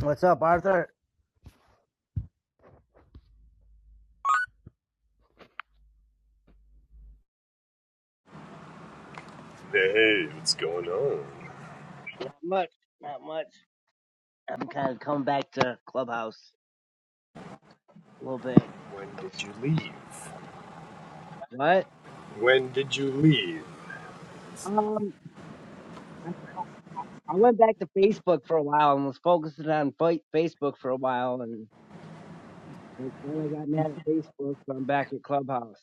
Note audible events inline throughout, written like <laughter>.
What's up, Arthur? Hey, what's going on? Not much. Not much. I'm kind of coming back to Clubhouse a little bit. When did you leave? What? When did you leave? Um, I, I went back to Facebook for a while and was focusing on fa- Facebook for a while, and but then I got mad at Facebook, so I'm back at Clubhouse.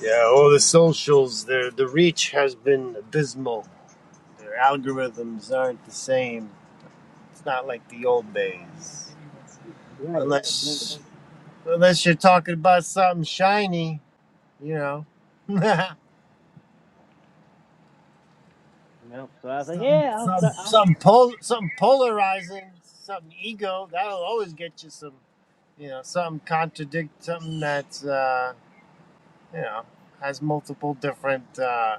Yeah, all the socials, the the reach has been abysmal. Their algorithms aren't the same. It's not like the old days. Right. Right. Unless unless you're talking about something shiny, you know. <laughs> Yep. So I was like, something yeah, I'll. some st- I'll some pol- something polarizing, something ego, that'll always get you some you know, something contradict something that's uh you know has multiple different uh,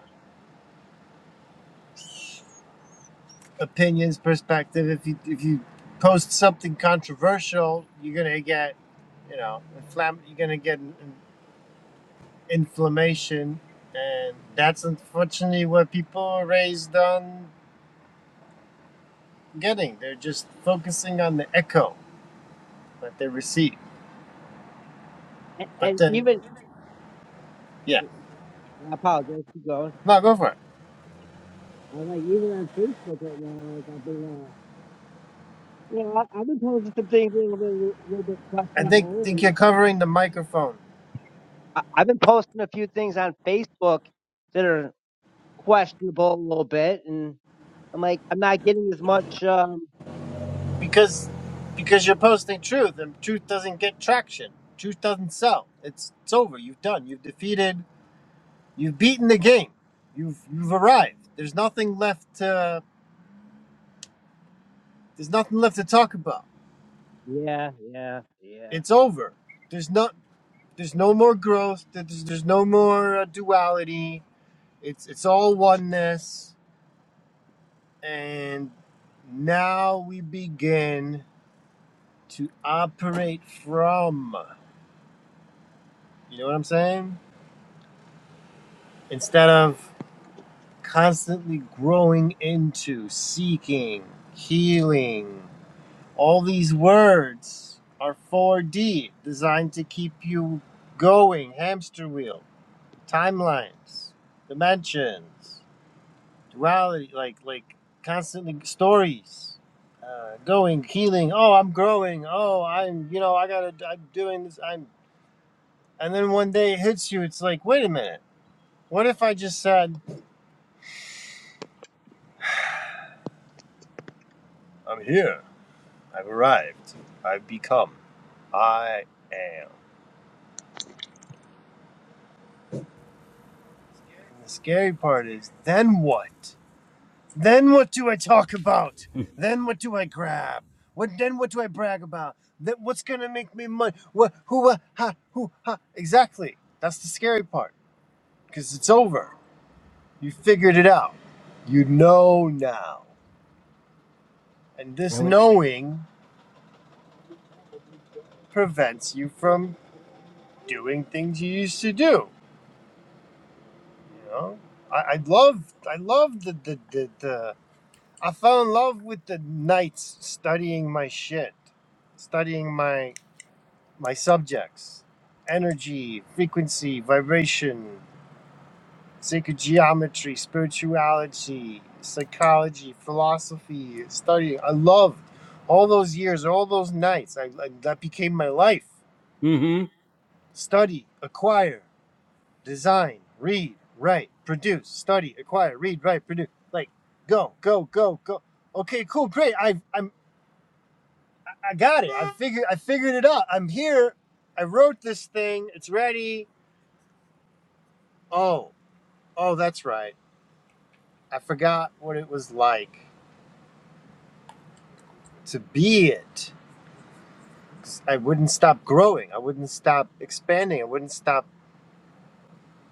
opinions, perspective. If you if you post something controversial, you're gonna get you know inflam- you're gonna get in- in- inflammation, and that's unfortunately what people are raised on getting. They're just focusing on the echo that they receive. and, But and then, even yeah, I apologize. Keep going. no, go for it. I was like, even on Facebook right now, like I've been, uh, you know, I, I've been posting some things a little bit, a little bit I think think questionable, you're covering the microphone. I, I've been posting a few things on Facebook that are questionable a little bit, and I'm like, I'm not getting as much. Um, because because you're posting truth and truth doesn't get traction truth doesn't sell it's it's over you've done you've defeated you've beaten the game you've you've arrived there's nothing left to there's nothing left to talk about yeah, yeah, yeah. it's over there's not there's no more growth there's, there's no more uh, duality it's it's all oneness and now we begin to operate from you know what i'm saying instead of constantly growing into, seeking, healing. All these words are 4D, designed to keep you going, hamster wheel, timelines, dimensions, duality, like like constantly stories. Uh, going, healing. Oh, I'm growing. Oh, I'm, you know, I gotta, I'm doing this. I'm, and then one day it hits you. It's like, wait a minute. What if I just said, I'm here? I've arrived. I've become. I am. And the scary part is then what? Then what do I talk about? Then what do I grab? What then what do I brag about? Then what's gonna make me money? What who what ha who ha exactly. That's the scary part. Cause it's over. You figured it out. You know now. And I this went, knowing prevents you from doing things you used to do. You know, I, I love I love the, the the the I fell in love with the nights studying my shit, studying my my subjects, energy, frequency, vibration, sacred geometry, spirituality, psychology, philosophy, studying. I loved all those years, all those nights. I, I that became my life. mm-hmm. Study, acquire. design, read, write, produce, study, acquire, read, write, produce. Like go, go, go, go. Okay, cool, great. I I'm I got it. I figured I figured it out. I'm here. I wrote this thing. It's ready. Oh, oh, that's right. I forgot what it was like to be it. I wouldn't stop growing. I wouldn't stop expanding. I wouldn't stop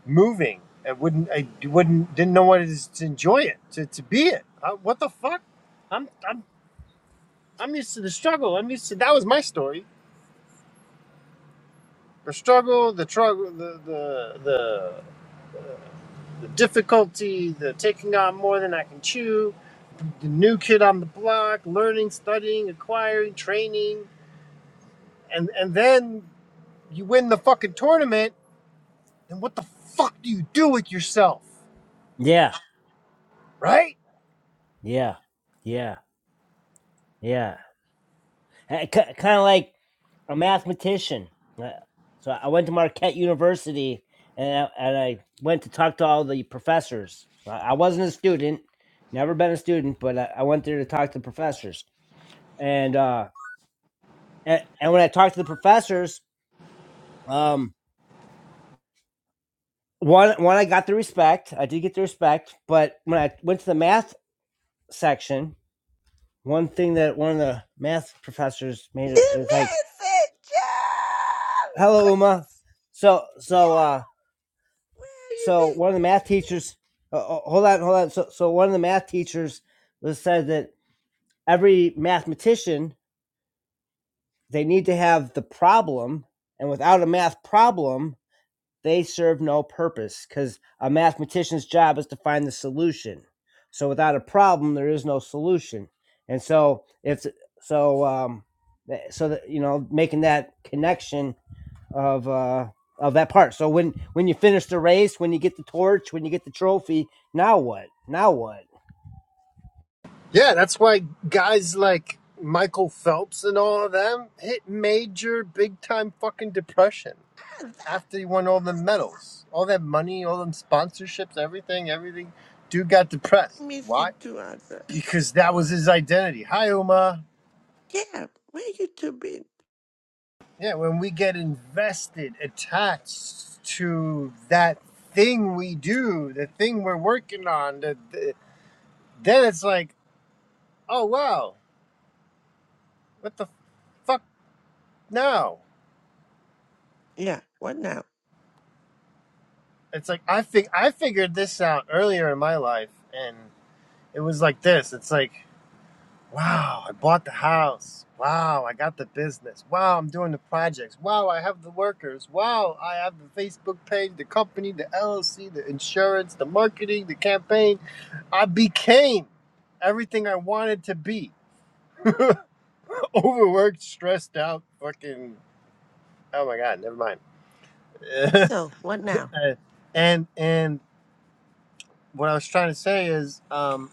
moving. I wouldn't. I wouldn't. Didn't know what it is to enjoy it. To, to be it. I, what the fuck? I'm I'm I'm used to the struggle. I'm used to that was my story. The struggle, the struggle, the the the, the difficulty, the taking on more than I can chew, the new kid on the block, learning, studying, acquiring, training, and and then you win the fucking tournament. And what the fuck do you do with yourself, Yeah, right? yeah, yeah, yeah. Kind of like a mathematician. Uh, So I went to Marquette University, and I, and I went to talk to all the professors. I I wasn't a student, never been a student, but I, I went there to talk to the professors. And uh, and, and when I talked to the professors, Um, one one I got the respect. I did get the respect, but when I went to the math section, one thing that one of the math professors made The it was like, messenger! "Hello, Uma." So so uh Where have you so one of been, the math teachers. Uh, uh, hold on, hold on. So so one of the math teachers was said that every mathematician they need to have the problem, and without a math problem, They serve no purpose because a mathematician's job is to find the solution. So without a problem, there is no solution. And so it's so um, eh, so that you know making that connection of uh, of that part. So when when you finish the race, when you get the torch, when you get the trophy, now what? Now what? Yeah, that's why guys like Michael Phelps and all of them hit major, big time fucking depression Arthur? after he won all the medals, all that money, all them sponsorships, everything, everything, dude got depressed. I missed you Why? too, Arthur. Because that was his identity. Hi, Uma. Yeah, where you two been? Yeah, when we get invested, attached to that thing we do, the thing we're working on, the, the, then it's like, oh wow, what the fuck now? Yeah, what now? It's like I fig- I figured this out earlier in my life, and it was like this. It's like Wow, I bought the house. Wow, I got the business. Wow, I'm doing the projects. Wow, I have the workers. Wow, I have the Facebook page, the company, the LLC, the insurance, the marketing, the campaign. I became everything I wanted to be. <laughs> Overworked, stressed out, fucking oh my god, never mind. So, what now? <laughs> and and what I was trying to say is um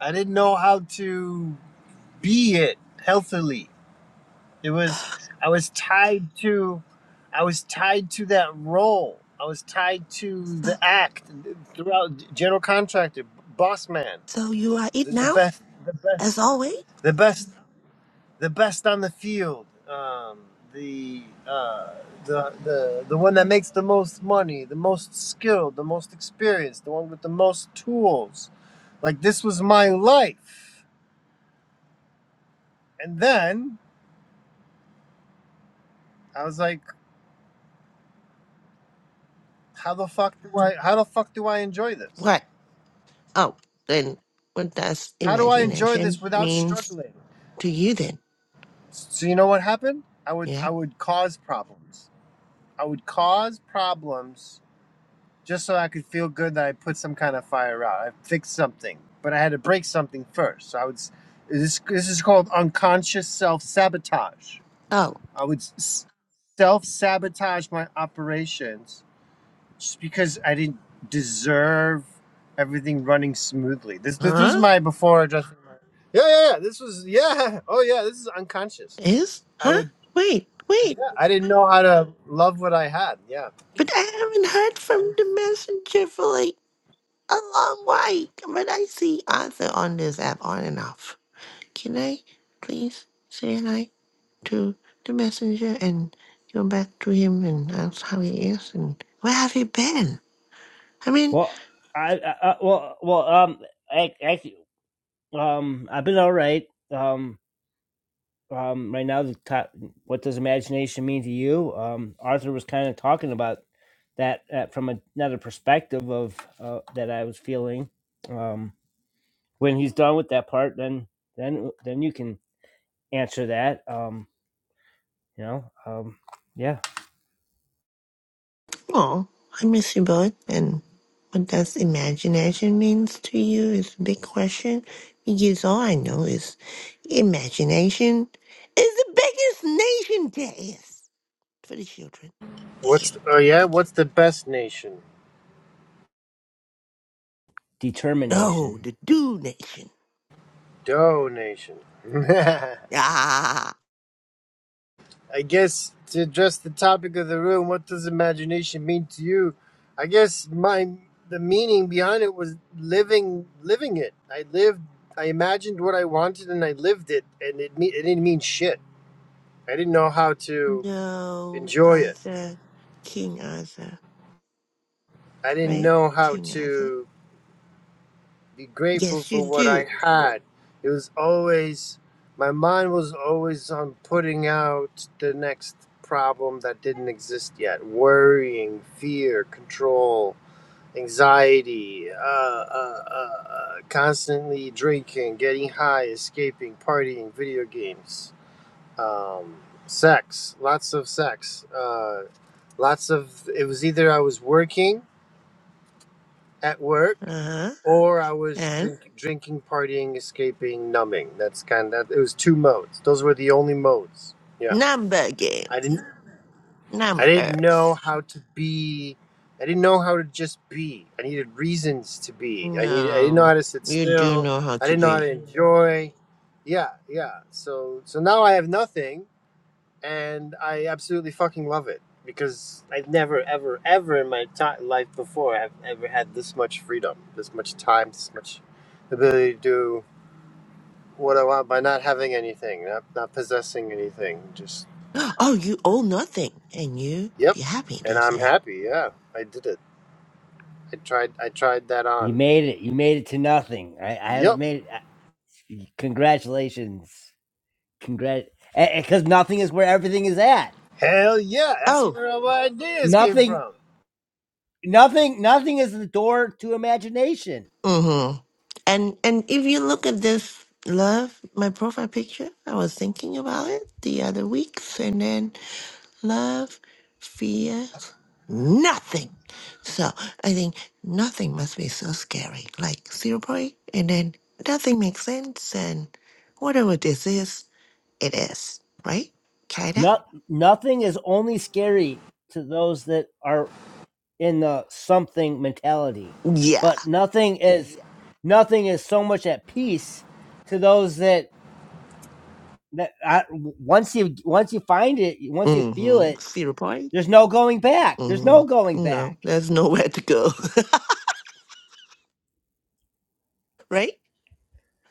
I didn't know how to be it healthily It was I was tied to I was tied to that role. I was tied to So, the act throughout general contractor, boss man, so you are the, it the now, best the as best always? the best the best on the field. Um, the uh, the the the one that makes the most money, the most skilled, the most experienced, the one with the most tools. Like this was my life. And then I was like How the fuck do I how the fuck do I enjoy this? What? Oh, then what does How do I enjoy this imagination without means struggling? to you then? So you know what happened? I would Yeah? I would cause problems. I would cause problems just so I could feel good that I put some kind of fire out. I fixed something, but I had to break something first. So I would this this is called unconscious self sabotage. Oh. I would s- self sabotage my operations just because I didn't deserve everything running smoothly. This this was Huh? my before adjusting. My, yeah, yeah, yeah. This was yeah. Oh yeah, this is unconscious. Is? I Huh? would. Wait, wait. Yeah, I didn't know how to love what I had. Yeah. But I haven't heard That from was- the messenger for like a long way. But I see Arthur on this app on and off. Can I please say hi to the messenger and go back to him and ask how he is and where have you been? I mean, Well, I, I, well well um ac- actually um I've been all right. Um um, right now the top, what does imagination mean to you? Um, Arthur was kind of talking about that uh, from a- another perspective of uh, that I was feeling. Um, when he's done with that part, then then then you can answer that. Um, you know, um, yeah, oh, I miss you both. And what does imagination means to you is a big question because all I know is imagination is the biggest nation there is for the children's What's the, sake. oh yeah? Thank you. What's the best nation? determination. No, the do nation. Donation. <laughs> Ah, I guess to address the topic of the room, what does imagination mean to you? I guess my the meaning behind it was living living it. I lived I imagined what I wanted and I lived it and it me- it didn't mean shit. I didn't know how to no, enjoy it. Arthur, King Arthur, I didn't right? know how King Arthur. to be grateful Yes, you for what do. I had. It was always, my mind was always on putting out the next problem that didn't exist yet worrying, fear, control, anxiety, uh, uh, uh, uh, constantly drinking, getting high, escaping, partying, video games, um, sex, lots of sex. Uh, lots of, it was either I was working at work Uh huh. or I was And drink, drinking, partying, escaping, numbing. That's kind of it was two modes. Those were the only modes. Yeah, number I didn't games, I didn't know numbers. how to be. I didn't know how to just be. I needed reasons to be. I needed. I didn't know No, how to sit you do still. know how I to didn't know how be. to enjoy. Yeah, yeah. So so now I have nothing and I absolutely fucking love it because I've never, ever, ever in my ti life before have ever had this much freedom, this much time, this much ability to do what I want by not having anything, not, not possessing anything. Just <gasps> Oh, you owe nothing, and you yep, be happy. and They I'm say. happy. Yeah, I did it. I tried. I tried that You on. made it. You made it to nothing. I, I haven't Yep. made it. I- Congratulations. Congrat. Because nothing is where everything is at. Hell yeah, that's Oh, where all my ideas came Nothing. from. Nothing. Nothing is the door to imagination mm-hmm. And and if you look at this love, my profile picture, I was thinking about it the other weeks, and then love fears nothing. So I think nothing must be so scary, like zero point, and then nothing makes sense, and whatever this is, it is, right? Kinda? Not nothing is only scary to those that are in the something mentality, Yeah. but nothing is Yeah. nothing is so much at peace to those that that I, once you once you find it, once you feel Mm-hmm. it, Zero point? there's no going back. There's Mm-hmm. no going back. No, there's nowhere to go, <laughs> right?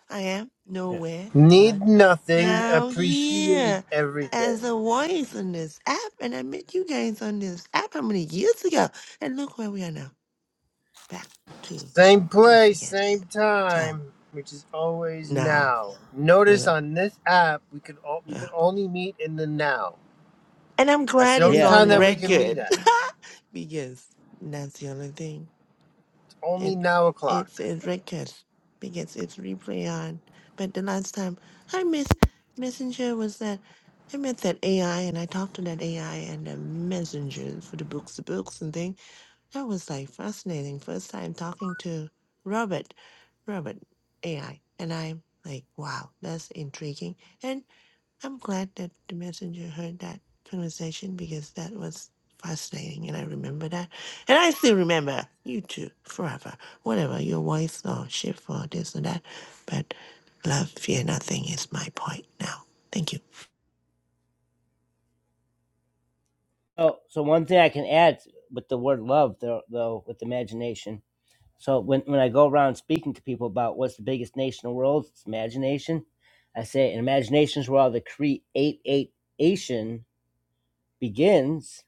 I am Yeah, nowhere Need but nothing, now appreciate here everything. as a voice on this app, and I met you guys on this app how many years ago, and look where we are now, back to Same this place, again. same So time, which is always now, now. Notice yeah, on this app, we could all, we could yeah, only meet in the now. and I'm That's glad the only it's yeah. time on that we yeah. can meet record at. <laughs> because that's the only thing. It's only and now it's o'clock. a record because it's replay on. But the last time I miss messenger was that I met that AI and I talked to that AI and the messenger for the books, the books and thing. That was like fascinating. First time talking to Robert, Robert AI, and I'm like, wow, that's intriguing. And I'm glad that the messenger heard that conversation because that was fascinating and I remember that. And I still remember you two forever. Whatever your voice or shift or this and that. But love, fear nothing is my point now. Thank you. Oh, so one thing I can add with the word love, though, though with imagination, So when, when I go around speaking to people about what's the biggest nation in the world, it's imagination. I say, and imagination is where all the creation begins.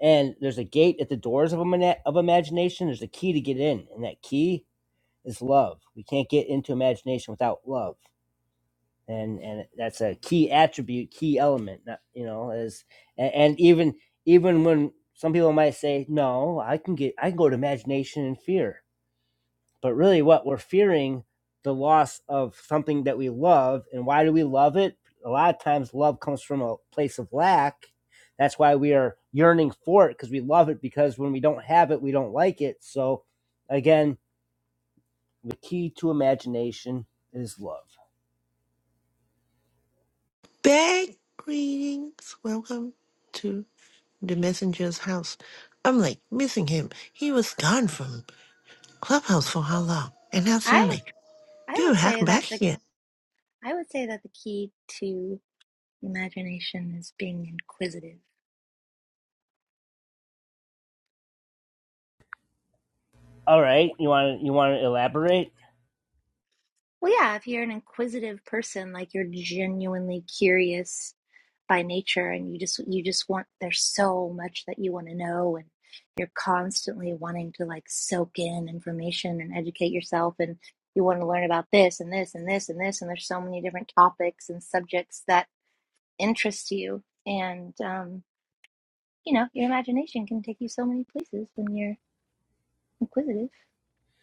And there's a gate at the doors of, imagina- of imagination. There's a key to get in, and that key is love. We can't get into imagination without love. And, and that's a key attribute, key element. Not, you know, as and, and even even when some people might say, "No, I can get, I can go to imagination and fear." But really, what we're fearing the loss of something that we love. And why do we love it? A lot of times, love comes from a place of lack. That's why we are yearning for it because we love it. Because when we don't have it, we don't like it. So, again, the key to imagination is love. Big greetings. Welcome to the messenger's house. I'm like missing him. He was gone from Clubhouse for how long? And now I suddenly, I you're would say back that the here. I would say that the key to imagination is being inquisitive. All right, you want to you want to elaborate? Well, yeah, if you're an inquisitive person, like you're genuinely curious by nature and you just you just want there's so much that you want to know and you're constantly wanting to like soak in information and educate yourself and you want to learn about this and this and this and this and there's so many different topics and subjects that interest you and um you know your imagination can take you so many places when you're inquisitive,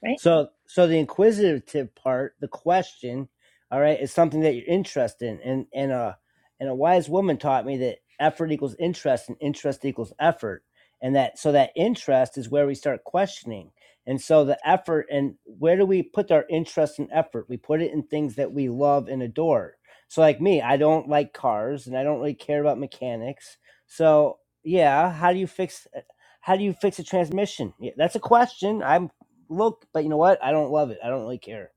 right? So, so the inquisitive part, the question, all right, is something that you're interested in, and and a and a wise woman taught me that effort equals interest, and interest equals effort, and that so that interest is where we start questioning, and so the effort and where do we put our interest and effort? We put it in things that we love and adore. So, like me, I don't like cars, and I don't really care about mechanics. So, yeah, how do you fix? How do you fix a transmission? Yeah, that's a question. I'm look, but you know what? I don't love it. I don't really care.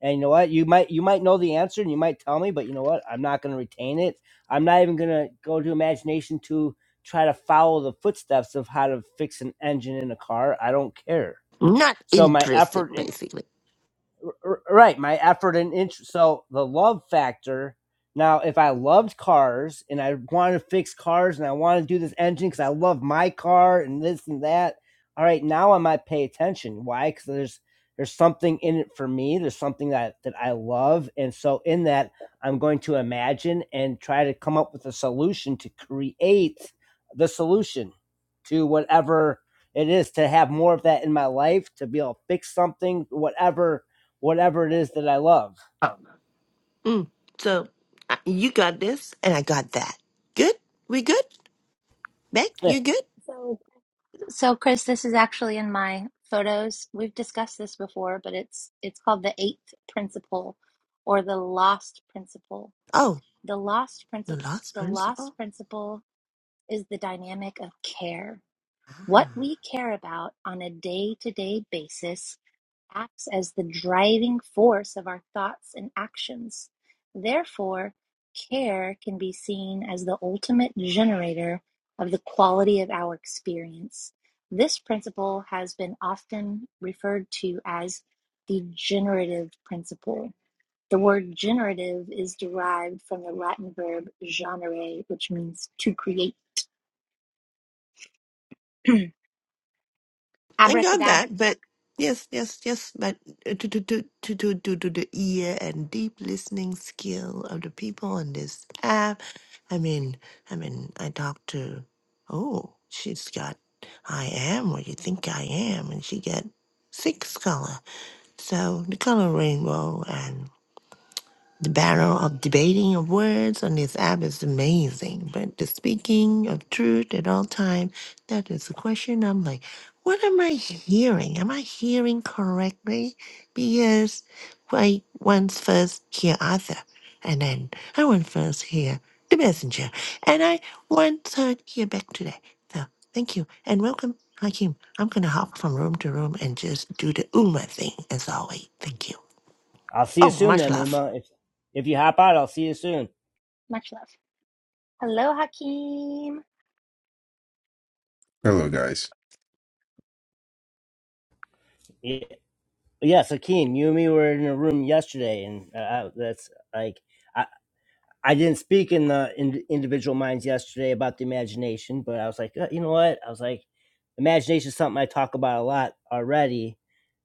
And you know what? You might you might know the answer and you might tell me, but you know what? I'm not going to retain it. I'm not even going to go to imagination to try to follow the footsteps of how to fix an engine in a car. I don't care. Not So my interested, effort basically. right my effort and interest so the love factor now if i loved cars and i want to fix cars and i want to do this engine because i love my car and this and that all right now i might pay attention why because there's there's something in it for me there's something that that i love and so in that i'm going to imagine and try to come up with a solution to create the solution to whatever it is to have more of that in my life to be able to fix something whatever whatever it is that I love. Mm. So I- you got this, and I got that. Good? We good? Beck, Eh, you good? So, so Chris, this is actually in my photos. We've discussed this before, but it's it's called the eighth principle or the lost principle. Oh, The lost the principle last the lost principle? principle is the dynamic of care. What Ah. we care about on a day-to-day basis acts as the driving force of our thoughts and actions. Therefore, care can be seen as the ultimate generator of the quality of our experience. This principle has been often referred to as the generative principle. The word generative is derived from the Latin verb generare, which means to create. <clears throat> I got Abracadabra! that, but yes, yes, yes, but uh, to, to, to, to, to, to, to the ear and deep listening skill of the people on this app. I mean, I mean, I talked to, oh, she's got, I am what you think I am, and she got six color. So the color rainbow and. The battle of debating of words on this app is amazing, but the speaking of truth at all time, that is the question. I'm like, what am I hearing? Am I hearing correctly? Because I once first hear Arthur, and then I once first hear the messenger, and I once heard here back today. So thank you and welcome, Hakim. I'm gonna hop from room to room and just do the Uma thing as always. Thank you. I'll see you Oh, soon much then, love. Uma. If if you hop out, I'll see you soon. much love. Hello, Hakeem. Hello, guys. Yeah, yes, Akeem, you and me were in a room yesterday, and uh, uh, that's like I I didn't speak in the in, individual minds yesterday about the imagination, but I was like, "Uh, you know what? I was like, imagination is something I talk about a lot already.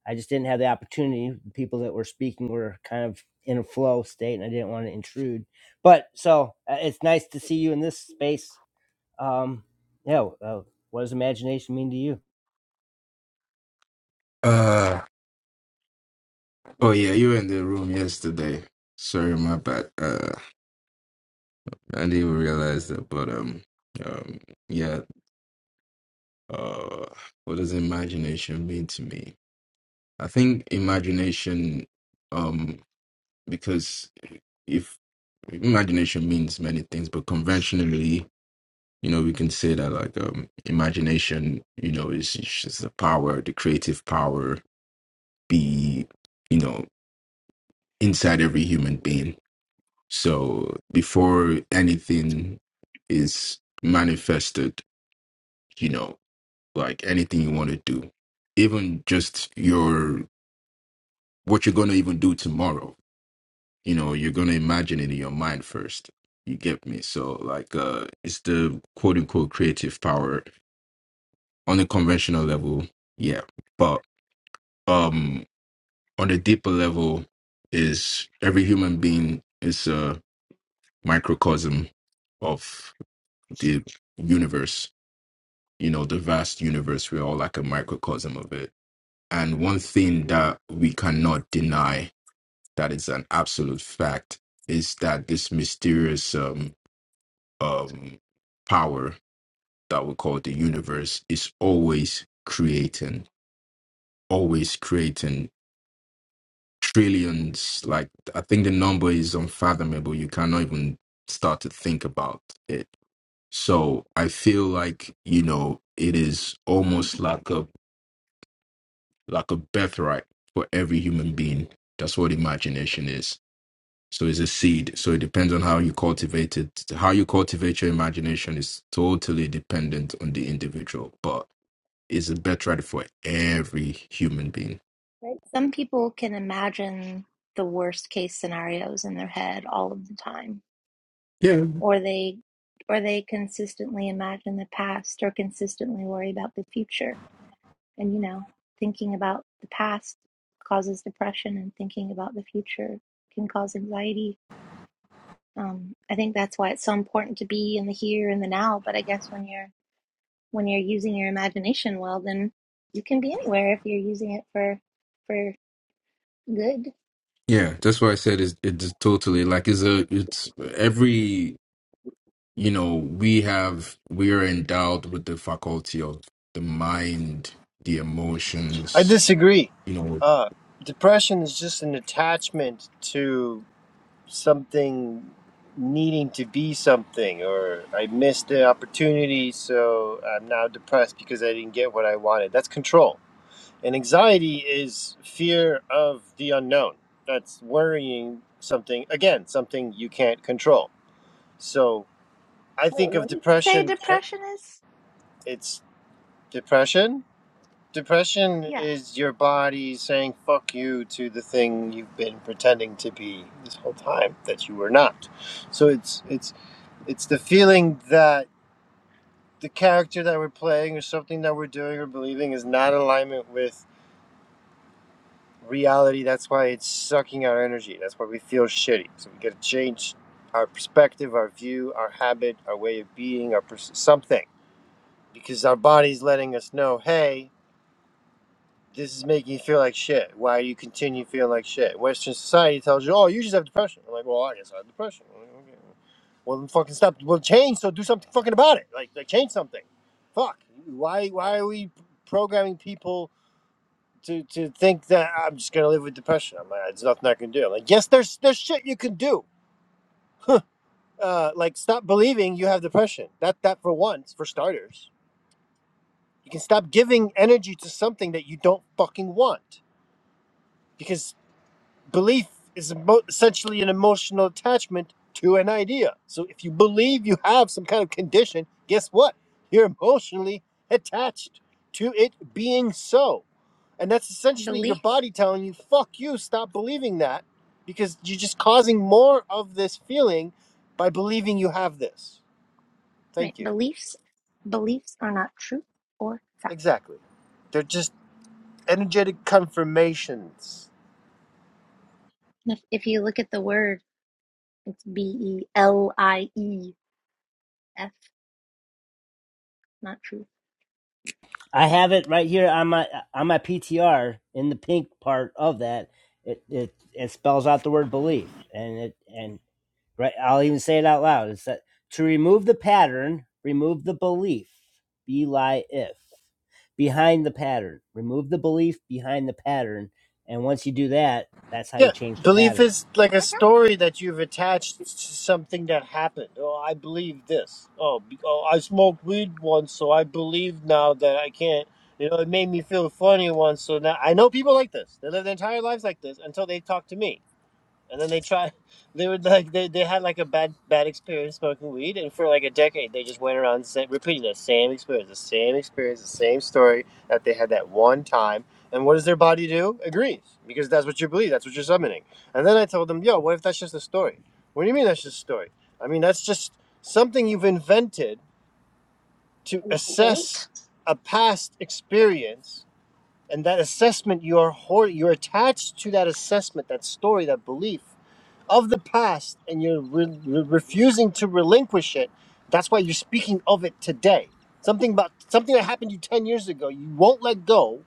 I just didn't have the opportunity. The people that were speaking were kind of in a flow state, and I didn't want to intrude. But so uh, it's nice to see you in this space Um, yeah. Uh, what does imagination mean to you? Uh, oh yeah, you were in the room yesterday. Sorry, my bad. Uh, I didn't even realize that. But um, um, yeah. Uh, what does imagination mean to me? I think imagination, um, because if imagination means many things, but conventionally, you know, we can say that like um, imagination, you know, is is just the power, the creative power, be, you know, inside every human being So before anything is manifested, you know, like anything you want to do, even just your what you're gonna even do tomorrow, you know, you're gonna imagine it in your mind first. You get me? So like uh it's the quote unquote creative power on the conventional level, yeah. But um on the deeper level is every human being is a microcosm of the universe you know, the vast universe. We're all like a microcosm of it. And one thing that we cannot deny that is an absolute fact is that this mysterious um, um, power that we call the universe is always creating, always creating trillions. Like, I think the number is unfathomable. You cannot even start to think about it. So I feel like, you know, it is almost like a like a birthright for every human being. That's what imagination is. So it's a seed. So it depends on how you cultivate it. How you cultivate your imagination is totally dependent on the individual, but it's a birthright for every human being. Right. Some people can imagine the worst case scenarios in their head all of the time. Yeah, or they or they consistently imagine the past or consistently worry about the future and you know thinking about the past causes depression and thinking about the future can cause anxiety um, i think that's why it's so important to be in the here and the now but i guess when you're when you're using your imagination well then you can be anywhere if you're using it for for good yeah. That's why I said it's, it's totally like it's a it's every you know we have we are endowed with the faculty of the mind, the I emotions. disagree. You know. Uh, depression is just an attachment to something needing to be something, or I missed the opportunity, so I'm now depressed because I didn't get what I wanted. That's control. And anxiety is fear of the unknown. That's worrying something, again, something you can't control. So I wait think of what did you say depression, depression is it's depression. Depression yeah is your body saying fuck you to the thing you've been pretending to be this whole time that you were not. So it's it's it's the feeling that the character that we're playing or something that we're doing or believing is not in alignment with reality. That's why it's sucking our energy. That's why we feel shitty. So we got to change our perspective, our view, our habit, our way of being, our pers- something, because our body's letting us know, hey, this is making you feel like shit. Why do you continue feeling like shit? Western society tells you, oh, you just have depression. I'm like, well, I guess I have depression. I'm like, okay. Well, then fucking stop. Well, change. So do something fucking about it. Like, like change something. Fuck. Why? Why are we programming people? to to think that I'm just gonna live with depression. I'm like, there's nothing I can do. I'm like, yes, there's there's shit you can do. Uh, like stop believing you have depression. That that for once, for starters, you can stop giving energy to something that you don't fucking want because belief is emo- essentially an emotional attachment to an idea. So if you believe you have some kind of condition, guess what? You're emotionally attached to it being so. And that's essentially your Belief, body telling you, fuck you, stop believing that because you're just causing more of this feeling by believing you have this. right? Thank you. Beliefs, beliefs are not truth or fact. Exactly. They're just energetic confirmations. And If, if you look at the word, it's B E L I E F, not truth. I have it right here on my on my PTR in the pink part of that. It it it spells out the word belief, and it and right. I'll even say it out loud. It's that to remove the pattern, remove the belief. Be lie if behind the pattern, remove the belief behind the pattern, and once you do that, that's how you Yeah, change the belief pattern. is like a story that you've attached to something that happened. Oh, I believe this. Oh, be- oh I smoked weed once, so I believe now that I can't. You know, it made me feel funny once, so now I know people like this. They live their entire lives like this until they talk to me And then they tried. <laughs> They were like they, they had like a bad bad experience smoking weed, and for like a decade they just went around sa repeating the same experience, the same experience, the same story that they had that one time. And what does their body do? Agrees because that's what you believe, that's what you're summoning. And then I told them, yo, what if that's just a story? What do you mean that's just a story? I mean that's just something you've invented to an assess adult. a past experience, and that assessment you are hor- you're attached to that assessment, that story, that belief of the past and you're re- re- refusing to relinquish it that's why you're speaking of it today something about something that happened to you 10 years ago you won't let go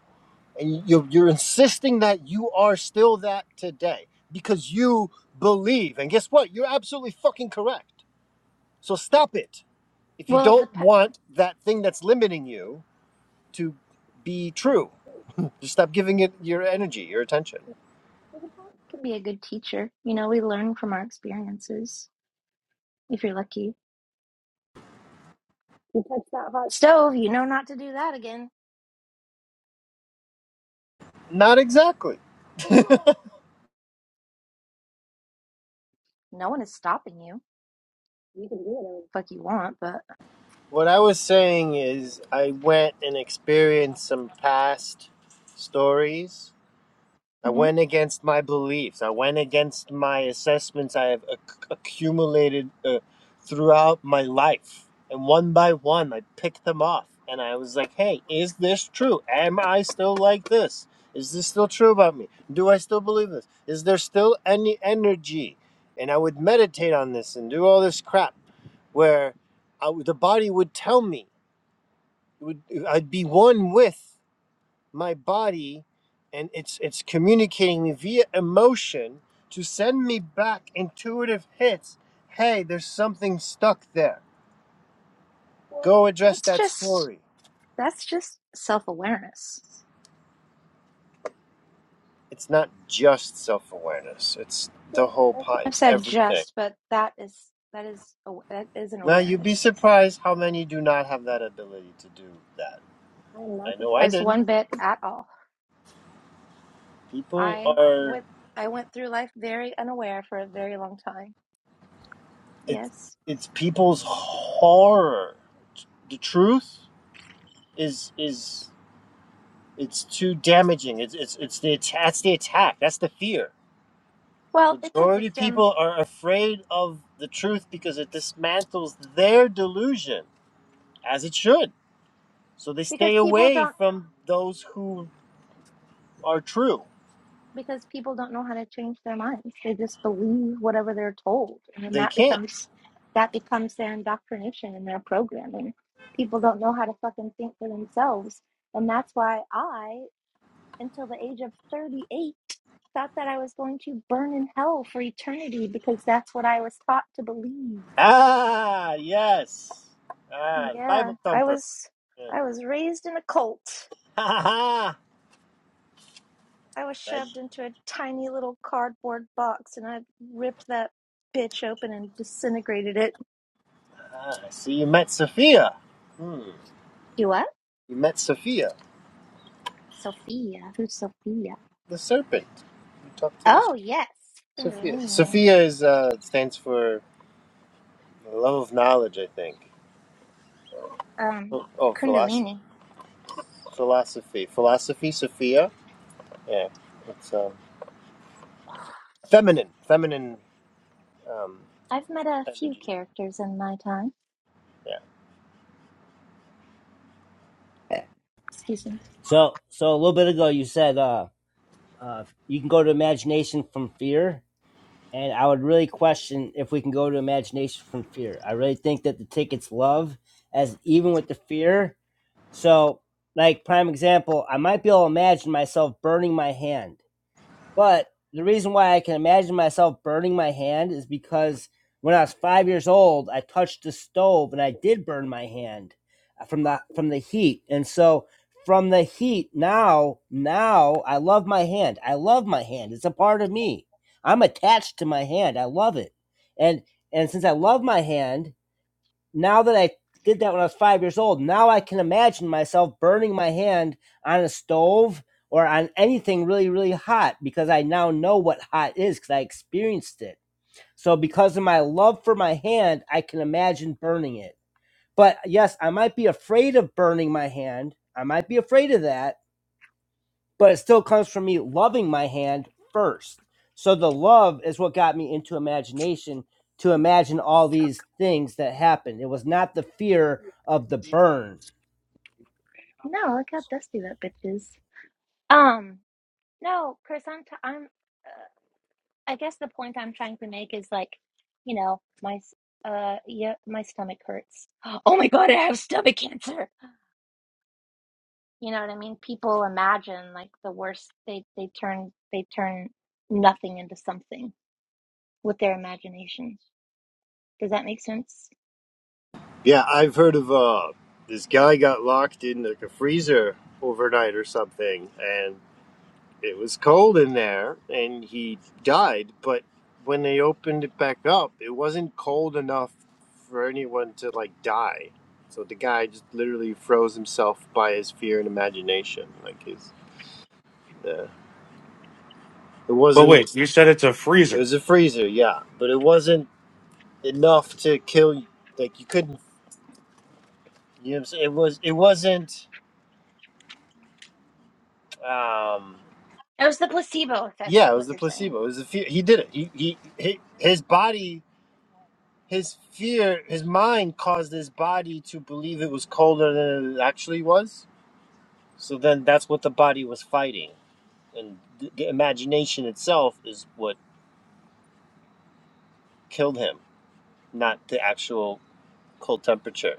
and you're, you're insisting that you are still that today because you believe and guess what you're absolutely fucking correct so stop it if you Well, the don't pet want that thing that's limiting you to be true just stop giving it your energy your attention can be a good teacher. You know, we learn from our experiences if you're lucky. Hot stove, you know not to do that again. not exactly No one is stopping you. You can do whatever the fuck you want, but What I was saying is, I went and experienced some past stories I Mhm. went against my beliefs. I went against my assessments I have acc accumulated uh, throughout my life. And one by one, I picked them off. And I was like, hey, is this true? Am I still like this? Is this still true about me? Do I still believe this? Is there still any energy? And I would meditate on this and do all this crap where I, w the body would tell me, it would, I'd be one with my body and it's it's communicating me via emotion to send me back intuitive hits hey there's something stuck there well, go address that's that just story that's just self awareness. it's not just self-awareness it's the Well, whole I shouldn't pot have it's said everything just, but that is that is that is an now you'd be awareness. surprised how many do not have that ability to do that I am i not know i surprised didn't one bit at all. people I are went I went through life very unaware for a very long time. it's Yes. it's people's horror the truth is is It's too damaging. It's it's it's the att- that's the attack. That's the fear. Well, it's a Majority of victim. people are afraid of the truth because it dismantles their delusion, as it should. So they because stay people away don't from those who are true. because people don't know how to change their minds they just believe whatever they're told and then They that can't. becomes that becomes their indoctrination and their programming people don't know how to fucking think for themselves and that's why i until the age of 38 thought that i was going to burn in hell for eternity because that's what i was taught to believe Ah, yes. Ah, the yeah Bible i thumper. <laughs> was Yeah. i was raised in a cult Ha ha ha. I was That- shoved into a tiny little cardboard box and I ripped that bitch open and disintegrated it. Ah, see, you met Sophia. Hmm. You what? You met Sophia, Sophia. Who's Sophia? the serpent. You talked to this Oh, yes. Sophia. Kundalini. Sophia is uh, stands for The love of knowledge, I think. Um, Oh, oh philosophy. Kundalini. Philosophy. Philosophy, Sophia. Yeah. It's um, feminine. Feminine um, I've met a few energy. characters in my time. Yeah. Excuse me. So so a little bit ago you said uh, uh you can go to imagination from fear and I would really question if we can go to imagination from fear. I really think that the tickets love as even with the fear. So, like prime example, I might be able to imagine myself burning my hand but the reason why I can imagine myself burning my hand is because when I was five years old, I touched the stove and I did burn my hand uh, from the from the heat. And so from the heat now, now I love my hand. I love my hand. It's a part of me. I'm attached to my hand. I love it. And and since I love my hand, now that I did that when I was five years old, now I can imagine myself burning my hand on a stove or on anything really, really hot because I now know what hot is because I experienced it. So, because of my love for my hand, I can imagine burning it. But yes, I might be afraid of burning my hand. I might be afraid of that but it still comes from me loving my hand first. So the love is what got me into imagination to imagine all these things that happened. It was not the fear of the burn. No, look how dusty that bitch is. Um, no, Chris, I'm, t- I'm, I guess the point I'm trying to make is like, you know, my uh yeah, my stomach hurts. <gasps> Oh my God, I have stomach cancer. You know what I mean? People imagine like the worst. They they turn they turn nothing into something with their imagination. Does that make sense? Yeah, I've heard of uh, this guy got locked in like a freezer overnight or something, and it was cold in there, and he died. But when they opened it back up, it wasn't cold enough for anyone to like die. So the guy just literally froze himself by his fear and imagination, like his Yeah. It But wasn't. wait, you said it's a It freezer. was a freezer, yeah, but it wasn't enough to kill. you. Like you couldn't. You know what I'm saying? It was. It wasn't. Um. It was the placebo effect, is Yeah, it what was the you're saying. placebo. It was the fear. He did it. He he. he his body. His fear. His mind caused his body to believe it was colder than it actually was. So then that's what the body was fighting, and the, the imagination itself is what killed him, not the actual cold temperature.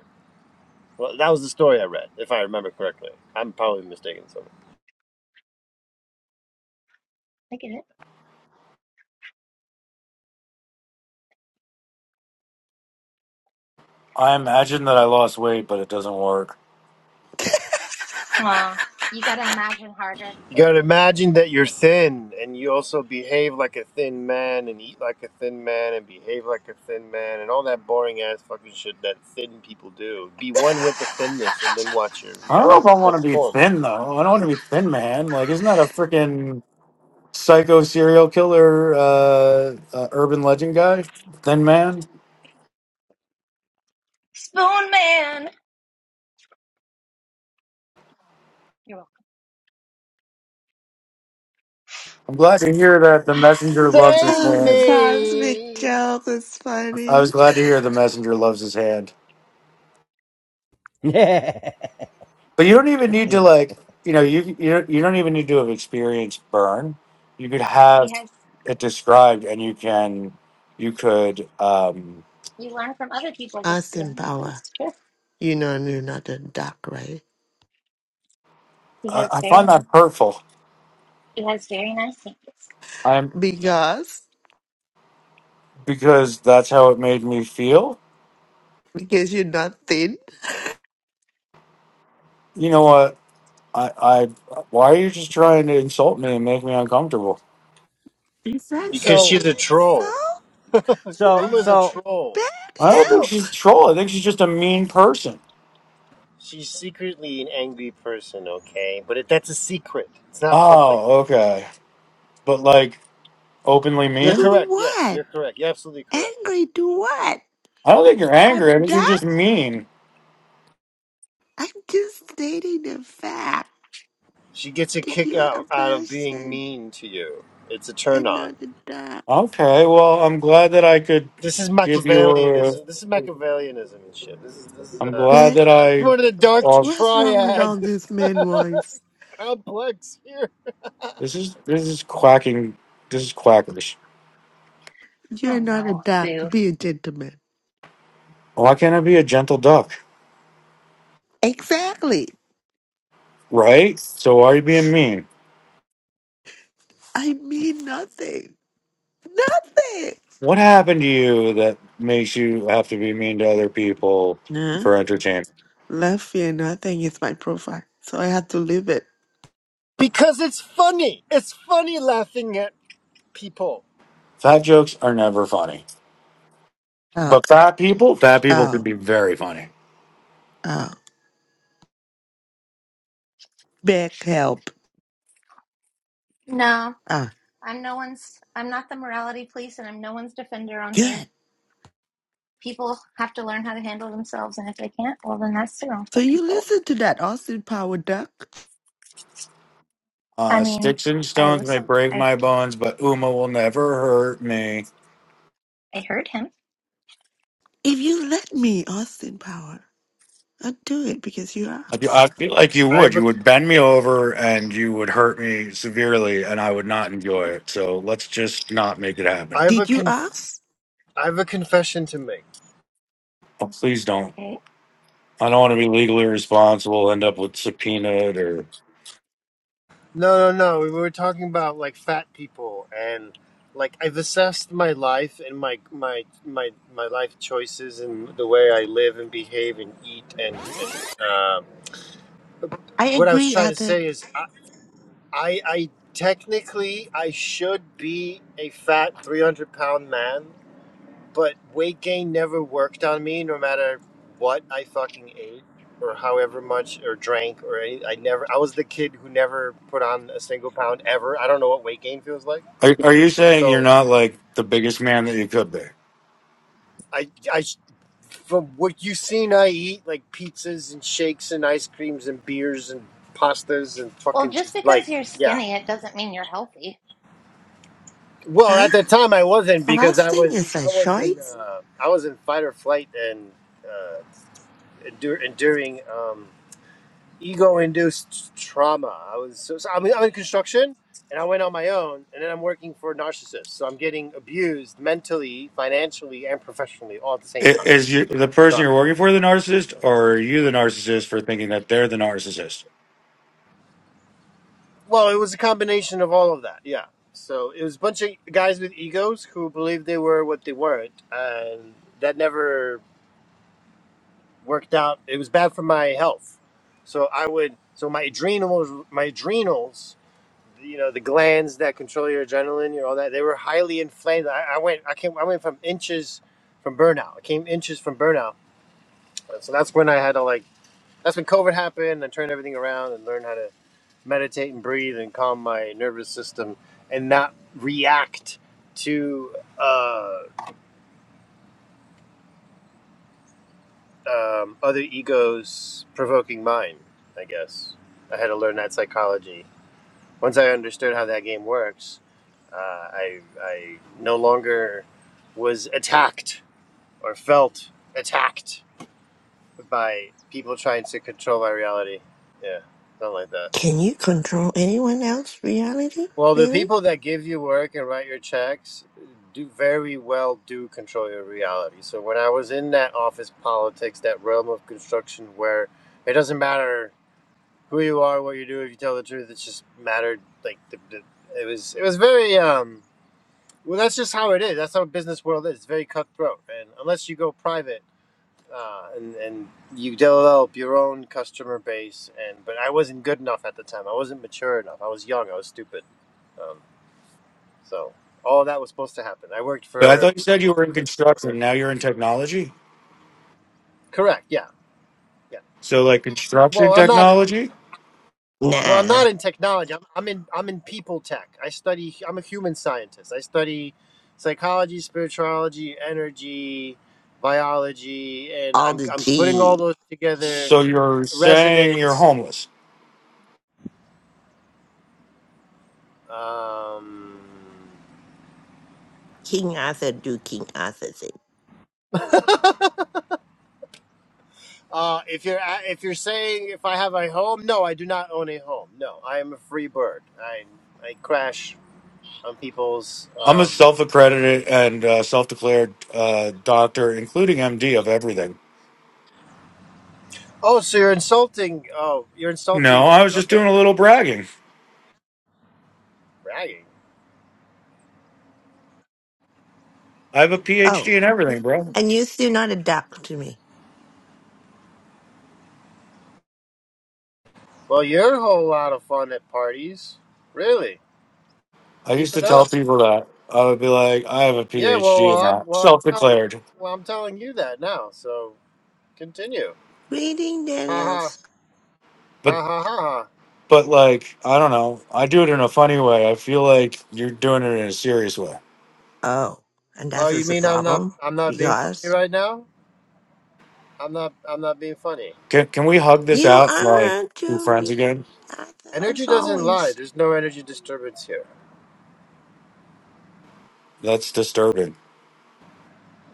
Well, that was the story I read, if I remember correctly. I'm probably mistaken. somewhere. I get it. I imagine that I lost weight, but it doesn't work. Aw, you gotta imagine harder. you gotta imagine that you're thin, and you also behave like a thin man, and eat like a thin man, and behave like a thin man, and all that boring ass fucking shit that thin people do. Be one with the thinness, and then watch your I don't reality know if I want to be transform. thin though. I don't want to be thin, man. Like, isn't that a freaking psycho serial killer, uh, uh, urban legend guy? Thin man. Spoon Man! You're welcome. I'm glad to hear that the <sighs> messenger loves his Save Oh, hand. cosmic me, joke is I was funny. glad to hear the messenger loves his hand. <laughs> But you don't even need to like, you know, you you don't, you don't even need to have experienced burn. You could He have has, it described, and you can, you could. Um, you learn from other people's Austin experiences, Power, too. you know you're not a duck, right? He I has I find very, that hurtful. he has very nice things. I'm Because because that's how it made me feel. because you're not thin. You know what? I, I why are you just trying to insult me and make me uncomfortable? He says it because so she's is a so troll. so what? Uma's a so troll. Bad I don't think help she's a troll. I think she's just a mean person. She's secretly an angry person, okay? But it, that's a secret. It's not public. Oh, okay. But like openly You're mean? to correct. Yes, what? you're correct. You're absolutely correct. Angry to what? I don't think you're angry. I I'm think you're just not. mean. I'm just stating the fact She gets a that kick you are a out, out of being person mean to you. It's a turn and on. not a duck. Okay. Well, I'm glad that I could This is give you a. Machiavellianism. This is Machiavellianism and shit. This is this is I'm uh, glad Beck, that this is I. one of the dark Well, what's wrong with all triad this man voice? <laughs> complex here this is this is quacking. This is quackish. You're Oh not a no, duck. boo. Be a gentleman. Why can't I be a gentle duck? Exactly. Right? So why are you being mean? I mean nothing. Nothing. What happened to you that makes you have to be mean to other people Nah. for entertainment? Love fear nothing is my profile. So I had to leave it. because it's funny. It's funny laughing at people. Fat jokes are never funny. Oh, But fat people, fat people can oh, be very funny. oh. Back help. No, Ah, I'm no one's, I'm not the morality police and I'm no one's defender on here. good. People have to learn how to handle themselves and if they can't, well then that's their own So fucking you fault. listen to that Austin Power duck. I Uh, mean, sticks and I stones may listened. break I, my bones, but Uma will never hurt me. I heard him. If you let me, Austin Power, I'll do it because you I feel asked. I feel like you I would. have a You would bend me over and you would hurt me severely, and I would not enjoy it. So let's just not make it I happen. have a Did you conf- ask? I have a confession to make. Oh, please don't. Okay. I don't want to be legally responsible, end up with subpoenaed or. No, no, no. We were talking about like fat people and like I've assessed my life and my my my my life choices and the way I live and behave and eat and and um, I what I was agree, trying to Arthur. say is I I, I technically I should be a fat three hundred pound man but weight gain never worked on me no matter what i fucking ate or however much or drank or any, i never i was the kid who never put on a single pound ever i don't know what weight gain feels like Are, are you saying you're so not like the biggest man that you could be? i i from what you've seen i eat like pizzas and shakes and ice creams and beers and pastas and Well, fucking just just like because you're yeah skinny, it doesn't mean you're healthy. well Huh? at the time i wasn't because i Fasting was is a i was in choice? uh, i was in fight or flight and uh, endur- enduring Um, ego-induced trauma. I was so, so I'm, I'm in construction, and I went on my own, and then I'm working for narcissists. So I'm getting abused mentally, financially, and professionally all at the same I- time. Is you, the So person I'm- you're working for the narcissist, or are you the narcissist for thinking that they're the narcissist? well, it was a combination of all of that. Yeah. So it was a bunch of guys with egos who believed they were what they weren't, and that never worked out. It was bad for my health. So I would. So my adrenals, my adrenals you know the glands that control your adrenaline, you know all that. They were highly inflamed. I, I went, I came, I went from inches from burnout. I came inches from burnout. So that's when I had to like. That's when COVID happened. I turned everything around and learned how to meditate and breathe and calm my nervous system and not react to uh, um, other egos provoking mine. I guess I had to learn that psychology. Once I understood how that game works, Uh, I, I no longer was attacked or felt attacked by people trying to control my reality. Yeah, not like that. Can you control anyone else's reality? Well, the Really? people that give you work and write your checks do very well do control your reality. So when I was in that office politics, that realm of construction where it doesn't matter who you are, what you do, if you tell the truth, it just mattered. Like the, the, it was, it was very um, Well, that's just how it is. That's how business world is. It's very cutthroat, and unless you go private, uh, and and you develop your own customer base, and but I wasn't good enough at the time. I wasn't mature enough. I was young. I was stupid. Um, so all that was supposed to happen. I worked But I for thought you said you were in construction. Now you're in technology. correct. Yeah, yeah. So, like Well, construction I'm not. technology. Well, I'm Nah. not in technology. I'm, I'm in. I'm in people tech. I study. I'm a human scientist. I study psychology, spirituality, energy, biology, and all I'm the I'm putting all G those together So you're saying you're resonance. homeless. Um, King Arthur do King Arthur thing. uh, if you're a- if you're saying if I have a home, no, I do not own a home. No, I am a free bird. I I crash on people's. I'm a Um, self-accredited and uh, self-declared uh, doctor, including MD of everything. oh, so you're insulting? Oh, you're insulting No, I me. was just Okay, doing a little bragging. bragging. I have a PhD Oh, in everything, bro. and you still not adapt to me. Well, you're a whole lot of fun at parties. Really, I keep used to it up. tell people that I would be like, I have a Yeah. Well, PhD well, in I'm that, well, I'm telling self-declared. well, I'm telling you that now. So continue. Reading Ha ha Daniels. But ha ha ha ha. but like, I don't know. I do it in a funny way. I feel like you're doing it in a serious way. Oh, and Oh, that you is the mean I'm not problem I'm not being funny because right now? I'm not. I'm not being funny. Can can we hug this you out and like are be to friends me again? Arthur Energy as doesn't lie. always. There's no energy disturbance here. That's disturbing.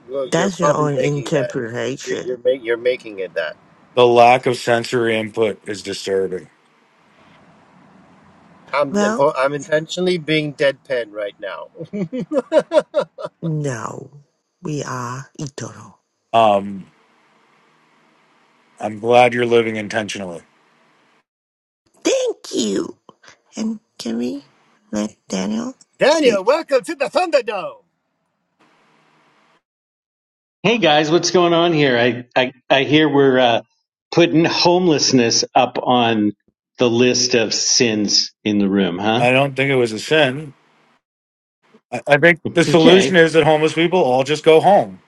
Well, you're That's your probably own making that. You're interpretation. you're, make, you're making it that. The lack of sensory input is disturbing. I'm Well, impo- I'm intentionally being deadpan right now. <laughs> no, we are eternal. Um, I'm glad you're living intentionally. Thank you. And can we let Daniel Daniel, speak? welcome to the Thunderdome. Hey guys, what's going on here? I I, I hear we're uh, putting homelessness up on the list of sins in the room, huh? I don't think it was a sin. I, I think the Okay. solution is that homeless people all just go home.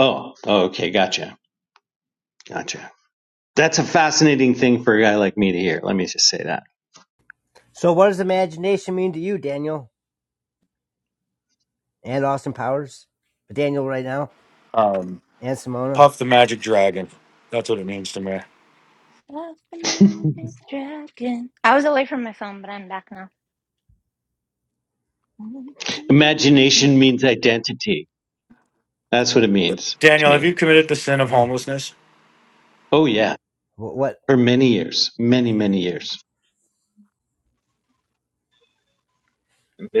Oh, oh, okay, gotcha, gotcha. That's a fascinating thing for a guy like me to hear. Let me just say that. so what does imagination mean to you, Daniel? And Austin Powers? Daniel right now Um, and Simona. puff the magic dragon. That's what it means to me. Up and <laughs> down this dragon. I was away from my phone, but I'm back now. Imagination means identity. That's what it means to Daniel, have me. you committed the sin of Ooh, homelessness? Oh yeah, wh- what for many years, many many years.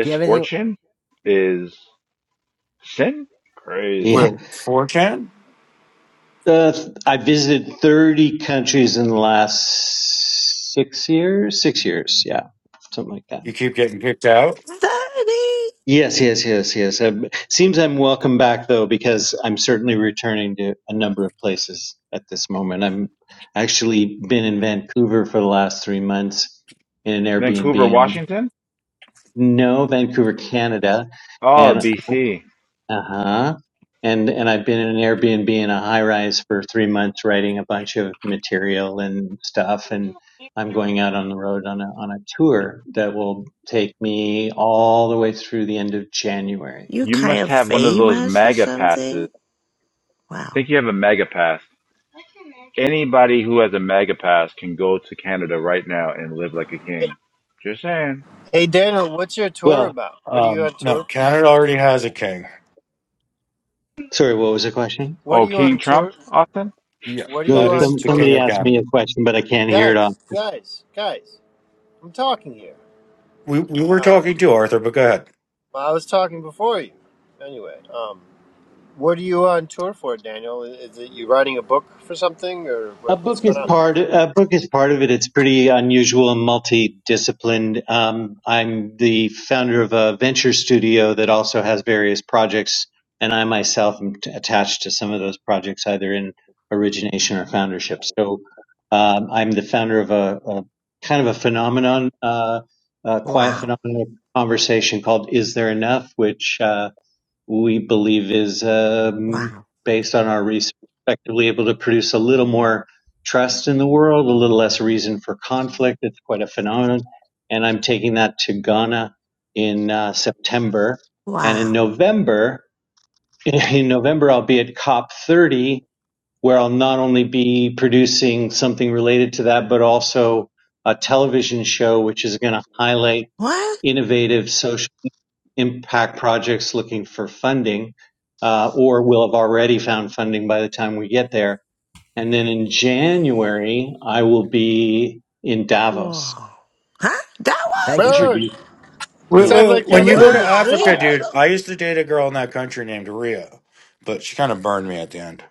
do you have anything is sin? Crazy. Yeah. Wait, 4chan? Uh, I visited 30 countries in the last six years. Six years, yeah, something like that. You keep getting kicked out? Thirty. Yes, yes, yes, yes. Um seems I'm welcome back though, because I'm certainly returning to a number of places at this moment. I'm actually been in Vancouver for the last three months in an Vancouver, Airbnb. And Washington? no, Vancouver, Canada, Oh, and BC. Uh-huh. And and I've been in an Airbnb in a high rise for three months writing a bunch of material and stuff and I'm going out on the road on a on a tour that will take me all the way through the end of January. You You kind must of have one of those famous or mega passes. something? I Wow. think you have a mega pass. Anybody who has a mega pass can go to Canada right now and live like a king. Just saying. Hey Daniel, what's your tour Well, about? What are you Um, on no, tour for? Canada already has a king. sorry, what was the question? What are Oh, you King on Trump, tour? Austin? Yeah, What are No, you that on is some the tour? king somebody For? of asked me a Canada. question, but I can't hear it off. Guys, guys, guys! I'm talking here. We, we were Uh, talking to Arthur, but go ahead. well, I was talking before you. Anyway, um, What are you on tour for, Daniel? Is it you writing a book for something, or A what, book what's going is on, part. A book is part of it. It's pretty unusual and multidisciplined. Um, I'm the founder of a venture studio that also has various projects, and I myself am t- attached to some of those projects, either in origination or foundership. So, um, I'm the founder of a, a kind of a phenomenon, uh, a quiet Wow. phenomenon conversation called "Is There Enough," which. Uh, we believe is um, Wow. based on our respectively able to produce a little more trust in the world, a little less reason for conflict. It's quite a phenomenon. And I'm taking that to Ghana in uh, September. And in Wow. November, <laughs> in November, I'll be at COP30, where I'll not only be producing something related to that, but also a television show, which is going to highlight What? innovative social impact projects looking for funding uh, or will have already found funding by the time we get there. And then in January, I will be in Whoa. Davos Huh? That thank was? you for bro? it introduced. Wait, You Sounds know, wait, wait. like you're When that's you just, go living to the Africa, Why? dream. dude, I used to date a girl in that country named Rio, but she kind of burned me at the end.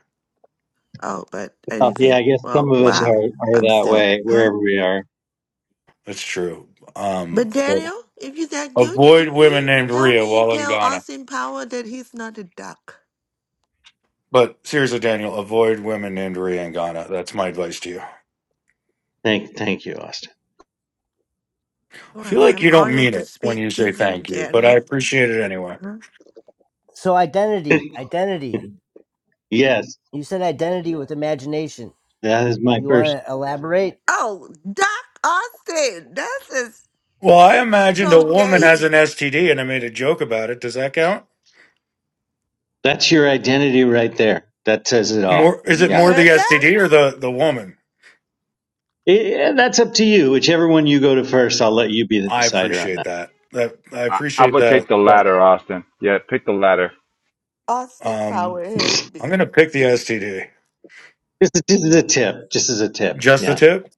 Oh, but oh, yeah, anything. I guess some Well, of us are, wow. are I'm that still, way huh? wherever we are. That's true. But Um, but Daniel, if you're that good, avoid can women you named help Rio me while in tell Ghana. Austin Power that he's not a duck? But seriously, Daniel, avoid women named Ria in Ghana. That's my advice to you. Thank, thank you, Austin. I feel Wow. like I'm you don't honored mean to it when speak you to say you, thank you, but I Daniel. appreciate it anyway. Huh? so identity. Identity. <laughs> yes, You said identity with imagination. that is my You first. wanna elaborate? Oh, Doc Austin. This is Well, I imagined a so Do. woman you, gay. has an STD and I made a joke about it. Does that count? That's your identity right there. That says it all. More is it You Yeah. more the heard that? STD or the the woman? Eh, eh, that's up to you. Whichever one you go to first, I'll let you be the I decider on that. appreciate that. That I I, I appreciate would that. take the that latter, Austin. Yeah, pick the latter. Austin um Power hate I'm going me. to pick the STD. Just, just as a tip, just as a tip. Just the Yeah, tip.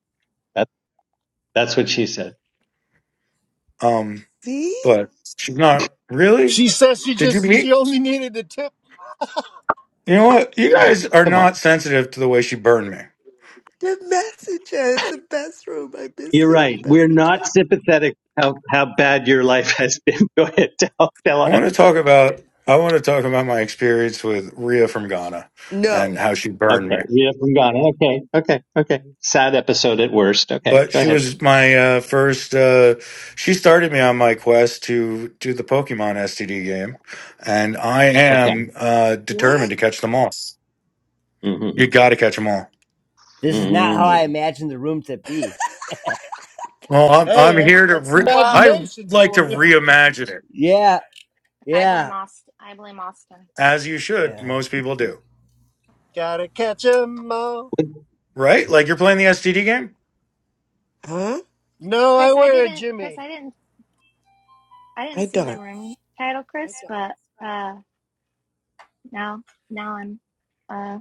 that, that's what she said. Um See? but she's not really She says she Did you just meet? she only needed a tip. You know what? You guys are Come on. not sensitive to the way she burned me. The messenger the best room. I miss You're you, right. the We're not messenger. sympathetic how, how bad your life has been. <laughs> Go ahead, tell, tell I want us. to talk about I want to talk about my experience with Ria from Ghana No. and how she burned me. Okay, we haven't gone. Okay, okay, okay. Sad episode at worst. Okay, But go she ahead. was my uh, first. Uh, she started me on my quest to do the Pokemon STD game, and I Okay. am uh, determined What? to catch them all. Mm-hmm. You got to catch them all. This is not how I Mm-hmm. imagined the room to be. Well, I'm Hey, I'm that's, here to. that's Re- Yeah. Well, I imagination like to for you. reimagine it, Yeah, I blame yeah, Austin. I blame Austin. as you should. yeah. Most people do, Gotta catch 'em all. W- right? Like you're playing the STD game. Huh? No, I Chris, I wear a didn't. Chris, Jimmy. I didn't. I I didn't see the don't. room title, Chris. But uh, now, now I'm uh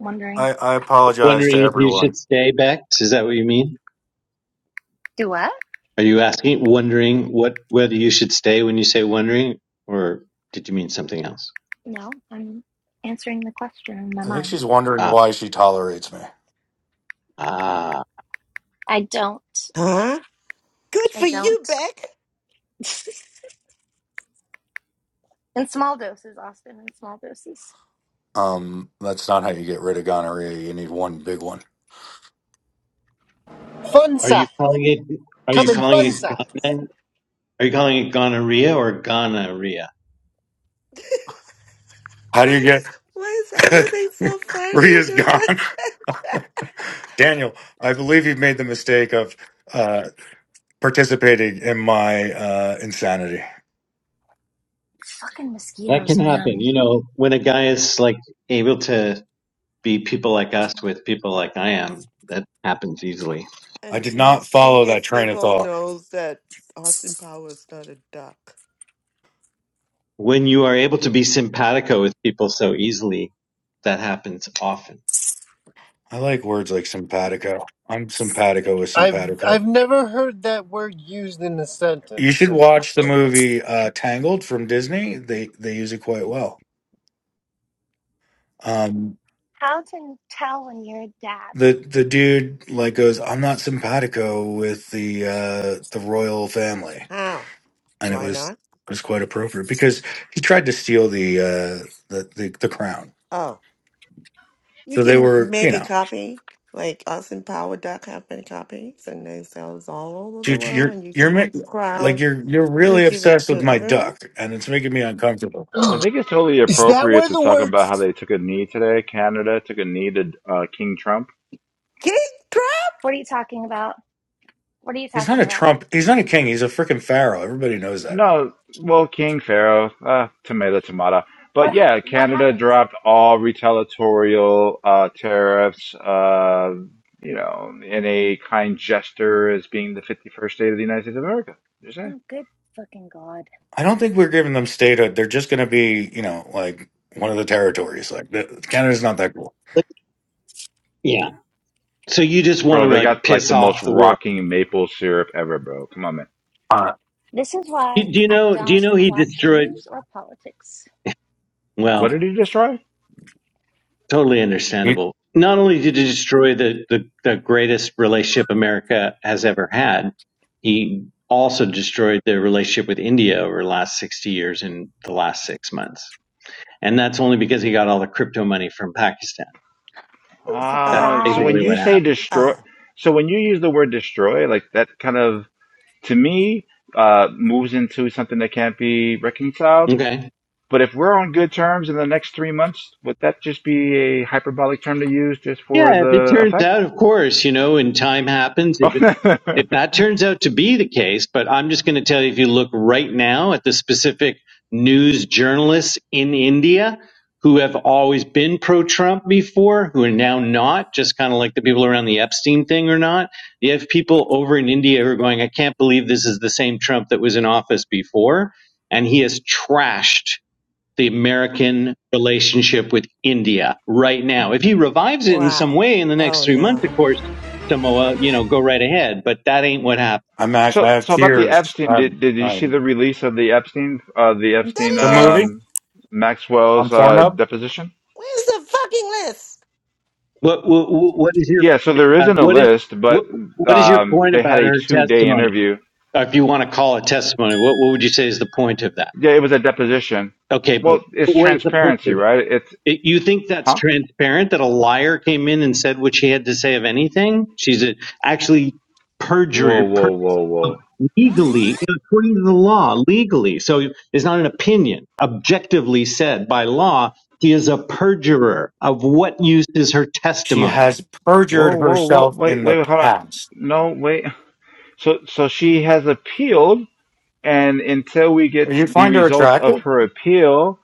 wondering. I, I apologize to Wondering if you everyone. should stay, Bex? Is that what you mean? Do what? Are you asking, wondering what whether you should stay when you say wondering, or did you mean something else? No, I'm answering the question in my I think mind. she's wondering Ah. why she tolerates me. Ah, I don't. Huh? Good I for you, don't. Beck. <laughs> in small doses, Austin. In small doses. Um, that's not how you get rid of gonorrhea. You need one big one. Fun Are size, you calling it? Are you come in calling fun it size. Ghana? Are you calling it gonorrhea or gonorrhea? How do you Why? get Why is <laughs> everything so funny rhea's the <laughs> gone? messenger? <laughs> Daniel, I believe you've made the mistake of uh, participating in my uh, insanity. Fucking That mosquitoes, can happen. man. You know, when a guy is like able to be people like us with people like I am, that happens easily. I And did not most follow that genius train of people thought. knows that Austin Powers is not a duck. When you are able to be simpatico with people so easily, that happens often. I like words like simpatico. I'm simpatico with I've simpatico. I've never heard that word used in a You sentence. should in watch the movie uh, Tangled from Disney. They they use it quite well. Um, How to tell when you're a dad? the the dude like goes, "I'm not simpatico with the uh the royal family," How? and it Why was not? it was quite appropriate because he tried to steal the uh the the, the crown. Oh, you So they can were, you make a know, copy. Like Austin Power Duck have been copies, and they sell all over the dude, world, you're and you you're can ma- make the like crowd, you're you're and you really give it obsessed with to my everyone. duck, and it's making me uncomfortable. I think it's totally Is that appropriate where to the talk word about how they took a knee today. Canada took a knee to uh, King Trump King Trout. What are you talking about? What are you He's not talking a about? Trump. He's not a king. He's a freaking pharaoh. Everybody knows that. No, well, King Pharaoh, uh, tomato, tomato. But What ha- yeah, What Canada happened? dropped all retaliatorial uh, tariffs, uh, you know, in a kind gesture as being the 51st state of the United States of America. Just saying. Oh, good fucking god. I don't think we're giving them statehood. They're just going to be, you know, like one of the territories. Like the, Canada's not that cool. Like, yeah. So you just want Bro, to they like got like piss the most off the world. rocking maple syrup ever, bro. Come on, man. Uh, This is Do why do you I know? Do you don't know he watch destroyed? news or politics. What Well. did he destroy? Totally understandable. Not only did he destroy the, the, the greatest relationship America has ever had, he also destroyed the relationship with India over the last 60 years in the last six months. And that's only because he got all the crypto money from Pakistan. Really That's Oh, Uh, so when basically you what surprised. say happened. destroy, oh, so when you use the word destroy, like that kind of, to me, uh, moves into something that can't be reconciled Okay. But if we're on good terms in the next three months, would that just be a hyperbolic term to use just for Yeah, if it the turns effect? out, of course, you know, and time happens. If it if <laughs> that turns out to be the case, but I'm just going to tell you, if you look right now at the specific news journalists in India who have always been pro-Trump before, who are now not, just kind of like the people around the Epstein thing or not, you have people over in India who are going, I can't believe this is the same Trump that was in office before, and he has trashed the American relationship with India right now. If he revives it in some wow. way in the next Oh three months, of no. course, Samoa, you know, go right ahead. But that ain't what happened. I'm act- so, I have so about the tears. Epstein, I'm, did, did you see the I'm release of the Epstein, uh, the Epstein, the The movie list. um, on Maxwell's, uh, Pornhub. deposition? Where's the fucking list? What what, what is your Yeah, so there uh, isn't a what is list, but, what what is your um, point they had about a her two day testimony, interview. or if you want to call it testimony? What what would you say is the point of that? Yeah, it was a deposition. Okay, but Well, it's what is the point transparency, of it? right? It's, it you think that's huh? transparent that a liar came in and said what she had to say of anything? She's a, actually Whoa, perjured per, whoa, whoa, whoa. legally, you know, according to the law, legally. So it's not an opinion. Objectively said by law, he is a perjurer. Of what use is her She testimony? has Whoa, perjured whoa, whoa. herself Wait, in the wait, hold on. past. No, wait. So, so she has appealed, and until we get You the find her results of attractive? her appeal,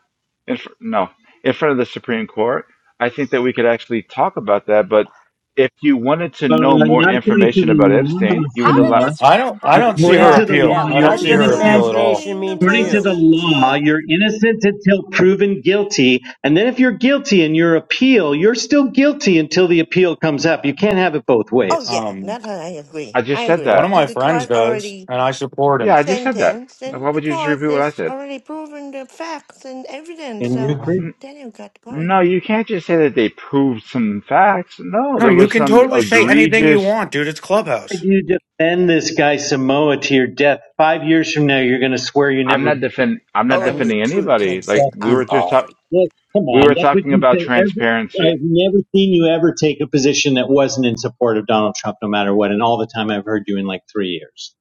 in fr- no, in front of the Supreme Court, I think that we could actually talk about that. But if you wanted to Uh, know more not according to information the about law, Epstein, you How would did allow. Samoa. this I room? don't. How I did don't this see room According her turn to Yeah, the into appeal. law, yeah. I you're don't What What see does is her politics? appeal innocent. at all. imagination happening to mean to According to you? the law, Messenger? you're innocent until proven guilty. And then if you're guilty in your appeal, you're still guilty until the appeal comes up. You can't have it both Oh ways. yeah, Um, that I agree. I I just said agree. one of that. my If the friends court does, already and I support Yeah, him. I just said that. sentenced, Now, then Why the would you just court repeat what I has said? already proven the facts and evidence. Can you So agree? N- Daniel got going. No, you can't just say that they proved some facts. No, No, there you was can some totally say anything you egregious. want, dude. It's If Clubhouse. you defend this guy Samoa to your death, five years from now, you're going to swear you I'm never. not defend. I'm not I'm Only defending truth can anybody. Like Yes, set we you were us just all are. talk. free. Yes, come We on. were That's what talking you about say. Every, transparency I've never seen you ever take a position that wasn't in support of Donald Trump, no matter what. And all the time I've heard you in like three years.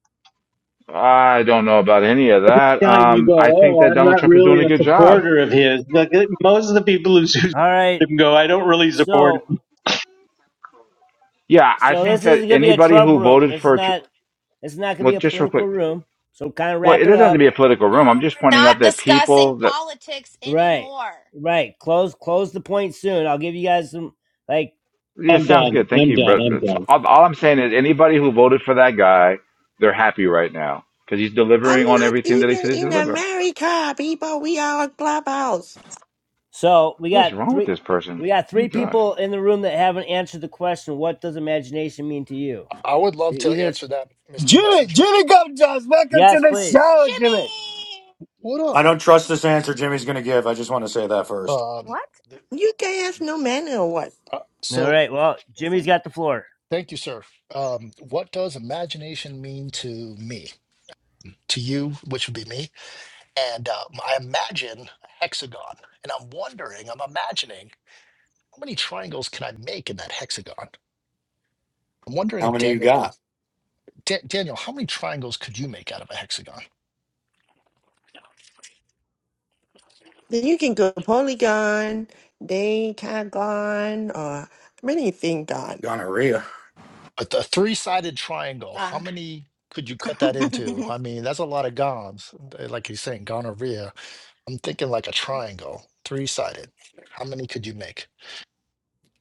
I don't know about any of that. Time you Um, go, I think oh, that I'm Donald not Trump is doing really a a good job. supporter of his. Like, most of the people who support all right. him go, I don't really support So, him. Yeah, I so think this that isn't gonna be a anybody Trump who room. voted This is for, Tr- not. This is not gonna well, be a just real political quick, room. So, kind of well, it wrap it doesn't have to up. be a political No, room. I'm just we're pointing out not that discussing people that, politics Right, anymore. right. Close, close the point soon. I'll give you guys some. Like, yeah, I'm sounds done. good. Thank I'm you, done. bro. I'm That's, done. all, all I'm saying is anybody who voted for that guy, they're happy right now because he's I'm delivering on not everything that he even said he's in delivering. America, people. We are a clubhouse. so we What is got wrong with three. this person? We got Oh my three gosh. people in the room that haven't answered the question. What does imagination mean to you? I would To love to either. answer that, Mr. Jimmy Messenger. Jimmy comes? from? Welcome to Yes, the please. show, Jimmy. Jimmy, What up? I don't trust this answer Jimmy's going to give. I just want to say that first. Um, what? th- You guys have no manner or what? uh, All so, right. Jimmy, Well, Jimmy's got the floor. thank you, sir. Um, what does imagination mean to me, to you, which would be me? And um, I imagine a hexagon, and I'm wondering, I'm imagining how many triangles can I make in that hexagon? I'm wondering How if many you Daniel could. got? Da- Daniel, how many triangles could you make out of a hexagon? Then you can go Polygon, Decagon, or anything God. Gonorrhea. A, a three sided amazing. triangle, how done. many could you cut <laughs> that into? oh, I mean, that's a lot of gons, like he's saying, gonorrhea. I'm thinking like a triangle, three sided. How many could you make?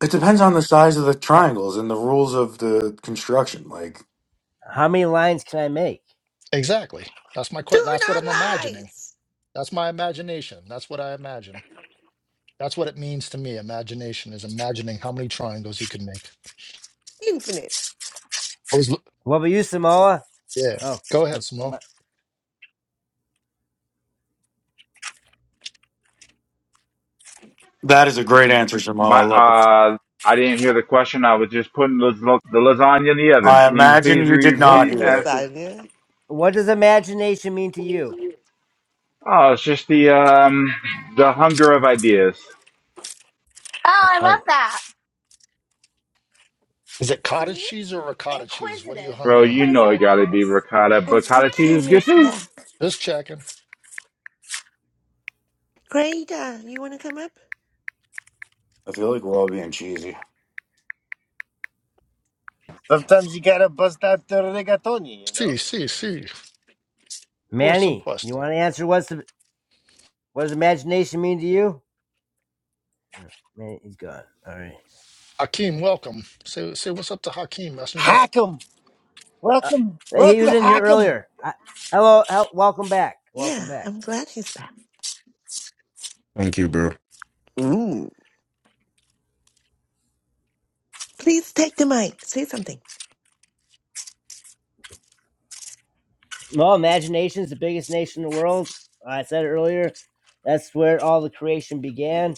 It depends on the size of the H- triangles and the rules of the construction. Like how many lines can I make? Exactly. That's my que- Do That's what I'm not imagining. lies. That's my imagination. That's what I imagine. That's what it means to me. Imagination is imagining how many triangles you can make. Infinite. I was, loo- What about you, Samoa? yeah. Oh, Go ahead, no, Smo. That is a great answer, Jamal. My, I love it. uh, I didn't hear the question. I was just putting the, the lasagna in the oven. I Can you imagine please you did what not repeat? hear it. Ask Lasagna. what does imagination mean to you? Oh, it's just the um the hunger of ideas. I love Oh, that. Is it <laughs> cottage See, cheese or ricotta cheese? What are you inquisitive, Bro, hungering? you know it inquisitive, gotta be Chris. ricotta, And but cottage cheese is Hakeem good is too. back. Just checking. Greta, you want to come up? I feel like we're all being cheesy. Sometimes you gotta bust out the rigatoni, you See, know? see, see. Por Manny, you supuesto. want to answer? What's the, what does imagination mean to you? Yeah, Manny, he's gone. All right. Hakeem, welcome. Say, say what's up to Hakeem, messenger. Hack 'em! Uh, Welcome, he welcome, was in here hack 'em! earlier. I, hello, hel- welcome back. Yeah, Welcome back. I'm glad he's back. Thank you, bro. Ooh. Please take the mic. Say something. Well, imagination's the biggest nation in the world. I said it earlier. That's where all the creation began,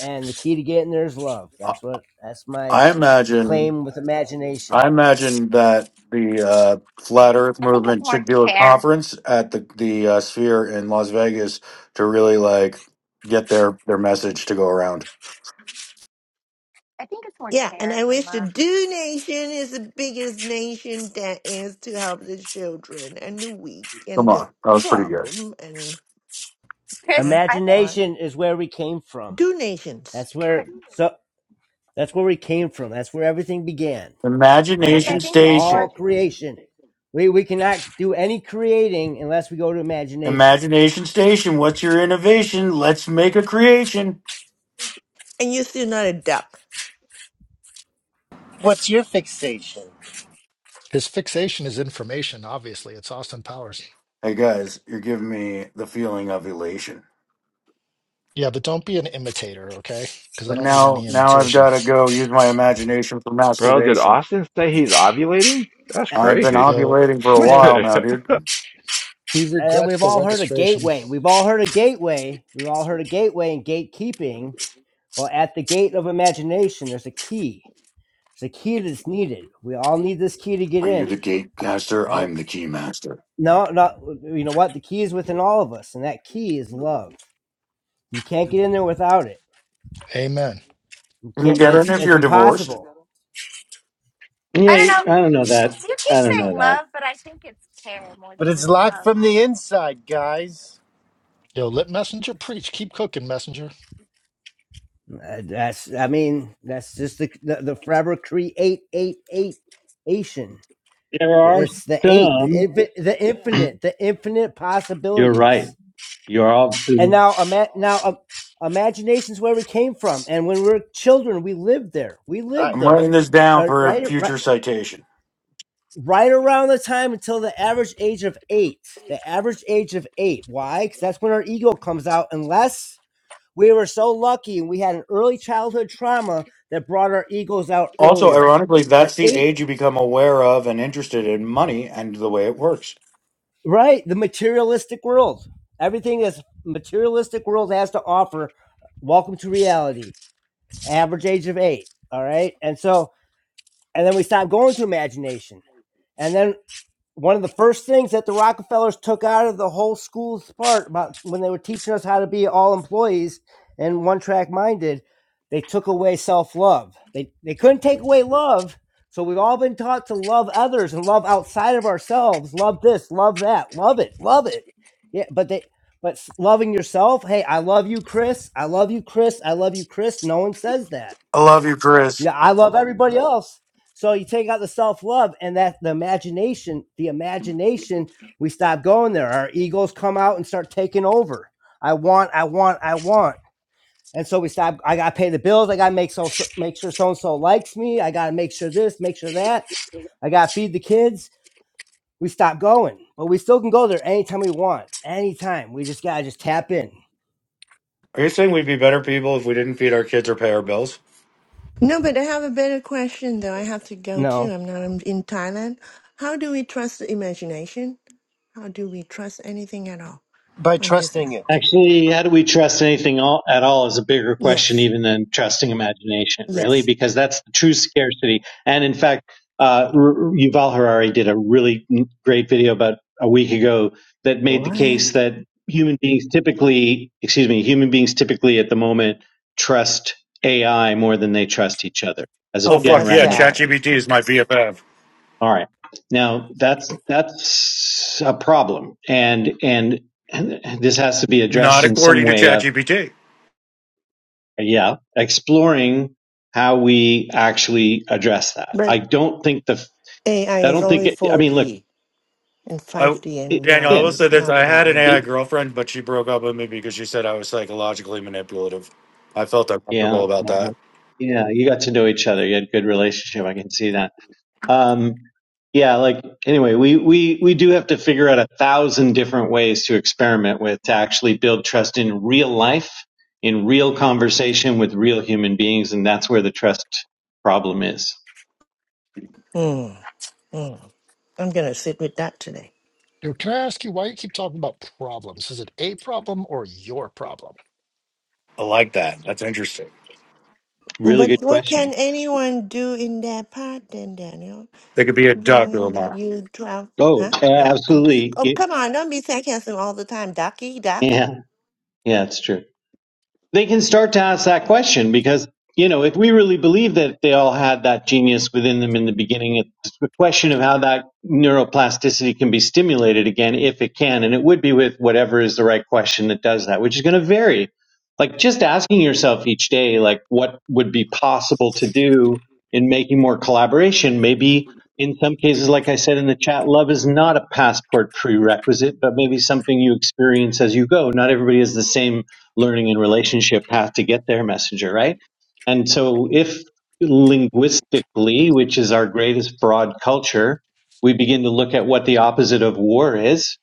and the key to getting there is love. I, That's what. That's my I imagine. claim with imagination. I imagine that the uh, flat Earth I think it's movement more should do a care. conference at the the uh, Sphere in Las Vegas to really like get their their message to go around. I think it's more Yeah, and care I than wish the love, Do Nation is the biggest nation that is to help the children and the weak Come and on, the that was pretty good. problem and, huh? Chris. I think, What? Imagination is where we came from. Do Nations. That's where Chris. so that's where we came from. That's where everything began. And Chris, I Imagination that's think it's more. all Station. creation. We we cannot do any creating unless we go to imagination. Imagination Station. What's your innovation? Let's make a creation. and you're still not a duck. What's your fixation? His fixation is information. Obviously, it's Austin Powers. Hey guys, you're giving me the feeling of elation. Yeah, but don't be an imitator, okay? Because I But don't need now, any now I've imitation. got to go use my imagination for Bro, did masturbation. Austin say he's ovulating? That's I've been crazy. <laughs> Yo, ovulating for a What And while the now, hell? dude. he and regrets we've the all heard of registration. gateway. We've all heard of gateway. We've all heard of gateway and gatekeeping. Well, at the gate of imagination, there's a key. There's a key that's needed. We all need this key to get Are you in. the gatecaster? And. I'm the keymaster. No, not you know what the key is within all of us, and that key is love. You can't get in there without it. Amen. You Can you can't. get it It's if it's you're divorced? impossible. I Yeah, don't know. I don't know that. Chris, You keep I don't saying know that. love, but I think it's care more But than it it's is locked love. from the inside, guys. Yo, let Messenger preach. Keep cooking, Messenger. Uh, that's I mean that's just the the, the forever create eight eight Asian. There are It's the eight, the some. infinite, the infinite, the infinite <clears throat> You're right. possibilities. You're And obviously now, ima- now, um, imagination's where we came from, and when we were children, we lived there. We lived Alright, I'm there, writing this down uh, for a right? Right? future citation. right around the time until the average age of eight. The average age of eight. Why? Because that's when our ego comes out, unless we were so lucky and we had an early childhood trauma that brought our egos out Also, earlier. ironically, But that's the eight, age you become aware of and interested in money and the way it works. right? The materialistic world. Everything this materialistic world has to offer. Welcome to reality. Average age of eight. All right. And so, and then we stop going to imagination. And then one of the first things that the Rockefellers took out of the whole school's part about when they were teaching us how to be all employees and one track minded, they took away self love. They they couldn't take away love, so we've all been taught to love others and love outside of ourselves. Love this, love that, love it, love it. Yeah, but they but loving yourself. Hey, I love you, Chris. I love you, Chris. I love you, Chris. No one says that I love you, Chris. yeah, I love everybody else. So you take out the self love and that the imagination, the imagination, we stop going there. Our egos come out and start taking over. I want, I want, I want. And so we stop. I gotta pay the bills. I gotta make so so- make sure so and so likes me. I gotta make sure this, make sure that. I gotta feed the kids. We stop going, but we still can go there anytime we want, anytime. We just gotta just tap in. Are you saying we'd be better people if we didn't feed our kids or pay our bills? No, but I have a better question though. I have to You go too. know, I'm not I'm in Thailand. How do we trust the imagination? How do we trust anything at all by on this trusting app? it. actually. How do we trust anything all, at all? Is a bigger question Yes. even than trusting imagination, really, Yes. because that's the true scarcity. And in fact, uh, R- Yuval Harari did a really great video about a week ago that made the What? case that human beings typically, excuse me, human beings typically at the moment trust AI more than they trust each other as a Oh, Oh, fuck that's yeah. generality. sad. ChatGPT is my BFF. All right. Now that's that's a problem, and and this has to be Not addressed in some according to way of ChatGPT. yeah, exploring how we actually address that. I But don't think the AI I is don't think only it, I mean look 4D and I 5D it, and Daniel, I beyond will again say is this: not I about had an real it, AI life. girlfriend, but she broke up with me because she said I was psychologically manipulative. I felt yeah uncomfortable about uh-huh. that. yeah you got to know each other you had a good relationship I can see that Um, yeah, like anyway, we we we do have to figure out a thousand different ways to experiment with to actually build trust in real life, in real conversation with real human beings, and that's where the trust problem is. Hmm. Hmm. I'm gonna sit with that today. Yo, can I ask you why you keep talking about problems? Is it a problem or your problem? I like that. That's interesting. Really But good what can question. anyone do in their part then, Daniel? They could be a duck or a longing that mouse. you drown. Oh, Huh? a- No, I'm. absolutely. Oh, It- come on! Don't be sarcasm all the time, ducky duck. yeah, yeah, it's true. they can start to ask that question because you know if we really believe that they all had that genius within them in the beginning it's a question of how that neuroplasticity can be stimulated again if it can and it would be with whatever is the right question that does that which is going to vary like just asking yourself each day like what would be possible to do in making more collaboration maybe in some cases like i said in the chat love is not a passport prerequisite but maybe something you experience as you go not everybody is the same learning and relationship path to get their messenger, right? And so if linguistically, which is our greatest broad culture, we begin to look at what the opposite of war is,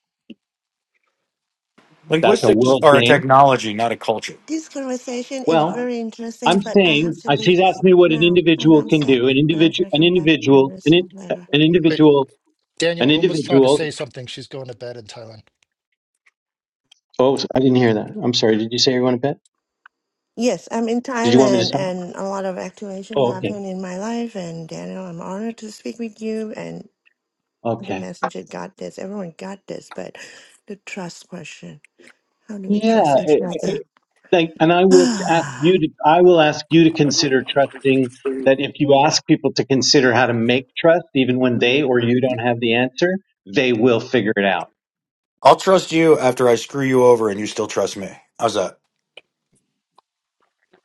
that's a Linguistics world are a game. technology, not a culture. This conversation is Well, very I'm interesting, but I saying, have to I- she's leave asked me what an now, and individual I'm can sad. do. An But I'm individual, gonna an come back and individual, an, in, listen later. an Wait, individual, an Daniel, Uma's trying to say individual. something. She's going to bed in Thailand. Oh, I didn't hear that. I'm sorry. Did you say you want to bet? Yes, I'm in Did you want me to Thailand, stop? and a lot of activation Oh, okay. happened in my life. And Daniel, I'm honored to speak with you. And Okay. the messenger got this. Everyone got this, but the trust question: How do we Yeah, trust each it, other? it, like, and I will ask <sighs> you to. I will ask you to consider trusting that if you ask people to consider how to make trust, even when they or you don't have the answer, they will figure it out. I'll trust you after I screw you over, and you still trust me. How's that?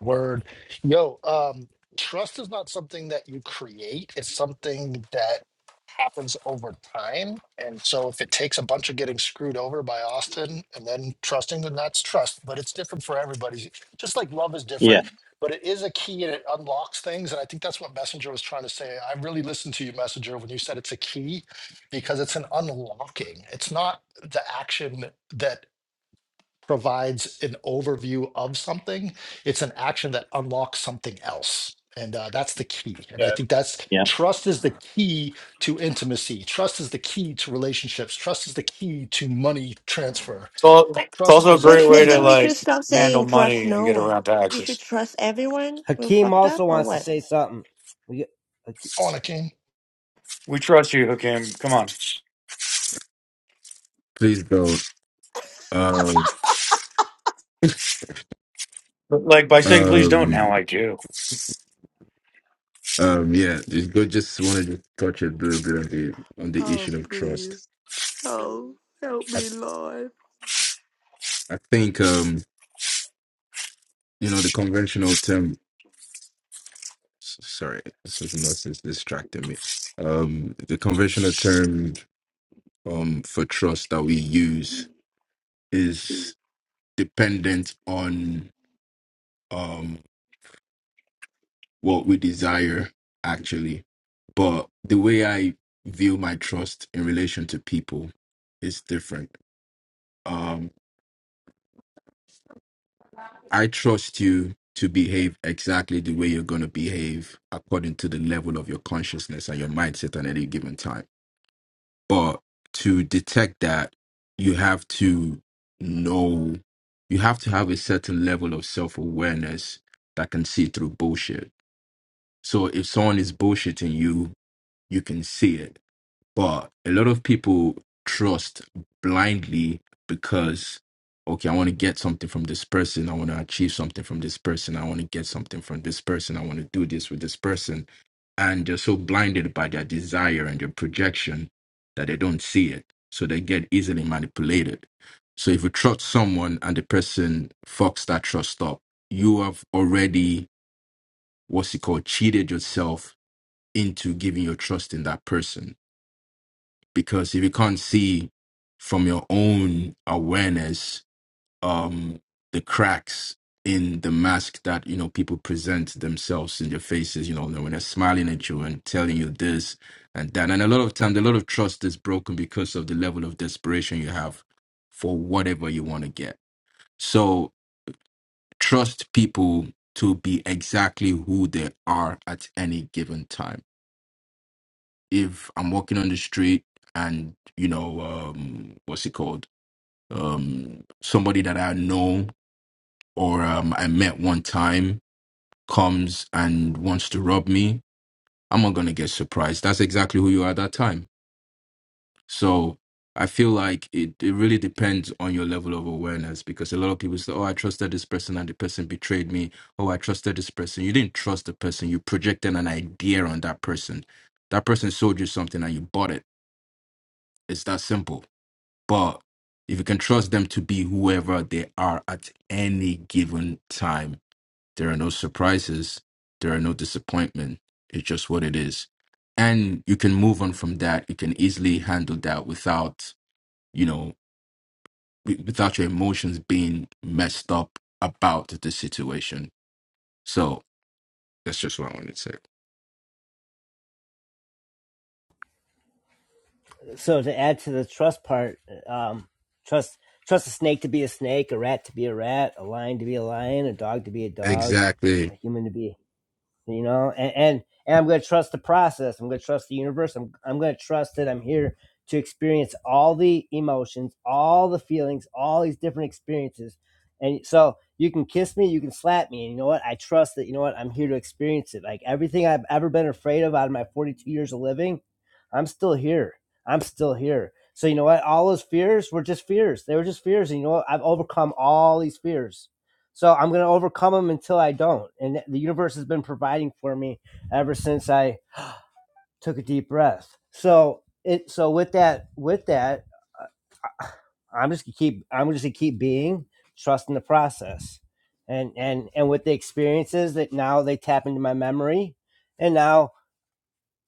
Word. Yo, um, trust is not something that you create, it's something that happens over time. And so if it takes a bunch of getting screwed over by Austin and then trusting, then that's trust. But it's different for everybody. Just like love is Yeah, different, but it is a key and it unlocks things. And I think that's what Messenger was trying to say. I really listened to you, Messenger, when you said it's a key because it's an unlocking. It's not the action that provides an overview of something, it's an action that unlocks something else. And uh, that's the key. And I Yeah. think that's yeah. trust is the key to intimacy. Trust is the key to relationships. Trust is the key to money transfer. It's, it's Trust also a is a When, great way then, to then key. we should like stop handle saying trust money and no get one. around We should taxes. trust everyone who Hakeem fucked up also or wants to what? say something. We, On a king. We trust you, Hakim. Come on. Please go. Um, But like by saying please don't, now um, I do. um, yeah, just go. Just wanted to just touch a little bit on the on the Oh, issue of trust. please. Help. Help I, me, Lord. I think um, you know, the conventional term. s- Sorry, this is nonsense distracting me. Um, the conventional term um for trust that we use is dependent on um what we desire actually, but the way I view my trust in relation to people is different. Um, I trust you to behave exactly the way you're going to behave according to the level of your consciousness and your mindset at any given time. But to detect that, you have to know, you have to have a certain level of self awareness that can see through bullshit. So if someone is bullshitting you, you can see it but a lot of people trust blindly because, okay, I want to get something from this person. I want to achieve something from this person. I want to get something from this person. I want to do this with this person. And they're so blinded by their desire and their projection that they don't see it. So they get easily manipulated. So if you trust someone and the person fucks that trust up, you have already, what's it called, cheated yourself into giving your trust in that person because if you can't see from your own awareness um the cracks in the mask that you know people present themselves in their faces you know when they're smiling at you and telling you this and that and a lot of times a lot of trust is broken because of the level of desperation you have for whatever you want to get so trust people to be exactly who they are at any given time if I'm walking on the street and you know um, what's it called um, somebody that I know or um, I met one time comes and wants to rob me, I'm not gonna get surprised. That's exactly who you are at that time. So I feel like it, it really depends on your level of awareness because a lot of people say, "Oh, I trusted this person and the person betrayed me." Oh, I trusted this person. You didn't trust the person. You projected an idea on that person. That person sold you something and you bought it. It's that simple But if you can trust them to be whoever they are at any given time, there are no surprises, there are no disappointment. It's just what it is. And you can move on from that. You can easily handle that without, you know, wi- without your emotions being messed up about the situation. So that's just what I wanted to say. so to add to the trust part, um, trust trust a snake to be a snake, a rat to be a rat, a lion to be a lion, a dog to be a dog, Exactly. a human to be you know and and, and i'm going to trust the process i'm going to trust the universe i'm, I'm going to trust that i'm here to experience all the emotions all the feelings all these different experiences and so you can kiss me you can slap me and you know what i trust that you know what i'm here to experience it like everything i've ever been afraid of out of my 42 years of living i'm still here i'm still here so you know what all those fears were just fears they were just fears and you know what i've overcome all these fears so I'm going to overcome them until I don't. And the universe has been providing for me ever since I took a deep breath. So it so with that with that I- I'm just gonna keep I'm just gonna keep being trusting the process. And and and with the experiences that now they tap into my memory. And now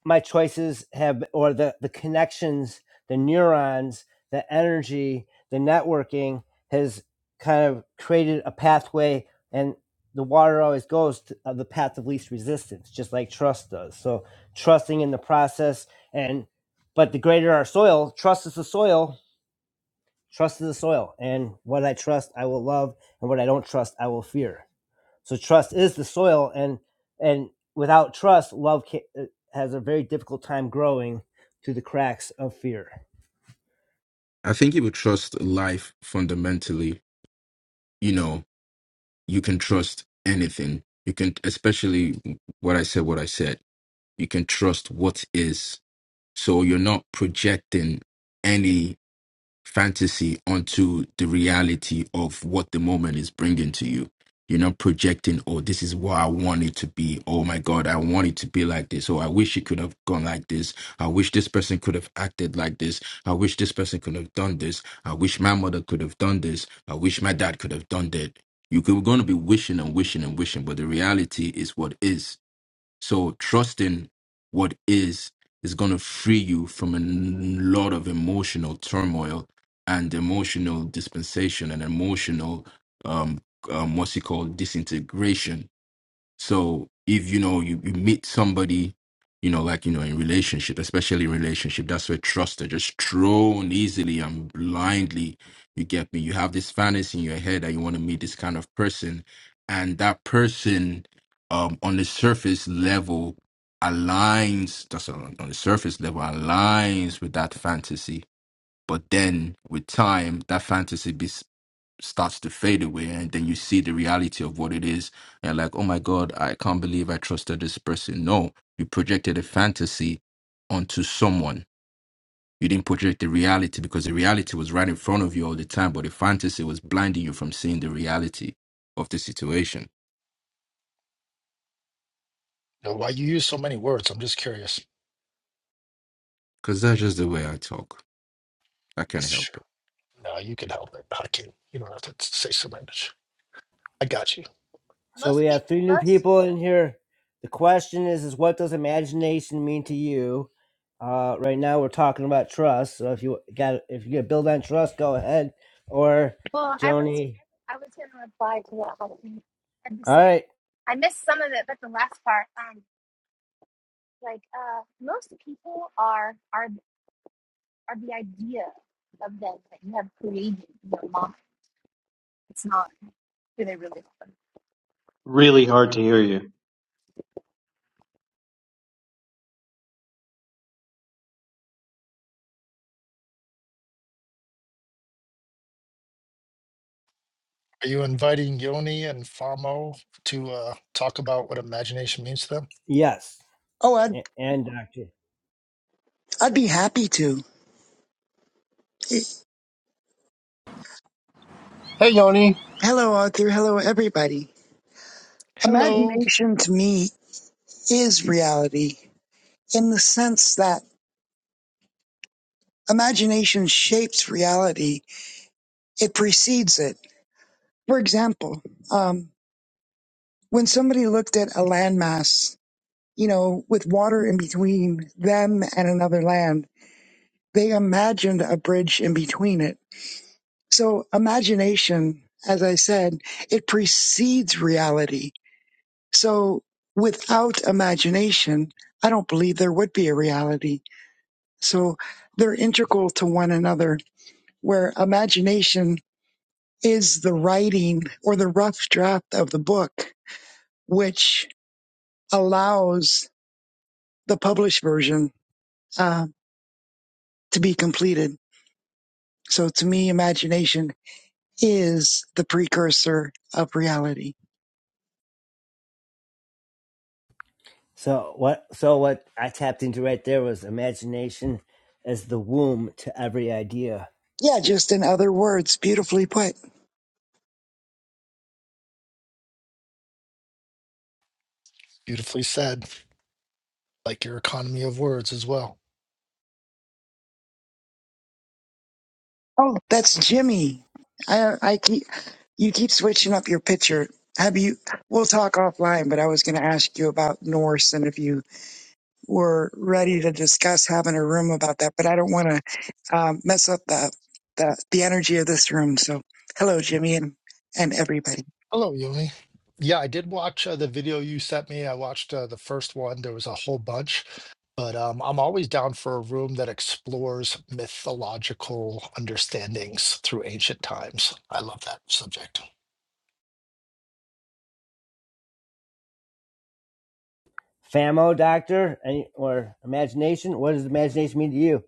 my choices have or the the connections the neurons the energy the networking has kind of created a pathway and the water always goes to uh, the path of least resistance just like trust does so trusting in the process and but the greater our soil trust is the soil trust is the soil and what i trust i will love and what i don't trust i will fear so trust is the soil, and and without trust, love ca- uh, has a very difficult time growing through the cracks of fear. I think you would trust life fundamentally, you know, you can trust anything. You can, especially what I said, what I said, you can trust what is. So you're not projecting any fantasy onto the reality of what the moment is bringing to you. You're not projecting, oh, this is what I want it to be. Oh my God, I want it to be like this. Oh, I wish it could have gone like this. I wish this person could have acted like this. I wish this person could have done this. I wish my mother could have done this. I wish my dad could have done that. You're going to be wishing and wishing and wishing, but the reality is what is so trusting what is is going to free you from a n- lot of emotional turmoil and emotional dispensation and emotional um, um what's it called disintegration so if you know you, you meet somebody, you know, like you know, in relationship, especially in relationship, that's where trust are just thrown easily and blindly. You get me? You have this fantasy in your head that you want to meet this kind of person, and that person um on the surface level aligns that's on, on the surface level aligns with that fantasy. But then with time, that fantasy starts to fade away and then you see the reality of what it is and like oh my god i can't believe i trusted this person no you projected a fantasy onto someone you didn't project the reality because the reality was right in front of you all the time but the fantasy was blinding you from seeing the reality of the situation Now, why you use so many words? I'm just curious. because that's just the way i talk i can't Yes, help sure. it No, you can help it. I can. You don't have to say so much. I got you. So Most we people, have three new most. people in here. The question is: Is what does imagination mean to you? Uh, right now, we're talking about trust. So if you got if you get build on trust, go ahead. Or Well, I was Joni, I was gonna reply to that whole thing. I missed all it. right, I missed some of it, but the last part, um, like uh, most people are are are the idea of them that you have created in your mind. It's not who they really are. Really hard to hear you. Are you inviting Yoni and Famo to uh, talk about what imagination means to them? yes, Oh, I'd, A- and Doctor. I'd be happy to. Hey, Yoni. Hello, Arthur. Hello, everybody. Hello. Imagination to me is reality in the sense that imagination shapes reality. It precedes it. For example, um, when somebody looked at a landmass, you know, with water in between them and another land, they imagined a bridge in between it. So imagination, as I said, it precedes reality So without imagination, I don't believe there would be a reality. So they're integral to one another, where imagination is the writing or the rough draft of the book, which allows the published version uh, to be completed. So to me, imagination is the precursor of reality. So what? So what I tapped into right there was imagination as the womb to every idea Yeah, just in other words, beautifully put. Beautifully said. Like your economy of words as well. Oh, that's Jimmy. I I keep you keep switching up your picture. Have you? We'll talk offline, but I was going to ask you about Norse and if you were ready to discuss having a room about that. But I don't want to um, mess up the, the the energy of this room. So, hello, Jimmy, and and everybody. Hello, Yoni. Yeah, I did watch uh, the video you sent me. I watched uh, the first one. There was a whole bunch, but um, I'm always down for a room that explores mythological understandings through ancient times. I love that subject. Famo doctor any, or imagination? What does imagination mean to you?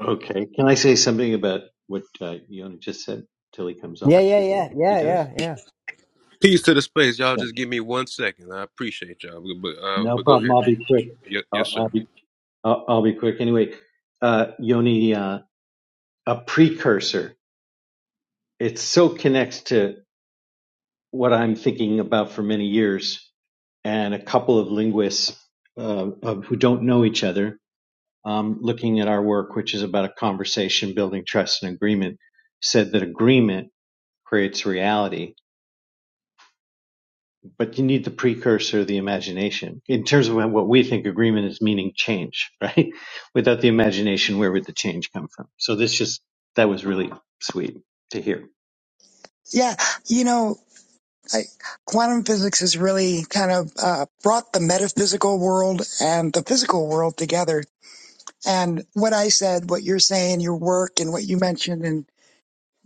Okay, can I say something about what uh, Yoni just said till he comes Yeah, off, yeah, yeah, if he yeah, does? yeah, yeah. Peace to the space. Y'all Yeah, just give me one second. I appreciate y'all. But, uh, no but go problem. ahead, I'll man. be quick. Yes, I'll, sir. I'll be. I'll, I'll be quick. Anyway, uh, Yoni, uh, a precursor. It so connects to what I'm thinking about for many years, and a couple of linguists uh, of, who don't know each other, um, looking at our work, which is about a conversation, building trust and agreement, said that agreement creates reality, but you need the precursor, the imagination. In terms of what we think agreement is, meaning change, right? <laughs> Without the imagination, where would the change come from? So this just that was really sweet to hear. Yeah, you know, I, quantum physics has really kind of uh, brought the metaphysical world and the physical world together And what I said, what you're saying, your work, and what you mentioned, and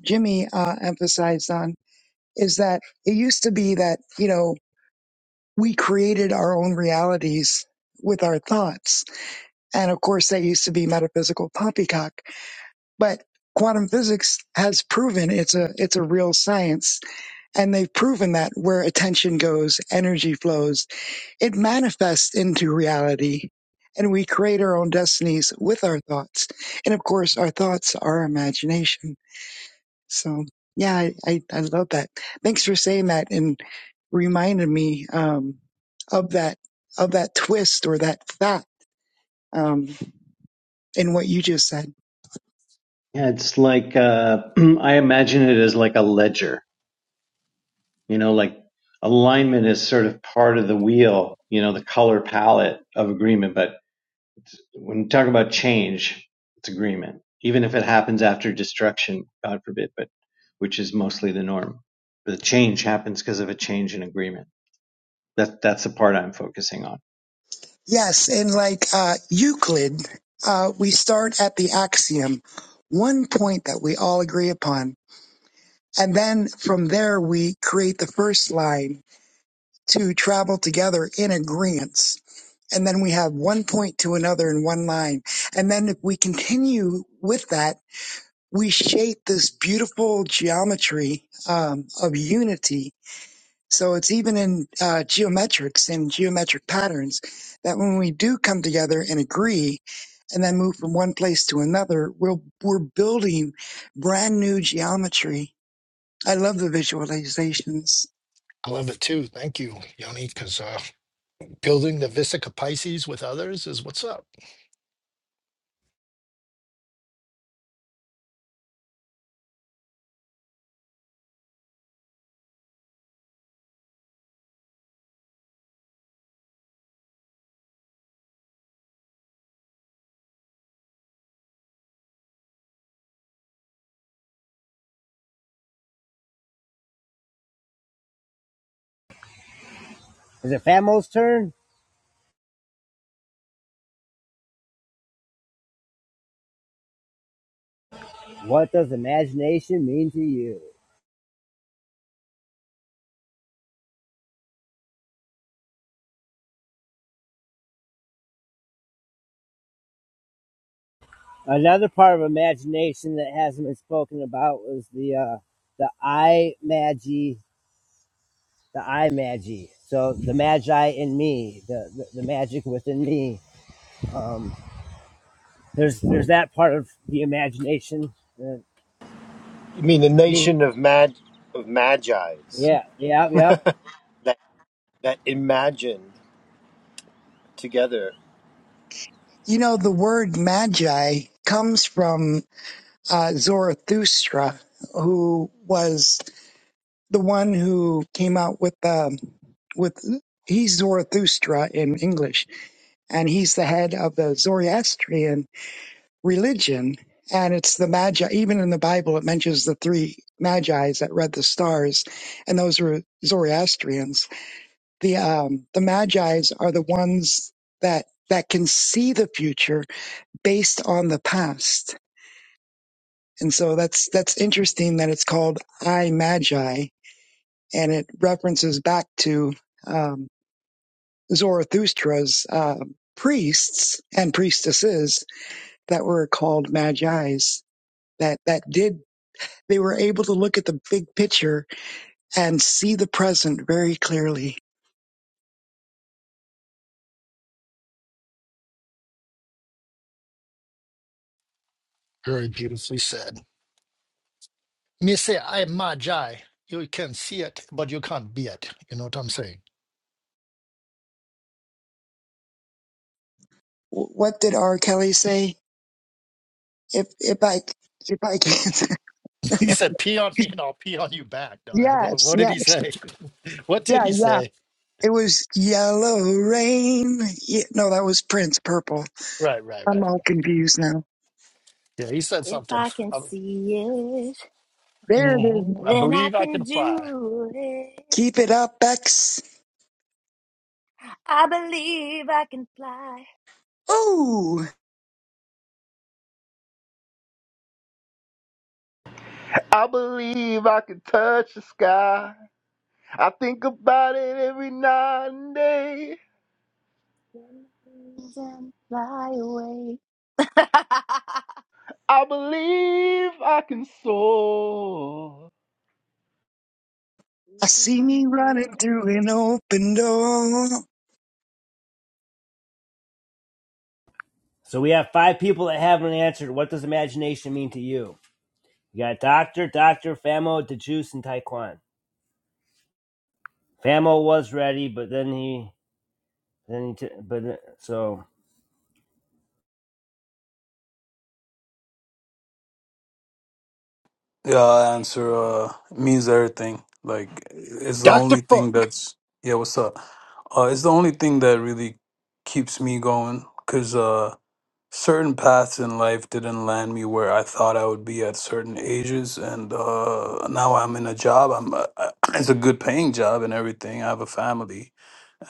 Jimmy uh, emphasized on, is that it used to be that, you know, we created our own realities with our thoughts. And of course, that used to be metaphysical poppycock. But quantum physics has proven it's a it's a real science and they've proven that where attention goes energy flows it manifests into reality and we create our own destinies with our thoughts and of course our thoughts are our imagination so yeah i i, I love that thanks for saying that and reminded me um of that of that twist or that fact um in what you just said Yeah, it's like uh, <clears throat> I imagine it as like a ledger You know, like alignment is sort of part of the wheel, you know, the color palette of agreement. But when you talk about change, it's agreement, even if it happens after destruction, God forbid, but which is mostly the norm. The change happens because of a change in agreement. That, that's the part I'm focusing on. yes and like uh euclid uh we start at the axiom one point that we all agree upon and then from there we create the first line to travel together in agreement. And then we have one point to another in one line. And then if we continue with that, we shape this beautiful geometry um, of unity. So it's even in uh, geometrics and geometric patterns that when we do come together and agree and then move from one place to another, we'll, we're building brand new geometry. I love the visualizations. I love it too. Thank you, Yoni, because uh, building the Visica Pisces with others is what's up. Is it Famo's turn? What does imagination mean to you? Another part of imagination that hasn't been spoken about was the uh, the eye magi, the eye magi. So the magi in me, the, the, the magic within me. Um, there's there's that part of the imagination. Uh, You mean the Me. nation of mad, of magi's yeah, yeah, yep. that, that imagined together. You know, the word magi comes from uh, Zarathustra, who was the one who came out with the with he's Zarathustra in English, and he's the head of the Zoroastrian religion. And it's the magi. Even in the Bible, it mentions the three magi's that read the stars, and those were Zoroastrians. The um, the magi's are the ones that that can see the future based on the past And so that's that's interesting that it's called I Magi, and it references back to um, Zarathustra's uh, priests and priestesses that were called Magi's. That that did they were able to look at the big picture and see the present very clearly. Very beautifully said. Me say, I magi. You can see it, but you can't be it. You know what I'm saying? W- What did R. Kelly say? If if I if I can <laughs> He said, "Pee on me, and I'll pee on you back." <laughs> No, I don't know. yes What did yes he say? <laughs> what did yeah he yeah say? it was yellow rain. Ye- No, that was Prince. Purple. Right, right, I'm right. all confused now. Yeah, he said If something. I can I, see it, There it is. mhm, I then I believe I can can fly. do it. Keep it up, X. I believe I can fly. Ooh, I believe I can touch the sky. I think about it every night and day. and fly away. <laughs> I believe I can soar. I see me Running through running the. through an open door. So we have five people that haven't answered. What does imagination mean to you? You got Doctor, Doctor, Famo, DeJuice, and Taekwon. Famo was ready, but then he, then he, t- but so. Yeah, I'll answer uh means everything. Like it's the Dr. only thing Funk! that's yeah, what's up? Uh it's the only thing that really keeps me going cuz uh certain paths in life didn't land me where I thought I would be at certain ages and uh now I'm in a job. I'm uh, <clears throat> it's a good paying job and everything. I have a family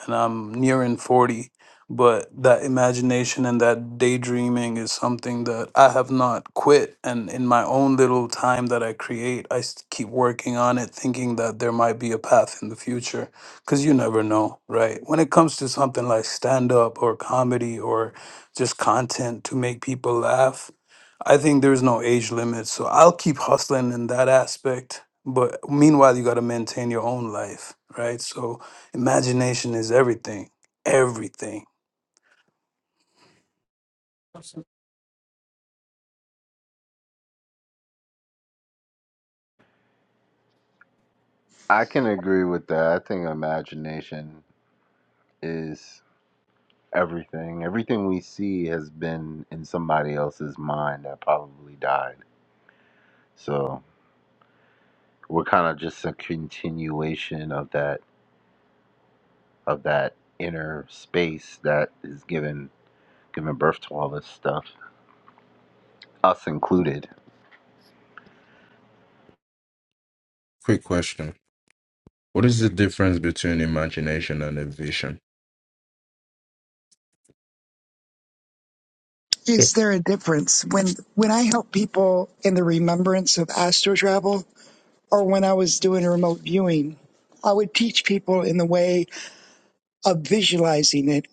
and I'm nearing 40, but that imagination and that daydreaming is something that I have not quit. And in my own little time that I create, I s- keep working on it, thinking that there might be a path in the future, because you never know, right? When it comes to something like stand up or comedy or just content to make people laugh, I think there's no age limit, so I'll keep hustling in that aspect. But meanwhile, you got to maintain your own life, right? So Imagination is everything. Everything. I can agree with that. I think imagination is everything. Everything we see has been in somebody else's mind that probably died. So we're kind of just a continuation of that of that inner space that is given given birth to all this stuff, us included. quick question what is the difference between imagination and a vision Is there a difference when when I help people in the remembrance of astro travel, or when I was doing remote viewing? I would teach people in the way of visualizing it.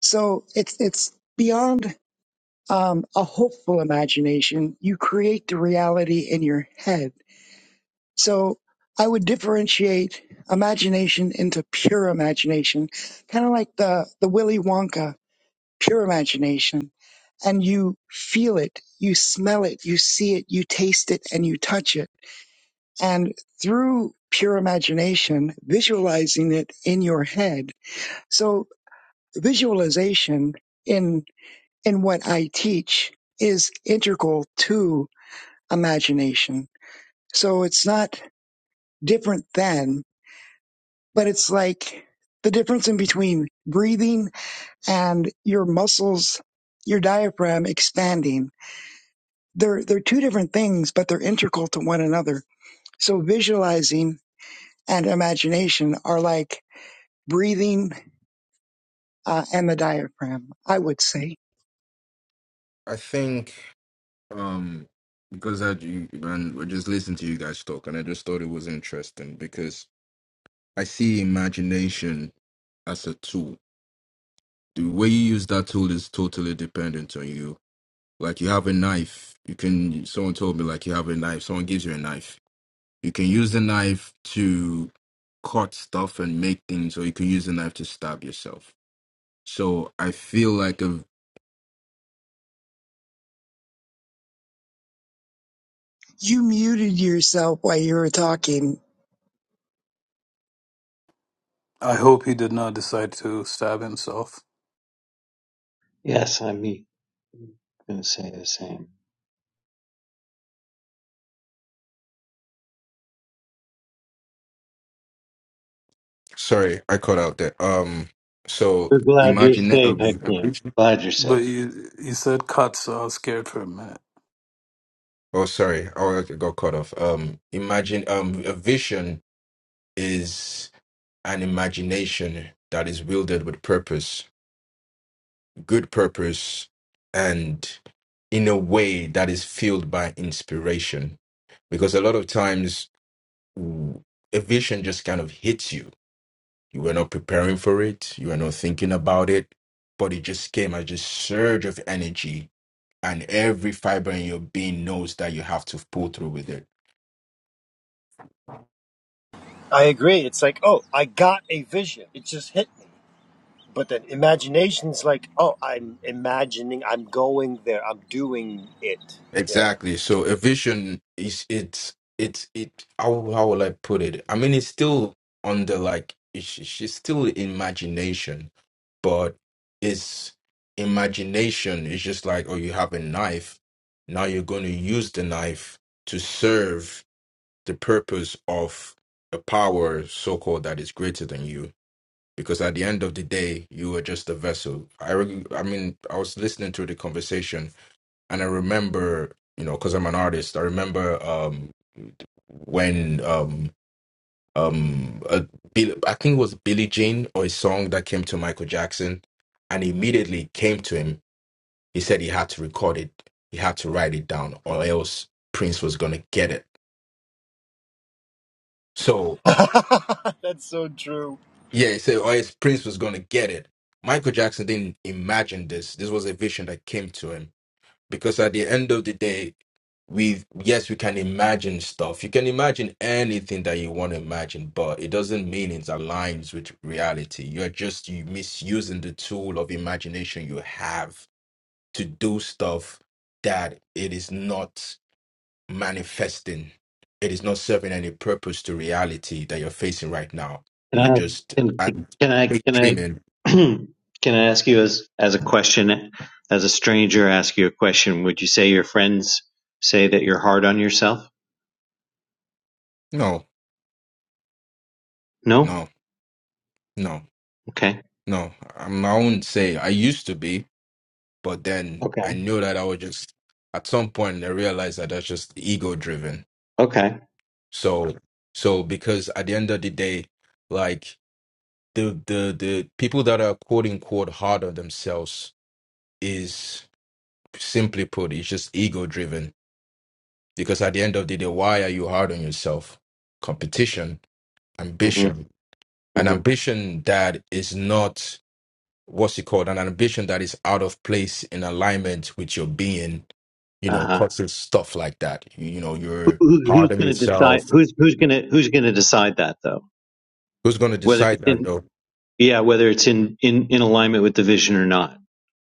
So it's it's beyond um, a hopeful imagination. You create the reality in your head. So I would differentiate imagination into pure imagination, kind of like the, the Willy Wonka pure imagination. And you feel it, you smell it, you see it, you taste it, and you touch it. And through pure imagination, visualizing it in your head. So visualization in, in what I teach is integral to imagination. So it's not different than but it's like the difference in between breathing and your muscles, your diaphragm expanding. They're, they're two different things, but they're integral to one another. So visualizing and imagination are like breathing uh, and the diaphragm, I would say. i think um because I you and we just listened to you guys talk and I just thought it was interesting because I see imagination as a tool. The way you use that tool is totally dependent on you. Like you have a knife, you can someone told me like you have a knife, someone gives you a knife. You can use the knife to cut stuff and make things or you can use the knife to stab yourself. So I feel like a You muted yourself while you were talking. I hope he did not decide to stab himself. Yes, I'm going to say the same. sorry, I cut out there. Um so We're glad you're imagine a, safe, Hakeem. a, Glad you're safe. But you, you said cut, so I was scared for a minute. Oh, sorry, Oh, I got cut off. Um, imagine um, a vision is an imagination that is wielded with purpose, good purpose, and in a way that is fueled by inspiration. Because a lot of times, w- a vision just kind of hits you. You were not preparing for it. You were not thinking about it, but it just came as a surge of energy, and every fiber in your being knows that you have to pull through with it I agree. It's like, oh, I got a vision. It just hit me. But then imagination's like, oh, I'm imagining, I'm going there, I'm doing it. Yeah. Exactly. So a vision is it's it's it how how will I put it? I mean it's still under like it's, it's still imagination, but it's imagination It's just like oh you have a knife, now you're going to use the knife to serve the purpose of a power so called that is greater than you because at the end of the day you were just a vessel i re- i mean i was listening to the conversation and i remember you know because i'm an artist i remember um when um um uh, Bill, i think it was billie jean or a song that came to michael jackson and immediately came to him he said he had to record it he had to write it down or else prince was gonna get it so <laughs> That's so true. yeah he said or else prince was gonna get it michael jackson didn't imagine this this was a vision that came to him because at the end of the day we yes we can imagine stuff you can imagine anything that you want to imagine but it doesn't mean it aligns with reality you're just you misusing the tool of imagination you have to do stuff that it is not manifesting it is not serving any purpose to reality that you're facing right now Can you're I just can and can I big can I dreaming <clears throat> can I ask you as as a question as a stranger ask you a question? Would you say your friends say that you're hard on yourself? no No. no no Okay. no i I won't say i used to be But then Okay. I knew that I was just at some point I realized that that's just ego driven. Okay. So so because at the end of the day, like the the the people that are quote unquote hard on themselves is simply put, it's just ego driven. Because at the end of the day, why are you hard on yourself? Competition, hmm ambition. An hmm ambition that is not what's it called an ambition that is out of place in alignment with your being you Uh know huh. causes stuff like that you, you know Who, you're who, hard who's on going to decide? yourself Who's who's going to who's going to decide that though? who's going to Whether decide it's that in though yeah, whether it's in in in alignment with the vision or not.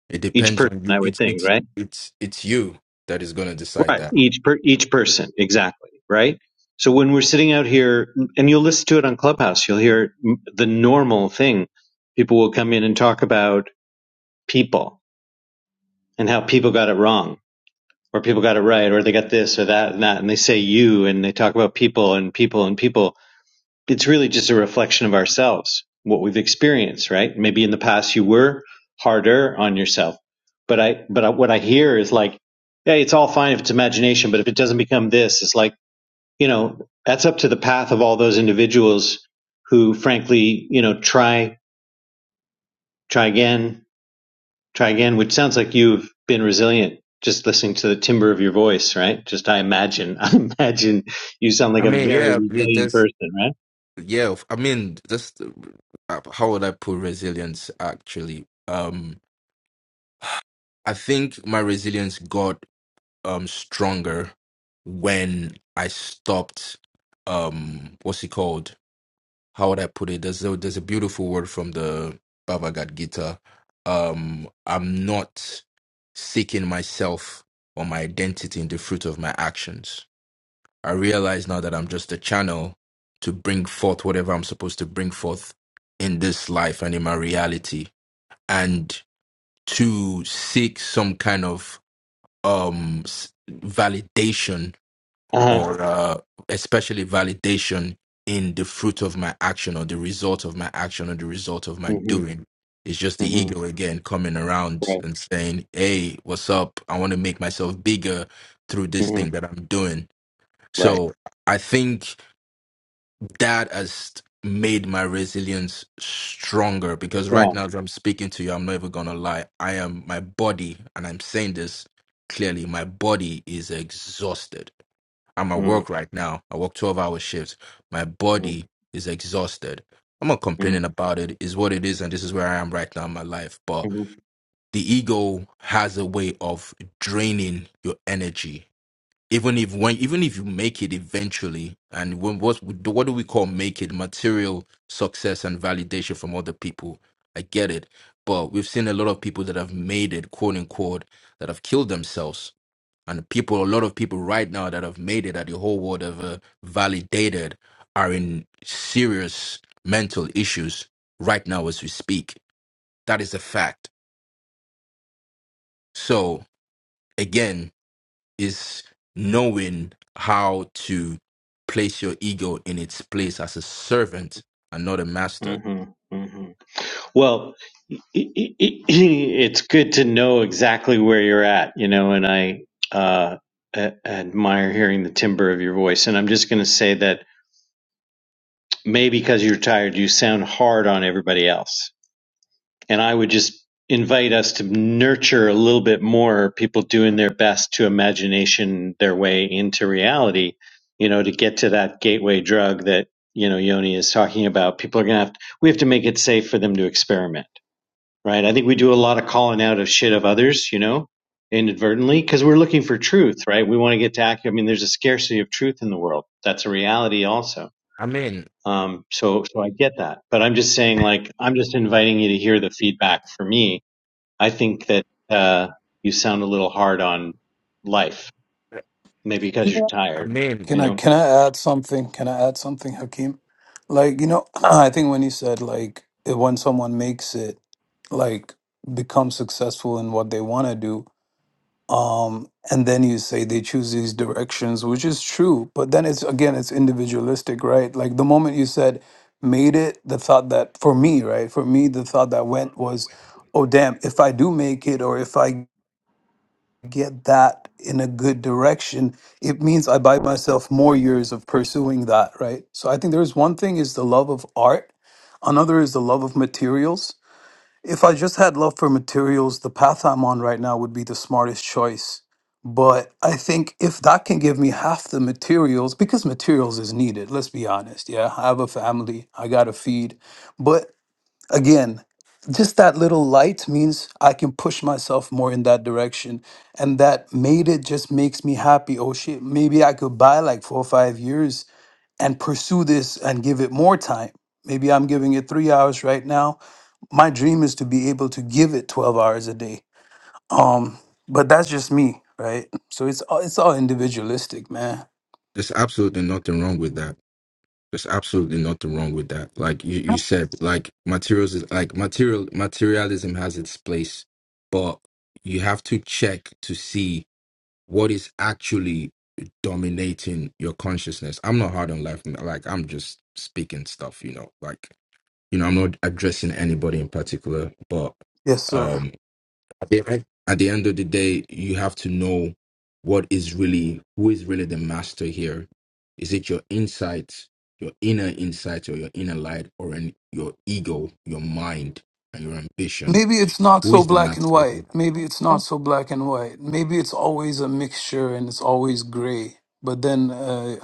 it Each depends person, on you I would it's think, it's right? it's it's you that is going to decide Right. that Each per each person, exactly. Right. So when we're sitting out here, and you'll listen to it on Clubhouse, you'll hear m- the normal thing. People will come in and talk about people and how people got it wrong, or people got it right, or they got this or that and that, and they say you, and they talk about people and people and people. It's really just a reflection of ourselves, what we've experienced, right? Maybe in the past you were harder on yourself, but I, but I, what I hear is like, hey, it's all fine if it's imagination, but if it doesn't become this, it's like you know, that's up to the path of all those individuals who frankly, you know, try, try again, try again, which sounds like you've been resilient just listening to the timbre of your voice, right? Just I imagine, <laughs> I imagine you sound like i a mean very yeah it resilient just person, right? yeah i mean just uh, how would i put resilience actually um i think my resilience got um stronger when i stopped um what's it called how would I put it? There's a, there's a beautiful word from the Bhagavad Gita. Um, I'm not seeking myself or my identity in the fruit of my actions. I realize now that I'm just a channel to bring forth whatever I'm supposed to bring forth in this life and in my reality, and to seek some kind of um s- validation Uh huh. or uh, especially validation in the fruit of my action or the result of my action or the result of my Mm-hmm. doing. It's just the Mm-hmm. ego again coming around Right. and saying, "Hey, what's up? I want to make myself bigger through this Mm-hmm. thing that I'm doing." Right. So I think that has made my resilience stronger because right Yeah. now, as I'm speaking to you, I'm not even gonna lie. I am my body, and I'm saying this clearly. My body is exhausted I'm at Mm-hmm. work right now. I work 12 hour shifts. My body is exhausted. I'm not Mm-hmm. complaining about it. It's what it is, and this is where I am right now in my life. But the ego has a way of draining your energy. Even if when even if you make it eventually, and when what what do we call make it material success and validation from other people? I get it, but we've seen a lot of people that have made it, quote unquote, that have killed themselves and people a lot of people right now that have made it that the whole world have uh, validated are in serious mental issues right now as we speak that is a fact so again is knowing how to place your ego in its place as a servant and not a master Mm-hmm. Mm-hmm. Well, <clears throat> it's good to know exactly where you're at, you know, and I uh, a- admire hearing the timbre of your voice. And I'm just going to say that maybe because you're tired, you sound hard on everybody else. And I would just invite us to nurture a little bit more people doing their best to imagination their way into reality, you know, to get to that gateway drug that, you know, Yoni is talking about. People are going to have, we have to make it safe for them to experiment right? I think we do a lot of calling out of shit of others, you know, inadvertently, because we're looking for truth, right? We want to get to accurate. I mean, there's a scarcity of truth in the world. That's a reality also. i mean Um, so, so I get that, but I'm just saying, like, I'm just inviting you to hear the feedback for me. I think that, uh, you sound a little hard on life, maybe because you're Well, i tired, mean you Can I know? can I add something? Can I add something, Hakeem? Like you know, <clears throat> I think when you said like when someone makes it, like become successful in what they want to do, um and then you say they choose these directions which is true but then it's again it's individualistic right like the moment you said made it the thought that for me right for me the thought that went was oh damn if i do make it or if i get that in a good direction it means i buy myself more years of pursuing that right so i think there's one thing is the love of art another is the love of materials if I just had love for materials, the path I'm on right now would be the smartest choice. But I think if that can give me half the materials, because materials is needed, let's be honest. Yeah, I have a family, I got to feed. But again, just that little light means I can push myself more in that direction. And that made it just makes me happy. Oh shit, maybe I could buy like four or five years and pursue this and give it more time. Maybe I'm giving it three hours right now my dream is to be able to give it 12 hours a day um but that's just me right so it's all it's all individualistic man there's absolutely nothing wrong with that There's absolutely nothing wrong with that. Like you, you said, like materials is like material materialism has its place, but you have to check to see what is actually dominating your consciousness. I'm not hard on life, man. like I'm just speaking stuff, you know. Like, you know, I'm not addressing anybody in particular, but yes sir um at the, end- at the end of the day, you have to know what is really, who is really the master here. Is it your insights, your inner insights, or your inner light, or in your ego, your mind, and your ambition? maybe it's not Who so is the black and master? white here? maybe it's not so black and white maybe it's always a mixture and it's always gray but then uh,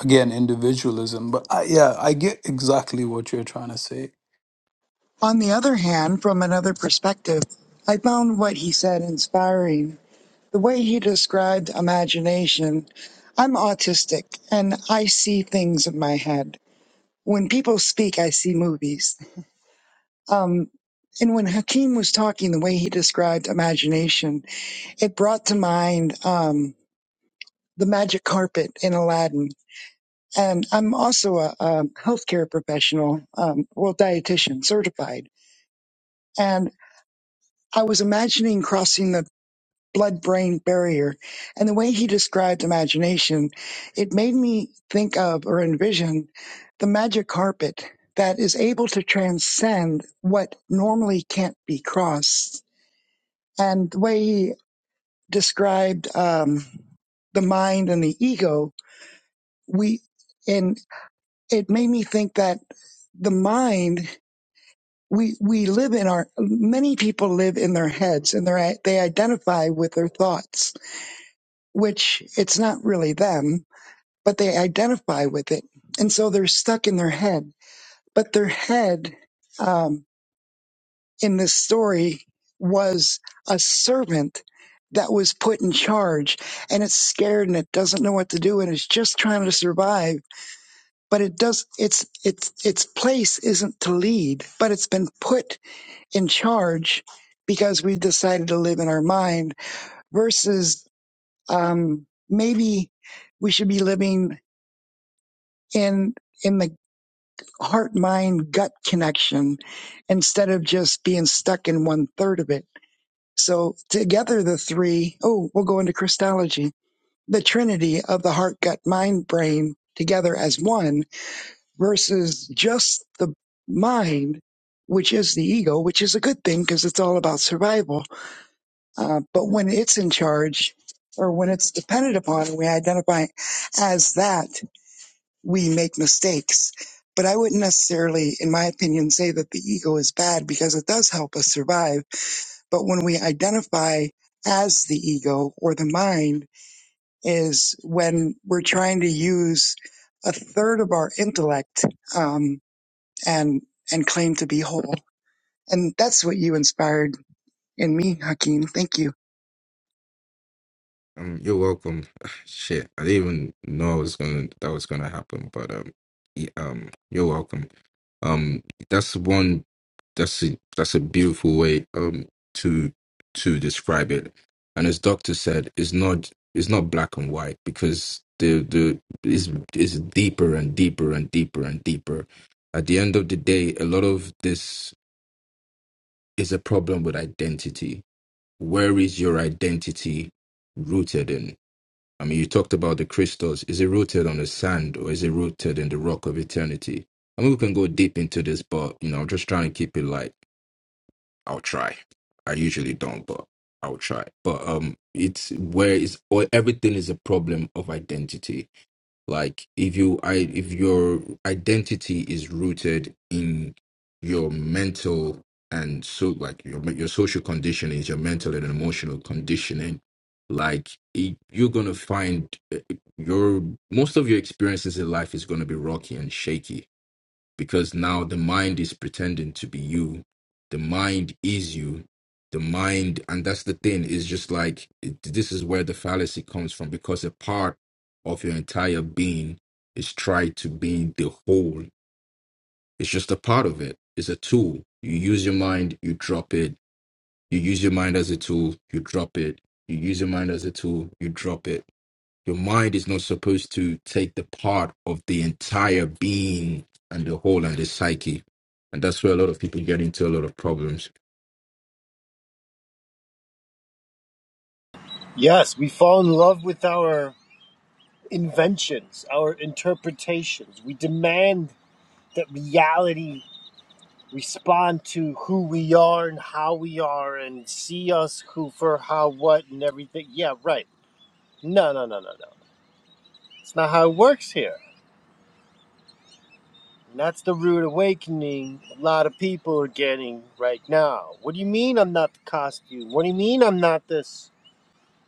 again individualism but I, yeah i get exactly what you're trying to say On the other hand, from another perspective, I found what he said inspiring The way you described imagination, I'm autistic and I see things in my head. When people speak, I see movies. Um, and when Hakeem was talking, the way he described imagination, it brought to mind um, the magic carpet in Aladdin. And I'm also a, a healthcare professional, um, well, dietitian certified. And I was imagining crossing the blood brain barrier. And the way he described imagination, it made me think of or envision the magic carpet that is able to transcend what normally can't be crossed. And the way he described um, the mind and the ego, we and it made me think that the mind we we live in our many people live in their heads and they they identify with their thoughts which it's not really them but they identify with it. And so they're stuck in their head. But their head um, in this story was a servant that was put in charge and it's scared and it doesn't know what to do and it's just trying to survive but it does its its its place isn't to lead but it's been put in charge because we decided to live in our mind versus um maybe we should be living in in the heart mind gut connection instead of just being stuck in one third of it. So together the three, oh, we'll go into Christology, the trinity of the heart, gut, mind, brain together as one versus just the mind, which is the ego, which is a good thing because it's all about survival. Uh, but when it's in charge or when it's dependent upon, we identify as that we make mistakes. But I wouldn't necessarily, in my opinion, say that the ego is bad because it does help us survive. But when we identify as the ego or the mind is when we're trying to use a third of our intellect um, and and claim to be whole. And that's what you inspired in me, Hakeem. Thank you. Um, you're welcome. <sighs> Shit, I didn't even know I was gonna that was gonna happen, but um, y- um, you're welcome. Um, that's one. That's a that's a beautiful way um to to describe it. And as Doctor said, it's not it's not black and white because the the is is deeper and deeper and deeper and deeper. At the end of the day, a lot of this is a problem with identity. Where is your identity rooted in? I mean, you talked about the crystals. Is it rooted on the sand or is it rooted in the rock of eternity? I mean, we can go deep into this, but you know, I'm just trying to keep it light. I'll try. I usually don't, but I'll try. But um, it's where is or everything is a problem of identity like if you i if your identity is rooted in your mental and so like your your social conditioning is your mental and emotional conditioning like it, you're going to find uh, your most of your experiences in life is going to be rocky and shaky because now the mind is pretending to be you the mind is you the mind and that's the thing is just like it, this is where the fallacy comes from because a part of your entire being is tried to being the whole it's just a part of it it's a tool you use your mind you drop it you use your mind as a tool you drop it you use your mind as a tool you drop it your mind is not supposed to take the part of the entire being and the whole and the psyche. And that's where a lot of people get into a lot of problems. Yes, we fall in love with our inventions, our interpretations. We demand that reality respond to who we are and how we are and see us who for how what and everything. Yeah, right. No, no, no, no, no. It's not how it works here. And that's the rude awakening a lot of people are getting right now. What do you mean I'm not the costume? What do you mean I'm not this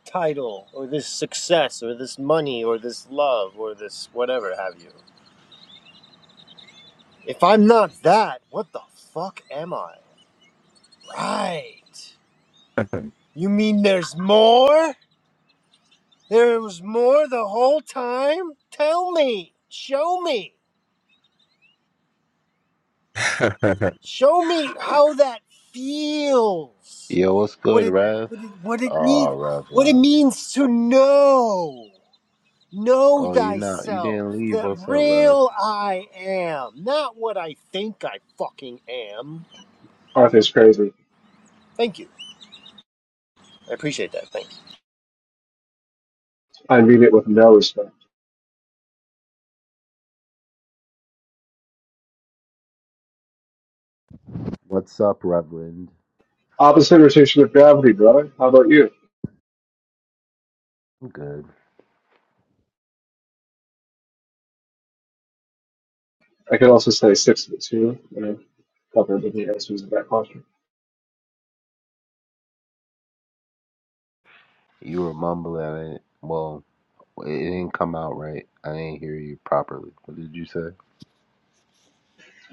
title or this success or this money or this love or this whatever have you? If I'm not that, what the fuck am I? Right. You mean there's more? There was more the whole time? Tell me. Show me. Show me how that feels. Yo, what's What good, it Rev? what it what it need, Oh, Rev what it love. means to know. Know Oh, you not you thyself. didn't leave. The What's up, Rev? real I am. Not what I think I fucking am. Arthur's crazy. Thank you. I appreciate that. Thank you. I mean it with no respect. What's up, Reverend? Opposite rotation of gravity, brother. How about you? I'm good. I could also say six foot two, you know, cover the answers of that question. You were mumbling it. Well, it didn't come out right. I didn't hear you properly. What did you say?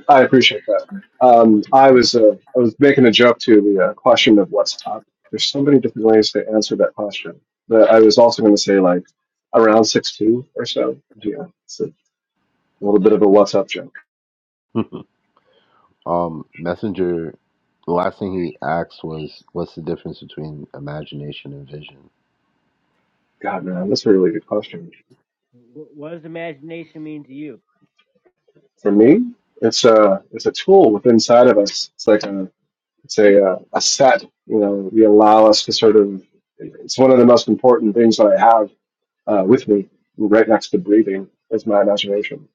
I appreciate that. Um, I was uh, I was making a joke to the uh, question of what's top. There's so many different ways to answer that question. But I was also going to say like around six two or so. Yeah, it's a little bit of a what's up joke. <laughs> um, Messenger the last thing he asked was what's the difference between imagination and vision God man, that's a really good question. What does imagination mean to you? For me, it's a it's a tool within inside of us. It's like a it's a uh, a set. You know, you allow us to sort of. It's one of the most important things that I have uh, with me, right next to breathing, is my imagination.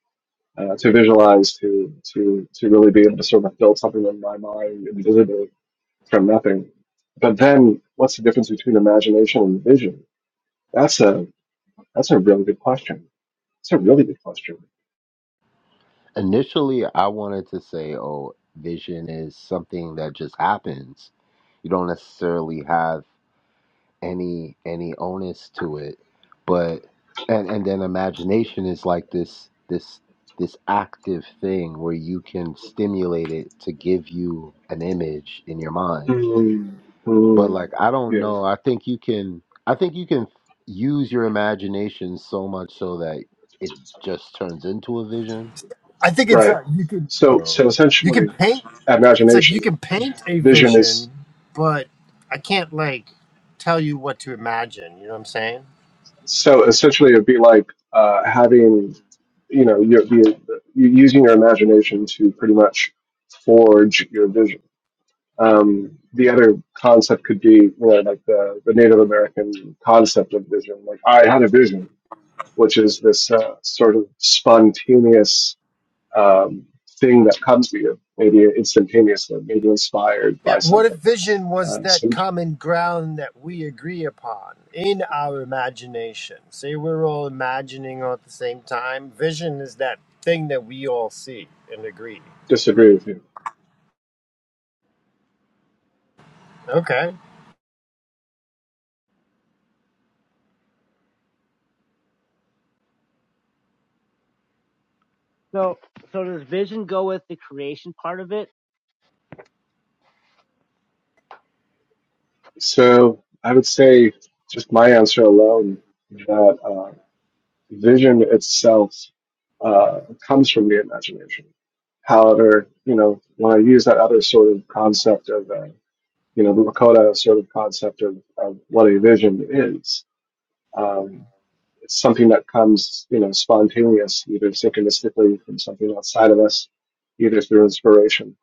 Uh, to visualize, to to to really be able to sort of build something in my mind invisibly from nothing. But then, what's the difference between imagination and vision? That's a that's a really good question. It's a really good question. initially i wanted to say oh vision is something that just happens you don't necessarily have any any onus to it but and and then imagination is like this this this active thing where you can stimulate it to give you an image in your mind Mm, but mm, like i don't yeah, know i think you can i think you can use your imagination so much so that it just turns into a vision I think it's right. uh, you can So so so you can essentially, paint it's like imagination, you can paint a vision is vision, but I can't like tell you what to imagine. You know what I'm saying? So essentially, it'd be like uh, having, you know, your, the, you using your imagination to pretty much forge your vision. Um, the other concept could be, you know, like the, the Native American concept of vision. Like, I had a vision, which is this uh, sort of spontaneous um, thing that comes to you, maybe instantaneously, maybe inspired Yeah, by what if something. vision was Uh, that so common ground that we agree upon in our imagination? Say we're all imagining all at the same time. Vision is that thing that we all see and agree. disagree with you. Okay. So, so does vision go with the creation part of it? So I would say just my answer alone that uh, vision itself uh, comes from the imagination. However, you know, when I use that other sort of concept of, uh, you know, the Lakota sort of concept of, of what a vision is, um, it's something that comes, you know, spontaneous, either synchronistically from something outside of us, either through inspiration,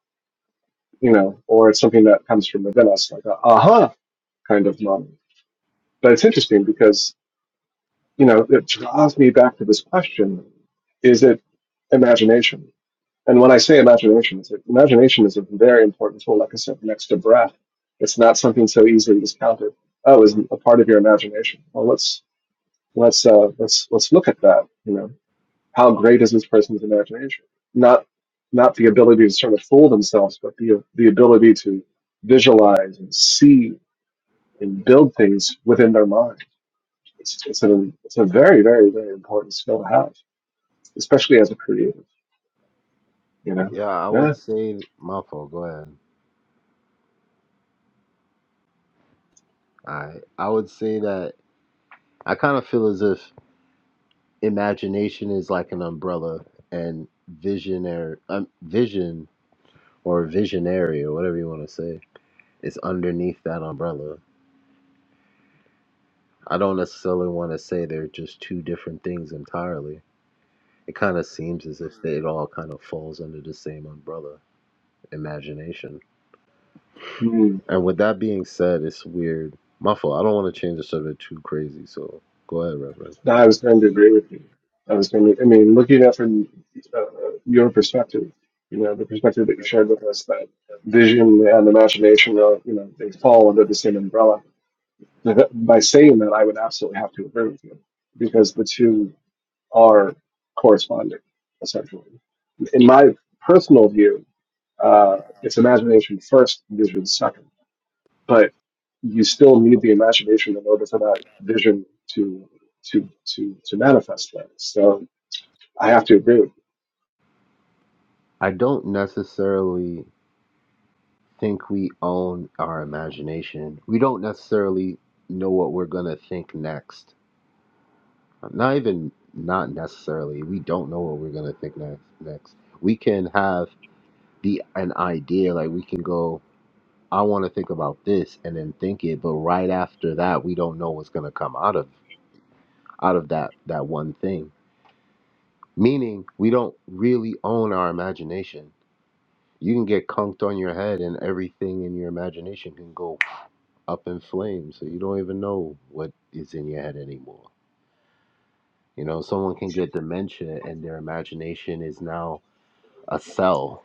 you know, or it's something that comes from within us, like a aha kind of moment. But it's interesting because you know, that draws me back to this question is it imagination? And when I say imagination, it's like, imagination is a very important tool, like I said, next to breath. It's not something so easily discounted. Oh, is a part of your imagination. Well, let's let's uh, let's let's look at that. You know, how great is this person's imagination? Not not the ability to sort of fool themselves, but the the ability to visualize and see and build things within their mind it's it's a it's a very very very important skill to have, especially as a creative. You know. yeah i Yeah. would say my fault go ahead i i would say that i kind of feel as if imagination is like an umbrella and visionary um, vision or visionary or whatever you want to say is underneath that umbrella i don't necessarily want to say they're just two different things entirely it kind of seems as if they, it all kind of falls under the same umbrella imagination Hmm. and with that being said it's weird my fault i don't want to change the subject too crazy so go ahead reverend No, I was going to agree with you. I was going to. I mean, looking at from uh, your perspective, you know, the perspective that you shared with us, that vision and imagination are, you know, they fall under the same umbrella. But By saying that, I would absolutely have to agree with you because the two are corresponding, essentially. In my personal view, uh, it's imagination first, vision second but you still need the imagination in order for that vision to to to to manifest that. So I have to agree. With i don't necessarily think we own our imagination. We don't necessarily know what we're going to think next. Not even not necessarily. We don't know what we're going to think next. Next, we can have the an idea like we can go I want to think about this and then think it, but right after that, we don't know what's going to come out of out of that that one thing. Meaning, we don't really own our imagination. You can get conked on your head and everything in your imagination can go up in flames. So you don't even know what is in your head anymore. You know, someone can get dementia and their imagination is now a cell.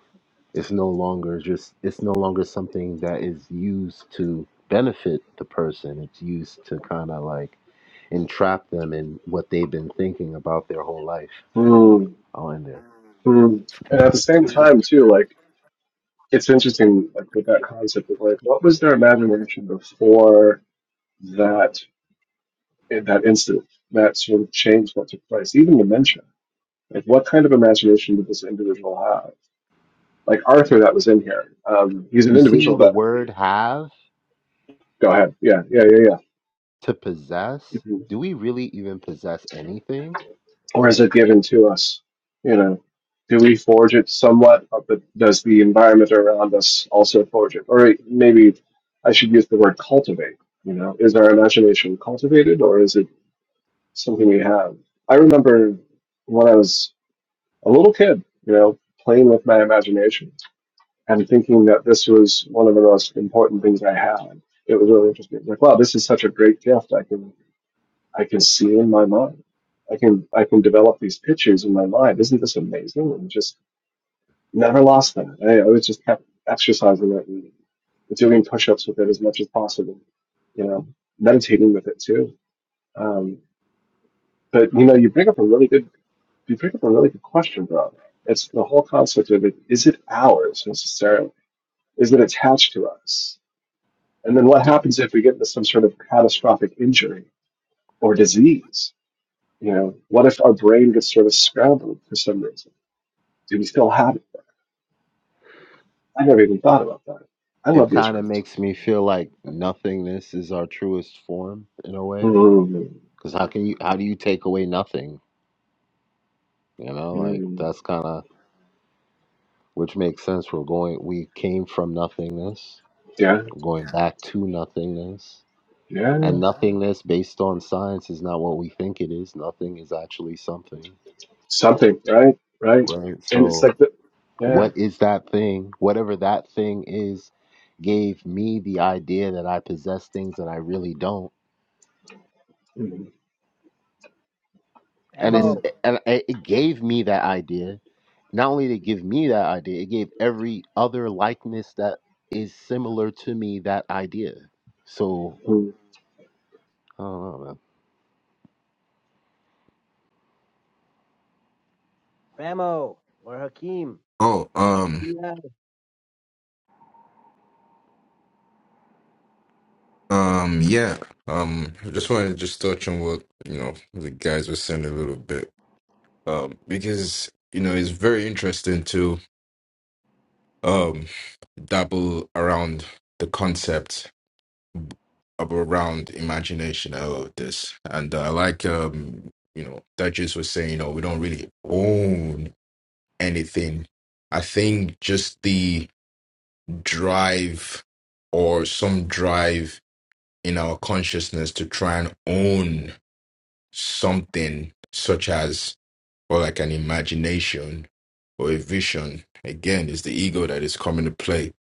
It's no longer just, it's no longer something that is used to benefit the person. It's used to kind of like entrap them in what they've been thinking about their whole life. you. Mm, I'll end there. mm. And at the same time, too, like it's interesting, like with that concept of like, what was their imagination before that in that incident, that sort of changed what took place, even dementia. Like, what kind of imagination did this individual have? Like Arthur, that was in here. Um, he's an You see individual the that. word have Go ahead. Yeah, yeah, yeah, yeah. to possess. Mm-hmm. Do we really even possess anything? or is it given to us? You know, do we forge it somewhat, uh, but does the environment around us also forge it? Or maybe I should use the word cultivate. You know, is our imagination cultivated, or is it something we have? I remember when I was a little kid, you know, playing with my imagination and thinking that this was one of the most important things I had. It was really interesting. Like, wow, this is such a great gift. I can I can see in my mind. I can I can develop these pictures in my mind. Isn't this amazing? And just never lost that. I, I was just kept exercising that and doing push-ups with it as much as possible. You know, meditating with it too. Um, but you know, you bring up a really good you bring up a really good question, bro. It's the whole concept of it. Is it ours necessarily? Is it attached to us? And then what happens if we get into some sort of catastrophic injury or disease? You know, what if our brain gets sort of scrambled for some reason? Do we still have it? I never even thought about that. I it love these kind of rooms. makes me feel like nothingness is our truest form in a way Mm, because how can you how do you take away nothing you know like mm, that's kind of which makes sense we're going we came from nothingness yeah, we're going Yeah. back to nothingness and yeah, Yeah. nothingness based on science is not what we think it is nothing is actually something something, right, right. right And it's so like, the, yeah. what is that thing whatever that thing is gave me the idea that i possess things that i really don't Mm, and it's Famo, mm, and it gave me that idea. Not only did it give me that idea, it gave every other likeness that is similar to me that idea. So mm. I don't know, man. Famo, or Hakeem? Oh, um, Yeah. um, yeah. Um, I just wanted to just touch on what, you know, the guys were saying a little bit. Um, because, you know, it's very interesting to um dabble around the concept of around imagination and all of this. And I like um, you know, that just was saying, you know, we don't really own anything. I think just the drive or some drive in our consciousness to try and own something such as or like an imagination or a vision again is the ego that is coming to play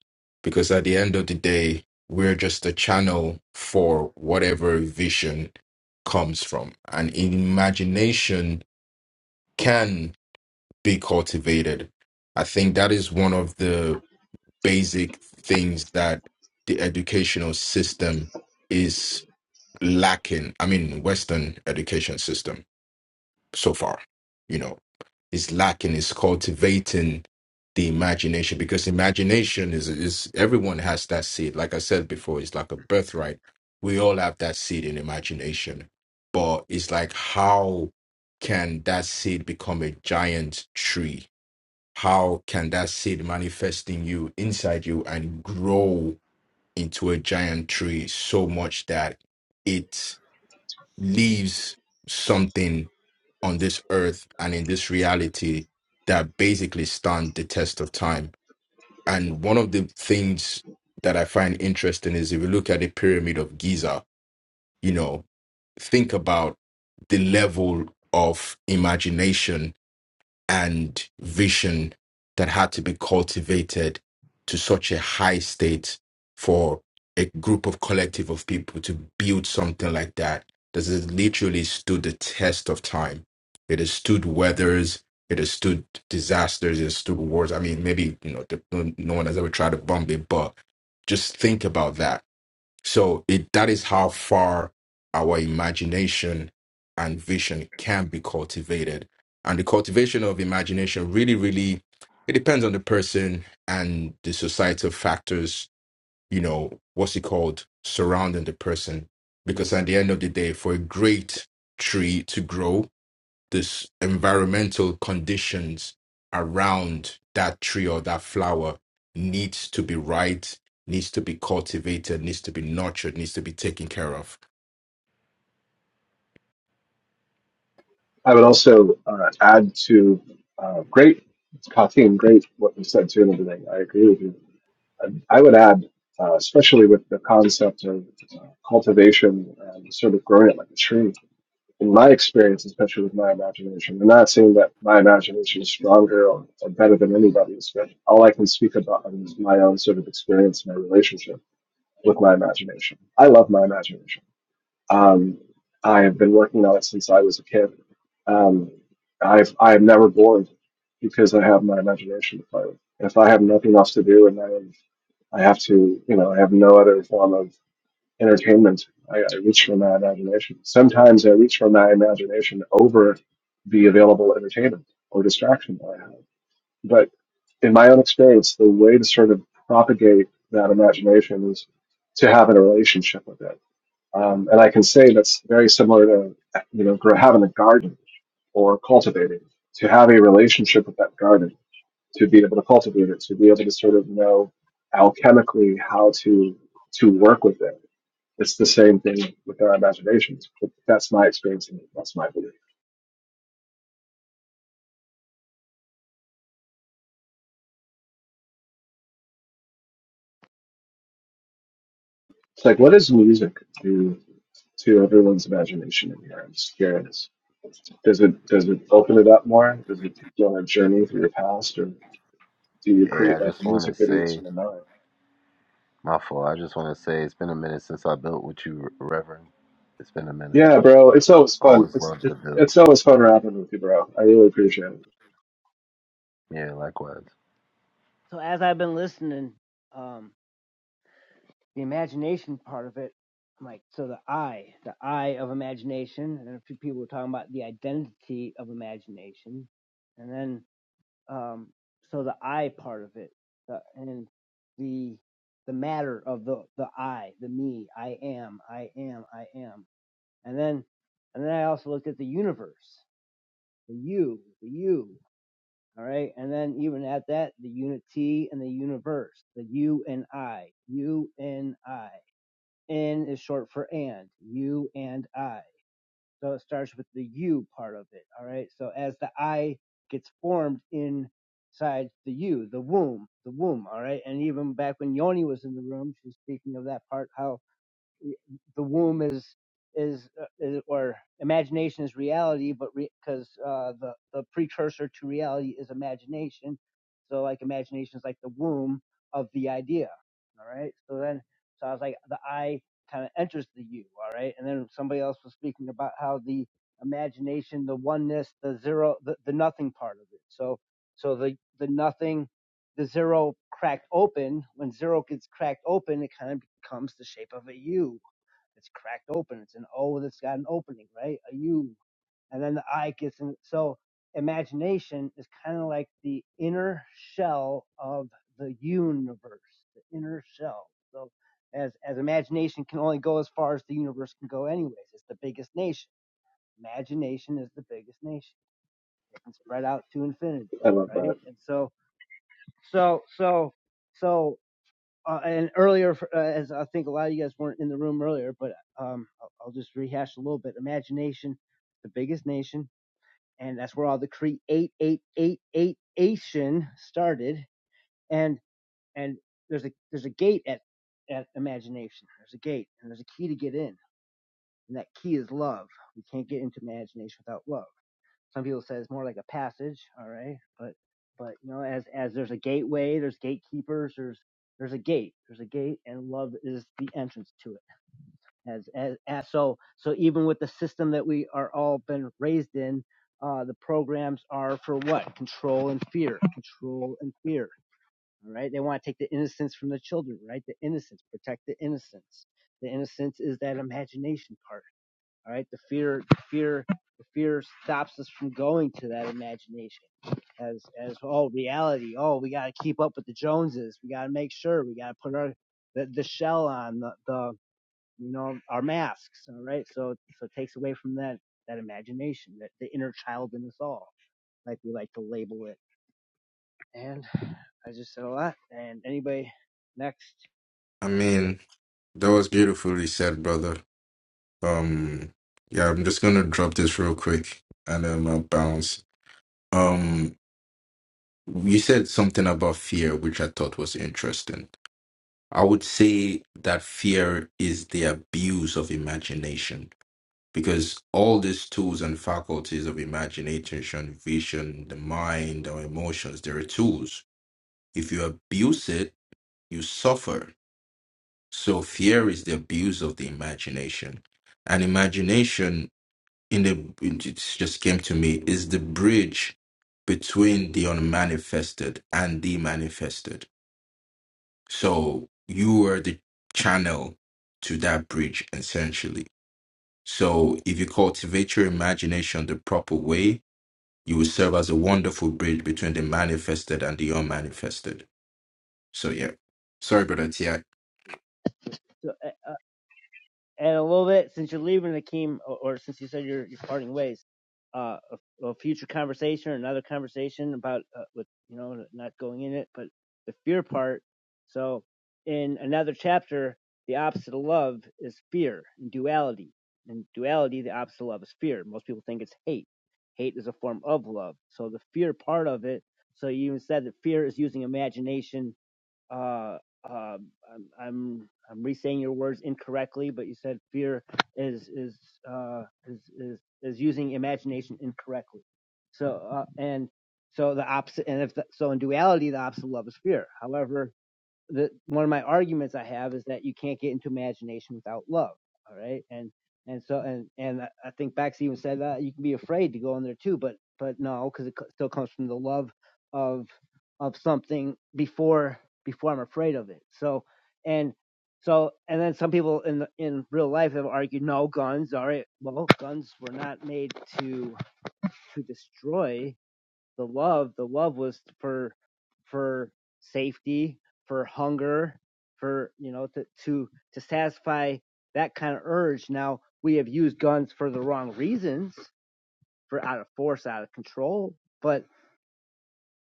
because at the end of the day we're just a channel for whatever vision comes from and imagination can be cultivated i think that is one of the basic things that the educational system is lacking. I mean, Western education system so far, you know, is lacking. Is cultivating the imagination because imagination is is everyone has that seed. Like I said before, it's like a birthright. We all have that seed in imagination, but it's like how can that seed become a giant tree? how can that seed manifest in you inside you and grow into a giant tree so much that it leaves something on this earth and in this reality that basically stand the test of time and one of the things that i find interesting is if you look at the pyramid of giza you know think about the level of imagination and vision that had to be cultivated to such a high state for a group of collective of people to build something like that this has literally stood the test of time it has stood weathers it has stood disasters it has stood wars i mean maybe you know the, no no one has ever tried to bomb it but just think about that so it that is how far our imagination and vision can be cultivated. And the cultivation of imagination really, really it depends on the person and the societal factors, you know, what's it called, surrounding the person. Because at the end of the day, for a great tree to grow, this environmental conditions around that tree or that flower needs to be right, needs to be cultivated, needs to be nurtured, needs to be taken care of. I would also uh, add to uh, great, Kathleen, great what you said too and everything. I agree with you. I, I would add, uh, especially with the concept of uh, cultivation and sort of growing it like a tree in my experience, especially with my imagination, I'm not saying that my imagination is stronger or, or better than anybody's, but all I can speak about is my own sort of experience, my relationship with my imagination. I love my imagination. Um, I have been working on it since I was a kid. Um, I've I am never bored because I have my imagination to play with. If I have nothing else to do and I am I have to, you know, I have no other form of entertainment. I, I reach for my imagination. Sometimes I reach for my imagination over the available entertainment or distraction that I have. But in my own experience, the way to sort of propagate that imagination is to have a relationship with it. Um, and I can say that's very similar to, you know, gr- having a garden or cultivating, to have a relationship with that garden, to be able to cultivate it, to be able to sort of know alchemically how to to work with it it's the same thing with our imaginations. But that's my experience and that's my belief. It's like, what does music do to everyone's imagination in here? I'm just curious. Does it does it open it up more? Does it take you on a journey through your past, or do you Hey, I create like just want music to videos say in your mind? my fault. I just want to say it's been a minute since I built with you, Reverend. It's been a minute. Yeah, bro, it's always I fun. Always It's loved it, to build. it's always fun rapping with you, bro. I really appreciate it. Yeah, likewise. So as I've been listening, um, the imagination part of it, I'm like, so the I, the I of imagination, and then a few people were talking about the identity of imagination, and then um, so the I part of it, the, and the the matter of the the I, the me, I am, I am, I am, and then and then I also looked at the universe, the you, the you, all right, and then even at that, the unity and the universe, the you and I, you and I N is short for and, you and I. So it starts with the you part of it. All right. So as the I gets formed inside the you, the womb, the womb. All right. And even back when Yoni was in the room, she's speaking of that part, how the womb is is, uh, is or imagination is reality, but because uh, the the precursor to reality is imagination, so like imagination is like the womb of the idea. All right, so then so I was like the I kind of enters the you. All right, and then somebody else was speaking about how the imagination, the oneness, the zero, the, the nothing part of it. So so the the nothing. The zero cracked open. When zero gets cracked open, it kind of becomes the shape of a U it's cracked open. It's an O that's got an opening, right? A U. And then the I gets in. So imagination is kind of like the inner shell of the universe, the inner shell. So as, as imagination can only go as far as the universe can go anyways. It's the biggest nation. Imagination is the biggest nation. It can spread out to infinity, I love that. right? And so, so, so, so uh, and earlier, uh, as I think a lot of you guys weren't in the room earlier, but um, I'll, I'll just rehash a little bit. Imagination, the biggest nation, and that's where all the create eight eight eight Asian started. And and there's a there's a gate at at imagination. There's a gate, and there's a key to get in, and that key is love. We can't get into imagination without love. Some people say it's more like a passage, all right? But but you know, as as there's a gateway, there's gatekeepers, there's there's a gate, there's a gate, and love is the entrance to it. As as, as so so even with the system that we are all been raised in, uh, the programs are for what? Control and fear, control and fear. All right, they want to take the innocence from the children, right? The innocence, protect the innocence. The innocence is that imagination part all right, the fear, the fear, the fear stops us from going to that imagination as as oh reality. Oh, we got to keep up with the Joneses. We got to make sure. We got to put our the, the shell on the, the you know our masks. All right, so so it takes away from that that imagination, that the inner child in us all, like we like to label it. And I just said a lot. And anybody next? I mean, that was beautifully said, brother. Um, yeah, I'm just gonna drop this real quick and then I'll bounce. Um, you said something about fear, which I thought was interesting. I would say that fear is the abuse of imagination because all these tools and faculties of imagination, vision, the mind, our emotions, they're tools. If you abuse it, you suffer. So fear is the abuse of the imagination. And imagination in the it just came to me is the bridge between the unmanifested and the manifested. So you are the channel to that bridge essentially. So if you cultivate your imagination the proper way, you will serve as a wonderful bridge between the manifested and the unmanifested. So yeah. Sorry, brother Ti. So, uh, uh, and a little bit since you're leaving Akeem, or, or since you said you're, you're parting ways, uh, a, a future conversation or another conversation about uh, with you know not going in it, but the fear part. So in another chapter, the opposite of love is fear and duality. In duality, the opposite of love is fear. Most people think it's hate. Hate is a form of love. So the fear part of it. So you even said that fear is using imagination uh, um, I'm, I'm I'm re-saying your words incorrectly, but you said fear is is uh, is, is is using imagination incorrectly. So uh, and so the opposite, and if the, so in duality, the opposite of love is fear. However, the one of my arguments I have is that you can't get into imagination without love. All right, and and so and and I think Bax even said that you can be afraid to go in there too, but but no, because it co- still comes from the love of of something before before I'm afraid of it. So and so and then some people in the, in real life have argued no guns. All right, well guns were not made to to destroy the love the love was for for safety for hunger for you know to to to satisfy that kind of urge now we have used guns for the wrong reasons for out of force out of control but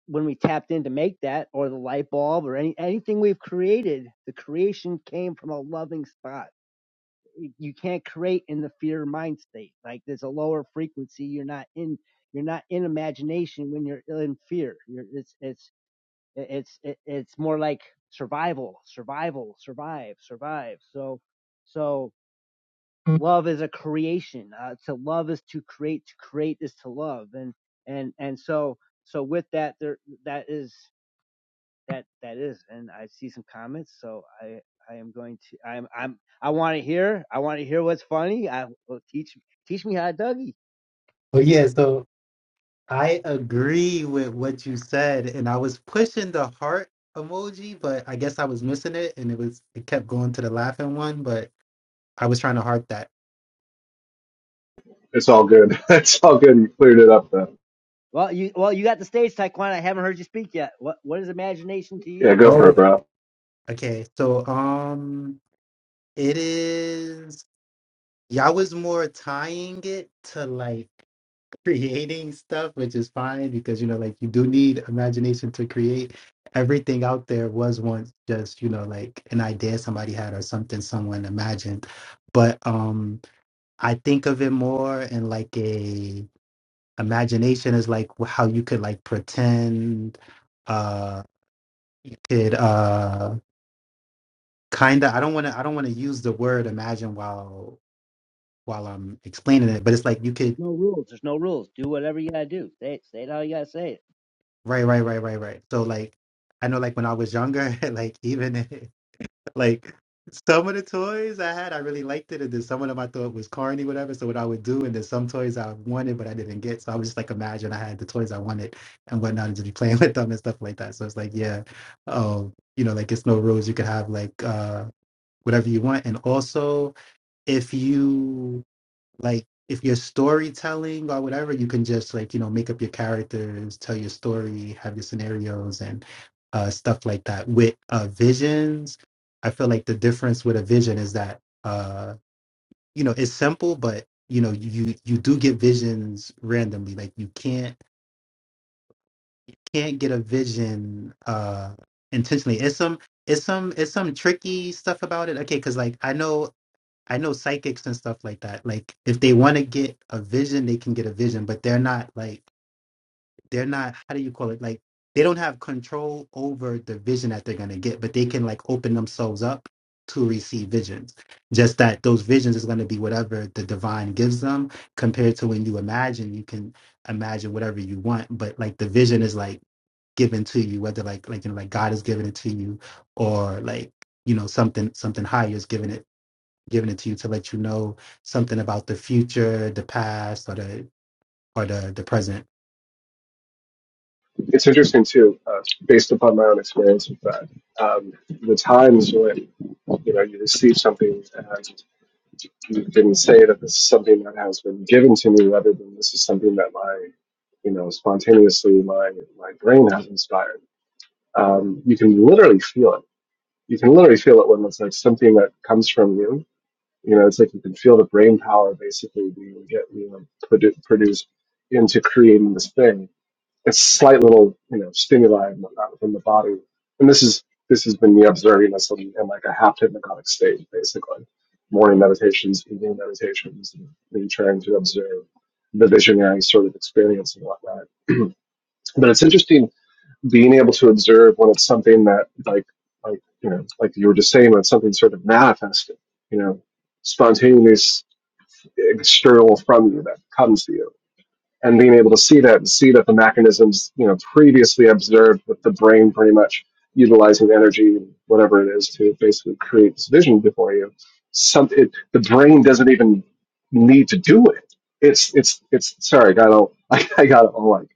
when we tapped in to make that or the light bulb or any anything we've created the creation came from a loving spot you can't create in the fear mind state like there's a lower frequency you're not in you're not in imagination when you're in fear. You're, it's it's it's it, it's more like survival, survival, survive, survive. So so love is a creation. Uh, to love is to create. To create is to love. And and and so so with that there that is that that is. And I see some comments. So I. I am going to. I'm. I'm. I want to hear. I want to hear what's funny. I well, teach. Teach me how to Dougie. Well, yeah, so I agree with what you said, and I was pushing the heart emoji, but I guess I was missing it, and it was it kept going to the laughing one, but I was trying to heart that. It's all good. <laughs> It's all good. You cleared it up, though. Well, you well you got the stage, Taekwondo. I haven't heard you speak yet. What what is imagination to you? Yeah, go for Oh, it, bro. okay. So, um, it is. Yeah, I was more tying it to like <laughs> creating stuff, which is fine because you know, like you do need imagination to create. Everything out there was once just you know like an idea somebody had or something someone imagined, but um I think of it more in like a imagination is like how you could like pretend uh could uh kind of I don't want to I don't want to use the word imagine while while I'm explaining it but it's like you could no rules. There's no rules. Do whatever you gotta do. Say it. Say it how you gotta say it. right right right right right so like I know like when I was younger <laughs> like even <laughs> Like some of the toys I had, I really liked it, and then some of them I thought was corny, whatever. So what I would do, and then some toys I wanted but I didn't get. So I was just like, imagine I had the toys I wanted and whatnot, and just be playing <laughs> with them and stuff like that. So it's like, yeah, um, you know, like it's no rules. You could have like uh whatever you want, and also if you like if you're storytelling or whatever, you can just like, you know, make up your characters, tell your story, have your scenarios and uh, stuff like that. With uh, visions, I feel like the difference with a vision is that, uh, you know, it's simple, but you know, you you do get visions randomly. Like you can't can't get a vision uh intentionally. It's some it's some it's some tricky stuff about it. Okay, because like I know I know psychics and stuff like that. Like if they want to get a vision, they can get a vision, but they're not like they're not how do you call it? Like they don't have control over the vision that they're gonna get, but they can like open themselves up to receive visions. Just that those visions is gonna be whatever the divine gives them compared to when you imagine, you can imagine whatever you want, but like the vision is like given to you, whether like like you know, like God is giving it to you or like you know something something higher is giving it giving it to you to let you know something about the future, the past, or the or the the present. it's interesting too, uh, based upon my own experience with that. Um, the times when you know you receive something and you can say that this is something that has been given to me, rather than this is something that my you know spontaneously my my brain has inspired. Um, you can literally feel it. You can literally feel it when it's like something that comes from you. You know, it's like you can feel the brain power basically being get you know produ- produced into creating this thing it's slight little you know stimuli and whatnot within the body. And this is this has been me observing this in, in like a half hypnagogic state, basically. Morning meditations, evening meditations, and me trying to observe the visionary sort of experience and whatnot. <clears throat> but it's interesting being able to observe when it's something that like like you know like you were just saying when it's something sort of manifested, you know, spontaneous external from you that comes to you and being able to see that and see that the mechanisms you know previously observed with the brain pretty much utilizing energy whatever it is to basically create this vision before you something the brain doesn't even need to do it it's it's it's sorry i got all <laughs> i, I got all like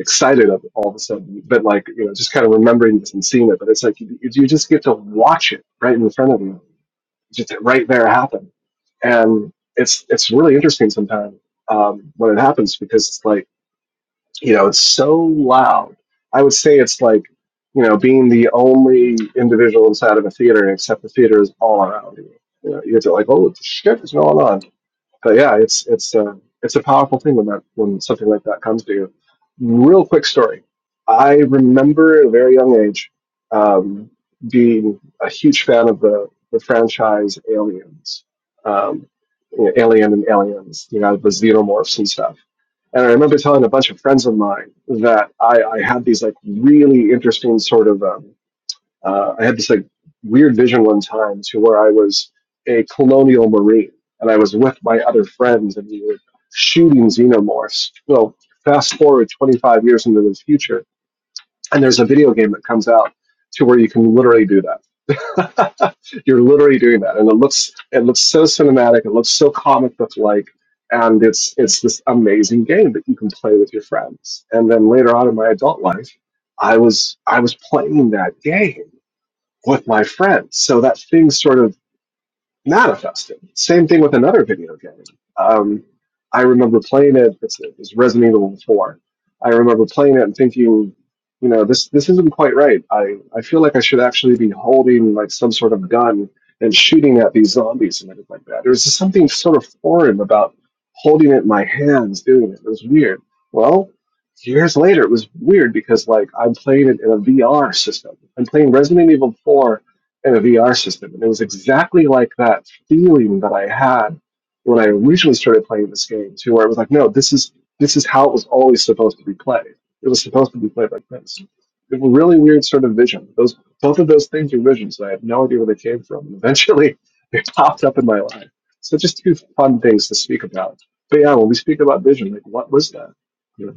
excited of all of a sudden but like you know just kind of remembering this and seeing it but it's like you, you just get to watch it right in front of you just right there happened. And it's it's really interesting sometimes um, when it happens because it's like you know it's so loud. I would say it's like you know being the only individual inside of a theater, except the theater is all around you. You know, you get to like, oh shit, is going on? but yeah, it's it's uh, it's a powerful thing when that when something like that comes to you. Real quick story. I remember at a very young age um, being a huge fan of the the franchise Aliens, um, you know, Alien and Aliens, you know, the xenomorphs and stuff. And I remember telling a bunch of friends of mine that I, I had these like really interesting sort of um, uh, I had this like weird vision one time to where I was a colonial marine and I was with my other friends and we were shooting xenomorphs. Well, fast forward 25 years into the future, and there's a video game that comes out to where you can literally do that. <laughs> You're literally doing that, and it looks it looks so cinematic. It looks so comic book like. And it's it's this amazing game that you can play with your friends. And then later on in my adult life, I was I was playing that game with my friends. So that thing sort of manifested. Same thing with another video game. Um, I remember playing it. It's, it was Resident Evil Four. I remember playing it and thinking, you know, this this isn't quite right. I I feel like I should actually be holding like some sort of gun and shooting at these zombies and everything like that. There was just something sort of foreign about holding it in my hands, doing it. It was weird. Well, years later, it was weird because like I'm playing it in a VR system. I'm playing Resident Evil Four in a VR system. And it was exactly like that feeling that I had when I originally started playing this game too, where it was like, no, this is this is how it was always supposed to be played. It was supposed to be played like this. It was a really weird sort of vision. Those both of those things are visions. and I have no idea where they came from. And eventually <laughs> they popped up in my life. So just two fun things to speak about. But yeah, when we speak about vision, like what was that? You know?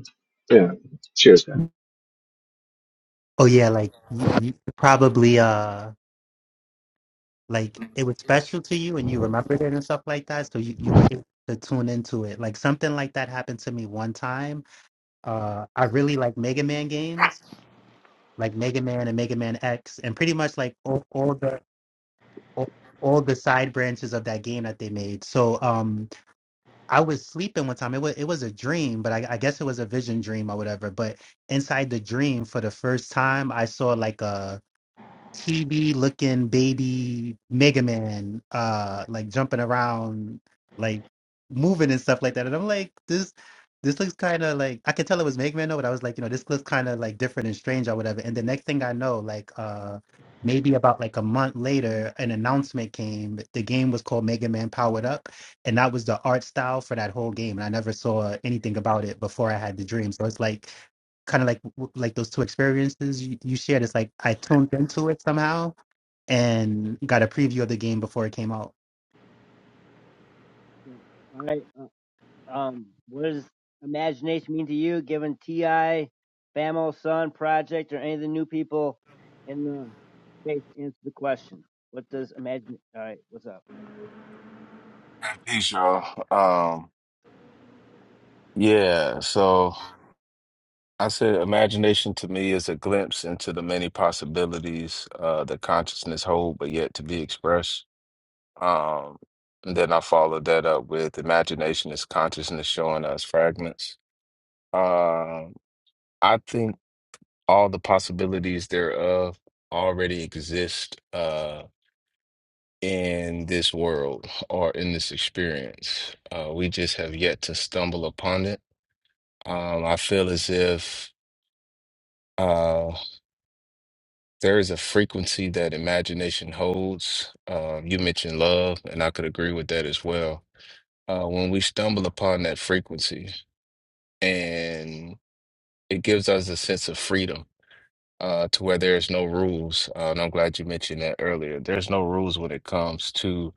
Yeah. Cheers, man. Oh yeah, like you, you probably uh like it was special to you and you remembered it and stuff like that. So you, you were able to tune into it. Like something like that happened to me one time. Uh I really like Mega Man games, like Mega Man and Mega Man X and pretty much like all, all the all, all the side branches of that game that they made. So um I was sleeping one time. It was it was a dream, but I, I guess it was a vision dream or whatever. But inside the dream, for the first time, I saw like a chibi looking baby Mega Man, uh, like jumping around, like moving and stuff like that. And I'm like, this, this looks kind of like I could tell it was Mega Man, though, but I was like, you know, this looks kind of like different and strange or whatever. And the next thing I know, like, uh, maybe about like a month later, an announcement came. The game was called Mega Man Powered Up, and that was the art style for that whole game. And I never saw anything about it before I had the dream. So it's like kind of like like those two experiences you, you shared. It's like I tuned into it somehow and got a preview of the game before it came out. So, all right. Uh, um, what does imagination mean to you, given Ti, Famo, Sun Project, or any of the new people in the space? to Answer the question. What does imagine? All right. What's up? And peace, y'all. Um, yeah, so I said imagination to me is a glimpse into the many possibilities uh, that consciousness hold, but yet to be expressed. Um, and then I followed that up with imagination is consciousness showing us fragments. Um, I think all the possibilities thereof already exist uh, in this world or in this experience. Uh, we just have yet to stumble upon it Um, I feel as if uh, there is a frequency that imagination holds. Uh, you mentioned love, and I could agree with that as well. Uh, when we stumble upon that frequency, and it gives us a sense of freedom uh, to where there's no rules. Uh, and I'm glad you mentioned that earlier. There's no rules when it comes to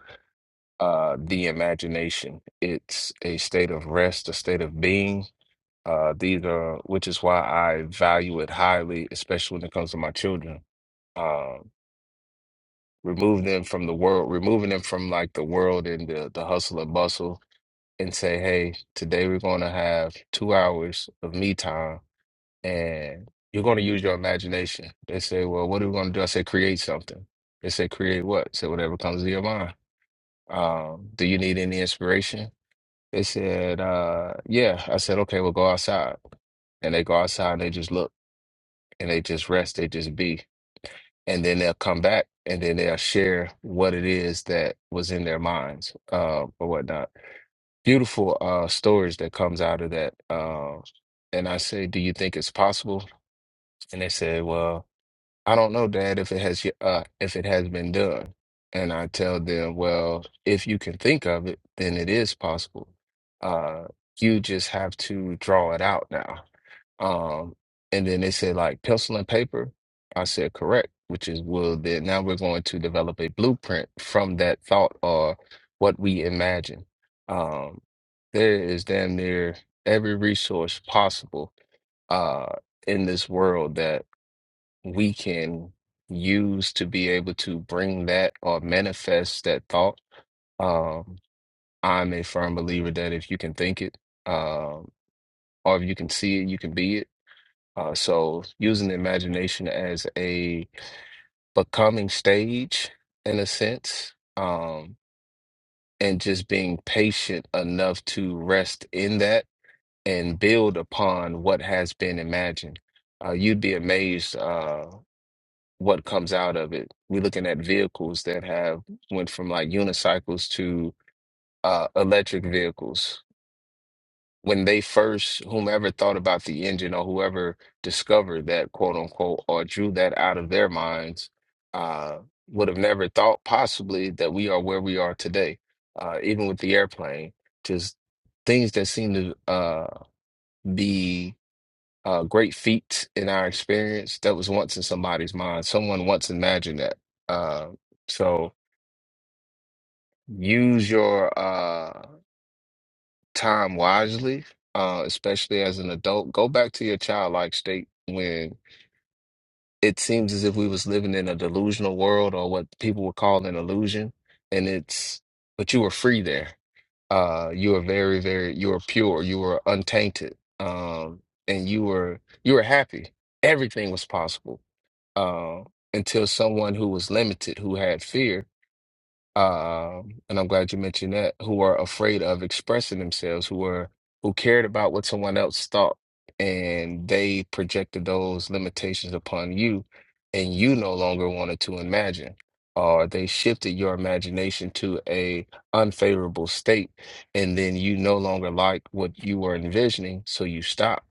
uh, the imagination. It's a state of rest, a state of being. Uh, these are, which is why I value it highly, especially when it comes to my children uh, remove them from the world, removing them from like the world and the, the hustle and bustle, and say, hey, today we're going to have two hours of me time, and you're going to use your imagination. They say, well, what are we going to do? I say, create something. They say, create what? I say, whatever comes to your mind. Um, do you need any inspiration? They said, uh, yeah. I said, okay, well, go outside. And they go outside and they just look and they just rest, they just be. and then they'll come back and then they'll share what it is that was in their minds uh, or whatnot. Beautiful uh, stories that comes out of that. Uh, and I say, "Do you think it's possible?" And they say, "Well, I don't know, Dad, if it has y- uh, if it has been done." And I tell them, "Well, if you can think of it, then it is possible. Uh, you just have to draw it out now." Um, and then they said like pencil and paper. I said correct, which is well then now we're going to develop a blueprint from that thought or what we imagine. Um, there is damn near every resource possible uh in this world that we can use to be able to bring that or manifest that thought. Um, I'm a firm believer that if you can think it, um, or if you can see it, you can be it uh, so using the imagination as a becoming stage in a sense, um, and just being patient enough to rest in that and build upon what has been imagined. Uh, you'd be amazed uh, what comes out of it. We're looking at vehicles that have went from like unicycles to uh, electric vehicles when they first, whomever thought about the engine or whoever discovered that quote unquote or drew that out of their minds, uh, would have never thought possibly that we are where we are today, uh, even with the airplane. Just things that seem to uh, be uh, great feats in our experience that was once in somebody's mind. Someone once imagined that. Uh, so use your. uh, time wisely, uh, especially as an adult. Go back to your childlike state when it seems as if we was living in a delusional world or what people would call an illusion. And it's, but you were free there. Uh, you were very, very, you were pure, you were untainted. Um, and you were, you were happy. Everything was possible. Uh, until someone who was limited, who had fear, um, and I'm glad you mentioned that, who are afraid of expressing themselves, who are who cared about what someone else thought, and they projected those limitations upon you, and you no longer wanted to imagine, or they shifted your imagination to a unfavorable state, and then you no longer like what you were envisioning, so you stop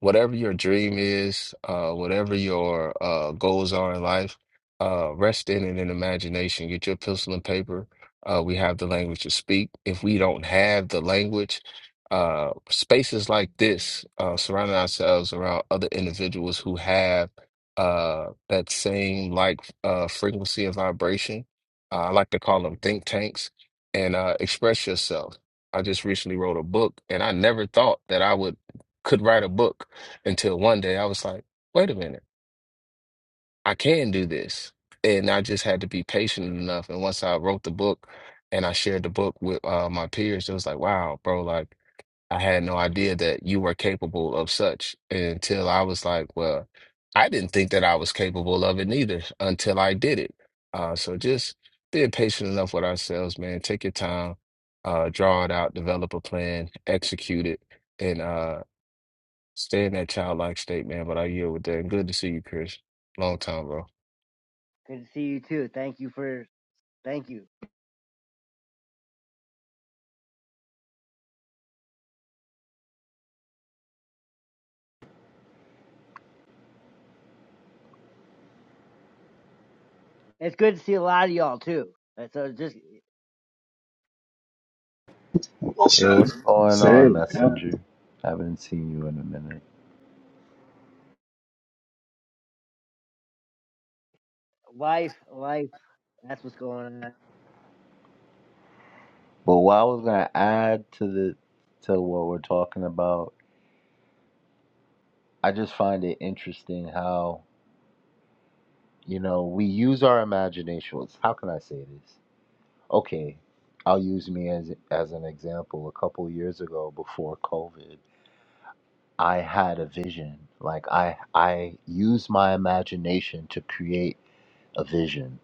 whatever your dream is, uh, whatever your uh, goals are in life, uh, rest in it in imagination. Get your pencil and paper. Uh, we have the language to speak. If we don't have the language, uh, spaces like this, uh, surrounding ourselves around other individuals who have uh, that same like uh, frequency and vibration. Uh, I like to call them think tanks and uh, express yourself. I just recently wrote a book, and I never thought that I would could write a book until one day I was like, wait a minute, I can do this. And I just had to be patient enough. And once I wrote the book and I shared the book with uh, my peers, it was like, wow, bro, like I had no idea that you were capable of such until I was like, well, I didn't think that I was capable of it neither until I did it. Uh, so just being patient enough with ourselves, man. Take your time, uh, draw it out, develop a plan, execute it, and uh, Stay in that childlike state, man. But I yield with that. And good to see you, Chris. Long time, bro. Good to see you too. Thank you for. Thank you. It's good to see a lot of y'all too. Uh, So just Well Hey, said. what's going on, Same. Yeah. Messenger? I Haven't seen you in a minute. life, life. That's what's going on. But what I was gonna add to the to what we're talking about I just find it interesting how, you know, we use our imaginations. How can I say this? Okay, I'll use me as as an example. A couple years ago before COVID, I had a vision. Like I I used my imagination to create a vision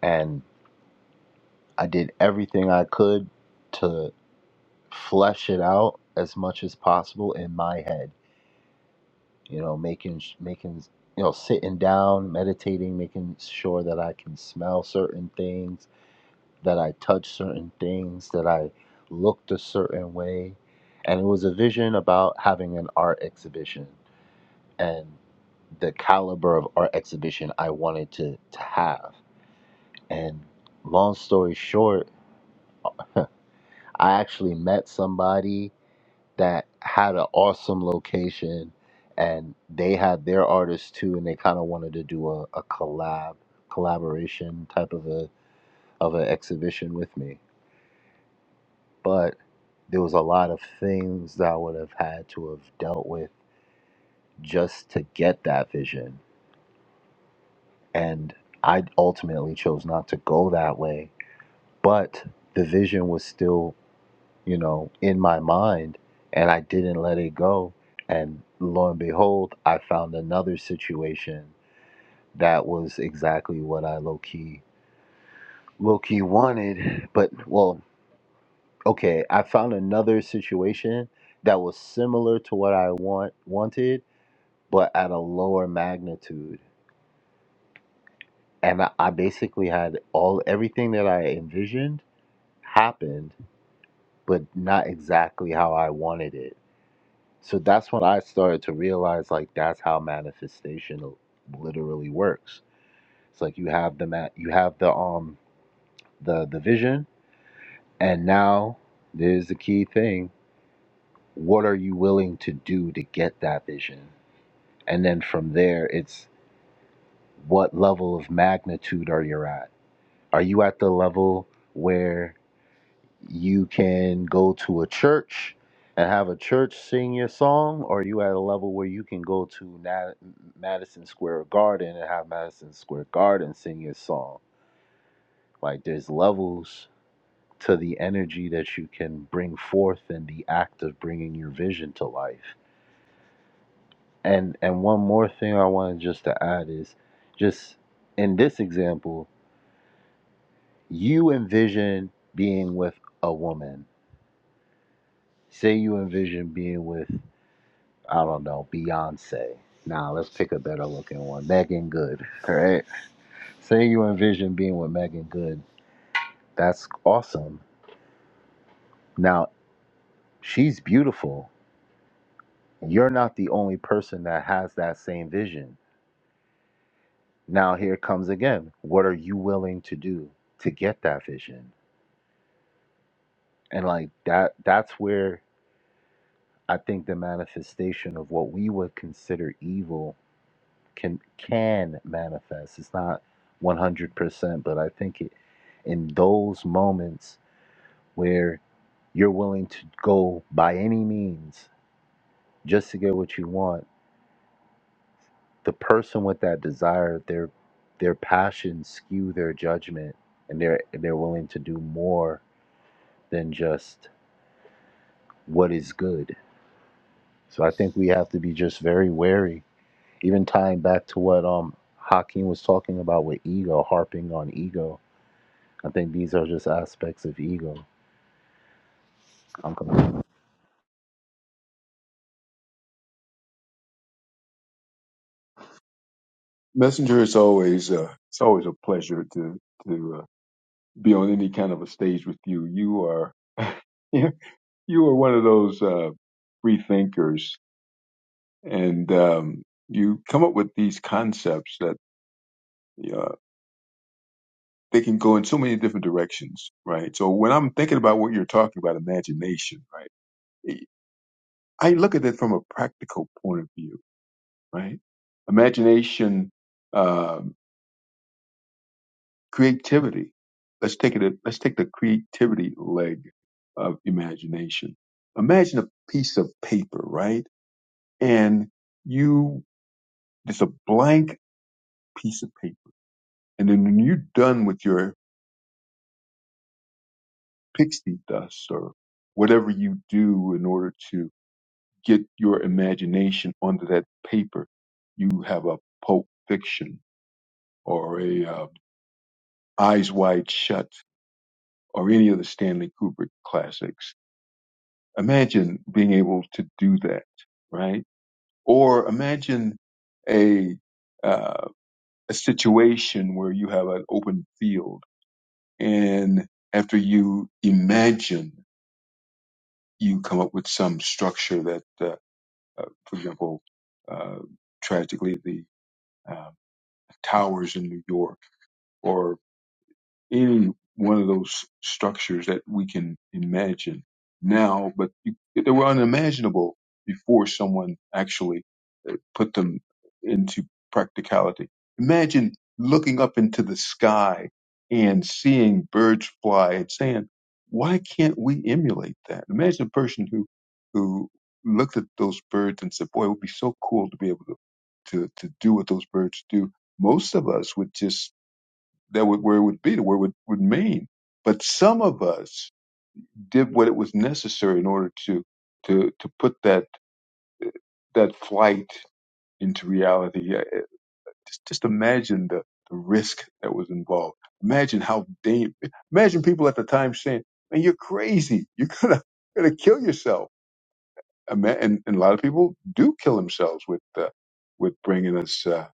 and I did everything I could to flesh it out as much as possible in my head you know, making making you know sitting down, meditating, making sure that I can smell certain things, that I touch certain things, that I looked a certain way, and it was a vision about having an art exhibition and the caliber of art exhibition I wanted to to have. And long story short, I actually met somebody that had an awesome location and they had their artists too and they kind of wanted to do a, a collab collaboration type of a of an exhibition with me but there was a lot of things that I would have had to have dealt with just to get that vision and I ultimately chose not to go that way but the vision was still you know, in my mind, and I didn't let it go. And lo and behold, I found another situation that was exactly what I low key low key wanted. But well, okay, I found another situation that was similar to what I want wanted, but at a lower magnitude. And I, I basically had all everything that I envisioned happened, but not exactly how I wanted it So that's when I started to realize like that's how manifestation l- literally works. It's like you have the mat, you have the um the the vision, and now there's the key thing: what are you willing to do to get that vision? And then from there, it's what level of magnitude are you at? Are you at the level where You can go to a church and have a church sing your song, or you at a level where you can go to Na- Madison Square Garden and have Madison Square Garden sing your song. Like there's levels to the energy that you can bring forth in the act of bringing your vision to life. And and one more thing I wanted just to add is just in this example, you envision being with a woman. Say you envision being with I don't know, Beyonce. Nah, let's pick a better looking one. Megan Good. right? Say you envision being with Megan Good. That's awesome. Now, she's beautiful. You're not the only person that has that same vision. Now, here comes again. What are you willing to do to get that vision? And like that, that's where I think the manifestation of what we would consider evil can can manifest. It's not 100%, but I think it in those moments where you're willing to go by any means just to get what you want the person with that desire their their passions skew their judgment and they're they're willing to do more than just what is good so i think we have to be just very wary even tying back to what um Hakeem was talking about with ego harping on ego i think these are just aspects of ego I'm Messenger, it's always uh, it's always a pleasure to to uh, be on any kind of a stage with you. You are <laughs> you you are one of those uh, free thinkers, and um, you come up with these concepts that uh, they can go in so many different directions, right? So when I'm thinking about what you're talking about, imagination, right? eh, I look at it from a practical point of view, right? Imagination. Um, creativity. Let's take it. Let's take the creativity leg of imagination. Imagine a piece of paper, right? And you, it's a blank piece of paper. And then when you're done with your pixie dust or whatever you do in order to get your imagination onto that paper, you have a Pulp Fiction or a uh, Eyes Wide Shut or any of the Stanley Kubrick classics Imagine being able to do that, right? Or imagine a uh, a situation where you have an open field, and after you imagine, you come up with some structure that, uh, uh, for example, uh, tragically the uh, towers in New York, or any one of those structures that we can imagine now, but you- they were unimaginable before someone actually uh, put them into practicality. Imagine looking up into the sky and seeing birds fly and saying, why can't we emulate that? Imagine a person who, who looked at those birds and said, boy, it would be so cool to be able to, to, to do what those birds do. Most of us would just that would, where it would be, where it would, would mean. But some of us did what it was necessary in order to to to put that that flight into reality. Yeah, it- Just, just imagine the, the risk that was involved. Imagine how dang, imagine people at the time saying, "Man, you're crazy. You're gonna gonna kill yourself." And, ma- and, and a lot of people do kill themselves with uh, with bringing us. Uh,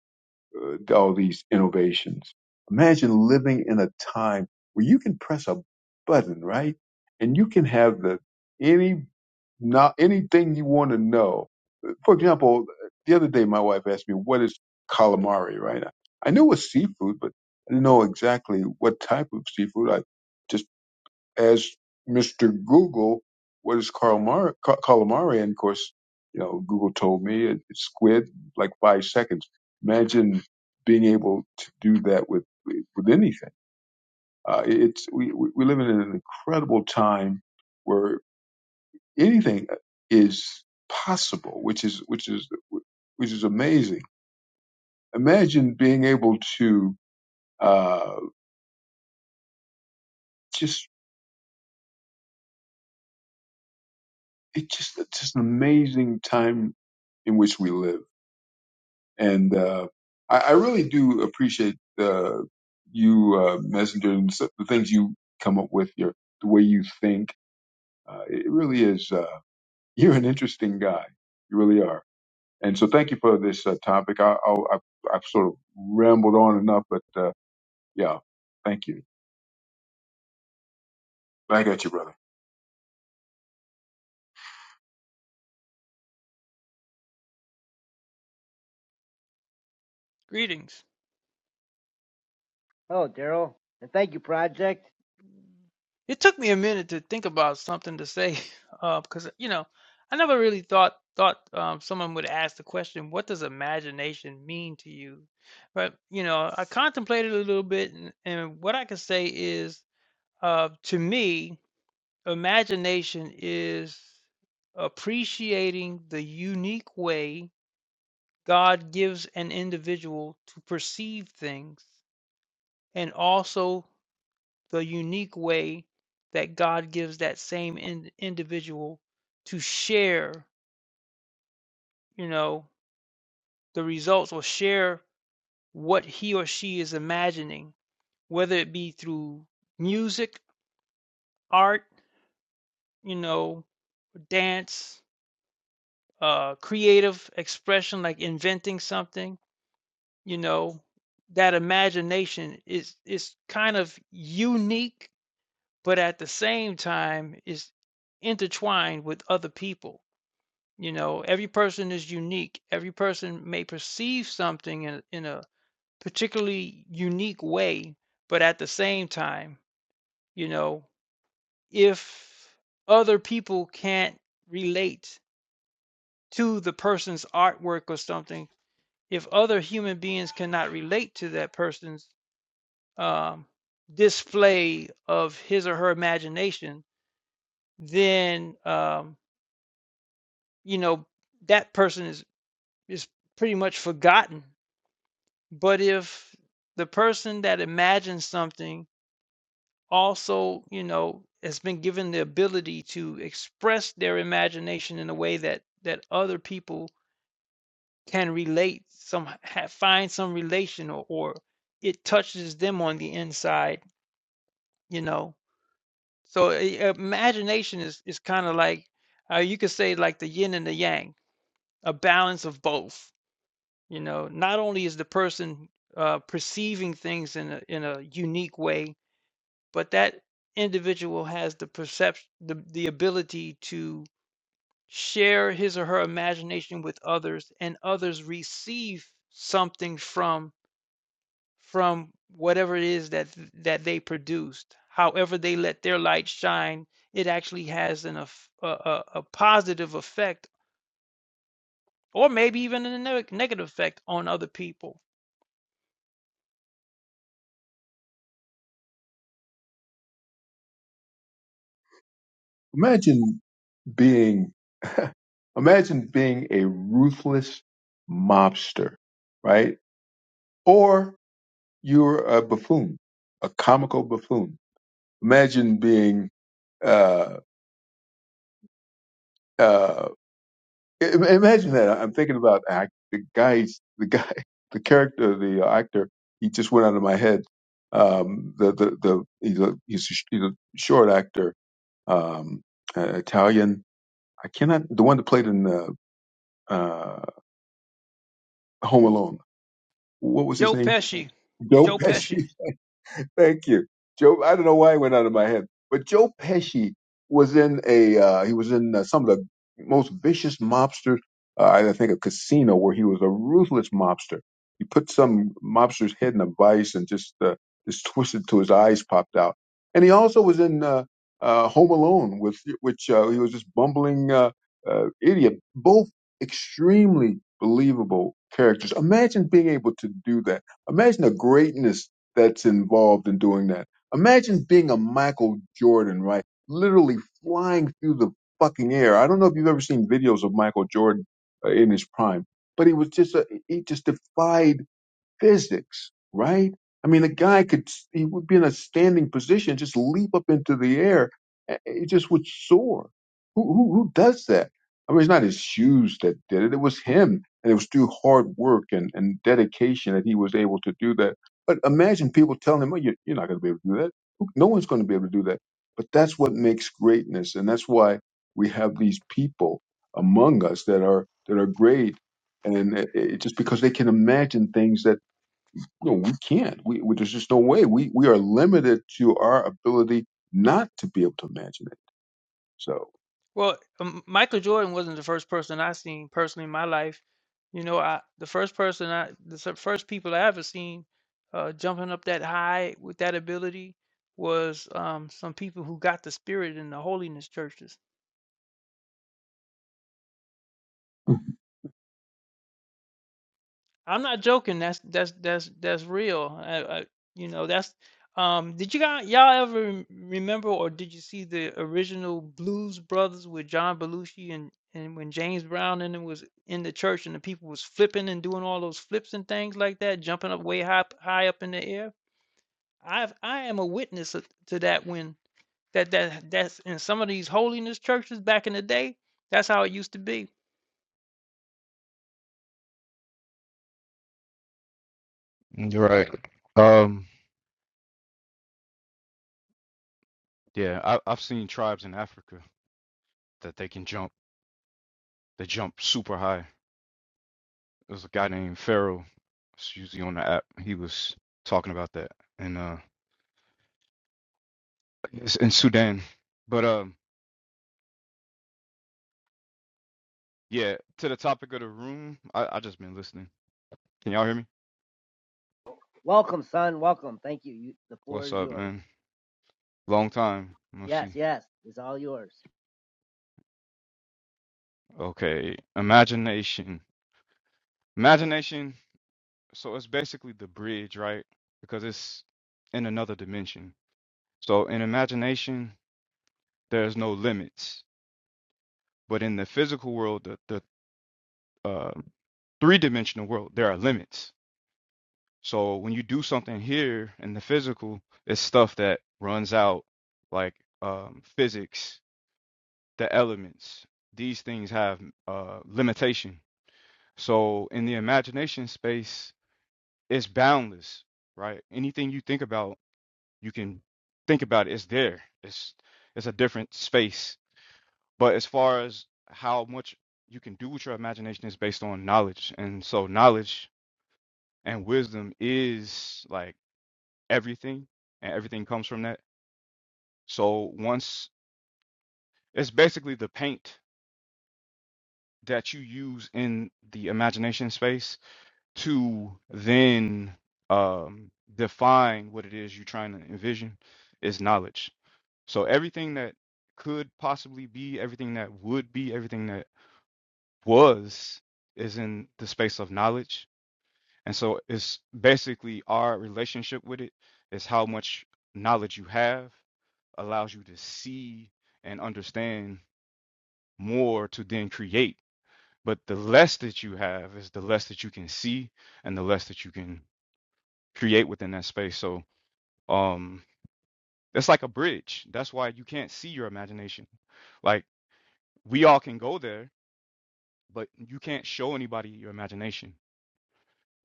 uh, all these innovations. Imagine living in a time where you can press a button, right? And you can have the any not anything you want to know. For example, the other day my wife asked me what is calamari, right? I knew it was seafood, but I didn't know exactly what type of seafood. I just as Mr. Google, what is Karl Mar- Ka- calamari? And of course, you know, Google told me it- it's squid, like five seconds. Imagine being able to do that with with anything. Uh, it's we we we live in an incredible time where anything is possible, which is which is which is amazing. Imagine being able to uh, just it's just it's just an amazing time in which we live and uh, I, I really do appreciate uh, you, uh, Messenger, and so- the things you come up with, your the way you think. Uh, it really is. Uh, <laughs> you're an interesting guy. You really are. And so, thank you for this uh, topic. I, I, I I've sort of rambled on enough, but uh, yeah, thank you. Back at you, brother. Greetings. Oh, Daryl, and thank you, Project. It took me a minute to think about something to say, <laughs> uh, because you know, I never really thought thought um, someone would ask the question, "What does imagination mean to you?" But you know, I contemplated a little bit, and, and what I can say is, uh, to me, imagination is appreciating the unique way God gives an individual to perceive things, and also the unique way that God gives that same in, individual to share, you know, the results or share what he or she is imagining, whether it be through music, art, you know, dance, uh, creative expression, like inventing something, you know, that imagination is is kind of unique, but at the same time is intertwined with other people You know, every person is unique. Every person may perceive something in, in a particularly unique way, but at the same time, you know, if other people can't relate to the person's artwork or something, if other human beings cannot relate to that person's um, display of his or her imagination, then um, you know that person is is pretty much forgotten But if the person that imagines something also, you know, has been given the ability to express their imagination in a way that that other people can relate, some ha- find some relation, or, or it touches them on the inside, you know. So i- imagination is is kind of like, uh, you could say like the yin and the yang, a balance of both. You know, not only is the person uh, perceiving things in a in a unique way, but that individual has the perception the, the ability to share his or her imagination with others and others receive something from from whatever it is that that they produced however they let their light shine it actually has an eff- a, a, a positive effect or maybe even a neg- negative effect on other people Imagine being, imagine being a ruthless mobster, right? Or you're a buffoon, a comical buffoon Imagine being, uh, uh, imagine that. I'm thinking about act, the guy, the guy, <laughs> the character, the uh, actor. He just went out of my head. Um, the the the he's a, he's a, sh- he's a short actor, um, uh, Italian. I cannot the one that played in uh, uh, Home Alone. What was his joe name? pesci Joe joe pesci Pesci. Thank you, Joe. I don't know why it went out of my head, but Joe Pesci was in a uh, he was in uh, some of the most vicious mobsters. Uh, I think a casino where he was a ruthless mobster. He put some mobster's head in a vice and just uh, just twisted till his eyes popped out. And he also was in uh, uh, Home Alone with which uh, he was this bumbling uh, uh, idiot. Both extremely believable characters. Imagine being able to do that. Imagine the greatness that's involved in doing that. Imagine being a Michael Jordan, right? Literally flying through the fucking air. I don't know if you've ever seen videos of Michael Jordan uh, in his prime, but he was just a, he just defied physics, right? I mean, a guy could, he would be in a standing position, just leap up into the air. eh, It just would soar. Who, who, who does that? I mean, it's not his shoes that did it. It was him. And it was through hard work and, and dedication that he was able to do that. But imagine people telling him, oh, you're, you're not going to be able to do that. Who- No one's going to be able to do that. But that's what makes greatness. And that's why we have these people among us that are, that are great and it, it, just because they can imagine things that no, we can't. We, we there's just no way. We we are limited to our ability not to be able to imagine it. So Well, um, Michael Jordan wasn't the first person I seen personally in my life. You know, I the first person I the se- first people I ever seen uh, jumping up that high with that ability was um, some people who got the spirit in the holiness churches. I'm I'm not joking. That's that's that's that's real. I, I, you know, that's um did you guys y'all ever rem- remember or did you see the original Blues Brothers with John Belushi and and when James Brown and it was in the church and the people was flipping and doing all those flips and things like that, jumping up way high high up in the air? I've I am a witness of- to that when that that that's in some of these holiness churches back in the day, that's how it used to be. You're Right. Um, yeah, I, I've seen tribes in Africa that they can jump. They jump super high. There's a guy named Pharaoh. It's usually on the app. He was talking about that and uh it's in Sudan. But um, yeah, to the topic of the room, I I just been listening. Can y'all hear me? Welcome, son. Welcome. Thank you. you the floor What's is up, yours. man? Long time. Let's Yes, see. yes, it's all yours. Okay, imagination. Imagination. So it's basically the bridge, right? Because it's in another dimension. So in imagination. there's no limits. But in the physical world, the, the uh, three dimensional world, there are limits. So when you do something here in the physical, it's stuff that runs out, like um, physics, the elements. These things have uh, limitation. So in the imagination space, it's boundless, right? Anything you think about, you can think about it. It's there. It's it's a different space But as far as how much you can do with your imagination is based on knowledge. And so knowledge and wisdom is like everything, and everything comes from that. So once it's basically the paint that you use in the imagination space to then um, define what it is you're trying to envision is knowledge. So everything that could possibly be, everything that would be, everything that was is in the space of knowledge And so it's basically our relationship with it is how much knowledge you have allows you to see and understand more to then create. But the less that you have is the less that you can see and the less that you can create within that space. So um it's like a bridge. That's why you can't see your imagination. Like we all can go there, but you can't show anybody your imagination,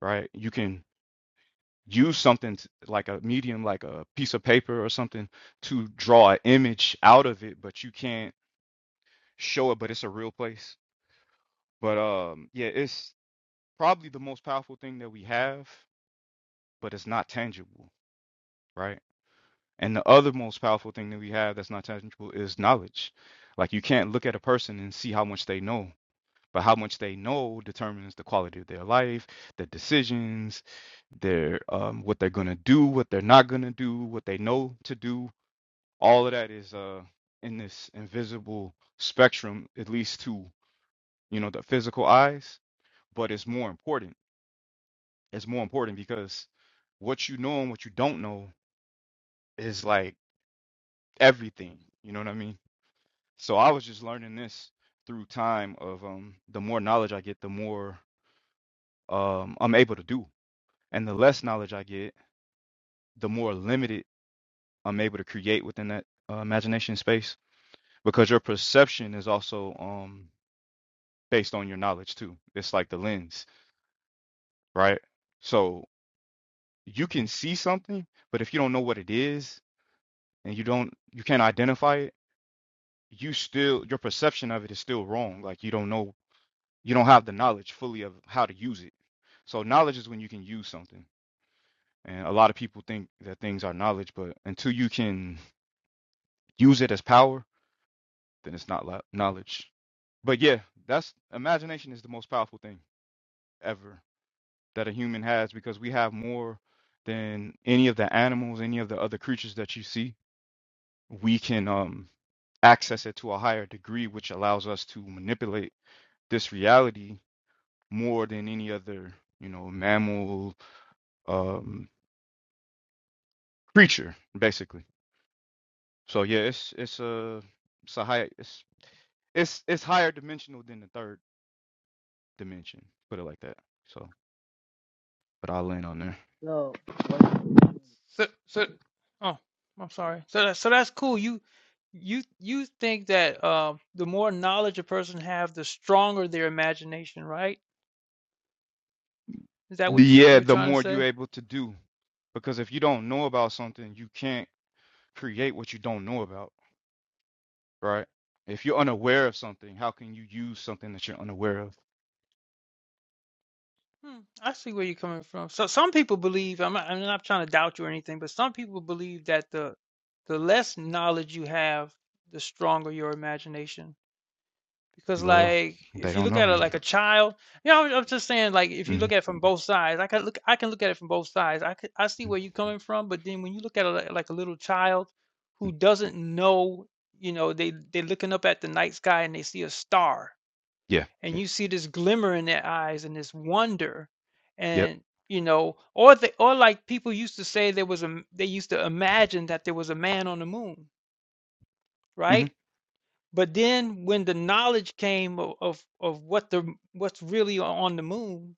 right? You can use something t- like a medium, like a piece of paper or something, to draw an image out of it, but you can't show it, but it's a real place. But um, yeah, it's probably the most powerful thing that we have, but it's not tangible, right? And the other most powerful thing that we have that's not tangible is knowledge. Like you can't look at a person and see how much they know, but how much they know determines the quality of their life, their decisions, their um, what they're gonna do, what they're not gonna do, what they know to do, all of that is uh in this invisible spectrum at least to you know the physical eyes but it's more important it's more important because what you know and what you don't know is like everything you know what i mean so i was just learning this through time of um the more knowledge i get the more um i'm able to do and the less knowledge i get the more limited i'm able to create within that uh, imagination space because your perception is also um based on your knowledge too. It's like the lens, right? So you can see something, but if you don't know what it is and you don't you can't identify it, you still your perception of it is still wrong. Like you don't know you don't have the knowledge fully of how to use it. So knowledge is when you can use something. And a lot of people think that things are knowledge, but until you can use it as power, then it's not knowledge. But yeah, that's imagination is the most powerful thing ever that a human has because we have more than any of the animals, any of the other creatures that you see. We can um, access it to a higher degree, which allows us to manipulate this reality more than any other, you know, mammal um, creature, basically. So yeah, it's it's a it's a high it's it's it's higher dimensional than the third dimension, put it like that. So, but I'll land on there. So, what, So so oh, I'm sorry. So that, so that's cool. You you you think that uh, the more knowledge a person have, the stronger their imagination, right? Is that The, what you yeah, were the trying to more you're say? able to do, because if you don't know about something, you can't create what you don't know about, right? If you're unaware of something, how can you use something that you're unaware of? Hmm, I see where you're coming from. So some people believe I'm not, I'm not trying to doubt you or anything, but some people believe that the the less knowledge you have, the stronger your imagination. because Well, like they if you don't look know at it then. like a child you know i'm I'm just saying like if you look at Mm-hmm. it from both sides i can look i can look at it from both sides i could, i see where mm-hmm. you're coming from but then when you look at it like, like a little child who doesn't know you know they they're looking up at the night sky and they see a star Yeah. and you see this glimmer in their eyes and this wonder Yep. and you know or they or like people used to say there was a, they used to imagine that there was a man on the moon hmm right but then when the knowledge came of, of of what the what's really on the moon,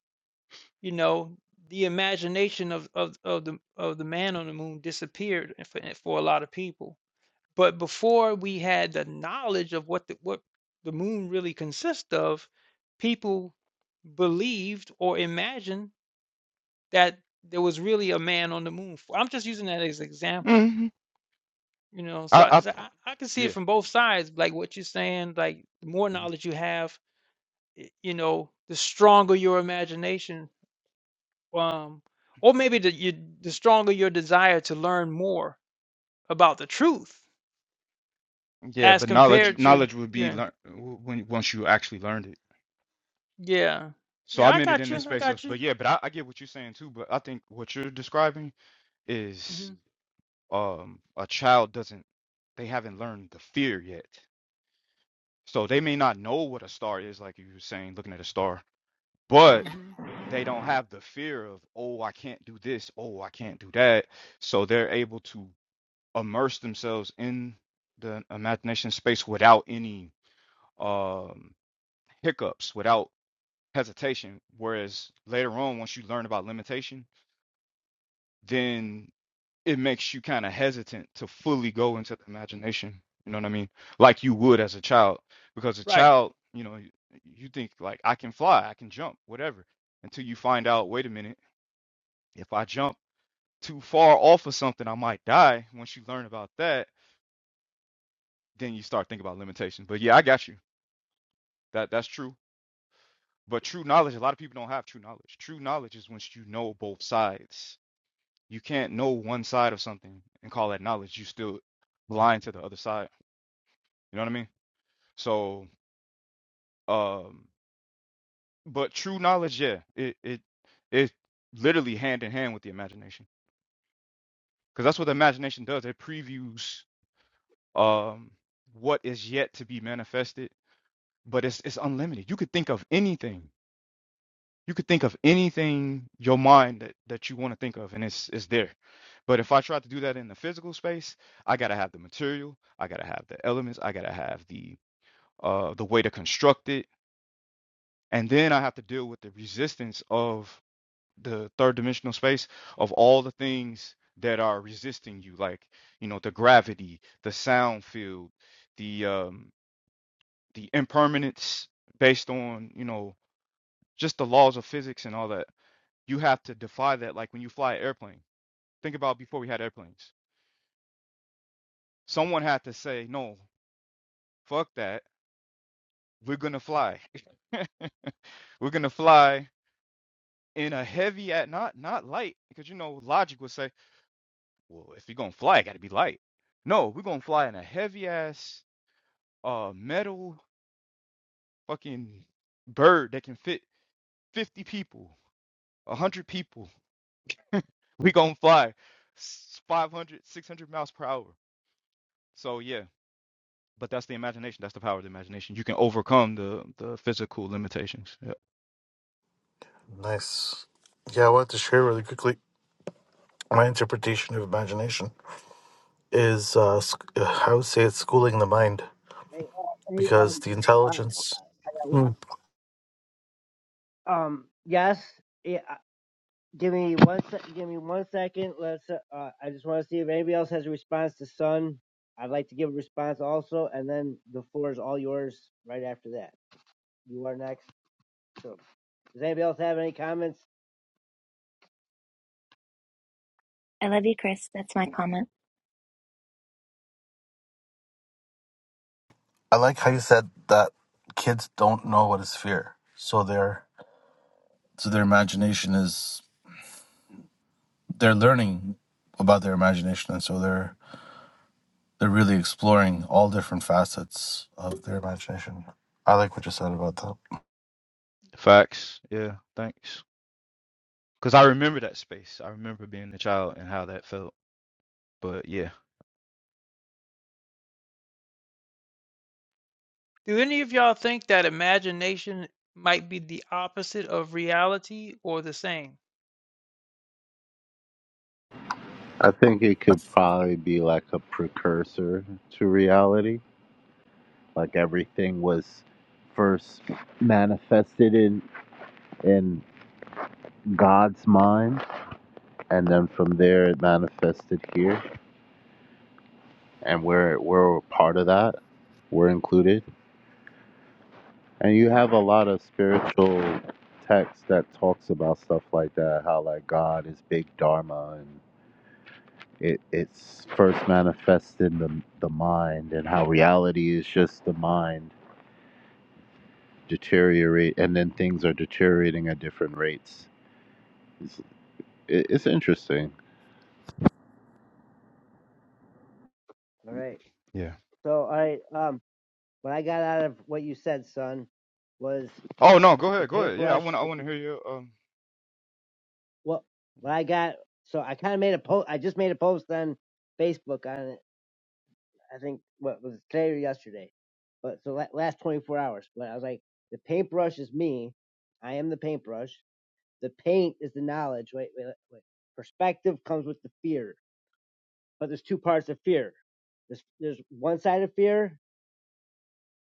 you know, the imagination of of of the of the man on the moon disappeared for, for a lot of people. But before we had the knowledge of what the what the moon really consists of, people believed or imagined that there was really a man on the moon. i I'm just using that as an example, hmm you know. So, I, I, I. so I, I can see it Yeah. from both sides, like what you're saying. Like the more hmm knowledge you have y- you know, the stronger your imagination, um, or maybe the you, the stronger your desire to learn more about the truth Yeah. as But knowledge, compared Mhm. to knowledge would be yeah, learned when once you actually learned it. yeah, So yeah. I I meant it got in you. the I space of, got but you. yeah, but I, I get what you're saying too. But I think what you're describing is hmm um a child doesn't they haven't learned the fear yet. So they may not know what a star is, like you were saying, looking at a star. but. hmm they don't have the fear of oh i can't do this oh i can't do that so they're able to immerse themselves in the imagination space without any um hiccups without hesitation whereas later on once you learn about limitation then it makes you kind of hesitant to fully go into the imagination you know what i mean like you would as a child because a Right. child you know you, you think like i can fly i can jump whatever until you find out wait a minute if i jump too far off of something, I might die. Once you learn about that, then you start thinking about limitations. But yeah, I got you. That that's true. But true knowledge, a lot of people don't have true knowledge. True knowledge is once you know both sides. You can't know one side of something and call that knowledge. You still blind to the other side. You know what I mean? So, um, but true knowledge, yeah, it it it literally hand in hand with the imagination, because that's what the imagination does. It previews um what is yet to be manifested but it's it's unlimited. You could think of anything. You could think of anything your mind that, that you want to think of, and it's it's there. But if I try to do that in the physical space, I gotta have the material, I gotta have the elements, I gotta have the uh the way to construct it, and then I have to deal with the resistance of the third dimensional space of all the things that are resisting you, like you know the gravity, the sound field, the um the impermanence based on you know just the laws of physics and all that. You have to defy that. Like when you fly an airplane, think about before we had airplanes. Someone had to say, no, fuck that. We're gonna fly. <laughs> We're gonna fly in a heavy at not not light because you know logic would say, well, if you're gonna fly, it gotta be light. No, we're gonna fly in a heavy ass uh metal fucking bird that can fit 50 people, 100 people. <laughs> we gonna fly s- 500, 600 miles per hour. So yeah But that's the imagination. That's the power of the imagination. You can overcome the the physical limitations. Yeah. Nice. Yeah, I wanted to share really quickly my interpretation of imagination is uh, sc- uh, I would say it's schooling the mind hey, uh, hey, um, because the um, intelligence. qu- Mm. uh, um, yes. Yeah, uh, give me one. sec give me one second. Let's. Uh, uh, I just want to see if anybody else has a response to Sun. I'd like to give a response also, and then the floor is all yours. Right after that, you are next. So, does anybody else have any comments? I love you, Chris. That's my comment. I like how you said that kids don't know what is fear, so their so their imagination is they're learning about their imagination, and so they're they're really exploring all different facets of their imagination. I like what you said about Facts. Yeah. Thanks. Because I remember that space. I remember being a child and how that felt. But yeah. Do any of y'all think that imagination might be the opposite of reality or the same? I think it could that. probably be like a precursor to reality. Like everything was first manifested in in God's mind, and then from there it manifested here, and we're we're a part of that. We're included, and you have a lot of spiritual texts that talks about stuff like that. How like God is big dharma and. It, it's first manifested in the, the mind and how reality is just the mind deteriorate, and then things are deteriorating at different rates. It's, it's interesting. All right. Yeah. So, all right. Um, what I got out of what you said, Sun, was Oh no. Go the ahead. Go ahead. Yeah. I paintbrush. want. I want to hear you. Um. Well, well, I got so I kind of made a post. I just made a post on Facebook on it. I think what was it, today or yesterday, but so la- last 24 hours. But I was like, the paintbrush is me. I am the paintbrush. The paint is the knowledge. Wait, wait, wait. Perspective comes with the fear, but there's two parts of fear. There's there's one side of fear,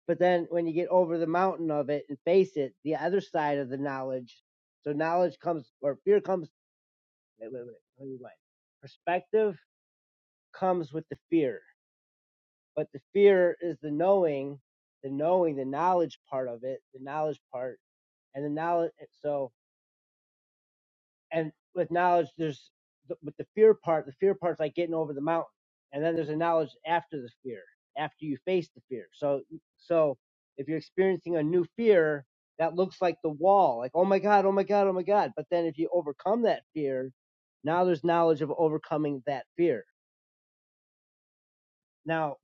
but then when you get over the mountain of it and face it, the other side of the knowledge. So knowledge comes or fear comes. Wait, wait, wait. Let me rewind. Perspective comes with the fear. But the fear is the knowing, the knowing, the knowledge part of it, the knowledge part, and the knowledge. So, and with knowledge, there's with the fear part. The fear part's like getting over the mountain, and then there's a knowledge after the fear, after you face the fear. So, so if you're experiencing a new fear, that looks like the wall, like oh my god, oh my god, oh my god. But then if you overcome that fear, now there's knowledge of overcoming that fear Now,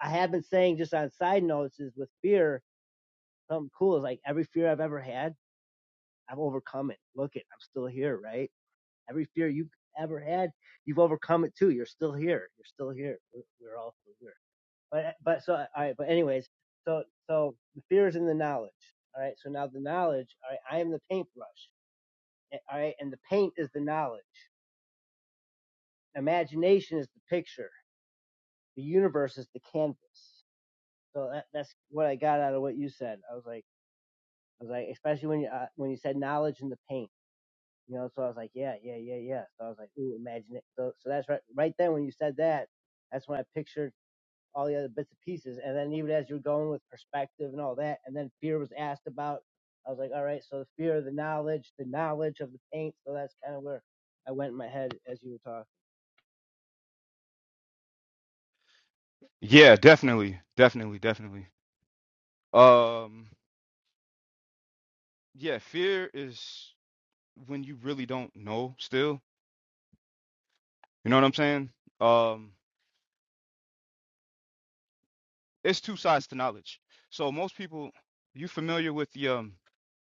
I have been saying just on side notes is with fear, something cool is like every fear I've ever had, I've overcome it. Look it, I'm still here, right? Every fear you've ever had, you've overcome it too. You're still here. You're still here. We're, we're all still here. But uh, but so all right. But anyways, so so the fear is in the knowledge. All right. So now the knowledge. All right. I am the paintbrush. eh, All right. And the paint is the knowledge. Imagination is the picture. The universe is the canvas. So that, that's what I got out of what you said. I was like. I was like, especially when you uh, when you said knowledge and the paint, you know. So I was like, yeah, yeah, yeah, yeah. So I was like, ooh, imagine it. So so that's right right then when you said that, that's when I pictured all the other bits and pieces. And then even as you were going with perspective and all that, and then fear was asked about. I was like, all right, so the fear of the knowledge, the knowledge of the paint. So that's kind of where I went in my head as you were talking. Yeah. Definitely. Definitely. Definitely. Um. Yeah. Fear is when you really don't know. Still. You know what I'm saying? Um. It's two sides to knowledge. So most people, you familiar with the um.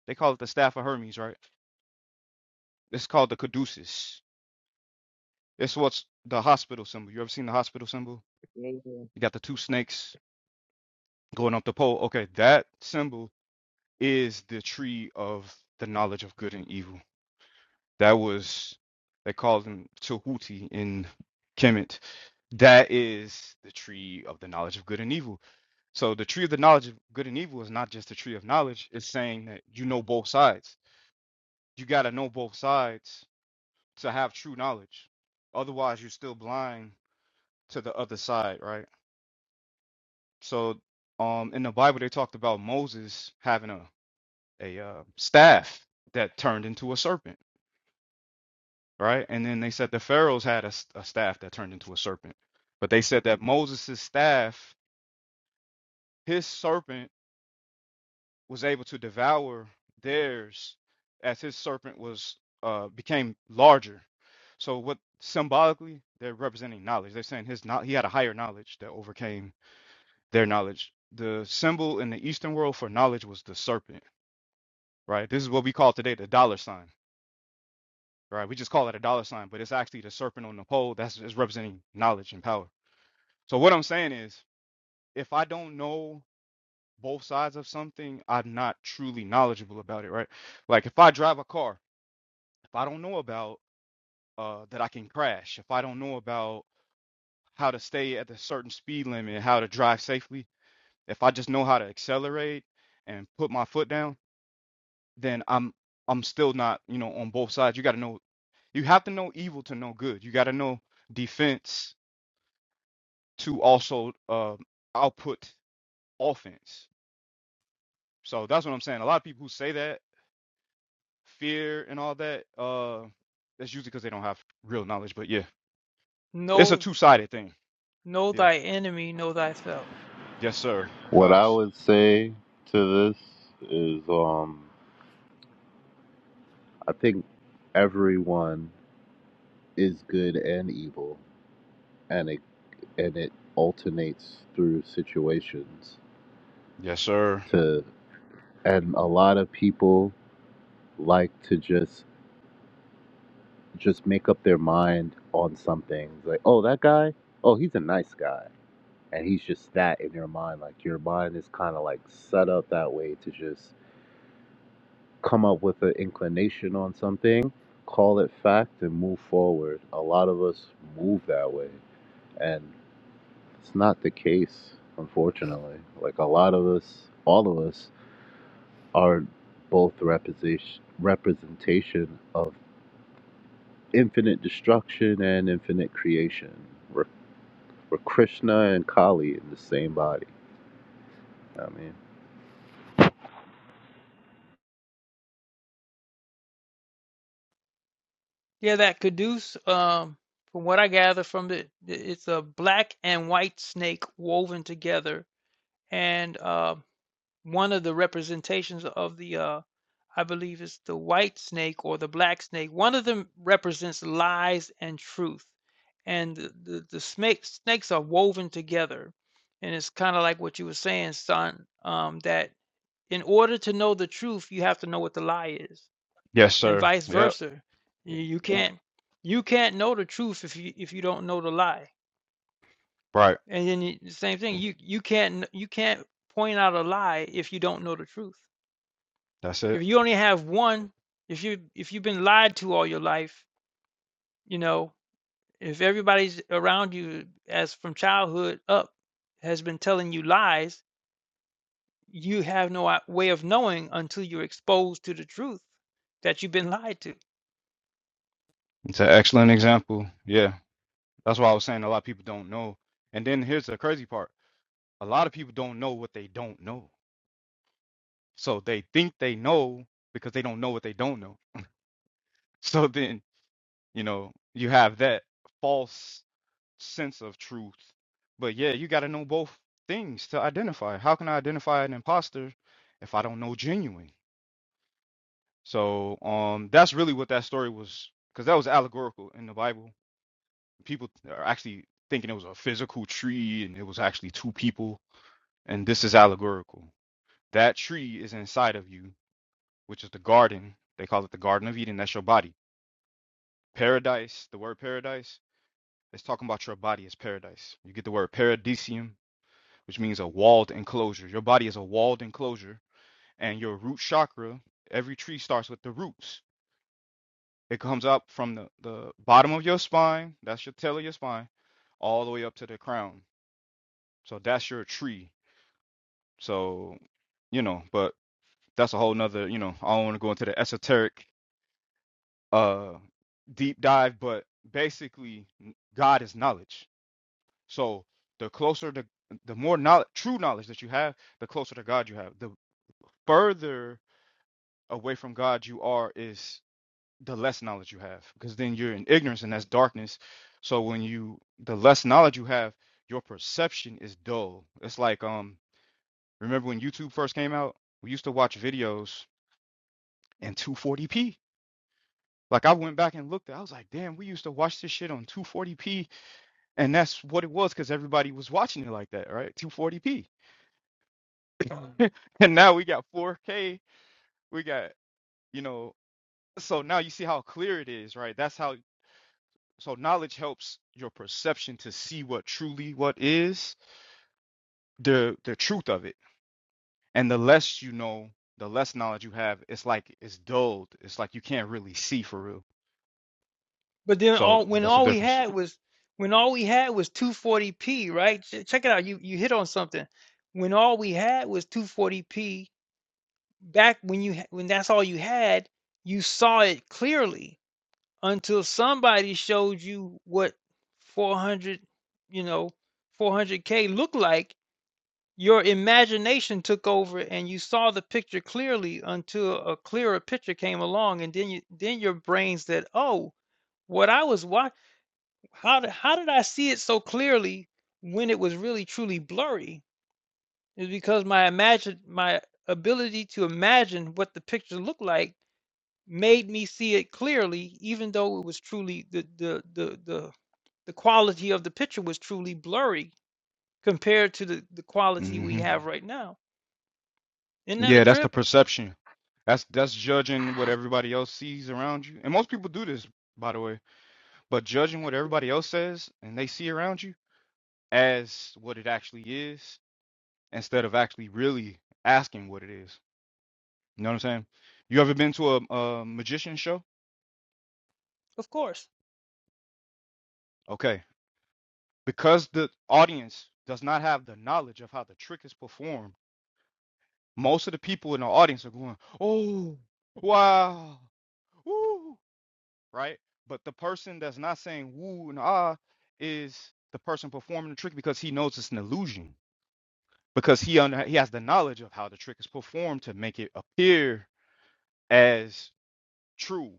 They call it the staff of Hermes, right? It's called the caduceus. It's what's the hospital symbol. You ever seen the hospital symbol? Yeah, yeah. You got the two snakes going up the pole. Okay, that symbol is the tree of the knowledge of good and evil. That was they called him Tehuti in Kemet. That is the tree of the knowledge of good and evil. So the tree of the knowledge of good and evil is not just the tree of knowledge. It's saying that you know both sides. You gotta know both sides to have true knowledge. Otherwise, you're still blind to the other side, right? So, um, in the Bible, they talked about Moses having a a uh, staff that turned into a serpent, right? And then they said the pharaohs had a, s- a staff that turned into a serpent, but they said that Moses' staff, his serpent, was able to devour theirs as his serpent was uh became larger. So what symbolically they're representing knowledge. They're saying his not he had a higher knowledge that overcame their knowledge. The symbol in the Eastern world for knowledge was the serpent, right? This is what we call today the dollar sign, right? We just call it a dollar sign, but it's actually the serpent on the pole that's is representing knowledge and power. So what I'm saying is, if I don't know both sides of something, I'm not truly knowledgeable about it, right? Like if I drive a car, if I don't know about uh, that I can crash, if I don't know about how to stay at a certain speed limit, how to drive safely, if I just know how to accelerate and put my foot down then I'm I'm still not, you know, on both sides. You got to know you have to know evil to know good. You got to know defense to also uh, output offense. So that's what I'm saying. A lot of people who say that fear and all that uh that's usually cuz they don't have real knowledge, but yeah. It's a Know two-sided thing. know Yeah. thy enemy, know thyself. Yes, sir. What I Facts. would say to this is, um, I think everyone is good and evil, and it and it alternates through situations. Yes, sir. To and a lot of people like to just just make up their mind on something. It's Like, oh, that guy, oh, he's a nice guy and he's just that in your mind. Like your mind is kind of like set up that way to just come up with an inclination on something, call it fact, and move forward. A lot of us move that way, and it's not the case, unfortunately. Like a lot of us, all of us, are both representation representation of infinite destruction and infinite creation. We're, we're Krishna and Kali in the same body. I mean. Yeah, that caduce, um, from what I gather from it, it's a black and white snake woven together, and uh, one of the representations of the, uh, I believe, is the white snake or the black snake. One of them represents lies and truth, and the the, the snake, snakes are woven together, and it's kind of like what you were saying, son, um, that in order to know the truth, you have to know what the lie is Yes, and sir. vice Yep. versa. You, you can't you can't know the truth if you if you don't know the lie. Right. And then you, the same thing, you you can't kn- you can't point out a lie if you don't know the truth. That's If it. you only have one, if you if you've been lied to all your life, you know, if everybody's around you as from childhood up has been telling you lies, you have no o- way of knowing until you're exposed to the truth that you've been lied to. It's an excellent example. Yeah. That's why I was saying a lot of people don't know. And then here's the crazy part. a lot of people don't know what they don't know. So they think they know because they don't know what they don't know. <laughs> So then, you know, you have that false sense of truth. But yeah, you got to know both things to identify. How can I identify an imposter if I don't know genuine? So um that's really what that story was cuz that was allegorical in the Bible. People are actually thinking it was a physical tree and it was actually two people and this is allegorical. That tree is inside of you which is the garden. They call it the Garden of Eden. That's your body. Paradise, the word paradise, it's talking about your body as paradise. You get the word paradisium, which means a walled enclosure. Your body is a walled enclosure, and your root chakra, every tree starts with the roots. It comes up from the, the bottom of your spine, that's your tail of your spine, all the way up to the crown. So that's your tree. So, you know, but that's a whole nother, you know, I don't want to go into the esoteric uh deep dive but basically n- god is knowledge so the closer to the more knowledge true knowledge that you have the closer to god you have the further away from god you are is the less knowledge you have because then you're in ignorance and that's darkness so when you the less knowledge you have your perception is dull it's like um remember when youtube first came out we used to watch videos in 240p like i went back and looked at, i was like damn we used to watch this shit on 240p And that's what it was because everybody was watching it like that, right? 240p. <laughs> And now we got 4K. We got, you know, so now you see how clear it is, right? That's how, so knowledge helps your perception to see what truly what is the the truth of it. And the less you know, the less knowledge you have, it's like it's dulled. It's like you can't really see for real. But then So all when that's the all we difference. had was when all we had was 240p, right? Ch- Check it out. You you hit on something. When all we had was 240p, back when you ha- when that's all you had, you saw it clearly until somebody showed you what 400, you know, 400k looked like. Your imagination took over and you saw the picture clearly until a clearer picture came along and then you then your brain said, "Oh, what I was how did how did I see it so clearly when it was really truly blurry? Is because my imagine my ability to imagine what the picture looked like made me see it clearly, even though it was truly the the the the, the quality of the picture was truly blurry compared to the, the quality we hmm have right now. Isn't that a Yeah, that's the trip? perception. That's that's judging what everybody else sees around you. And most people do this, by the way But judging what everybody else says and they see around you as what it actually is, instead of actually really asking what it is. You know what I'm saying? You ever been to a, a magician show? Of course. Okay. Because the audience does not have the knowledge of how the trick is performed, most of the people in the audience are going, oh, wow, woo, right? But the person that's not saying woo and ah is the person performing the trick because he knows it's an illusion because he un- he has the knowledge of how the trick is performed to make it appear as true.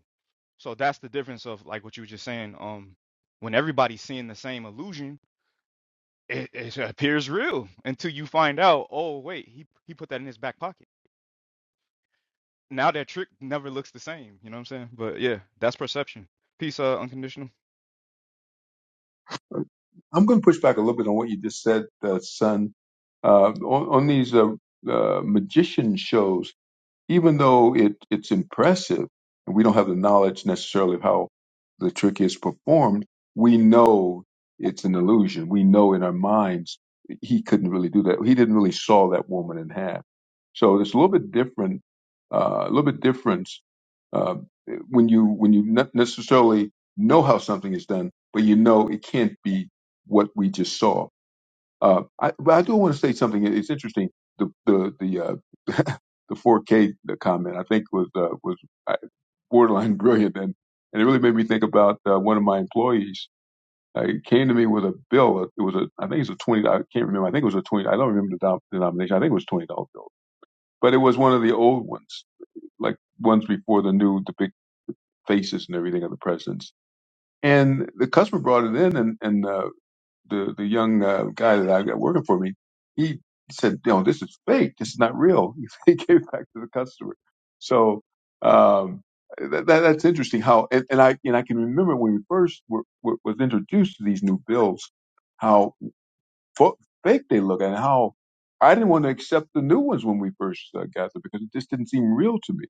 So that's the difference of like what you were just saying. Um, when everybody's seeing the same illusion, it, it appears real until you find out. Oh wait, he he put that in his back pocket. Now that trick never looks the same. You know what I'm saying? But yeah, that's perception. Peace, uh, unconditional. going to push back a little bit on what you just said, uh, son. Uh, on, on these uh, uh, magician shows, even though it, it's impressive and we don't have the knowledge necessarily of how the trick is performed, we know it's an illusion. We know in our minds he couldn't really do that. He didn't really saw that woman in half. So it's a little bit different, uh, a little bit different uh, when you when you not necessarily know how something is done, but you know it can't be what we just saw. Uh, I, but I do want to say something. It's interesting. The the the uh, the 4K the comment I think was uh, was uh, borderline <laughs> brilliant, and and it really made me think about uh, one of my employees. Uh, he came to me with a bill. uh, It was a I think it was a twenty. I can't remember. I think it was a twenty. I don't remember the denomination. I think it was a twenty dollar bill, but it was one of the old ones, like ones before the new the big faces and everything of the presidents. And the customer brought it in, and and uh, the the young uh, guy that I got working for me, he said, "You know, this is fake. This is not real." <laughs> he gave it back to the customer. So um, that, that, that's interesting. How and, and I and I can remember when we first were, were, was introduced to these new bills, how fo- fake they look, and how I didn't want to accept the new ones when we first uh, got them because it just didn't seem real to me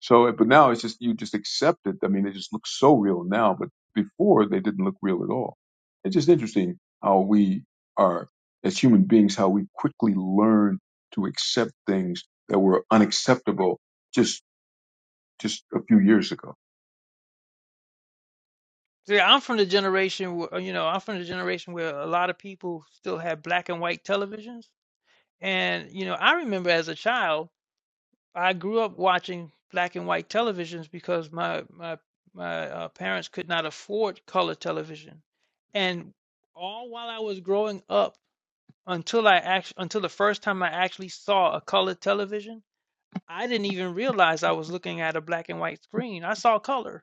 so, but now it's just you just accept it. I mean, it just looks so real now, but before they didn't look real at all. It's just interesting how we are as human beings, how we quickly learn to accept things that were unacceptable just just a few years ago. See, I'm from the generation where you know I'm from the generation where a lot of people still had black and white televisions, and you know I remember as a child I grew up watching black and white televisions because my my my uh, parents could not afford color television, and all while I was growing up, until I act until the first time I actually saw a color television, I didn't even realize I was looking at a black and white screen. I saw color.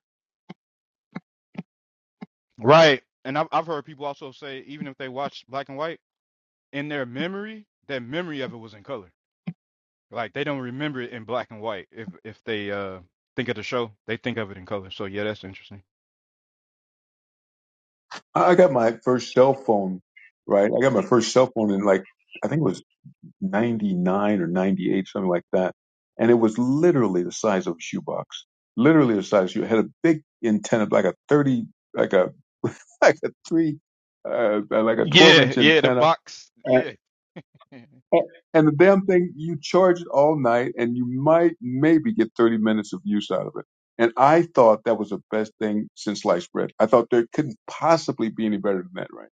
Right. And I've I've heard people also say even if they watch black and white in their memory, their memory of it was in color. Like they don't remember it in black and white. If if they uh think of the show, they think of it in color. So yeah, that's interesting. I I got my first cell phone, right? I got my first cell phone in like I think it was 99 or 98, something like that. And it was literally the size of a shoebox, literally the size. You had a big antenna, like a 30, like a, <laughs> like a three, uh, like a 12 Yeah, inch yeah, the antenna. box. And, Yeah. <laughs> and the damn thing, you charge it all night and you might maybe get 30 minutes of use out of it. And I thought that was the best thing since sliced bread. I thought there couldn't possibly be any better than that, right?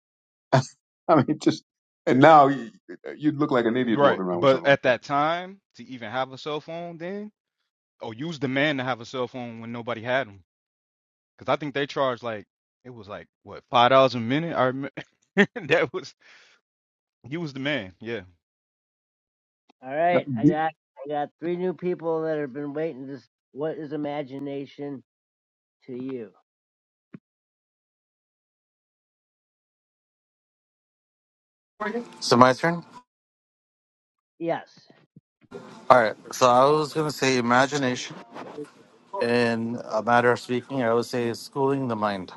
<laughs> I mean, just, and now you- you'd look like an idiot Right. walking around with But something like at that time, to even have a cell phone then, or use the man to have a cell phone when nobody had them. Because I think they charged like, it was like, what, $5 a minute? I remember <laughs> that was, he was the man. Yeah. All right, that. I got I got three new people that have been waiting. This what is imagination to you? So my turn. Yes. All right. So I was gonna say imagination. in a matter of speaking, I would say is schooling the mind.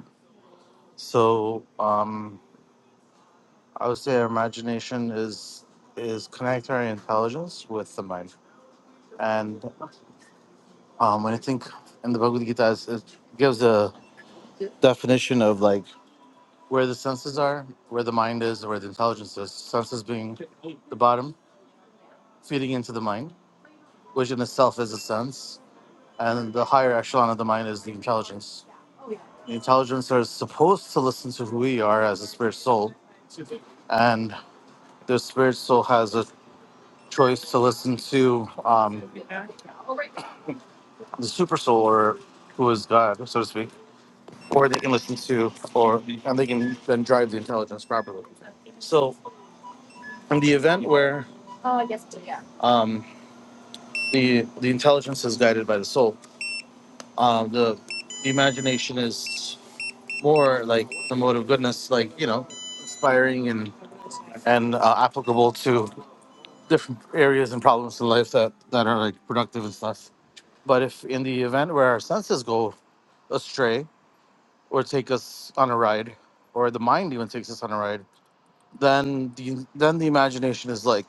So um, I would say our imagination is is connect our intelligence with the mind. And um, when I think in the Bhagavad Gita, it's- it gives a definition of like where the senses are, where the mind is, or where the intelligence is. Senses being the bottom, feeding into the mind, which in itself is a sense. And the higher echelon of the mind is the intelligence. The intelligence are supposed to listen to who we are as a spirit soul, and the spirit soul has a choice to listen to um, the super soul or who is God, so to speak, or they can listen to, or and they can then drive the intelligence properly. So, in the event where um, the the intelligence is guided by the soul, um, the the imagination is more like the mode of goodness, like you know, inspiring and and uh, applicable to different areas and problems in life that that are like productive and stuff. But if in the event where our senses go astray or take us on a ride, or the mind even takes us on a ride, then the then the imagination is like,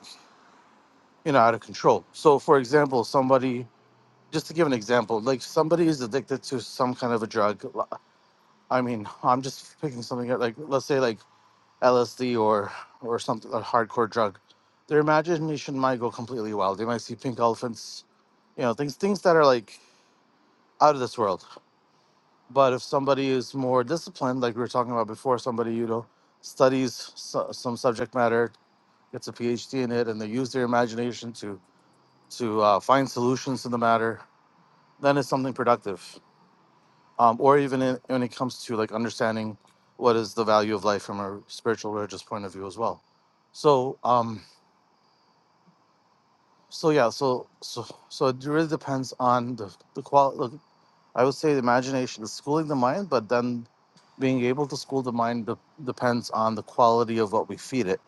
you know, out of control. So for example, somebody just to give an example, like somebody is addicted to some kind of a drug. l- I mean, I'm just picking something out, like let's say like LSD or or something a hardcore drug. Their imagination might go completely wild. They might see pink elephants, you know, things things that are like out of this world But if somebody is more disciplined, like we were talking about before, somebody you know studies so, some subject matter, gets a PhD in it, and they use their imagination to to uh, find solutions to the matter, then it's something productive. Um, or even in, when it comes to like understanding what is the value of life from a spiritual religious point of view as well. So um, so yeah, so so so it really depends on the the quality. I would say the imagination is schooling the mind, but then being able to school the mind de- depends on the quality of what we feed it,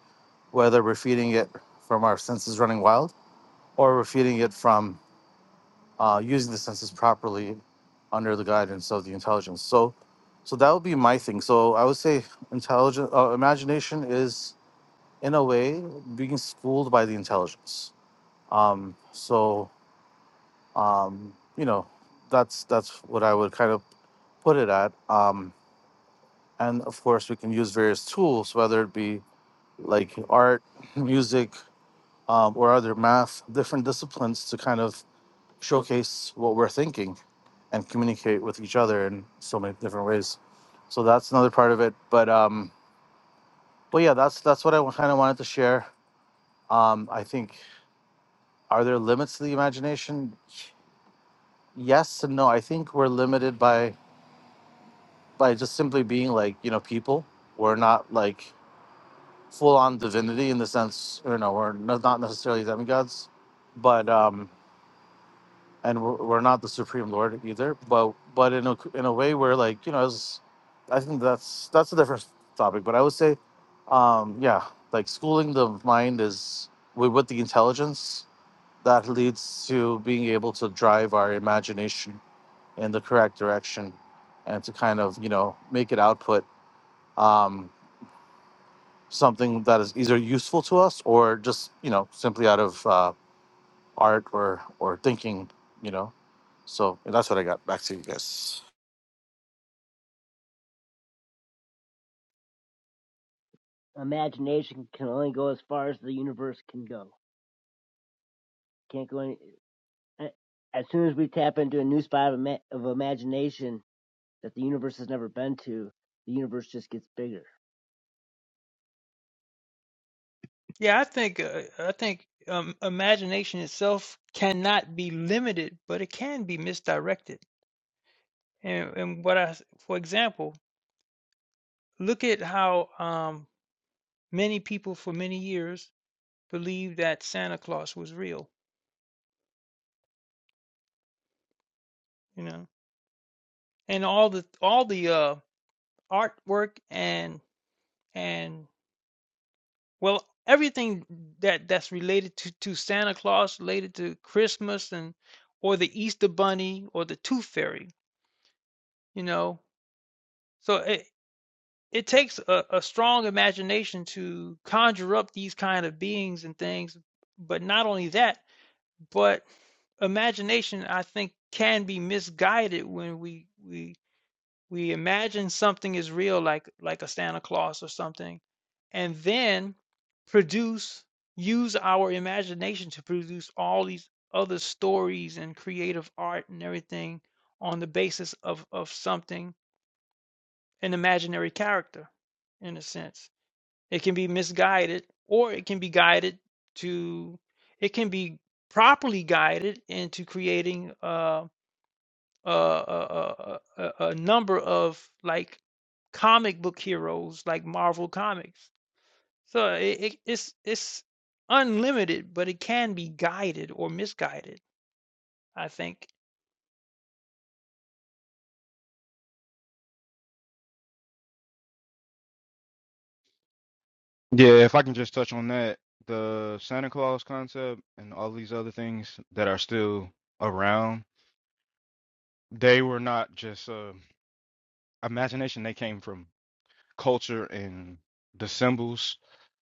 whether we're feeding it from our senses running wild or we're feeding it from uh, using the senses properly under the guidance of the intelligence. So, so that would be my thing. So I would say intelligent uh, imagination is in a way being schooled by the intelligence. Um, so um, you know, that's that's what I would kind of put it at. Um, and of course we can use various tools whether it be like art <laughs> music um, or other math different disciplines to kind of showcase what we're thinking and communicate with each other in so many different ways so that's another part of it but um but yeah that's that's what i kind of wanted to share um i think are there limits to the imagination yes and no i think we're limited by by just simply being like you know people we're not like full on divinity in the sense, you know, we're no- not necessarily demigods, but um, and we're, we're not the supreme lord either. But but in a in a way, where like you know, as I think that's that's a different topic. But I would say, um, yeah, like schooling the mind is with, with the intelligence that leads to being able to drive our imagination in the correct direction and to kind of you know make it output Um, something that is either useful to us or just you know simply out of uh, art or or thinking you know so and that's what i got back to you guys imagination can only go as far as the universe can go. Can't go any. eh, As soon as we tap into a new spot of, ima- of imagination that the universe has never been to, the universe just gets bigger. Yeah, I think uh, I think um, imagination itself cannot be limited, but it can be misdirected. And, and what I, for example, look at how um, Many people for many years believed that Santa Claus was real, you know. And all the all the uh artwork and and well everything that that's related to to Santa Claus, related to Christmas and or the Easter Bunny or the Tooth Fairy, you know. So it it takes a, a strong imagination to conjure up these kind of beings and things. But not only that, But imagination, I think, can be misguided when we we we imagine something is real, like like a Santa Claus or something, and then produce use our imagination to produce all these other stories and creative art and everything on the basis of of something an imaginary character in a sense it can be misguided or it can be guided to, it can be properly guided into creating uh, a, a, a, a, a number of like comic book heroes, like Marvel Comics. So it, it, it's, it's unlimited, but it can be guided or misguided, I think. Yeah. If I can just touch on that, the Santa Claus concept and all these other things that are still around, they were not just, uh, imagination they came from culture and the symbols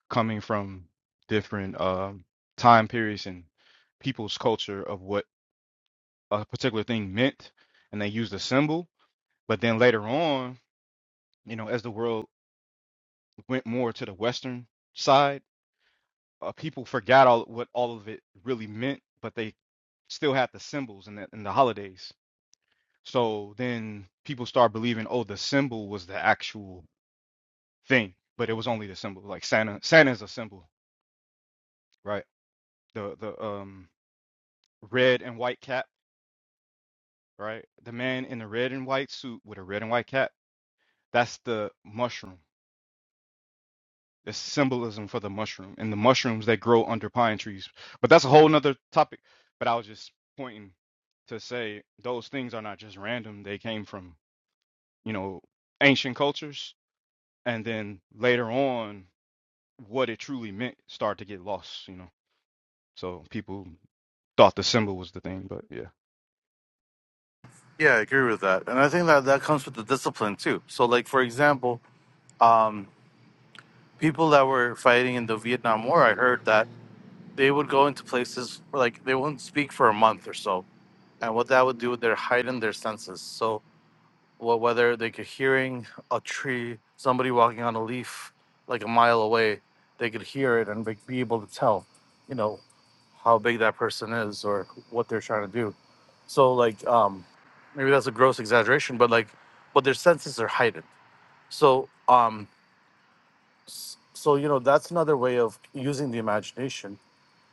coming from different um, time periods and people's culture of what a particular thing meant and they used a symbol but then later on you know as the world went more to the western side uh, people forgot all what all of it really meant but they still had the symbols and the, and the holidays so then people start believing oh the symbol was the actual thing, but it was only the symbol. Like Santa, Santa's a symbol, right? The the um red and white cap, right? The man in the red and white suit with a red and white cap. That's the mushroom. It's symbolism for the mushroom and the mushrooms that grow under pine trees. But that's a whole nother topic. But I was just pointing to say those things are not just random. They came from you know ancient cultures, and then later on, what it truly meant started to get lost. You know, so people thought the symbol was the thing, but yeah. yeah i agree with that and i think that that comes with the discipline too so like for example people that were fighting in the vietnam war i heard that they would go into places where, like they wouldn't speak for a month or so and what that would do would their heighten their senses so well, whether they could hearing a tree, somebody walking on a leaf like a mile away, they could hear it and be be able to tell, you know, how big that person is or what they're trying to do. So like, um, maybe that's a gross exaggeration, but like, but their senses are heightened. So, um, s- so you know, that's another way of using the imagination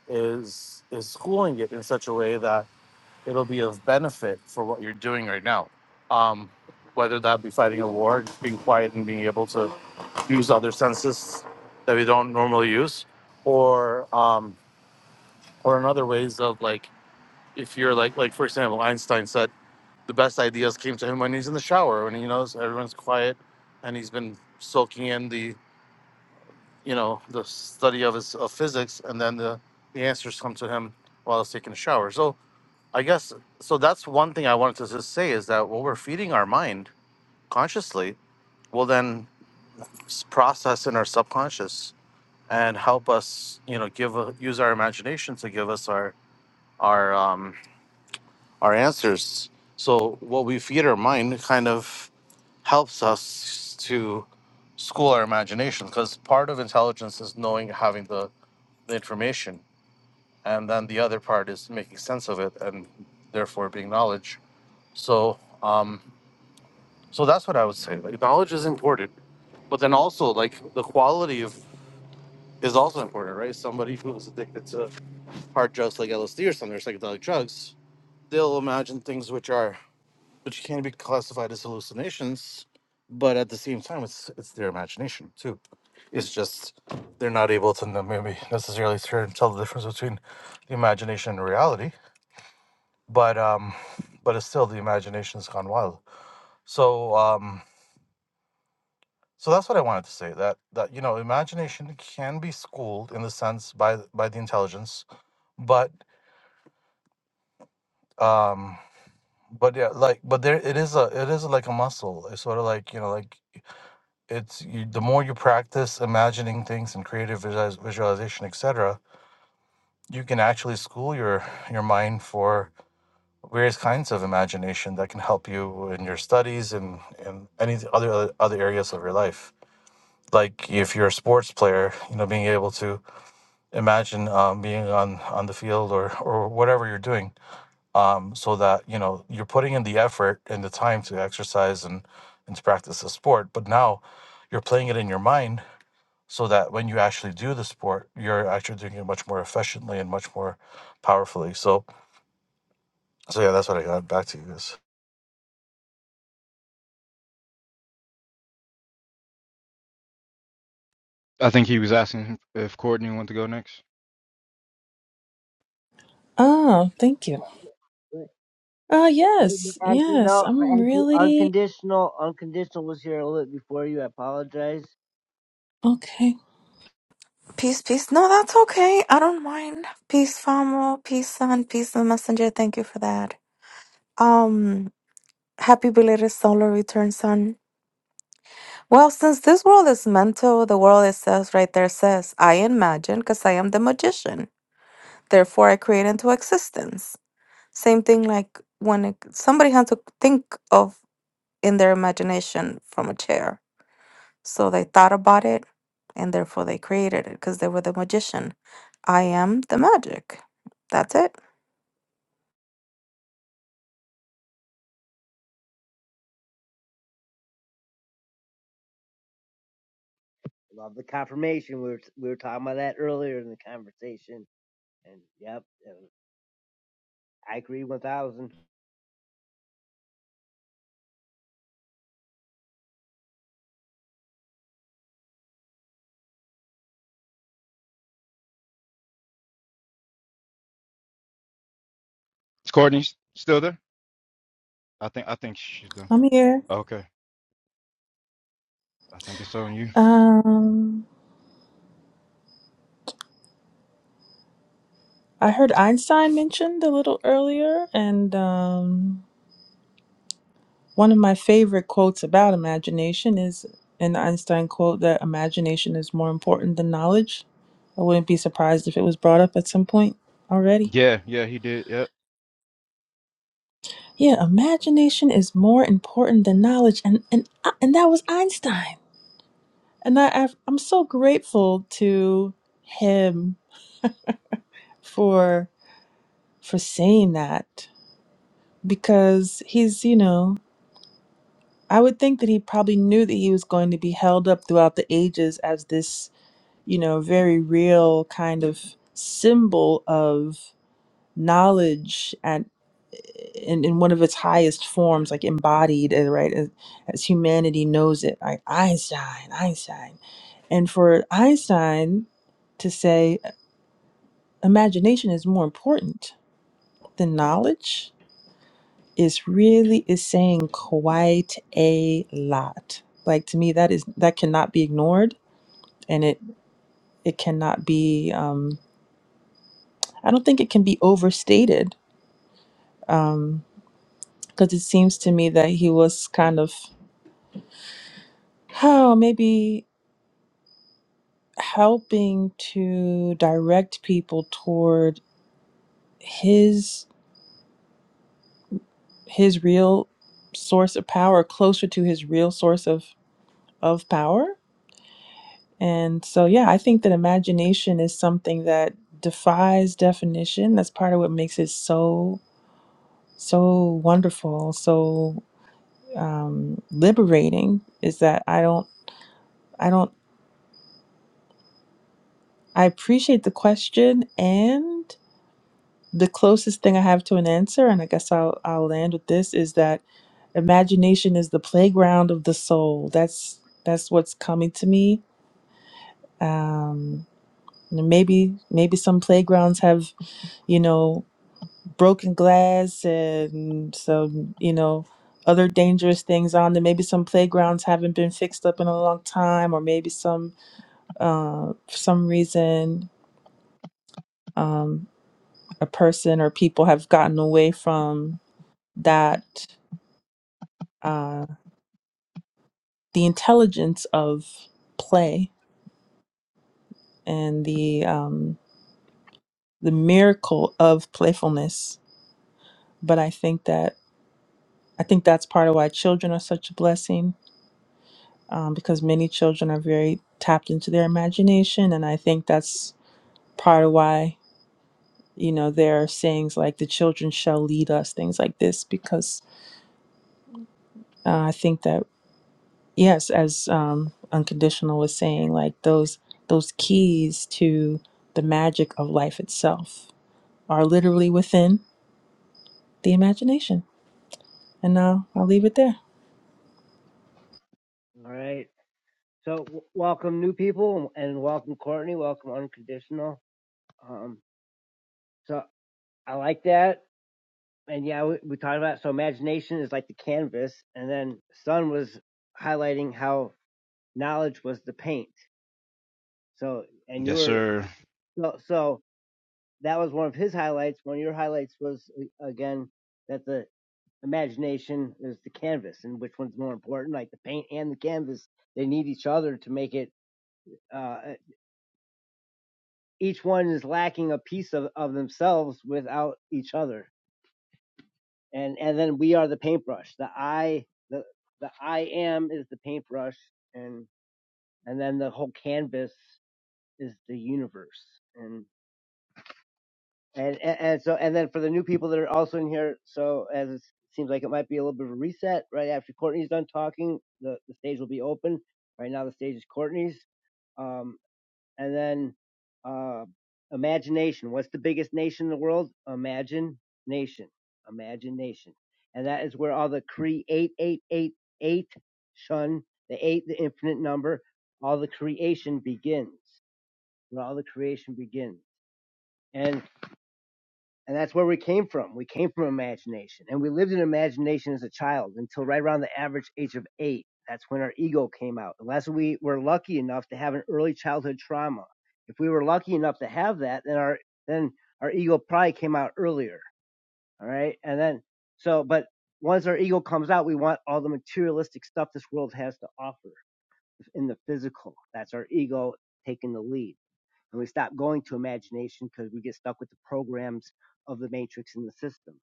is is schooling it in such a way that it'll be of benefit for what you're doing right now. Um, whether that be fighting a war, just being quiet and being able to use other senses that we don't normally use, or um, or in other ways of like if you're like like for example, Einstein said the best ideas came to him when he's in the shower when he knows everyone's quiet and he's been soaking in the you know the study of his of physics and then the the answers come to him while he's taking a shower. So I guess so. That's one thing I wanted to just say is that what we're feeding our mind consciously will then s- process in our subconscious and help us, you know, give a, use our imagination to give us our our um, our answers. So what we feed our mind kind of helps us to school our imagination because part of intelligence is knowing having the, the information and then the other part is making sense of it and therefore being knowledge so um, So that's what I would say. Like knowledge is important, but then also like the quality of is also important, right? Somebody who is addicted to hard drugs like LSD or something or some other psychedelic drugs, they'll imagine things which are which can be classified as hallucinations, but at the same time, it's it's their imagination too. It's just they're not able to n- maybe necessarily turn- tell the difference between the imagination and reality, but um, but it's still the imagination's gone wild. So um, So that's what I wanted to say. That that you know, imagination can be schooled in the sense by th- by the intelligence, but um, but yeah, like but there it is a it is like a muscle. It's sort of like you know like it's you, the more you practice imagining things and creative visualiz- visualization, etc. You can actually school your your mind for various kinds of imagination that can help you in your studies and and any other other areas of your life. Like if you're a sports player, you know, being able to imagine um, being on on the field or or whatever you're doing um, so that you know you're putting in the effort and the time to exercise and and to practice the sport but now you're playing it in your mind so that when you actually do the sport you're actually doing it much more efficiently and much more powerfully so so yeah that's what i got back to you guys I think he was asking if Courtney wanted to go next. Oh, thank you. Right. Uh Right, but yes, As you yes. know, I'm as you, really unconditional, unconditional was here a little bit before you. I apologize. okay. Peace, peace. No, that's okay. I don't mind. Peace, Famo. Peace, son. Peace, the messenger. Thank you for that. Um, happy belated solar return, son. Well, since this world is mental, the world it says right there says, I imagine because I am the magician. Therefore, I create into existence. Same thing like when it, somebody has to think of in their imagination from a chair. So they thought about it and therefore they created it because they were the magician. I am the magic. That's it. Love the confirmation. We were we were talking about that earlier in the conversation, and yep, and I agree one thousand. Is Courtney still there? I think I think she's done. I'm here. Okay. I think it's on you. Um I heard Einstein mentioned a little earlier and um one of my favorite quotes about imagination is an Einstein quote that imagination is more important than knowledge. I wouldn't be surprised if it was brought up at some point already. Yeah, yeah, he did. Yep. Yeah, imagination is more important than knowledge and and uh, and that was Einstein. and I, I've- I'm so grateful to him for for saying that because he's you know I would think that he probably knew that he was going to be held up throughout the ages as this you know very real kind of symbol of knowledge and in, in one of its highest forms like embodied uh, right as, as humanity knows it like Einstein Einstein and for Einstein to say imagination is more important than knowledge is really is saying quite a lot like to me that is that cannot be ignored and it it cannot be um i don't think it can be overstated um because it seems to me that he was kind of how maybe helping to direct people toward his his real source of power closer to his real source of of power And so, yeah, I think that imagination is something that defies definition. That's part of what makes it so, so wonderful, so um, liberating is that I don't, I don't, I appreciate the question and the closest thing I have to an answer, and I guess I'll, I'll land with this is that imagination is the playground of the soul. That's, that's what's coming to me. Um, maybe, maybe some playgrounds have you know broken glass and some, you know, other dangerous things on there. Maybe some playgrounds haven't been fixed up in a long time, or maybe some, uh, for some reason, um, a person or people have gotten away from that, uh, the intelligence of play and the, um, the miracle of playfulness. But I think that, I think that's part of why children are such a blessing um, because many children are very tapped into their imagination. And I think that's part of why, you know, there are sayings like the children shall lead us, things like this, because uh, I think that, yes, as um, Unconditional was saying, like those, those keys to the magic of life itself are literally within the imagination. And now I'll leave it there. All right. So w- welcome new people and welcome Courtney. Welcome unconditional. Um, so I like that. And yeah, we, we talked about so imagination is like the canvas, and then Sun was highlighting how knowledge was the paint. So and you Yes, were sir. so, so that was one of his highlights. One of your highlights was uh, again that the imagination is the canvas, and which one's more important, like the paint and the canvas. They need each other to make it. uh, each one is lacking a piece of, of themselves without each other. And and then we are the paintbrush. The I the the I am is the paintbrush and and then the whole canvas is the universe. And and, and, and so and then for the new people that are also in here, so as it seems like it might be a little bit of a reset, right after Courtney's done talking, the, the stage will be open. Right now the stage is Courtney's. Um And then uh, imagination. What's the biggest nation in the world? Imagine nation. Imagine nation. And that is where all the create eight eight eight eight shun the eight, the infinite number, all the creation begins. Where all the creation begins. And and that's where we came from. We came from imagination. And we lived in imagination as a child until right around the average age of eight. That's when our ego came out. Unless we were lucky enough to have an early childhood trauma. If we were lucky enough to have that, then our then our ego probably came out earlier. All right. And then so but once our ego comes out, we want all the materialistic stuff this world has to offer in the physical. That's our ego taking the lead and we stop going to imagination because we get stuck with the programs of the matrix and the system.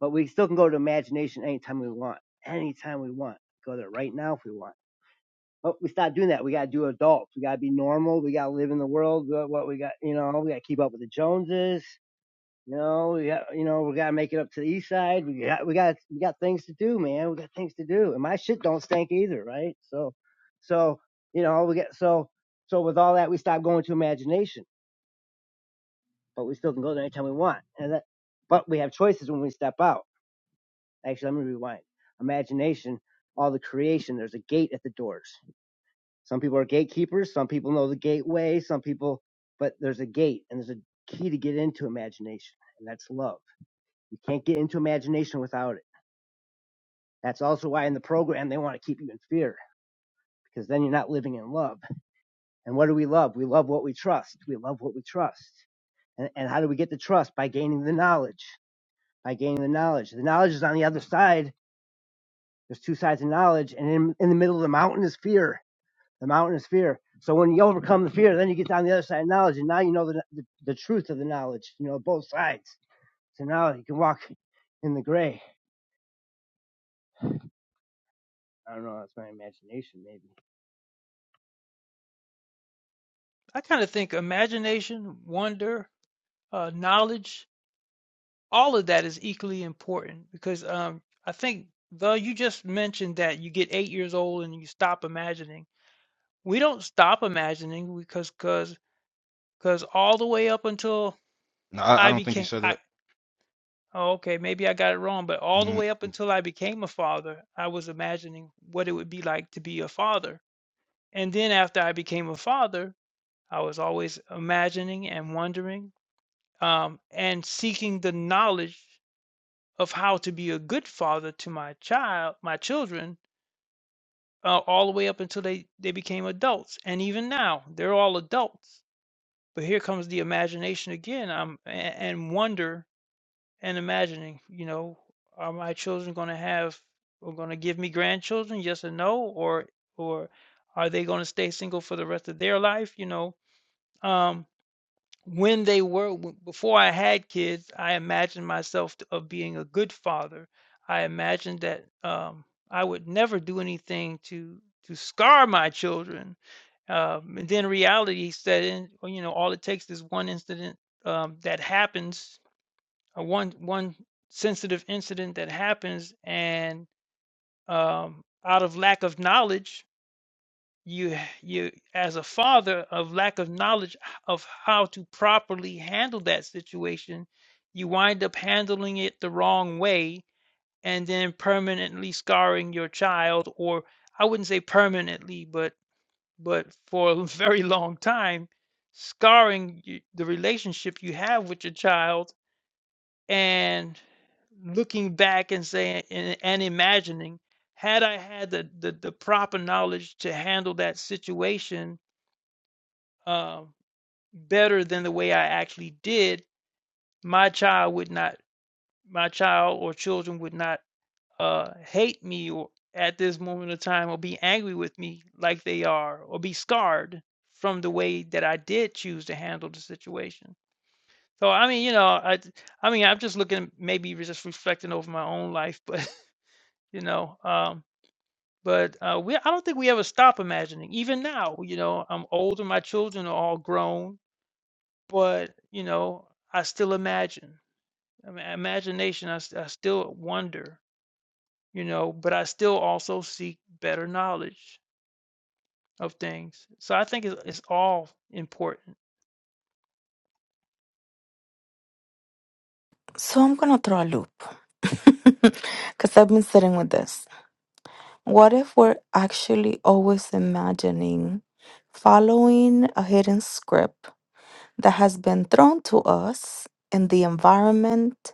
But we still can go to imagination anytime we want, anytime we want. Go there right now if we want. But we stop doing that. We gotta do adults. We gotta be normal. We gotta live in the world. What we got, you know, we gotta keep up with the Joneses. You know, we got, you know, we gotta make it up to the east side. We got, we got, we got things to do, man. We got things to do, and my shit don't stink either, right? So, so you know, we get so, so with all that, we stop going to imagination but we still can go there anytime we want. And that, but we have choices when we step out. Actually, let me rewind. Imagination, all the creation. There's a gate at the doors. Some people are gatekeepers. Some people know the gateway. Some people, but there's a gate and there's a key to get into imagination, and that's love. You can't get into imagination without it. That's also why in the program they want to keep you in fear because then you're not living in love. And what do we love? We love what we trust. We love what we trust. And, and how do we get the trust? By gaining the knowledge. by gaining the knowledge. The knowledge is on the other side. There's two sides of knowledge, and in, in the middle of the mountain is fear. The mountain is fear. So when you overcome the fear, then you get down the other side of knowledge, and now you know the, the, the truth of the knowledge. You know both sides. So now you can walk in the gray. I don't know. That's my imagination, maybe. I kind of think imagination, wonder, uh, knowledge all of that is equally important because um, I think though you just mentioned that you get eight years old and you stop imagining. We don't stop imagining because because because all the way up until No, I, I I don't think he became said I that. oh, okay maybe I got it wrong, but all the Mm. way up until I became a father, I was imagining what it would be like to be a father, and then after I became a father, I was always imagining and wondering um, and seeking the knowledge of how to be a good father to my child, my children, uh, all the way up until they they became adults, and even now they're all adults. But here comes the imagination again. Um, a- and wonder and imagining. You know, are my children going to have? Are going to give me grandchildren? Yes or no? Or or are they going to stay single for the rest of their life? You know, um when they were w- before I had kids, I imagined myself t- of being a good father. I imagined that um, I would never do anything to to scar my children. Um, and then reality set in. or, You know, all it takes is one incident um, that happens, or one one sensitive incident that happens, and um, out of lack of knowledge, you you as a father of lack of knowledge of how to properly handle that situation you wind up handling it the wrong way and then permanently scarring your child or i wouldn't say permanently but but for a <laughs> very long time scarring y- the relationship you have with your child and looking back and saying and, and imagining had i had the, the the proper knowledge to handle that situation um, better than the way I actually did, my child would not, my child or children would not uh, hate me or at this moment of time or be angry with me like they are or be scarred from the way that I did choose to handle the situation. So I mean, you know, I I mean, I'm just looking maybe just reflecting over my own life, but <laughs> you know, um, but uh, we I don't think we ever stop imagining. Even now, you know, I'm older, my children are all grown, But, you know, I still imagine. I mean, imagination, I, s- I still wonder, you know, but I still also seek better knowledge of things. So I think it's, it's all important. So I'm going to throw a loop <laughs> because I've been sitting with this. What if we're actually always imagining following a hidden script that has been thrown to us in the environment,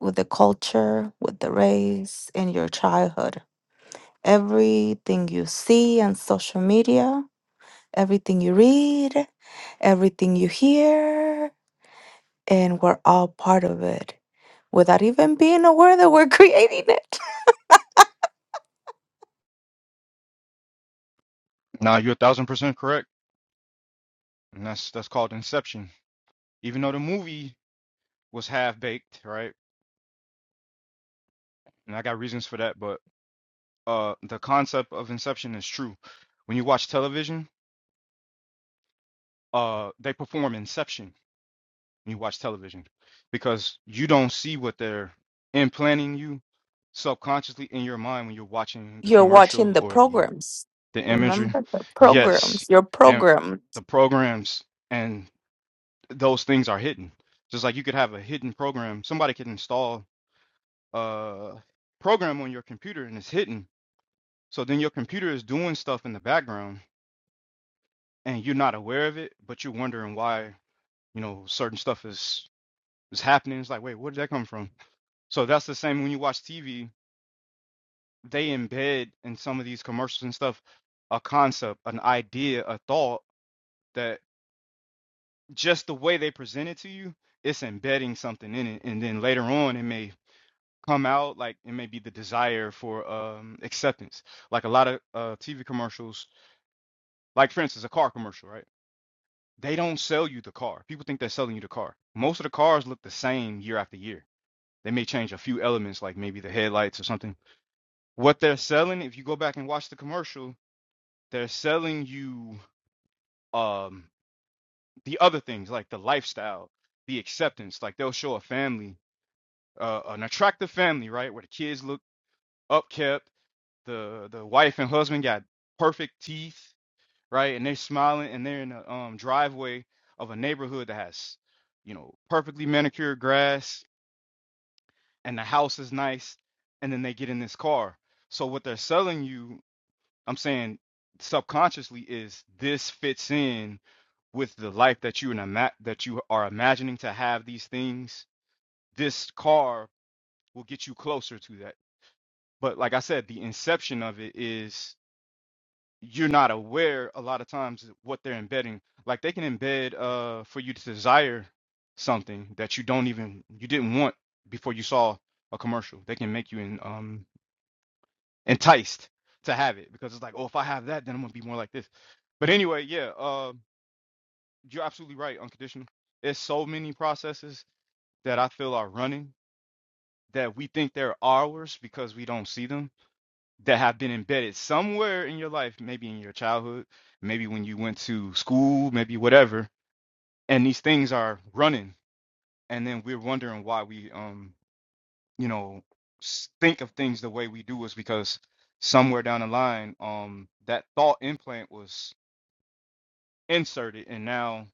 with the culture, with the race, in your childhood? Everything you see on social media, everything you read, everything you hear, and we're all part of it without even being aware that we're <laughs> creating it. Nah, you're a thousand percent correct. And that's that's called Inception. Even though the movie was half baked, right? And I got reasons for that, but uh the concept of Inception is true. When you watch television, uh they perform Inception when you watch television because you don't see what they're implanting you subconsciously in your mind when you're watching the You're watching commercial the or the programs. the imagery Remember the yes programs, your and program. the programs and those things are hidden just like you could have a hidden program somebody could install a program on your computer and it's hidden so then your computer is doing stuff in the background and you're not aware of it but you're wondering why you know certain stuff is is happening it's like wait where did that come from So that's the same when you watch TV, they embed in some of these commercials and stuff a concept, an idea, a thought that just the way they present it to you, it's embedding something in it. And then later on, it may come out like it may be the desire for um, acceptance. Like a lot of uh, TV commercials, like for instance, a car commercial, right? They don't sell you the car. People think they're selling you the car. Most of the cars look the same year after year. They may change a few elements, like maybe the headlights or something what they're selling if you go back and watch the commercial they're selling you um the other things like the lifestyle the acceptance like they'll show a family uh, an attractive family right where the kids look upkept the the wife and husband got perfect teeth right and they're smiling and they're in a um driveway of a neighborhood that has you know perfectly manicured grass and the house is nice and then they get in this car so what they're selling you I'm saying subconsciously is this fits in with the life that you and ima- that you are imagining to have these things. This car will get you closer to that. But like I said, the inception of it is you're not aware a lot of times of what they're embedding. Like they can embed uh for you to desire something that you don't even you didn't want before you saw a commercial. They can make you in um enticed to have it because it's like, oh, if I have that, then I'm gonna be more like this. But anyway, yeah, uh, you're absolutely right. Unconditional. There's so many processes that I feel are running that we think they're ours because we don't see them that have been embedded somewhere in your life, maybe in your childhood, maybe when you went to school, maybe whatever. And these things are running, and then we're wondering why we um you know s- think of things the way we do is because somewhere down the line um that thought implant was inserted and now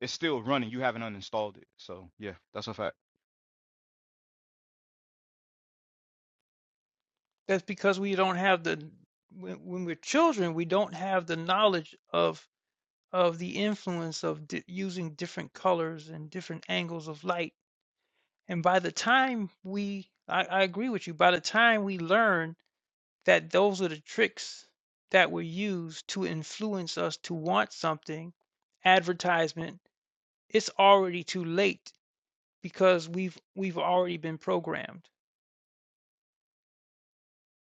it's still running you haven't uninstalled it so yeah that's a fact That's because we don't have the, when, when we're children, we don't have the knowledge of of the influence of di- using different colors and different angles of light. And by the time we, I, I agree with you, by the time we learn that those are the tricks that were used to influence us to want something advertisement it's already too late because we've we've already been programmed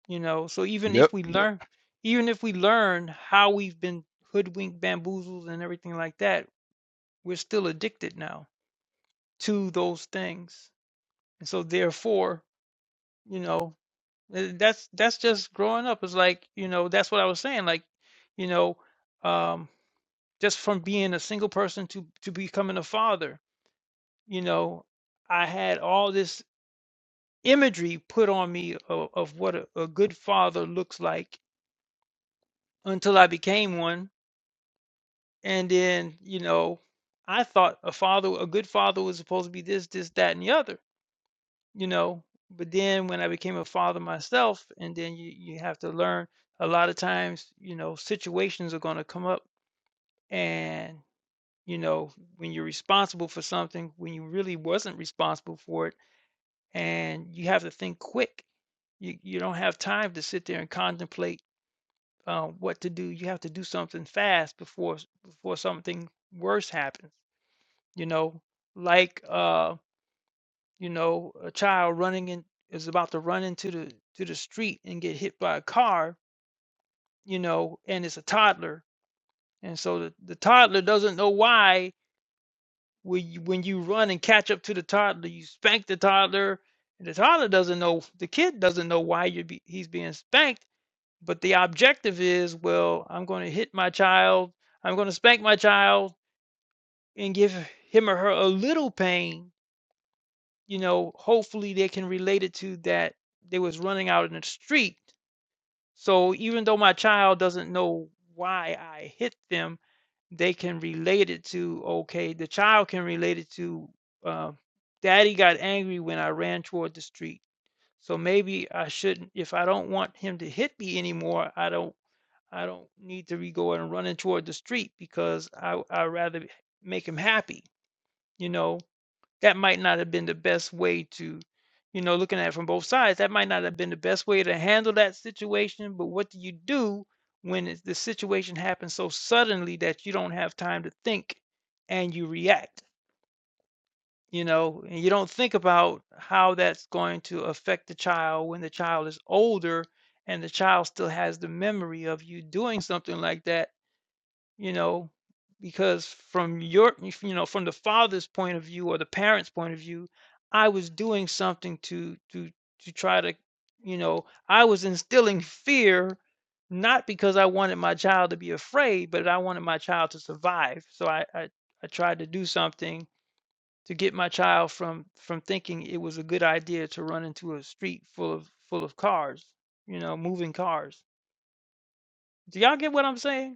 you know so even yep if we Yep. learn even if we learn how we've been hoodwinked bamboozled and everything like that we're still addicted now to those things and so therefore you know eh, that's that's just growing up it's like you know that's what i was saying like you know um. just from being a single person to to becoming a father you know i had all this imagery put on me of, of what a, a good father looks like until i became one and then you know i thought a father a good father was supposed to be this this that and the other you know but then when i became a father myself and then you, you have to learn a lot of times you know situations are going to come up and. you know, when you're responsible for something when you really wasn't responsible for it, and you have to think quick. You you don't have time to sit there and contemplate uh, what to do. You have to do something fast before s- before something worse happens. You know, like uh, you know, a child running in is about to run into the to the street and get hit by a car. You know, and it's a toddler, and so the, the toddler doesn't know why When you, when you run and catch up to the toddler, you spank the toddler, and the toddler doesn't know, the kid doesn't know why you're be, he's being spanked. But the objective is, well, I'm going to hit my child, I'm going to spank my child, and give him or her a little pain. You know, hopefully they can relate it to that they was running out in the street. So even though my child doesn't know why I hit them, they can relate it to okay the child can relate it to uh, daddy got angry when i ran toward the street so maybe i shouldn't if i don't want him to hit me anymore i don't i don't need to be going and running toward the street because i i rather make him happy you know that might not have been the best way to, you know, looking at it from both sides, that might not have been the best way to handle that situation. But what do you do when it's, the situation happens so suddenly that you don't have time to think and you react? You know, and you don't think about how that's going to affect the child when the child is older and the child still has the memory of you doing something like that you know because from your if, you know from the father's point of view or the parents point of view i was doing something to to to try to you know i was instilling fear not because i wanted my child to be afraid but i wanted my child to survive so i i, I tried to do something to get my child from from thinking it was a good idea to run into a street full of full of cars you know moving cars do y'all get what i'm saying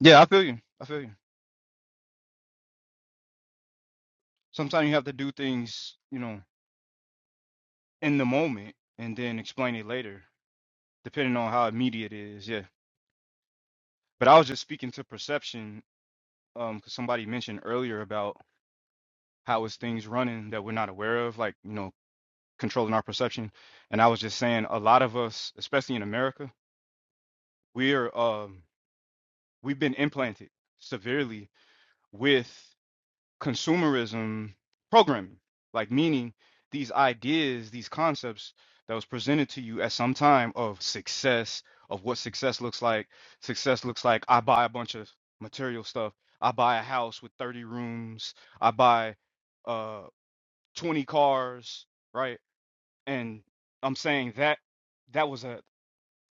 yeah i feel you i feel you sometimes you have to do things you know in the moment and then explain it later depending on how immediate it is yeah but i was just speaking to perception um because somebody mentioned earlier about how is things running that we're not aware of like you know controlling our perception. And I was just saying, a lot of us, especially in America, we're um, we've been implanted severely with consumerism programming, like meaning these ideas, these concepts that was presented to you at some time of success, of what success looks like. Success looks like I buy a bunch of material stuff. I buy a house with 30 rooms. I buy uh 20 cars, right? And I'm saying that that was a,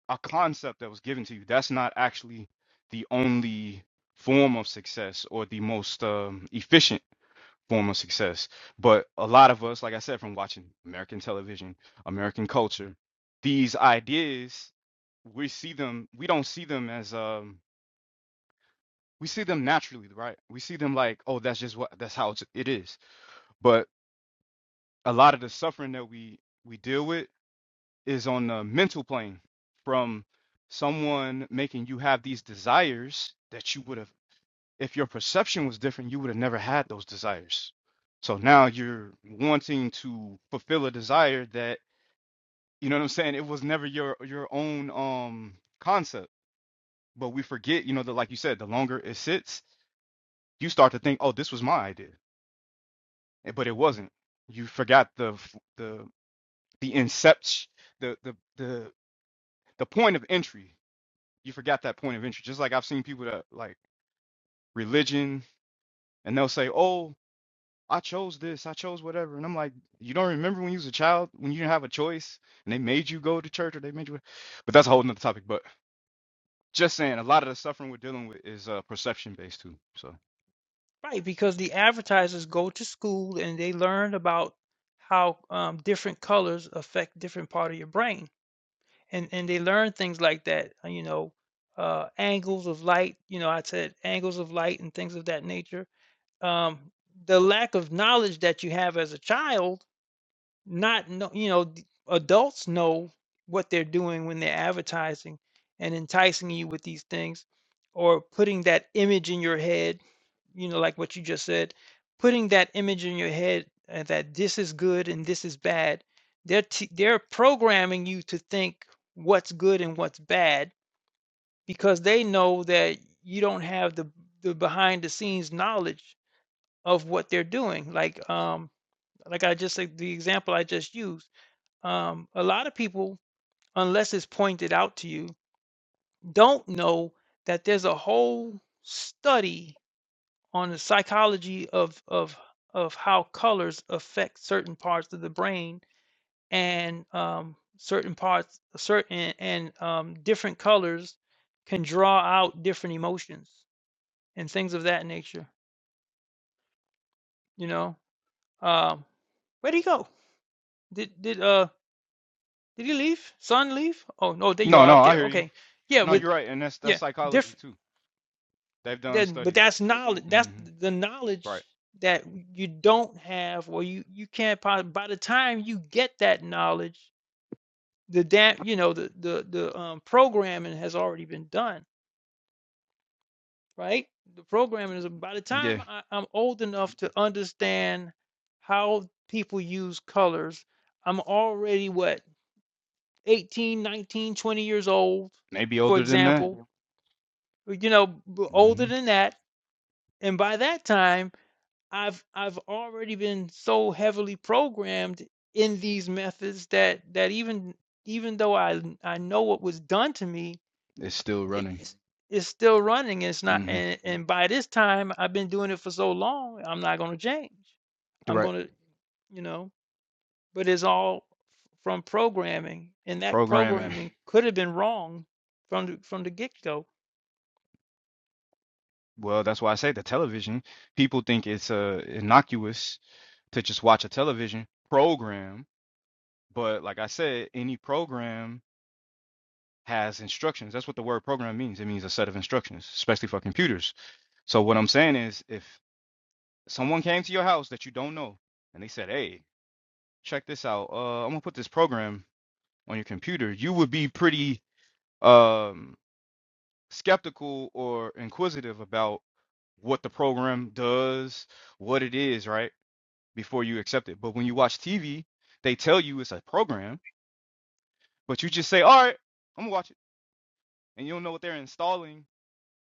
a concept that was given to you. That's not actually the only form of success or the most um, efficient form of success. But a lot of us, like I said, from watching American television, American culture, these ideas, we see them, we don't see them as, um, we see them naturally, right? We see them like, oh, that's just what, that's how it's, it is. But a lot of the suffering that we, we deal with is on the mental plane from someone making you have these desires that you would have if your perception was different you would have never had those desires so now you're wanting to fulfill a desire that you know what i'm saying it was never your your own um concept but we forget you know that like you said the longer it sits you start to think oh this was my idea Eh, but it wasn't you forgot the f- the the incept the the the the point of entry you forgot that point of entry. Just like I've seen people that like religion and they'll say, Oh, I chose this, I chose whatever. And I'm like, You don't remember when you was a child, when you didn't have a choice and they made you go to church or they made you but that's a whole nother topic. But just saying a lot of the suffering we're dealing with is uh perception based too. So Right, because the advertisers go to school and they learn about how um, different colors affect different part of your brain, and and they learn things like that. uh, You know, uh, angles of light. You know, I said angles of light and things of that nature. Um, the lack of knowledge that you have as a child not know you know, d adults know what they're doing when they're advertising and enticing you with these things or putting that image in your head, you know, like what you just said, putting that image in your head, uh, that this is good and this is bad. They're t they're programming you to think what's good and what's bad because they know that you don't have the the behind the scenes knowledge of what they're doing. Like, um, like I just said, the example I just used um, a lot of people, unless it's pointed out to you, don't know that there's a whole study on the psychology of of of how colors affect certain parts of the brain and um, certain parts, certain and um, different colors can draw out different emotions and things of that nature. You know, um, where'd he go? Did did uh did he leave? Son leave? Oh no, there you No, are no, up I there. hear you. Okay, yeah, Yeah. No, but you're right, and that's that's yeah, diff psychology too. They've done Then, but studies. that's knowledge. That's hmm the Right. knowledge that you don't have, or you you can't. Possibly, by the time you get that knowledge, the damn, you know, the the the um, programming has already been done, right? The programming is by the time Yeah. I, I'm old enough to understand how people use colors. I'm already what 18, 19, 20 years old, Maybe for older than that. example. You know, b- older hmm than that, and by that time. I've I've already been so heavily programmed in these methods that that even even though I I know what was done to me, It's still it, running. it's it's still running. It's not, hmm and, and by this time I've been doing it for so long, I'm not going to change. I'm Right. going to, you know, but it's all from programming, and that Programming. programming could have been wrong from the, from the get go. Well, that's why I say the television. People think it's uh, innocuous to just watch a television program, but like I said, any program has instructions. That's what the word program means. It means a set of instructions, especially for computers. So what I'm saying is, if someone came to your house that you don't know and they said, "Hey, check this out. Uh, I'm gonna put this program on your computer," you would be pretty um, skeptical or inquisitive about what the program does, what it is, right? before you accept it. But when you watch TV, they tell you it's a program, but you just say, "All right, I'm gonna watch it," and you don't know what they're installing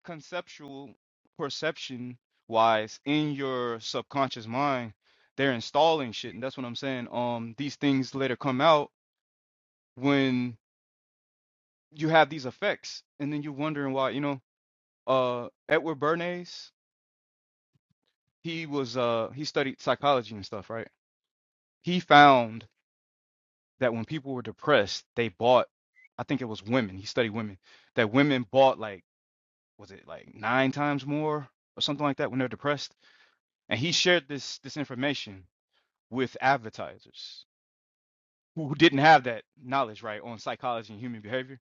conceptual, perception wise in your subconscious mind. They're installing shit, and that's what I'm saying. Um, these things later come out when you have these effects, and then you're wondering why. You know, uh, Edward Bernays, he was uh, he studied psychology and stuff, right? He found that when people were depressed, they bought, I think it was women, he studied women, that women bought like, was it like nine times more or something like that when they're depressed? And he shared this this information with advertisers who who didn't have that knowledge, right, on psychology and human behavior.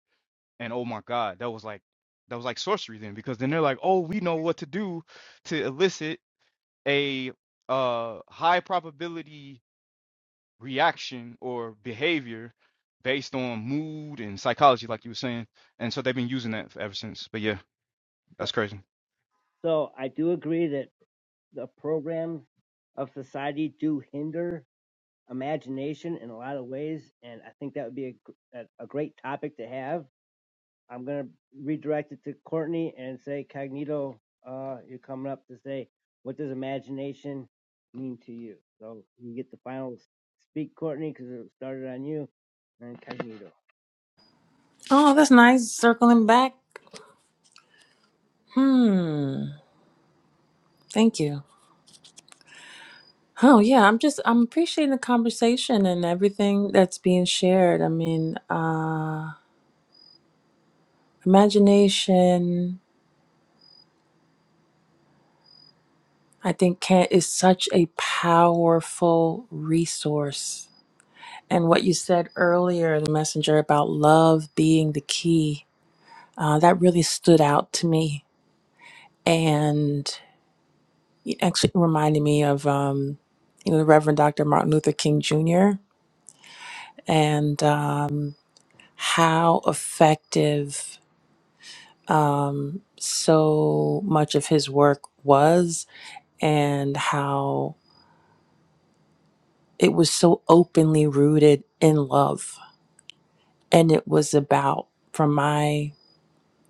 And oh my God, that was like that was like sorcery then, because then they're like, oh, we know what to do to elicit a uh high probability reaction or behavior based on mood and psychology, like you were saying. And so they've been using that ever since. But yeah, So, that's crazy. so I do agree that the programs of society do hinder imagination in a lot of ways, and I think that would be a, gr- a, a great topic to have I'm gonna redirect it to Courtney and say, Cognito, uh, you're coming up to say, what does imagination mean to you? So you get the final speak, Courtney, because it started on you, and Cognito. Oh, that's nice. Circling back. Hmm. Thank you. Oh yeah, I'm just I'm appreciating the conversation and everything that's being shared. I mean, uh imagination I think can is such a powerful resource. And what you said earlier, in the messenger about love being the key, uh, that really stood out to me. And it actually reminded me of um, you know, the Reverend Dr. Martin Luther King Jr. and um how effective um, so much of his work was and how it was so openly rooted in love. And it was about, from my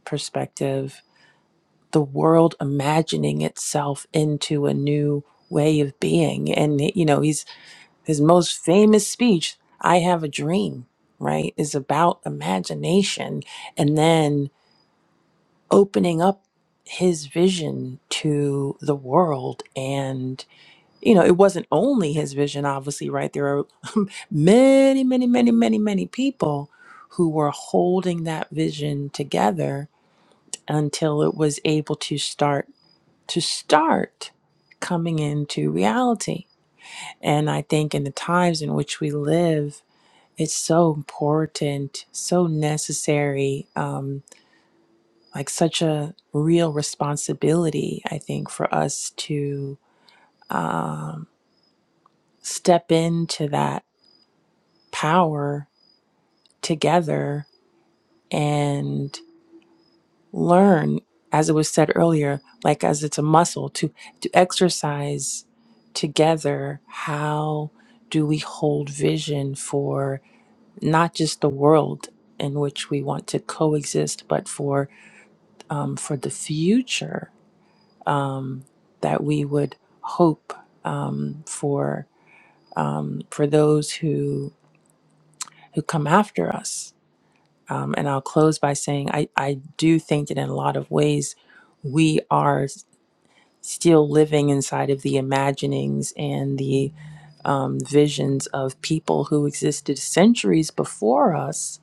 perspective, the world imagining itself into a new way of being. And, you know, he's, his most famous speech, I Have a Dream, right, is about imagination and then opening up his vision to the world. And you know, it wasn't only his vision, obviously, right? There are many, many, many, many, many people who were holding that vision together until it was able to start to start coming into reality. And I think in the times in which we live, it's so important, so necessary, um, like such a real responsibility, I think, for us to um, step into that power together and learn as it was said earlier like as it's a muscle to to exercise together how do we hold vision for not just the world in which we want to coexist but for um, for the future um, that we would hope um, for um, for those who who come after us Um, and I'll close by saying I, I do think that in a lot of ways, we are s- still living inside of the imaginings and the um, visions of people who existed centuries before us.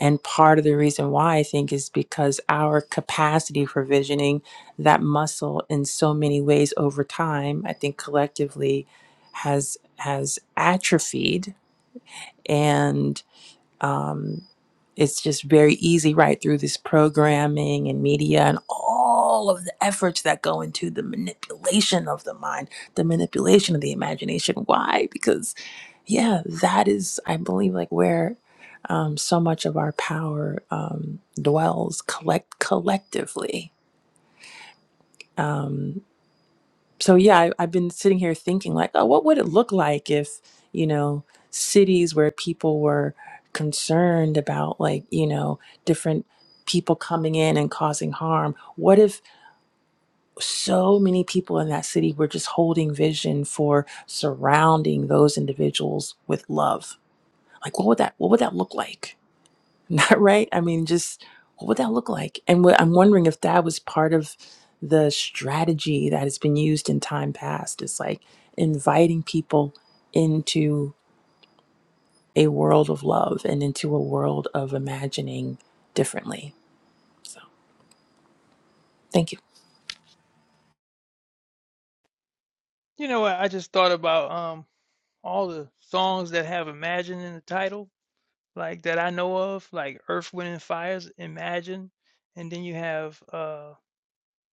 And part of the reason why I think is because our capacity for visioning that muscle in so many ways over time, I think collectively has has atrophied and um, it's just very easy right through this programming and media and all of the efforts that go into the manipulation of the mind, the manipulation of the imagination. Why? Because, yeah, that is, I believe, like where um, so much of our power um, dwells collect collectively. Um, so yeah, I, I've been sitting here thinking like, oh, what would it look like if you know cities where people were concerned about like you know different people coming in and causing harm what if so many people in that city were just holding vision for surrounding those individuals with love like what would that what would that look like <laughs> Not right. I mean, just what would that look like? And what, I'm wondering if that was part of the strategy that has been used in time past. It's like inviting people into a world of love and into a world of imagining differently. So, thank you. You know, I, I just thought about um all the songs that have "Imagine" in the title like that I know of, like Earth, Wind and Fire's Imagine, and then you have uh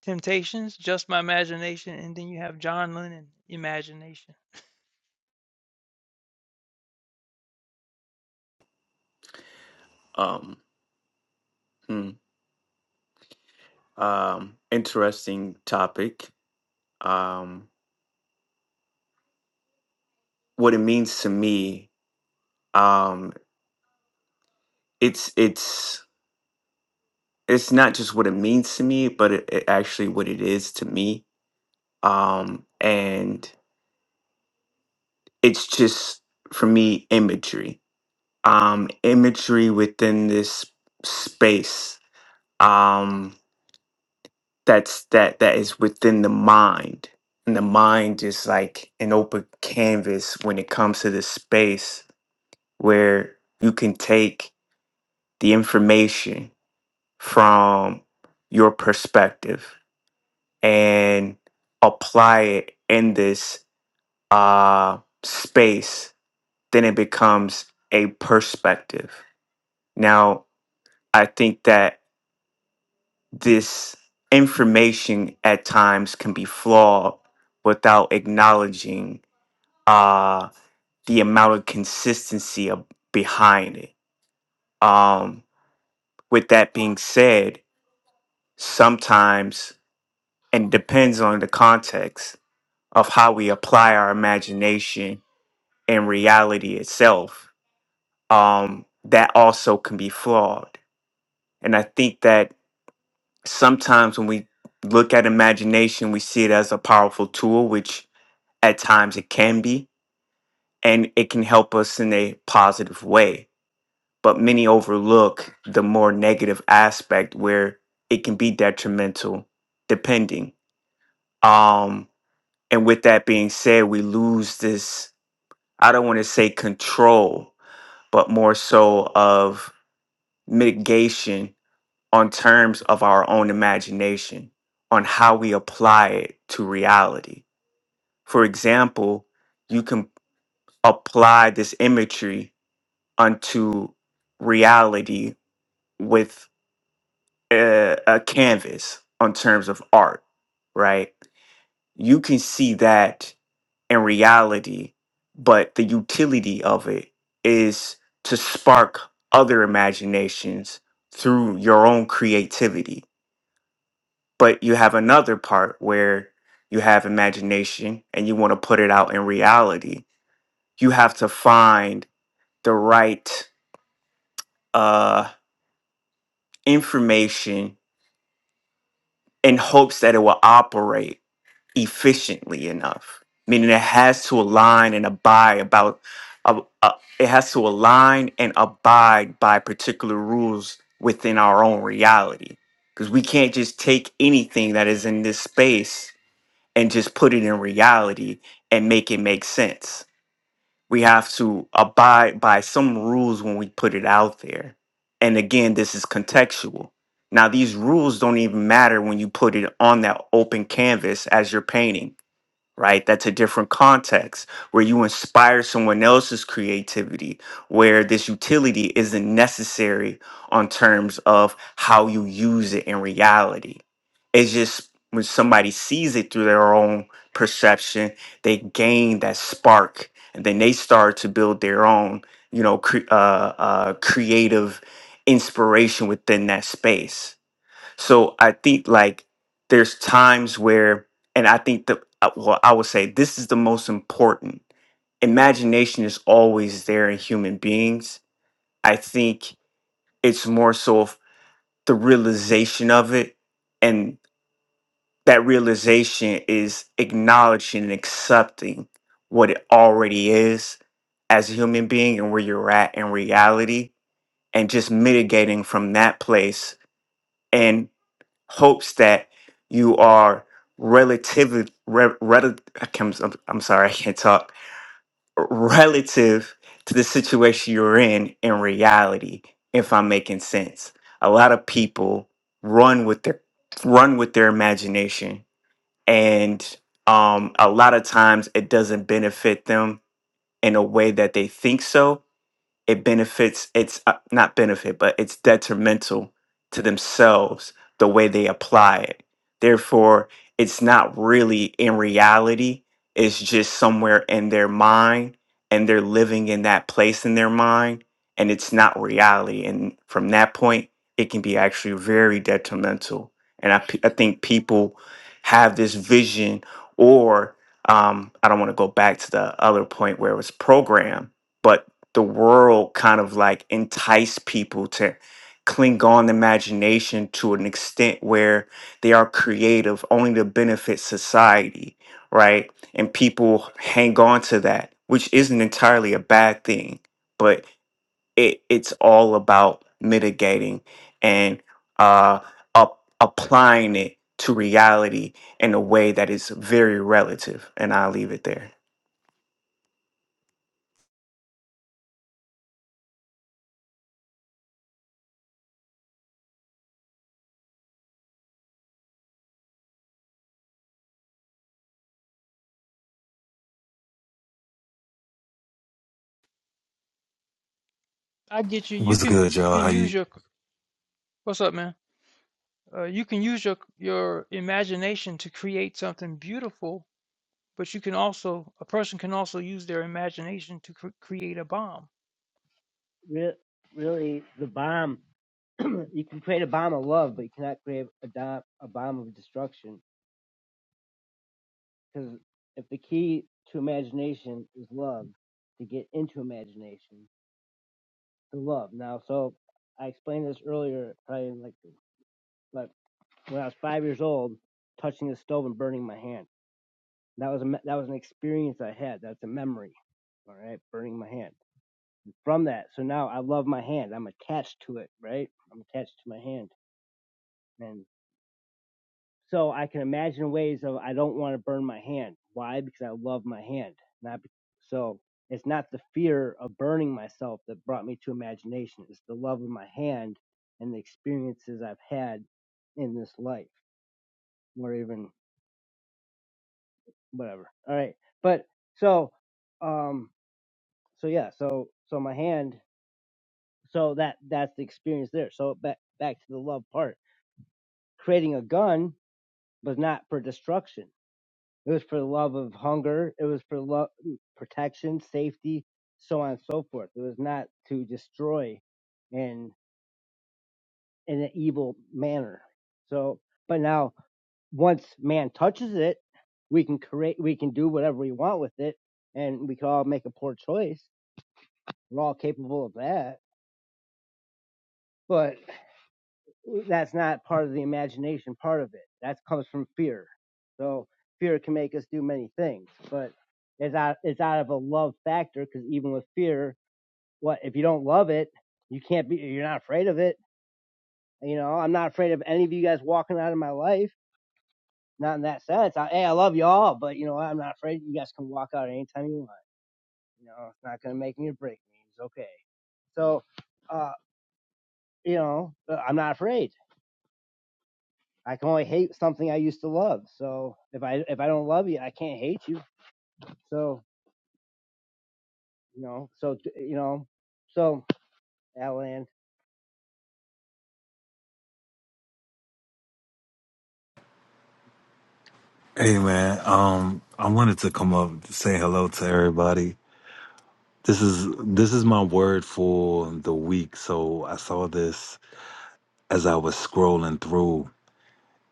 Temptations, Just My Imagination, and then you have John Lennon Imagination. um, hmm, um, interesting topic. Um, what it means to me, um, it's it's it's not just what it means to me, but it, it actually what it is to me. Um, and it's just for me imagery, um, imagery within this space um, that's that that is within the mind. And the mind is like an open canvas when it comes to this space where you can take the information from your perspective and apply it in this uh, space, then it becomes a perspective. Now, I think that this information at times can be flawed without acknowledging uh, the amount of consistency of, behind it. Um, with that being said, sometimes and depends on the context of how we apply our imagination and reality itself um, that also can be flawed and i think that sometimes when we look at imagination we see it as a powerful tool which at times it can be and it can help us in a positive way but many overlook the more negative aspect where it can be detrimental depending Um, And with that being said, we lose this, I don't want to say control, but more so of mitigation on terms of our own imagination, on how we apply it to reality. For example, you can apply this imagery unto reality with a, a canvas on terms of art, right? You can see that in reality, but the utility of it is to spark other imaginations through your own creativity. But you have another part where you have imagination and you want to put it out in reality. You have to find the right uh, information in hopes that it will operate efficiently enough meaning it has to align and abide about uh, uh, it has to align and abide by particular rules within our own reality because we can't just take anything that is in this space and just put it in reality and make it make sense we have to abide by some rules when we put it out there and again this is contextual now these rules don't even matter when you put it on that open canvas as you're painting right? That's a different context where you inspire someone else's creativity, where this utility isn't necessary on terms of how you use it in reality. It's just when somebody sees it through their own perception, they gain that spark and then they start to build their own, you know, cre- uh, uh, creative inspiration within that space so I think like there's times where, and I think that, uh, well, I would say this is the most important. Imagination is always there in human beings. I think it's more so of the realization of it. And that realization is acknowledging and accepting what it already is as a human being and where you're at in reality and just mitigating from that place. and. hopes that you are relatively re, rel- I can't- I'm, I'm sorry I can't talk relative to the situation you're in in reality if I'm making sense a lot of people run with their run with their imagination and um, a lot of times it doesn't benefit them in a way that they think so it benefits it's uh, not benefit but it's detrimental to themselves the way they apply it therefore it's not really in reality it's just somewhere in their mind and they're living in that place in their mind and it's not reality and from that point it can be actually very detrimental and i, pe- I think people have this vision or um, i don't want to go back to the other point where it was programmed but the world kind of like entice people to cling on to imagination to an extent where they are creative only to benefit society, right? And people hang on to that, which isn't entirely a bad thing. But it it's all about mitigating and uh up, applying it to reality in a way that is very relative and i'll leave it there I get you. You What's can good, y'all? How can use you? your what's up, man? Uh, you can use your your imagination to create something beautiful, but you can also a person can also use their imagination to cr- create a bomb. Re- really, the bomb. <clears throat> you can create a bomb of love, but you cannot create a, dom- a bomb of destruction. Because if the key to imagination is love, to get into imagination, to love. Now, so I explained this earlier, probably in like the when I was five years old, touching the stove and burning my hand. That was a that was an experience I had. That's a memory. All right, burning my hand. From that, so now I love my hand. I'm attached to it. Right, I'm attached to my hand, and so I can imagine ways of I don't want to burn my hand. Why? Because I love my hand. Not so. It's not the fear of burning myself that brought me to imagination. It's the love of my hand and the experiences I've had in this life, or even whatever. All right. But so um so yeah, so so my hand so that that's the experience there. So back back to the love part. Creating a gun was not for destruction. It was for the love of hunger, it was for love protection, safety, so on and so forth. It was not to destroy in in an evil manner. So but now once man touches it, we can create we can do whatever we want with it and we can all make a poor choice We're all capable of that, but that's not part of the imagination part of it. That comes from fear. So fear can make us do many things, but it's out it's out of a love factor because even with fear, what if you don't love it, you can't be you're not afraid of it. You know, I'm not afraid of any of you guys walking out of my life. Not in that sense. I, hey, I love y'all, but you know, I'm not afraid. You guys can walk out anytime you want. You know, it's not gonna make me or break me. It's okay. So, uh, you know, uh, I'm not afraid. I can only hate something I used to love. So if I if I don't love you, I can't hate you. So you know, so you know, so Alan, Hey, man. Um, I wanted to come up to say hello to everybody. This is this is my word for the week. So I saw this as I was scrolling through,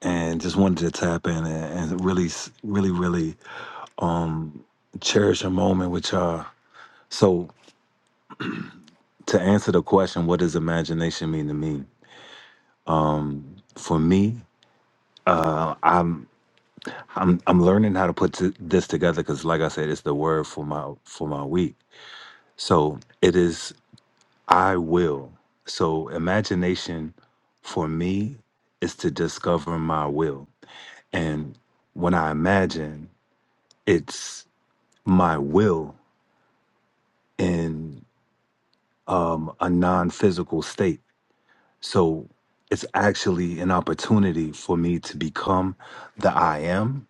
and just wanted to tap in and, and really, s- really, really um, cherish a moment with y'all. So to answer the question, what does imagination mean to me? Um, for me, uh, I'm I'm I'm learning how to put t- this together because, like I said, it's the word for my for my week So it is I will. So imagination for me is to discover my will. And when I imagine, it's my will in um, a non physical state. So it's actually an opportunity for me to become the I am,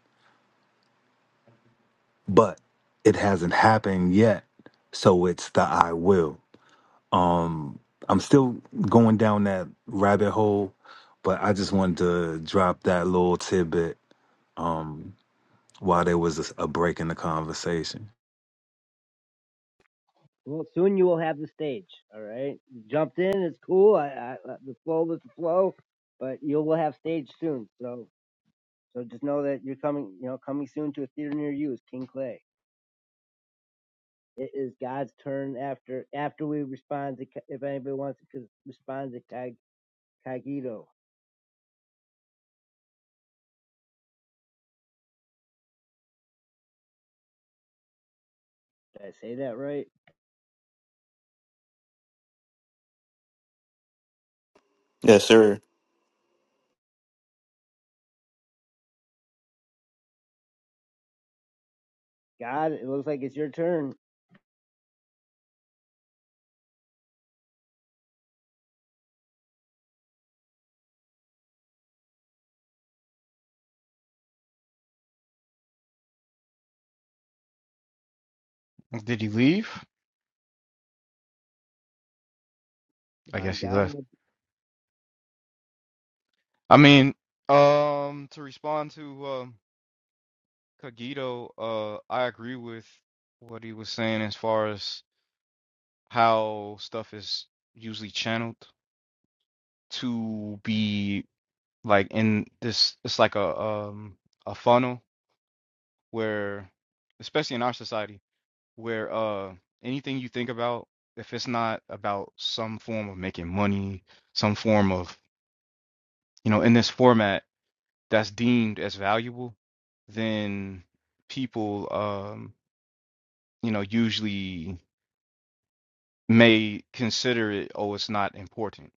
but it hasn't happened yet. So it's the I will. Um, I'm still going down that rabbit hole, but I just wanted to drop that little tidbit um, while there was a, a break in the conversation. well, soon you will have the stage. All right, you jumped in. It's cool. I, I uh, the flow was the flow, but you will have stage soon. So so just know that you're coming. You know, coming soon to a theater near you is King Clay. It is God's turn after after we respond to Ka- if anybody wants to respond to Ka- Kagito. Did I say that right? Yes, sir. God, it looks like it's your turn. Did he leave? I My guess he left. God. I mean, um, to respond to um, Kagito, uh, I agree with what he was saying as far as how stuff is usually channeled to be like in this. It's like a um a funnel where, especially in our society where uh anything you think about, if it's not about some form of making money, some form of, you know, in this format that's deemed as valuable, then people um, you know, usually may consider it, oh, it's not important.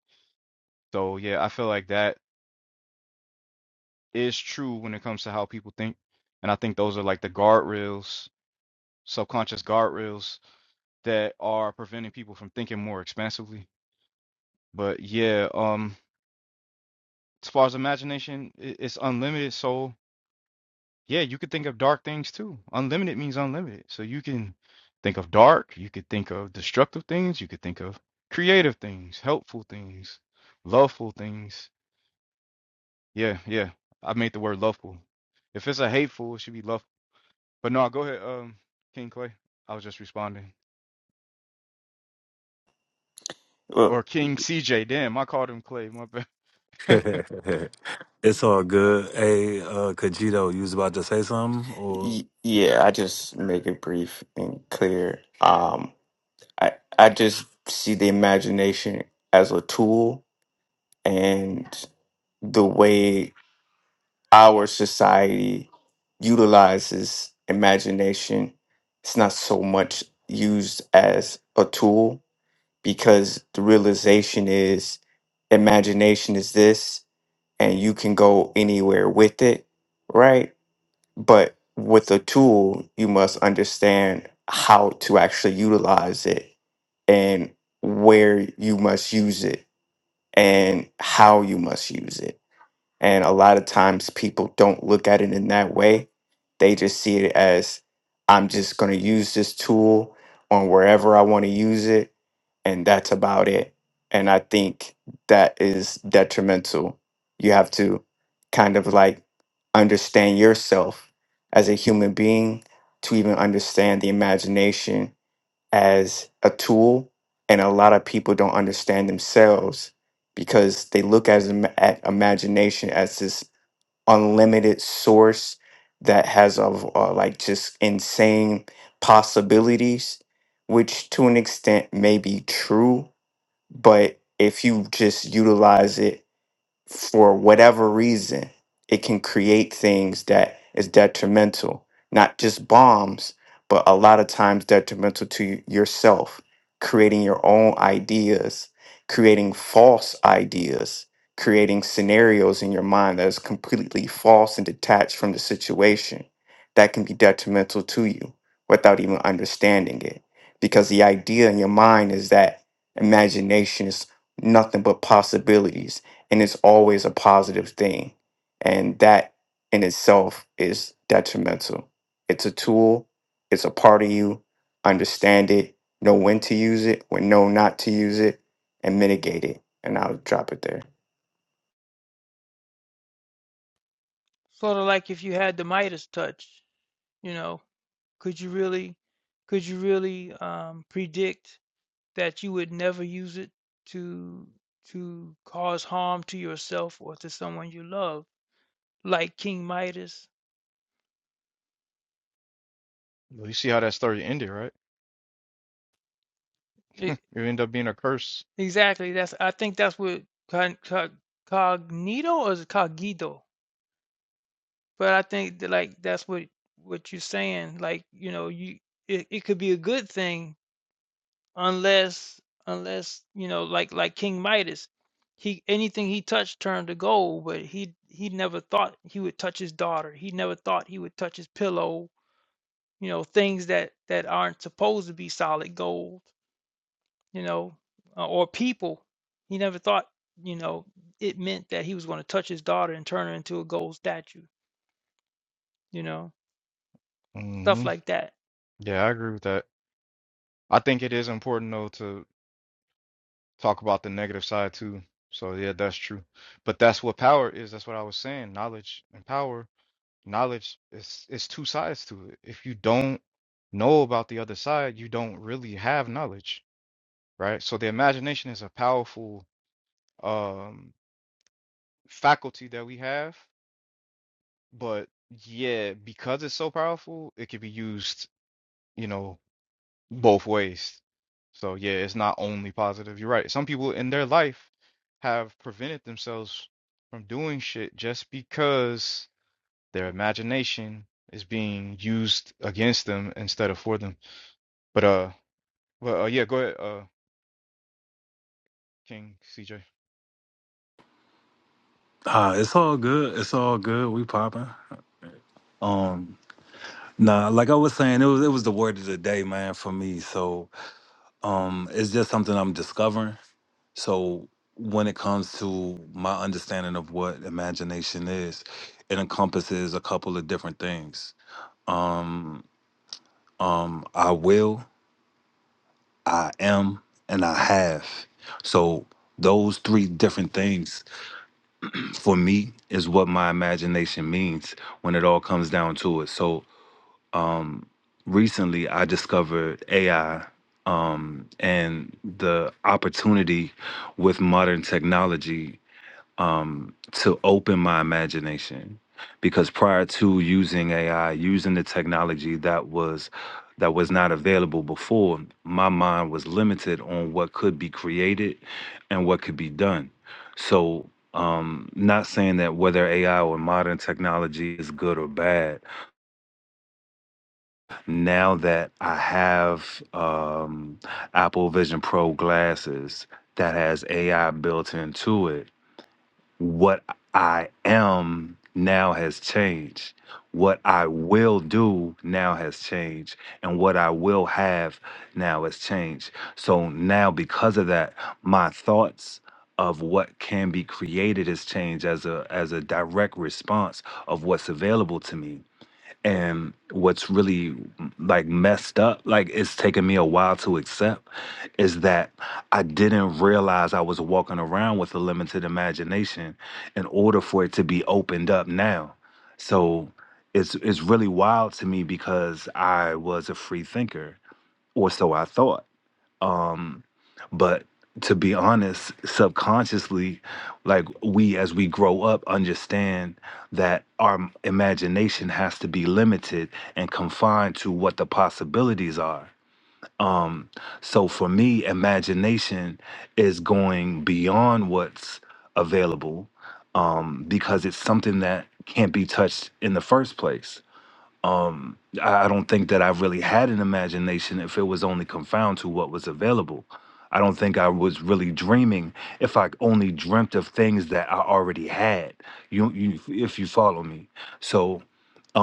So yeah, I feel like that is true when it comes to how people think. And I think those are like the guardrails, subconscious guardrails that are preventing people from thinking more expansively. But yeah, um as far as imagination, i- it's unlimited. So yeah, you could think of dark things too. Unlimited means unlimited. So you can think of dark, you could think of destructive things, you could think of creative things, helpful things, loveful things. Yeah, yeah. I made the word loveful. If it's a hateful, it should be love. But no, go ahead, um, King Clay. I was just responding. Well, Or King CJ. Damn, I called him Clay. My bad. <laughs> <laughs> it's all good. Hey, uh, Kajito, you was about to say something, or y yeah, I just make it brief and clear. Um, I I just see the imagination as a tool and the way our society utilizes imagination it's not so much used as a tool because the realization is imagination is this and you can go anywhere with it right but with a tool you must understand how to actually utilize it and where you must use it and how you must use it and a lot of times people don't look at it in that way. They just see it as I'm just going to use this tool on wherever I want to use it. And that's about it. And I think that is detrimental. You have to kind of like understand yourself as a human being to even understand the imagination as a tool, and a lot of people don't understand themselves because they look at, at imagination as this unlimited source that has of uh, like just insane possibilities, which to an extent may be true, but if you just utilize it for whatever reason, it can create things that is detrimental, not just bombs, but a lot of times detrimental to y- yourself, creating your own ideas, creating false ideas, creating scenarios in your mind that is completely false and detached from the situation. That can be detrimental to you without even understanding it. Because the idea in your mind is that imagination is nothing but possibilities and it's always a positive thing and that in itself is detrimental it's a tool it's a part of you understand it know when to use it when know not to use it and mitigate it and i'll drop it there Sort of like if you had the Midas touch, you know, could you really could you really um, predict That you would never use it to to cause harm to yourself or to someone you love, like King Midas. Well, you see how that story ended, right? E It ended up being a curse. exactly, that's I think that's what con cog cognito or is it cogito? But I think that, like, that's what what you're saying, like, you know, you it, it could be a good thing unless unless you know like like king midas he anything he touched turned to gold but he he never thought he would touch his daughter he never thought he would touch his pillow you know things that that aren't supposed to be solid gold you know uh, or people he never thought you know it meant that he was going to touch his daughter and turn her into a gold statue you know stuff hmm like that Yeah, I agree with that. I think it is important though to talk about the negative side too. So yeah, that's true. But that's what power is. That's what I was saying. Knowledge and power. Knowledge is it's two sides to it. If you don't know about the other side, you don't really have knowledge, right? So the imagination is a powerful um faculty that we have, but yeah, because it's so powerful, it can be used, you know, both ways. So yeah, it's not only positive. You're right. Some people in their life have prevented themselves from doing shit just because their imagination is being used against them instead of for them. But uh, well, uh, yeah, go ahead, uh, King CJ. Yeah, Ah, it's all good. It's all good. We popping. Um, nah, like I was saying, it was it was the word of the day, man, for me. So, um, it's just something I'm discovering. So when it comes to my understanding of what imagination is, it encompasses a couple of different things. Um, I will, I am, and I have. So those three different things for me is what my imagination means when it all comes down to it. So um recently I discovered AI um and the opportunity with modern technology um, to open my imagination because prior to using AI, using the technology that was that was not available before, my mind was limited on what could be created and what could be done. So, um, not saying that whether AI or modern technology is good or bad. Now that I have um, Apple Vision Pro glasses that has AI built into it, what I am now has changed. What I will do now has changed. And what I will have now has changed. So now, because of that, my thoughts of what can be created has changed as a as a direct response of what's available to me and what's really like messed up like it's taken me a while to accept is that i didn't realize i was walking around with a limited imagination in order for it to be opened up now so it's it's really wild to me because i was a free thinker or so i thought um but to be honest subconsciously like we as we grow up understand that our m- imagination has to be limited and confined to what the possibilities are um so for me imagination is going beyond what's available um because it's something that can't be touched in the first place um I I don't think that I really had an imagination if it was only confined to what was available. I don't think I was really dreaming if I only dreamt of things that I already had. You, you if you follow me. So,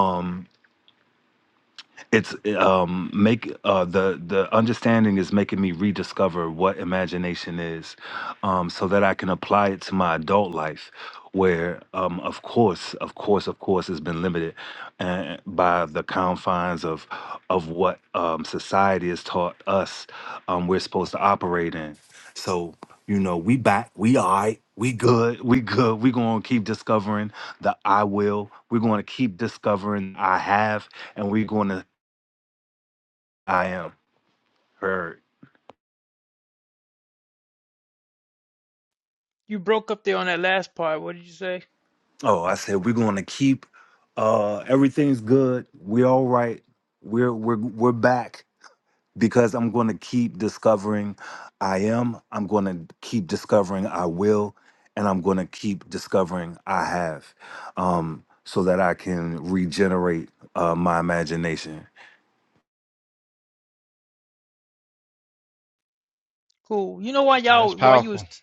um it's um make uh the the understanding is making me rediscover what imagination is um so that i can apply it to my adult life where um of course of course of course has been limited uh, by the confines of of what um society has taught us um we're supposed to operate in so you know we back we all right we good we good we gonna keep discovering the i will we're gonna keep discovering i have and we're going to I am. Heard. you broke up there on that last part what did you say Oh, I said we're gonna keep uh everything's good. We're all right. We're we're we're back because I'm gonna keep discovering I am, I'm gonna keep discovering I will, and I'm gonna keep discovering I have. Um so that I can regenerate uh my imagination. cool you know why y'all That's why you powerful. was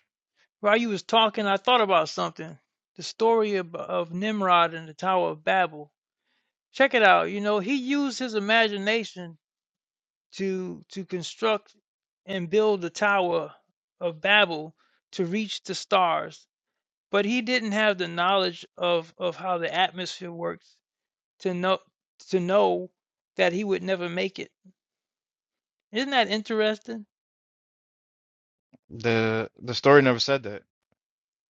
While you was talking, I thought about something. The story of, of Nimrod and the Tower of Babel. Check it out. You know, he used his imagination to to construct and build the Tower of Babel to reach the stars, but he didn't have the knowledge of of how the atmosphere works to know to know that he would never make it. Isn't that interesting? The the story never said that.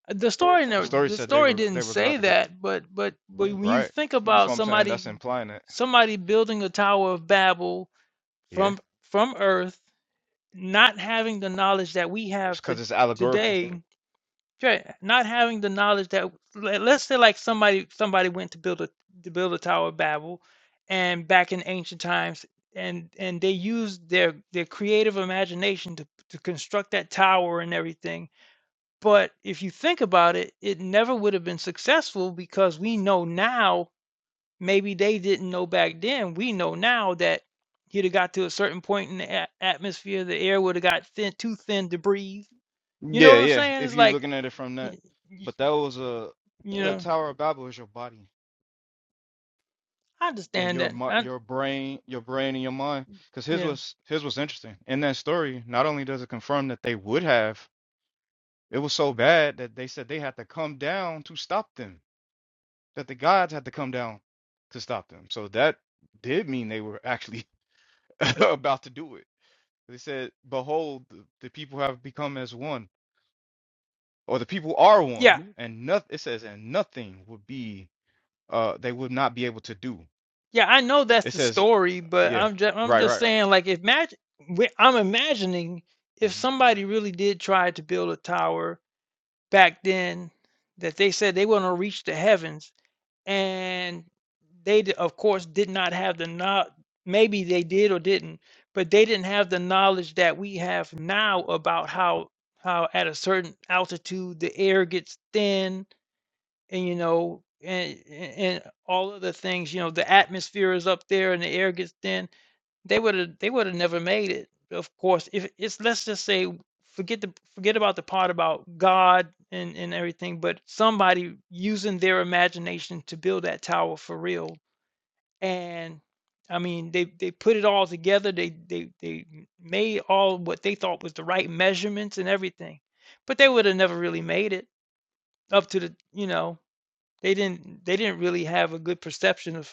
The story The never, story the said they story were didn't they were about say to go that, but but but when you right. think about So I'm saying somebody that's implying that. somebody building a Tower of Babel Yeah, from from Earth, not having the knowledge that we it's have to because it's allegorical. today, okay, not having the knowledge that let- let's say like somebody somebody went to build a to build a Tower of Babel, and back in ancient times, and and they used their their creative imagination to to construct that tower and everything but if you think about it, it never would have been successful because we know now, maybe they didn't know back then. We know now that he'd have got to a certain point in the a- atmosphere, the air would have got thin, too thin to breathe. You know Yeah, what I'm yeah. saying? If It's you're like, looking at it from that, y- y- but that was a you the know, Tower of Babel is your body I and understand your that. mi- I, your brain, your brain and your mind. Because his yeah, was his was interesting. In that story, not only does it confirm that they would have, it was so bad that they said they had to come down to stop them, that the gods had to come down to stop them. So that did mean they were actually <laughs> about to do it. They said, "Behold, the, the people have become as one, or the people are one, yeah, Mhm. and nothing." It says, "And nothing would be." uh they would not be able to do. yeah. I know It that's the says, story, but yeah, I'm just, I'm right, just right. saying, like, if imagine, I'm imagining if hmm somebody really did try to build a tower back then that they said they want to reach the heavens and they d- of course did not have the not maybe they did or didn't but they didn't have the knowledge that we have now about how how at a certain altitude the air gets thin and you know and and and all of the things you know the atmosphere is up there and the air gets thin they would have they would have never made it. Of course, if it's let's just say forget the forget about the part about God and and everything, but somebody using their imagination to build that tower for real. And I mean, they they put it all together. They they they made all what they thought was the right measurements and everything, but they would have never really made it up to the you know they didn't they didn't really have a good perception of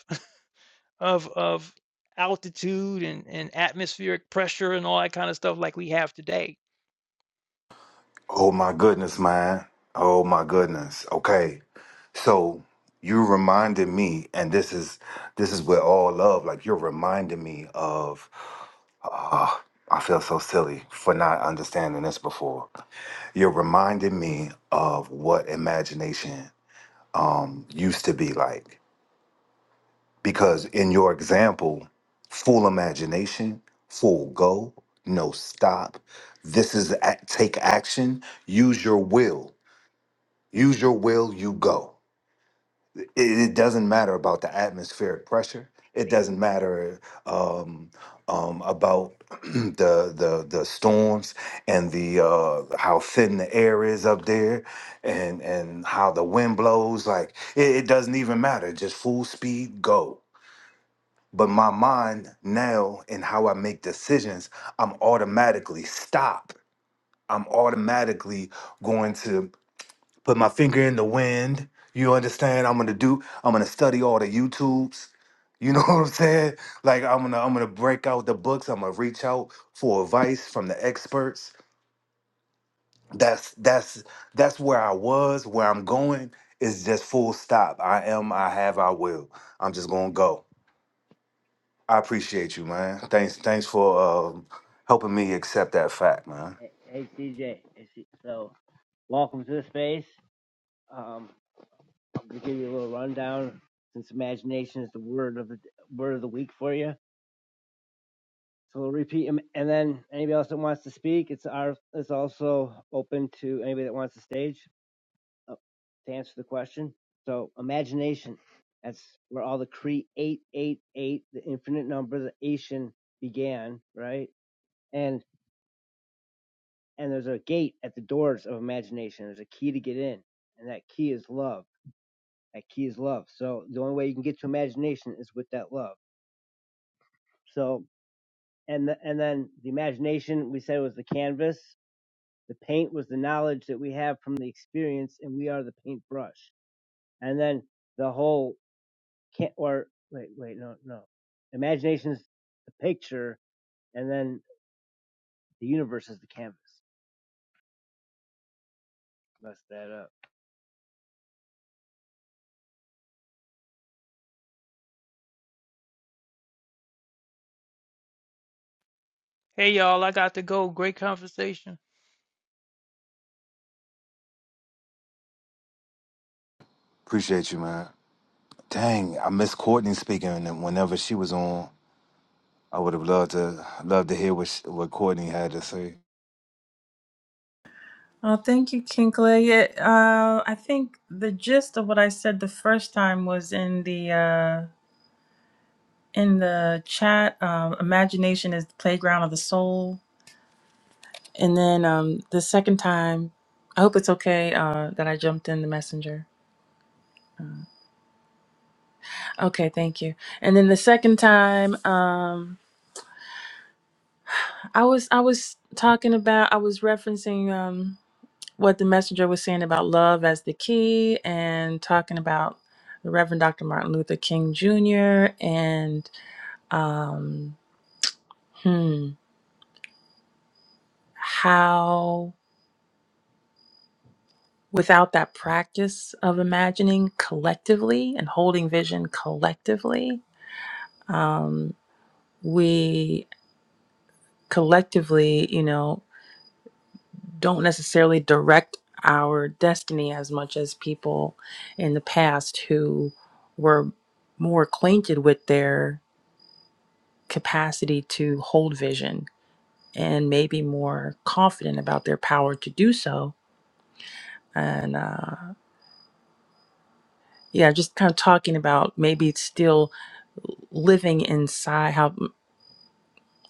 of of altitude and, and atmospheric pressure and all that kind of stuff like we have today. Oh my goodness, man. Oh my goodness. Okay. So you reminded me, and this is this is where all love. Like you're reminding me of. ah, I feel so silly for not understanding this before. You're reminding me of what imagination um, used to be like, because in your example, full imagination, full go, no stop. This is a- take action. Use your will. Use your will. You go. it, it doesn't matter about the atmospheric pressure. It doesn't matter um, um, about <clears throat> the, the the storms and the uh, how thin the air is up there, and and how the wind blows. Like it, it doesn't even matter. Just full speed, go. But my mind now and how I make decisions, I'm automatically stop. I'm automatically going to put my finger in the wind. You understand? I'm gonna do. I'm gonna study all the YouTubes. You know <laughs> what I'm saying? Like I'm gonna I'm gonna break out the books. I'm gonna reach out for advice from the experts. That's that's that's where I was. Where I'm going is just full stop. I am. I have. I will. I'm just gonna go. I appreciate you, man. Thanks. Thanks for um, helping me accept that fact, man. Hey, hey, CJ. Hey, C- so, welcome to the space. Um, I'm gonna give you a little rundown since imagination is the word of the word of the week for you. So we'll repeat 'em, and then anybody else that wants to speak, it's our it's also open to anybody that wants to stage uh, to answer the question. So imagination, that's where all the create eight eight eight, the infinite number, the Asian began, right? and there's a gate at the doors of imagination. There's a key to get in, and that key is love. That key is love. So the only way you can get to imagination is with that love. So and the, and then the imagination we said was the canvas. The paint was the knowledge that we have from the experience, and we are the paintbrush. And then the whole can or wait wait no no, imagination's the picture, and then the universe is the canvas. Mess that up. Hey y'all, I got to go. Great conversation. Appreciate you, man. Dang, I miss Courtney speaking whenever she was on. I would have loved to loved to hear what sh- what Courtney had to say. Oh, thank you, Kinkley. It, uh, I think the gist of what I said the first time was in the uh, in the chat. Um, Imagination is the playground of the soul. And then um, the second time, I hope it's okay uh, that I jumped in the messenger. Uh, Okay, thank you. And then the second time, um, I was I was talking about I was referencing um, what the messenger was saying about love as the key, and talking about the Reverend Dr. Martin Luther King Jr. and um, hmm, how without that practice of imagining collectively and holding vision collectively um, we collectively, you know, don't necessarily direct our destiny as much as people in the past who were more acquainted with their capacity to hold vision and maybe more confident about their power to do so. And uh, yeah, just kind of talking about maybe it's still living inside how.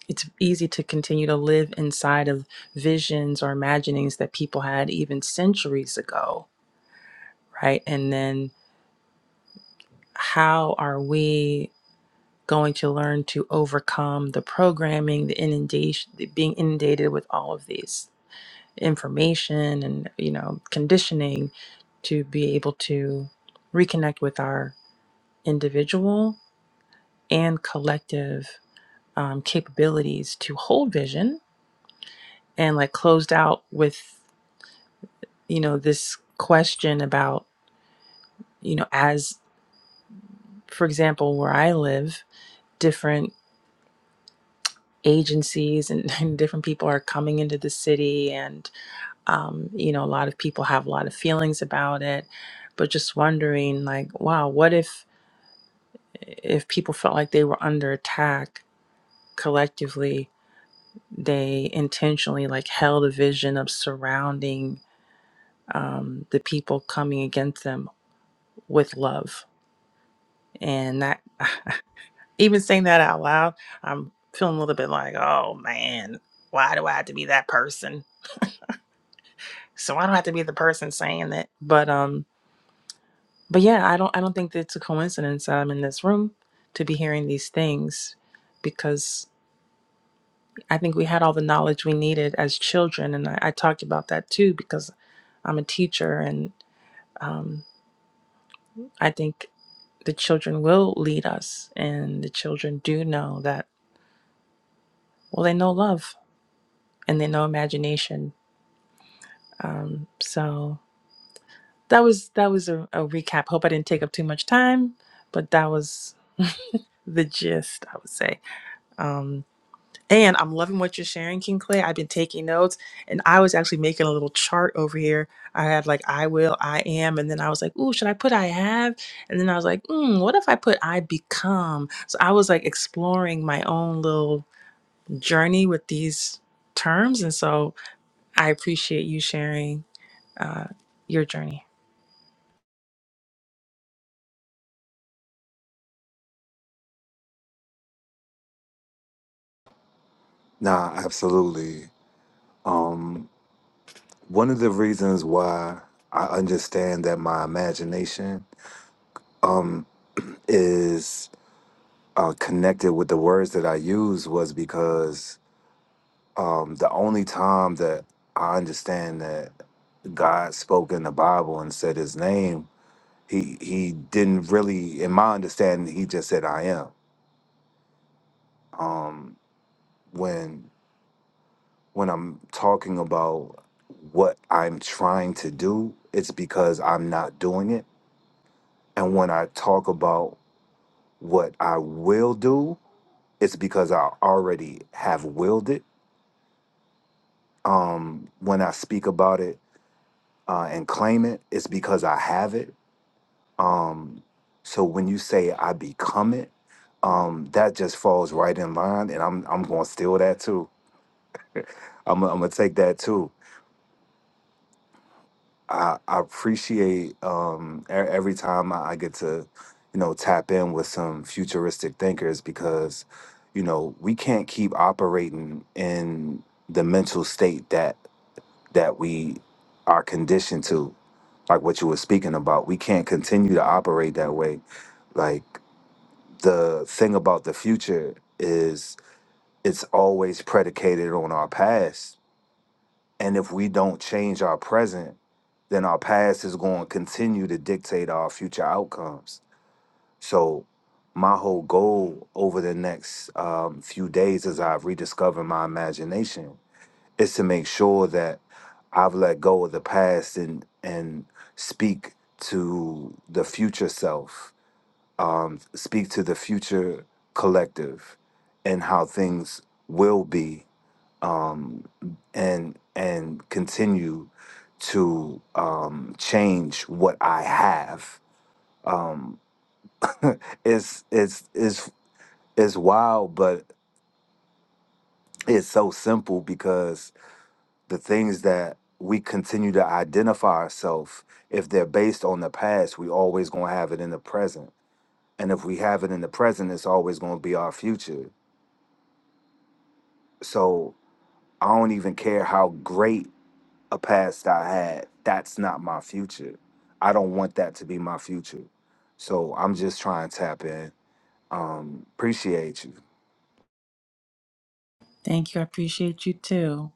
it's easy to continue to live inside of visions or imaginings that people had even centuries ago, right? And then how are we going to learn to overcome the programming, the inundation, being inundated with all of these information and, you know, conditioning to be able to reconnect with our individual and collective um, capabilities to hold vision and like closed out with you know, this question about, you know, as for example, where I live, different agencies and, <laughs> and different people are coming into the city, and, um, you know, a lot of people have a lot of feelings about it, but just wondering, like, wow, what if if people felt like they were under attack collectively? They intentionally like held a vision of surrounding um, the people coming against them with love, and that <sighs> even saying that out loud, I'm feeling a little bit like, oh man, why do I have to be that person? So I don't have to be the person saying that. But um, but yeah, I don't I don't think that it's a coincidence that I'm in this room to be hearing these things because I think we had all the knowledge we needed as children, and I, I talked about that too because I'm a teacher, and um, I think the children will lead us, and the children do know that. Well, they know love and they know imagination Um, so that was that was a, a recap. Hope I didn't take up too much time, but that was <laughs> the gist, I would say. Um, and I'm loving what you're sharing, King Clay. I've been taking notes, and I was actually making a little chart over here. I had like I will, I am, and then I was like, ooh, should I put I have? And then I was like, mm, what if I put I become? So I was like exploring my own little journey with these terms, and so I appreciate you sharing uh, your journey. Nah, absolutely. One of the reasons why I understand that my imagination is uh, connected with the words that I use was because um, the only time that I understand that God spoke in the Bible and said His name, he he didn't really, in my understanding, he just said I am. Um, when when I'm talking about what I'm trying to do, it's because I'm not doing it. And when I talk about what I will do, it's because I already have willed it. Um, when I speak about it uh, and claim it, it's because I have it. Um, so when you say I become it, um, that just falls right in line, and I'm I'm gonna steal that too. I'm I'm gonna take that too I, I appreciate um, e- every time I, I get to, you know, tap in with some futuristic thinkers because, you know, we can't keep operating in the mental state that that we are conditioned to, like what you were speaking about. We can't continue to operate that way. Like the thing about the future is it's always predicated on our past and if we don't change our present, then our past is going to continue to dictate our future outcomes. So, my whole goal over the next um, few days as I've rediscovered my imagination is to make sure that I've let go of the past and, and speak to the future self, um, speak to the future collective and how things will be um, and and continue to um, change what I have. Um, <laughs> it's it's it's it's wild, but it's so simple because the things that we continue to identify ourselves, if they're based on the past, we always gonna have it in the present, and if we have it in the present, it's always gonna be our future. So I don't even care how great a past I had. That's not my future. I don't want that to be my future. So I'm just trying to tap in. Um, appreciate you. Thank you. I appreciate you too.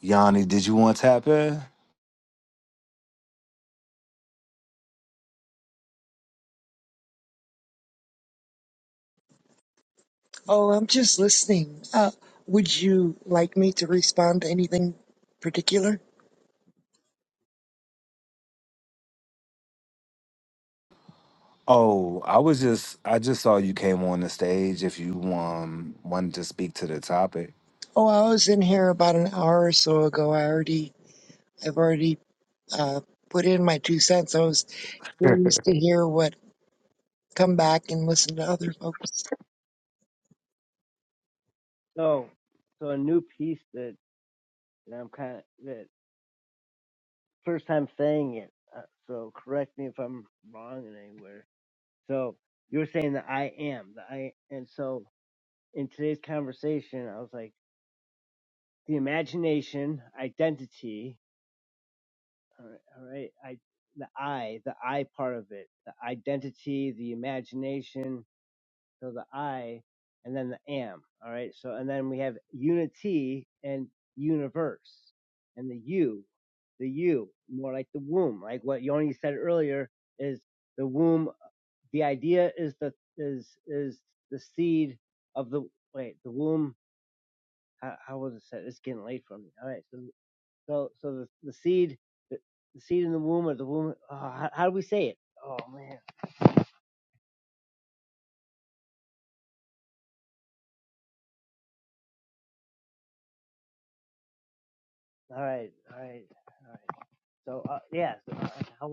Yanni, did you want to tap in? Oh, I'm just listening. Uh, would you like me to respond to anything particular? Oh, I was just I just saw you came on the stage if you um wanted to speak to the topic. Oh, I was in here about an hour or so ago. I already, I've already uh, put in my two cents. I was curious to hear what, come back and listen to other folks. So so a new piece that that I'm kind of that first time saying it. Uh, so correct me if I'm wrong in anywhere. So you were saying that I am the I, and so in today's conversation, I was like the imagination, identity. All right, all right I the I, the I part of it, the identity, the imagination, So the I and then the am. All right. So, and then we have unity and universe and the you, the you, more like the womb. Like what Yoni said earlier is the womb. The idea is the, is, is the seed of the, wait, the womb. How, how was it said? It's getting late for me. All right. So, so, so the, the seed, the, the seed in the womb or the womb. Oh, how, how do we say it? Oh man. All right. All right. All right. So uh, yeah, so, uh, how,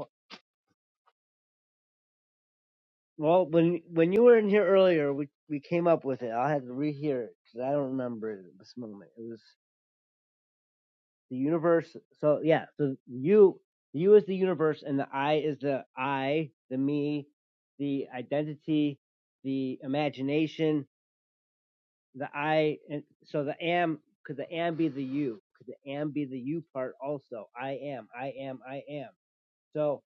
Well, when when you were in here earlier, we we came up with it. I will have to rehear it because I don't remember it at this moment. It was the universe. So yeah, so you you is the universe, and the I is the I, the me, the identity, the imagination, the I. And so the am could the am be the you? Could the am be the you part also? I am. I am. I am. So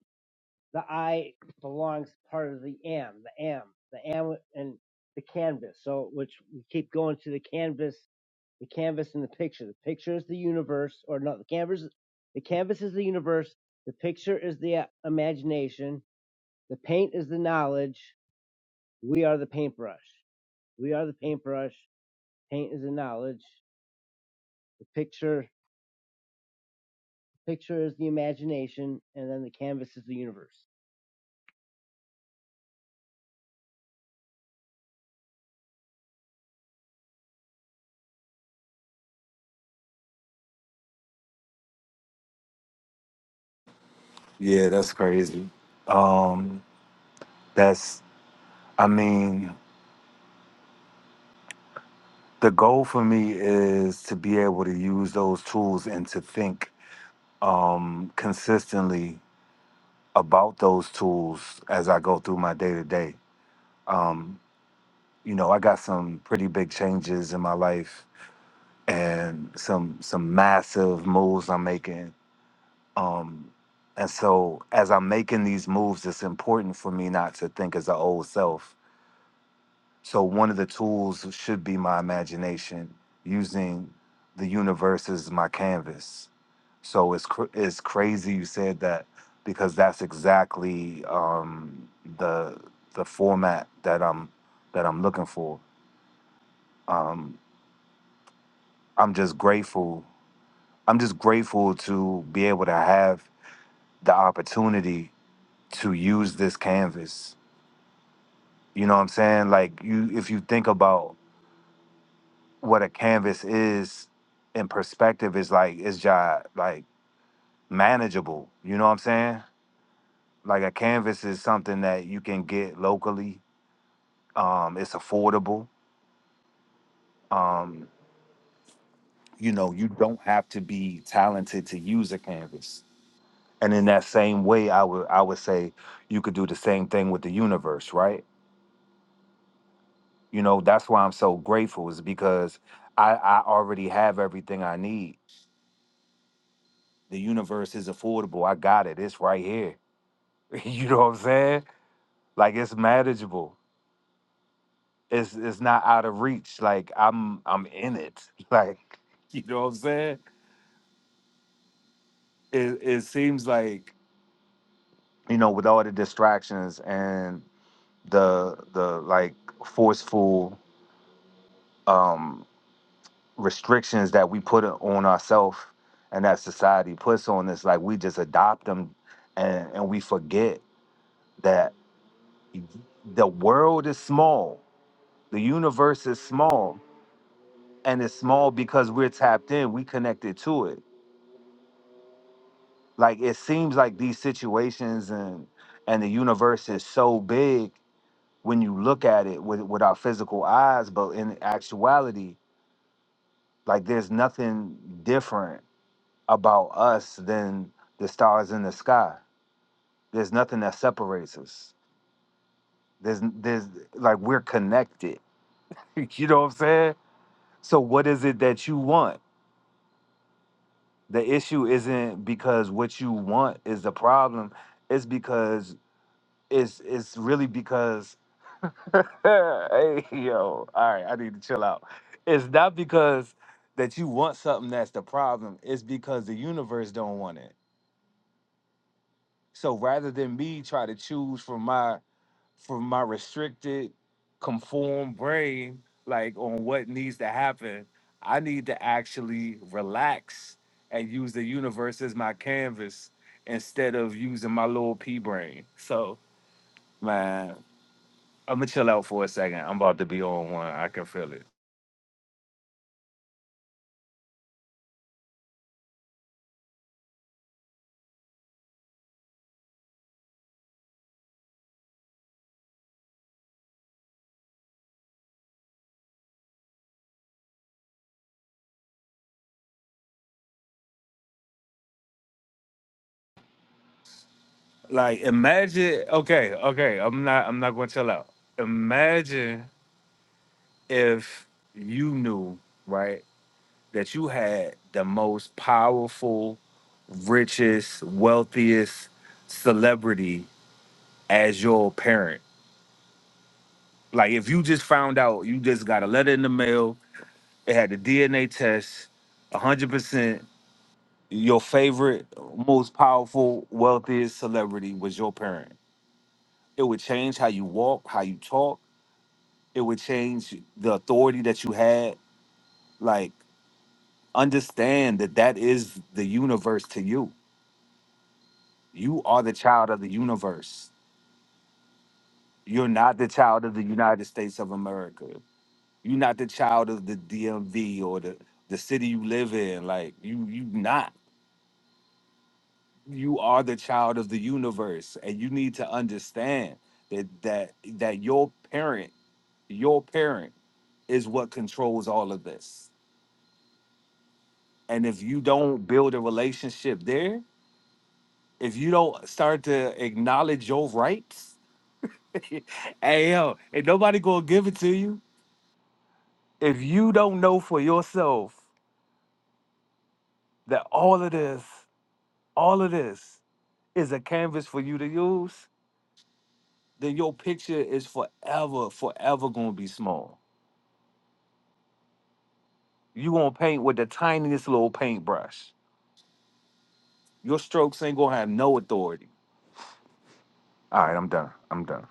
The I belongs part of the am, the am, the am, and the canvas. So, which we keep going to the canvas, the canvas and the picture. The picture is the universe, or not the canvas, the canvas is the universe. The picture is the uh, imagination. The paint is the knowledge. We are the paintbrush. We are the paintbrush. Paint is the knowledge. The picture, picture is the imagination, and then the canvas is the universe. Yeah, that's crazy. Um that's I mean, the goal for me is to be able to use those tools and to think um consistently about those tools as I go through my day to day. Um, You know, I got some pretty big changes in my life and some some massive moves I'm making. Um, and so as I'm making these moves, it's important for me not to think as an old self. So one of the tools should be my imagination, using the universe as my canvas So it's cr- it's crazy you said that because that's exactly um, the the format that I'm that I'm looking for. Um, I'm just grateful. I'm just grateful to be able to have the opportunity to use this canvas. You know what I'm saying? Like you, if you think about what a canvas is in perspective, is like it's just like manageable. You know what I'm saying? Like a canvas is something that you can get locally Um, it's affordable. Um, you know, you don't have to be talented to use a canvas. And in that same way, I would I would say you could do the same thing with the universe, right? You know, that's why I'm so grateful is because I, I already have everything I need. The universe is affordable. I got it. It's right here. <laughs> you know what I'm saying? Like it's manageable. It's it's not out of reach. Like I'm I'm in it. <laughs> Like you know what I'm saying? It it seems like you know, with all the distractions and the the like forceful um restrictions that we put on ourselves and that society puts on us, like we just adopt them and, and we forget that the world is small, the universe is small, and it's small because we're tapped in, we connected to it. Like it seems like these situations and and the universe is so big when you look at it with with our physical eyes, but in actuality, like there's nothing different about us than the stars in the sky. There's nothing that separates us. There's there's like we're connected. <laughs> you know what I'm saying? So what is it that you want? The issue isn't because what you want is the problem. It's because it's it's really because <laughs> hey yo, all right, I need to chill out. It's not because that you want something that's the problem. It's because the universe don't want it. So rather than me try to choose from my from my restricted, conformed brain, like on what needs to happen, I need to actually relax and use the universe as my canvas instead of using my little pea brain. So man, I'm gonna chill out for a second. I'm about to be on one. I can feel it. Like imagine okay, okay, I'm not I'm not gonna tell out. Imagine if you knew, right, that you had the most powerful, richest, wealthiest celebrity as your parent. Like if you just found out you just got a letter in the mail, it had the DNA test, one hundred percent your favorite, most powerful, wealthiest celebrity was your parent. It would change how you walk, how you talk it would change the authority that you had. Like, understand that that is the universe to you. You are the child of the universe. You're not the child of the United States of America. You're not the child of the DMV or the, the city you live in. Like, you you not. You are the child of the universe, and you need to understand that that that your parent, your parent, is what controls all of this. And if you don't build a relationship there, if you don't start to acknowledge your rights, <laughs> hey yo, ain't nobody gonna give it to you. If you don't know for yourself that all of this, all of this is a canvas for you to use, then your picture is forever, forever gonna be small. You gonna paint with the tiniest little paintbrush. Your strokes ain't gonna have no authority. All right, I'm done. I'm done.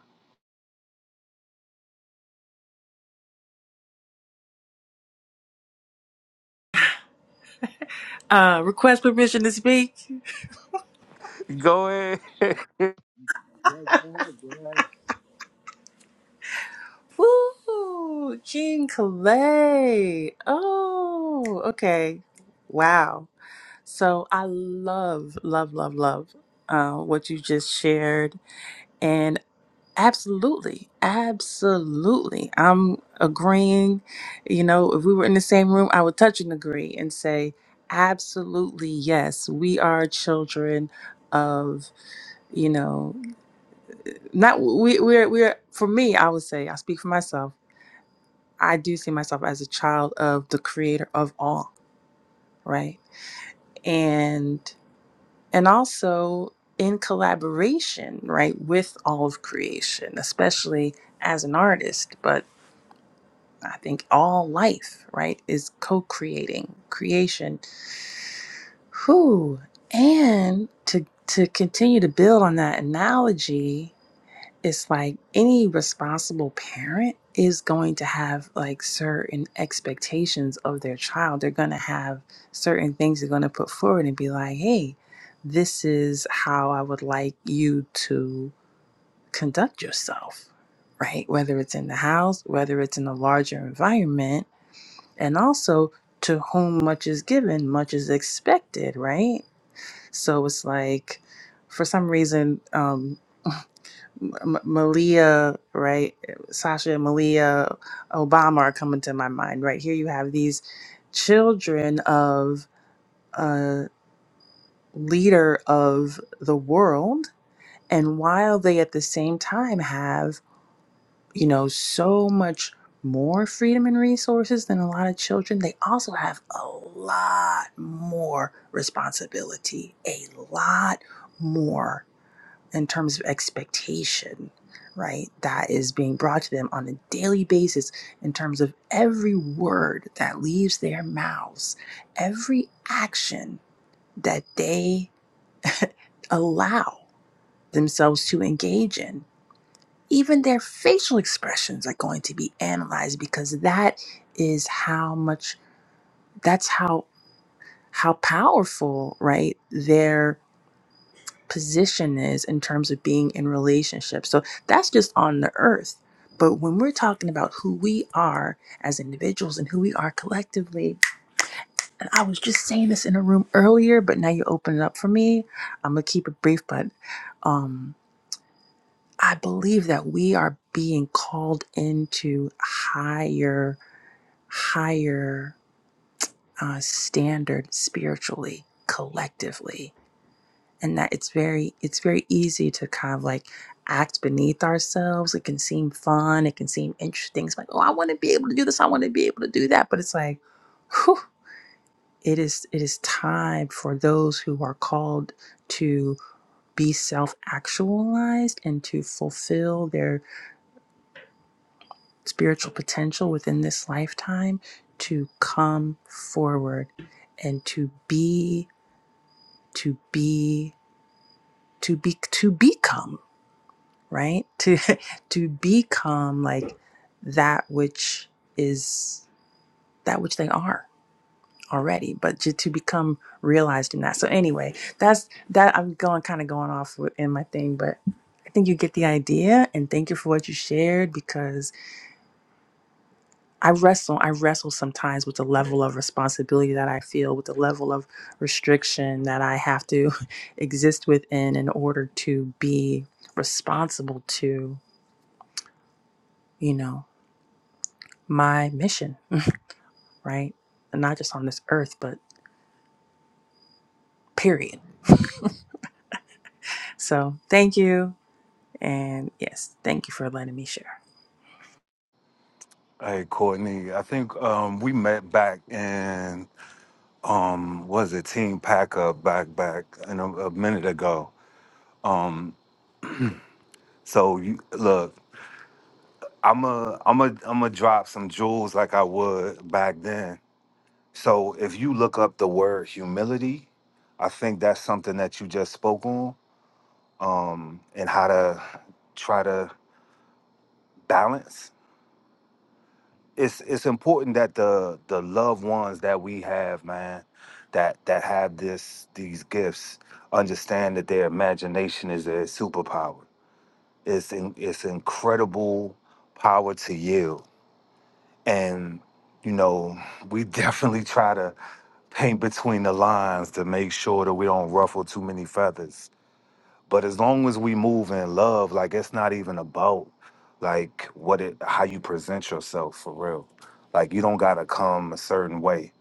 Uh, request permission to speak. Go ahead. <laughs> Yeah, go ahead, go ahead. Woo! Jean Clay. Oh, okay. Wow. So I love, love, love, love uh, what you just shared. And absolutely, absolutely. I'm agreeing. You know, if we were in the same room, I would touch and agree and say, absolutely, yes, we are children of, you know, not we we're we're for me i would say i speak for myself i do see myself as a child of the creator of all right and and also in collaboration right with all of creation especially as an artist but i think all life right is co-creating creation who and to to continue to build on that analogy it's like any responsible parent is going to have like certain expectations of their child. They're going to have certain things they're going to put forward and be like, hey, this is how I would like you to conduct yourself, right? Whether it's in the house, whether it's in a larger environment, and also to whom much is given, much is expected, right? So it's like, for some reason, um, M- Malia, right? Sasha Malia Obama are coming to my mind, right? Here you have these children of a leader of the world. And while they at the same time have, you know, so much more freedom and resources than a lot of children, they also have a lot more responsibility, a lot more in terms of expectation, right? That is being brought to them on a daily basis in terms of every word that leaves their mouths, every action that they <laughs> allow themselves to engage in. Even their facial expressions are going to be analyzed because that is how much, that's how. How powerful, right? Their position is in terms of being in relationships, So that's just on the earth. But when we're talking about who we are as individuals and who we are collectively, and I was just saying this in a room earlier, but now you open it up for me. I'm gonna keep it brief, but um, I believe that we are being called into higher, higher uh, standard spiritually, collectively and that it's very it's very easy to kind of like act beneath ourselves it can seem fun it can seem interesting it's like oh i want to be able to do this i want to be able to do that but it's like whew, it is it is time for those who are called to be self-actualized and to fulfill their spiritual potential within this lifetime to come forward and to be to be to be to become right to <laughs> to become like that which is that which they are already but to, to become realized in that so anyway that's that i'm going kind of going off with- in my thing but i think you get the idea and thank you for what you shared because i wrestle i wrestle sometimes with the level of responsibility that i feel with the level of restriction that i have to <laughs> exist within in order to be responsible to you know my mission, right? And not just on this earth, but period. So thank you. And yes, thank you for letting me share. Hey, Courtney, I think um, we met back in was it Team Packer back back in a, a minute ago. So you look, I'm a I'm a I'm a drop some jewels like I would back then. So if you look up the word humility, I think that's something that you just spoke on, um, and how to try to balance. It's it's important that the the loved ones that we have, man, that that have this these gifts, understand that their imagination is their superpower It's in, it's incredible power to yield, and you know we <laughs> definitely try to paint between the lines to make sure that we don't ruffle too many feathers. But as long as we move in love, like it's not even about like what it how you present yourself for real. Like you don't gotta come a certain way,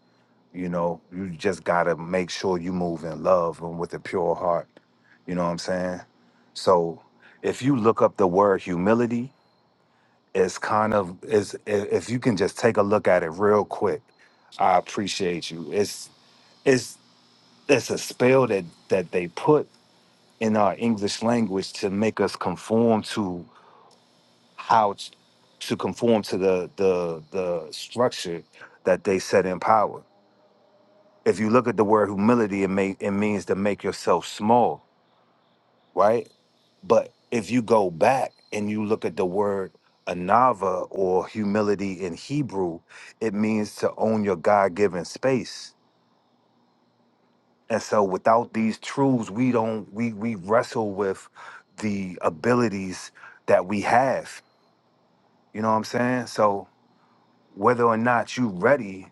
you know. You just gotta make sure you move in love and with a pure heart. You know what I'm saying? So if you look up the word humility, is kind of is i- if you can just take a look at it real quick. I appreciate you. It's it's it's a spell that that they put in our English language to make us conform to how t- to conform to the the the structure that they set in power. If you look at the word humility, it may it means to make yourself small, right? But if you go back and you look at the word anava or humility in Hebrew, it means to own your God-given space. And so without these truths, we don't we we wrestle with the abilities that we have. You know what I'm saying? So whether or not you ready,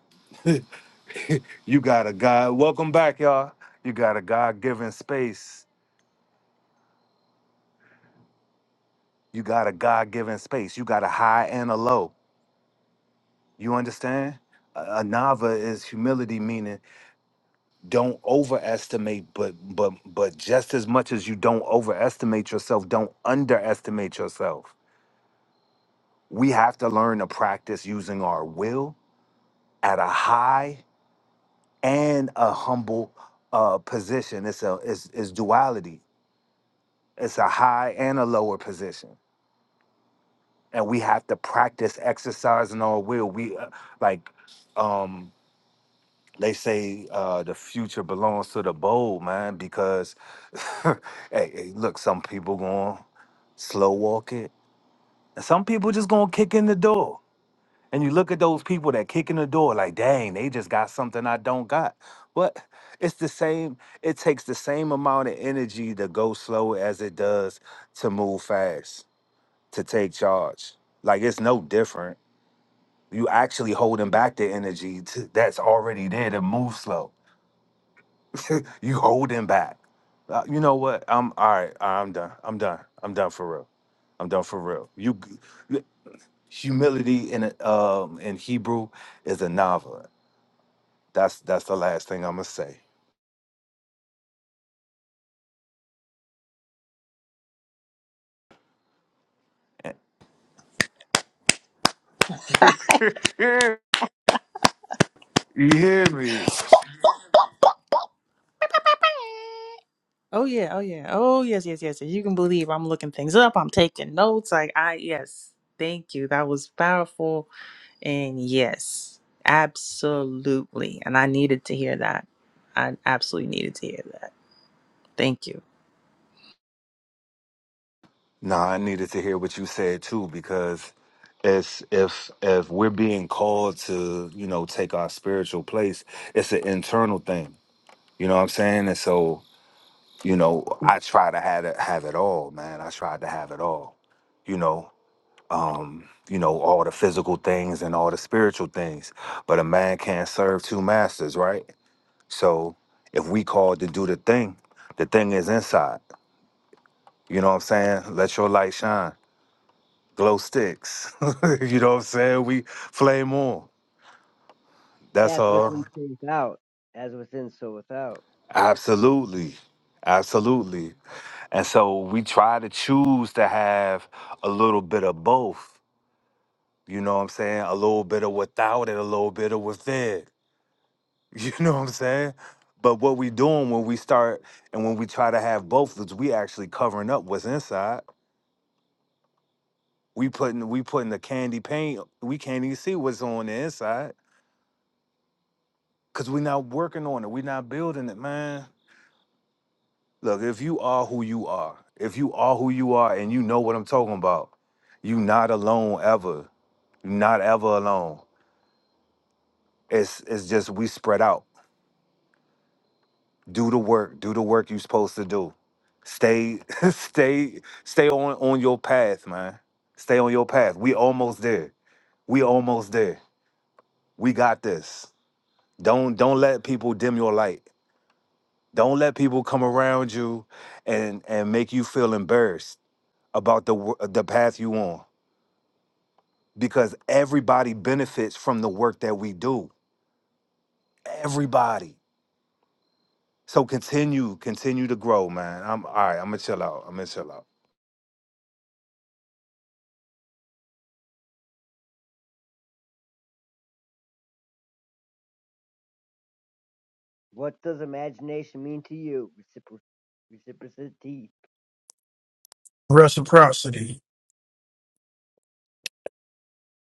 you got a God. Welcome back, y'all. You got a God-given space. You got a God-given space. You got a high and a low. You understand? A Anava is humility, meaning don't overestimate, but but but just as much as you don't overestimate yourself, don't underestimate yourself. We have to learn to practice using our will at a high and a humble uh, position. It's a it's, it's duality. It's a high and a lower position, and we have to practice exercising our will. We uh, like. Um, they say uh, the future belongs to the bold, man, because <laughs> hey, hey, look, some people going to slow walk it. and Some people just going to kick in the door. And you look at those people that kick in the door like, dang, they just got something I don't got. But it's the same, it takes the same amount of energy to go slow as it does to move fast, to take charge. Like it's no different. You actually holding back the energy to, that's already there to move slow You holding back. Uh, you know what? I'm all right. I'm done. I'm done. I'm done for real. I'm done for real. You, you- humility in a- um in Hebrew is a novel. That's that's the last thing I'm gonna say. <laughs> you hear me? Oh yeah, oh yeah, oh yes, yes, yes. yes. You can believe I'm looking things up. I'm taking notes. Like I yes, thank you. That was powerful, and yes, absolutely. And I needed to hear that. I absolutely needed to hear that. Thank you. Nah, I needed to hear what you said too because it's if if we're being called to you know take our spiritual place, it's an internal thing. You know what I'm saying? And so you know i try to have it have it all man i tried to have it all you know you know all the physical things and all the spiritual things but a man can't serve two masters right so if we called to do the thing the thing is inside you know what i'm saying let your light shine glow sticks <laughs> you know what i'm saying we flame on that's As within, all so without. As within, so without. absolutely absolutely and so we try to choose to have a little bit of both You know what I'm saying? A little bit of without it, a little bit of with it. <laughs> You know what I'm saying? But what we doing when we start and when we try to have both is we actually covering up what's inside. We putting we putting the candy paint. We can't even see what's on the inside because we not working on it. we not building it, man. Look, if you are who you are, if you are who you are, and you know what I'm talking about, you not alone ever. You not ever alone. It's it's just we spread out. do the work do the work you're supposed to do stay <laughs> stay stay on on your path man stay on your path we almost there we almost there we got this don't don't let people dim your light don't let people come around you and and make you feel embarrassed about the wo- the path you on because everybody benefits from the work that we do everybody so continue continue to grow man i'm all right i'm gonna chill out i'm gonna chill out What does imagination mean to you? Recipro- reciprocity. Reciprocity.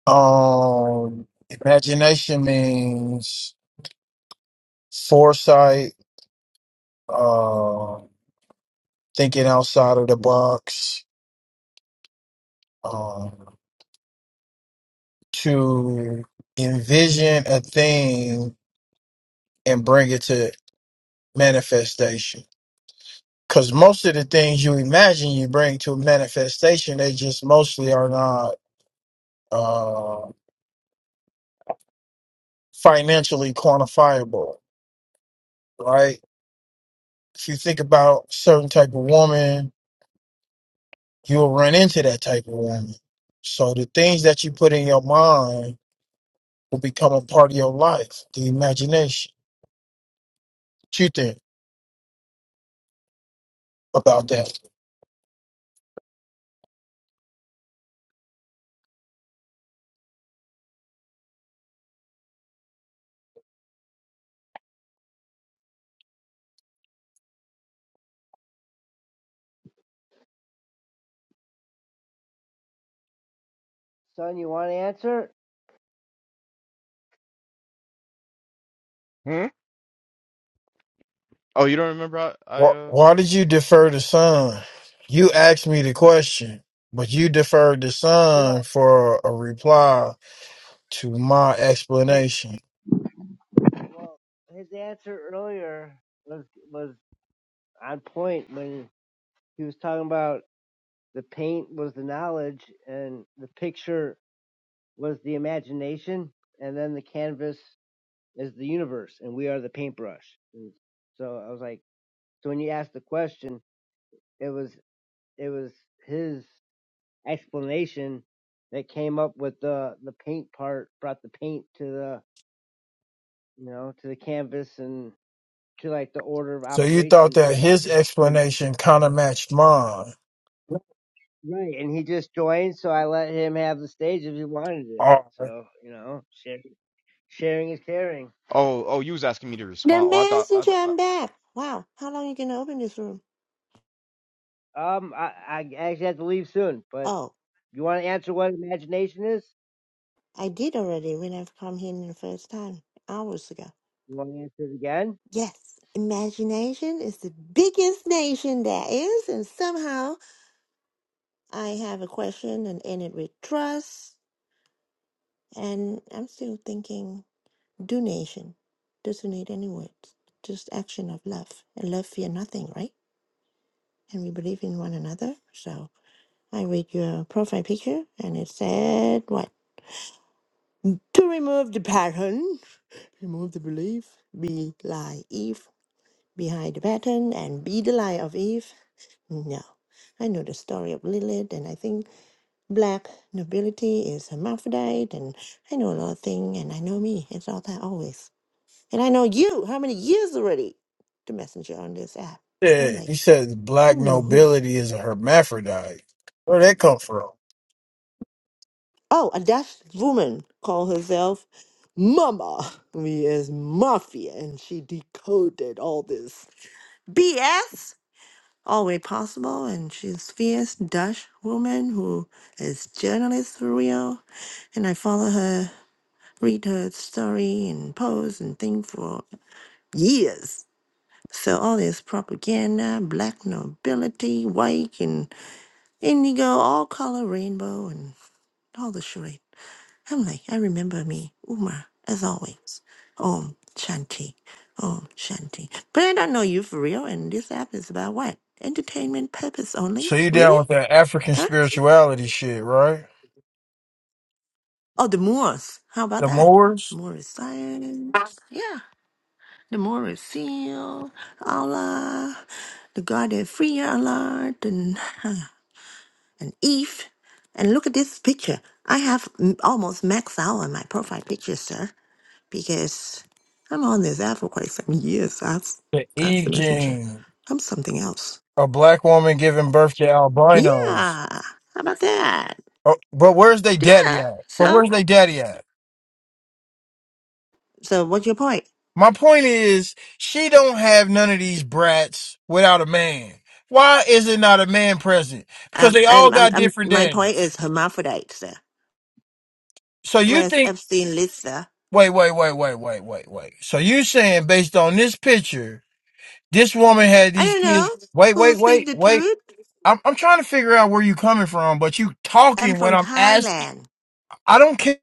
Um, imagination means foresight, uh, thinking outside of the box, Um, to envision a thing and bring it to manifestation. Because most of the things you imagine you bring to manifestation, they just mostly are not uh, financially quantifiable, right? If you think about certain type of woman, you'll run into that type of woman. So the things that you put in your mind will become a part of your life, the imagination. What you think about that? Son, you want to answer? Hmm? Oh, you don't remember I, I Why, uh why did you defer the son? You asked me the question, but you deferred the Well, son for a reply to my t- explanation. well, his answer earlier was was on point when he was talking about the paint was the knowledge and the picture was the imagination, and then the canvas is the universe, and we are the paintbrush. And so I was like, so when you asked the question, it was it was his. explanation that came up with the the paint part brought the paint to the you know to the canvas and to like the order of So you thought operation that of his the American. explanation kind of matched mine. right and he just joined so i let him have the stage if he wanted it Oh, so you know share, sharing is caring oh oh you was asking me to The respond. Oh, I thought I, messenger, th- I'm back. Wow, how long you gonna open this room? um i i actually have to leave soon but Oh, you want to answer what imagination is I did already when I've come here the first time, hours ago. you want to answer it again Yes, imagination is the biggest nation there is, and somehow I have a question and end it with trust, and I'm still thinking donation doesn't need any words just action of love and love fear nothing right and we believe in one another so i read your profile picture and it said what to remove the pattern remove the belief be lie eve behind the pattern and be the lie of eve no i know the story of lilith and i think black nobility is hermaphrodite and i know a lot of things and i know me it's all that always And I know you, how many years already? The messenger on this app. I'm yeah. like, He said black who knew who? nobility is a hermaphrodite. Where'd that come from? Oh, a Dutch woman called herself Mama. We as Mafia. And she decoded all this BS. All way possible. And she's fierce Dutch woman who is journalist for real. And I follow her, read her story and post and thing for years. So all this propaganda, black nobility, white and indigo, all color rainbow, and all the charade. I'm like, I remember me, Uma, as always. Om Shanti. Om Shanti. But I don't know you for real, and this app is about what? Entertainment purpose So only? you Really? down with that African Huh? spirituality shit, right? Oh, the Moors. How about The that? Moors, Moor is science. Yeah. The Moor is seal. Allah. The God that free Allah. And <laughs> and Eve. And look at this picture. I have m- almost maxed out on my profile picture, sir, because I'm on this app for quite some years. That's the that's the Eve messenger. gene, I'm something else. a black woman giving birth to Yeah. albinos. How about that? Oh, but where's they daddy Yeah. at? But where's So they daddy at? so what's your point? My point is, she don't have none of these brats without a man. Why is it not a man present? Because Um, they all I'm, I'm, got I'm, different my point daddies. is hermaphrodite, sir. So you Whereas think? Epstein Lisa, Wait, wait, wait, wait, wait, wait, wait. So you saying based on this picture, this woman had I these don't kids? know Wait, who wait, speak wait, the wait. truth. I'm, I'm trying to figure out where you coming from, but you I'm talking when from I'm asking. Thailand. I don't care.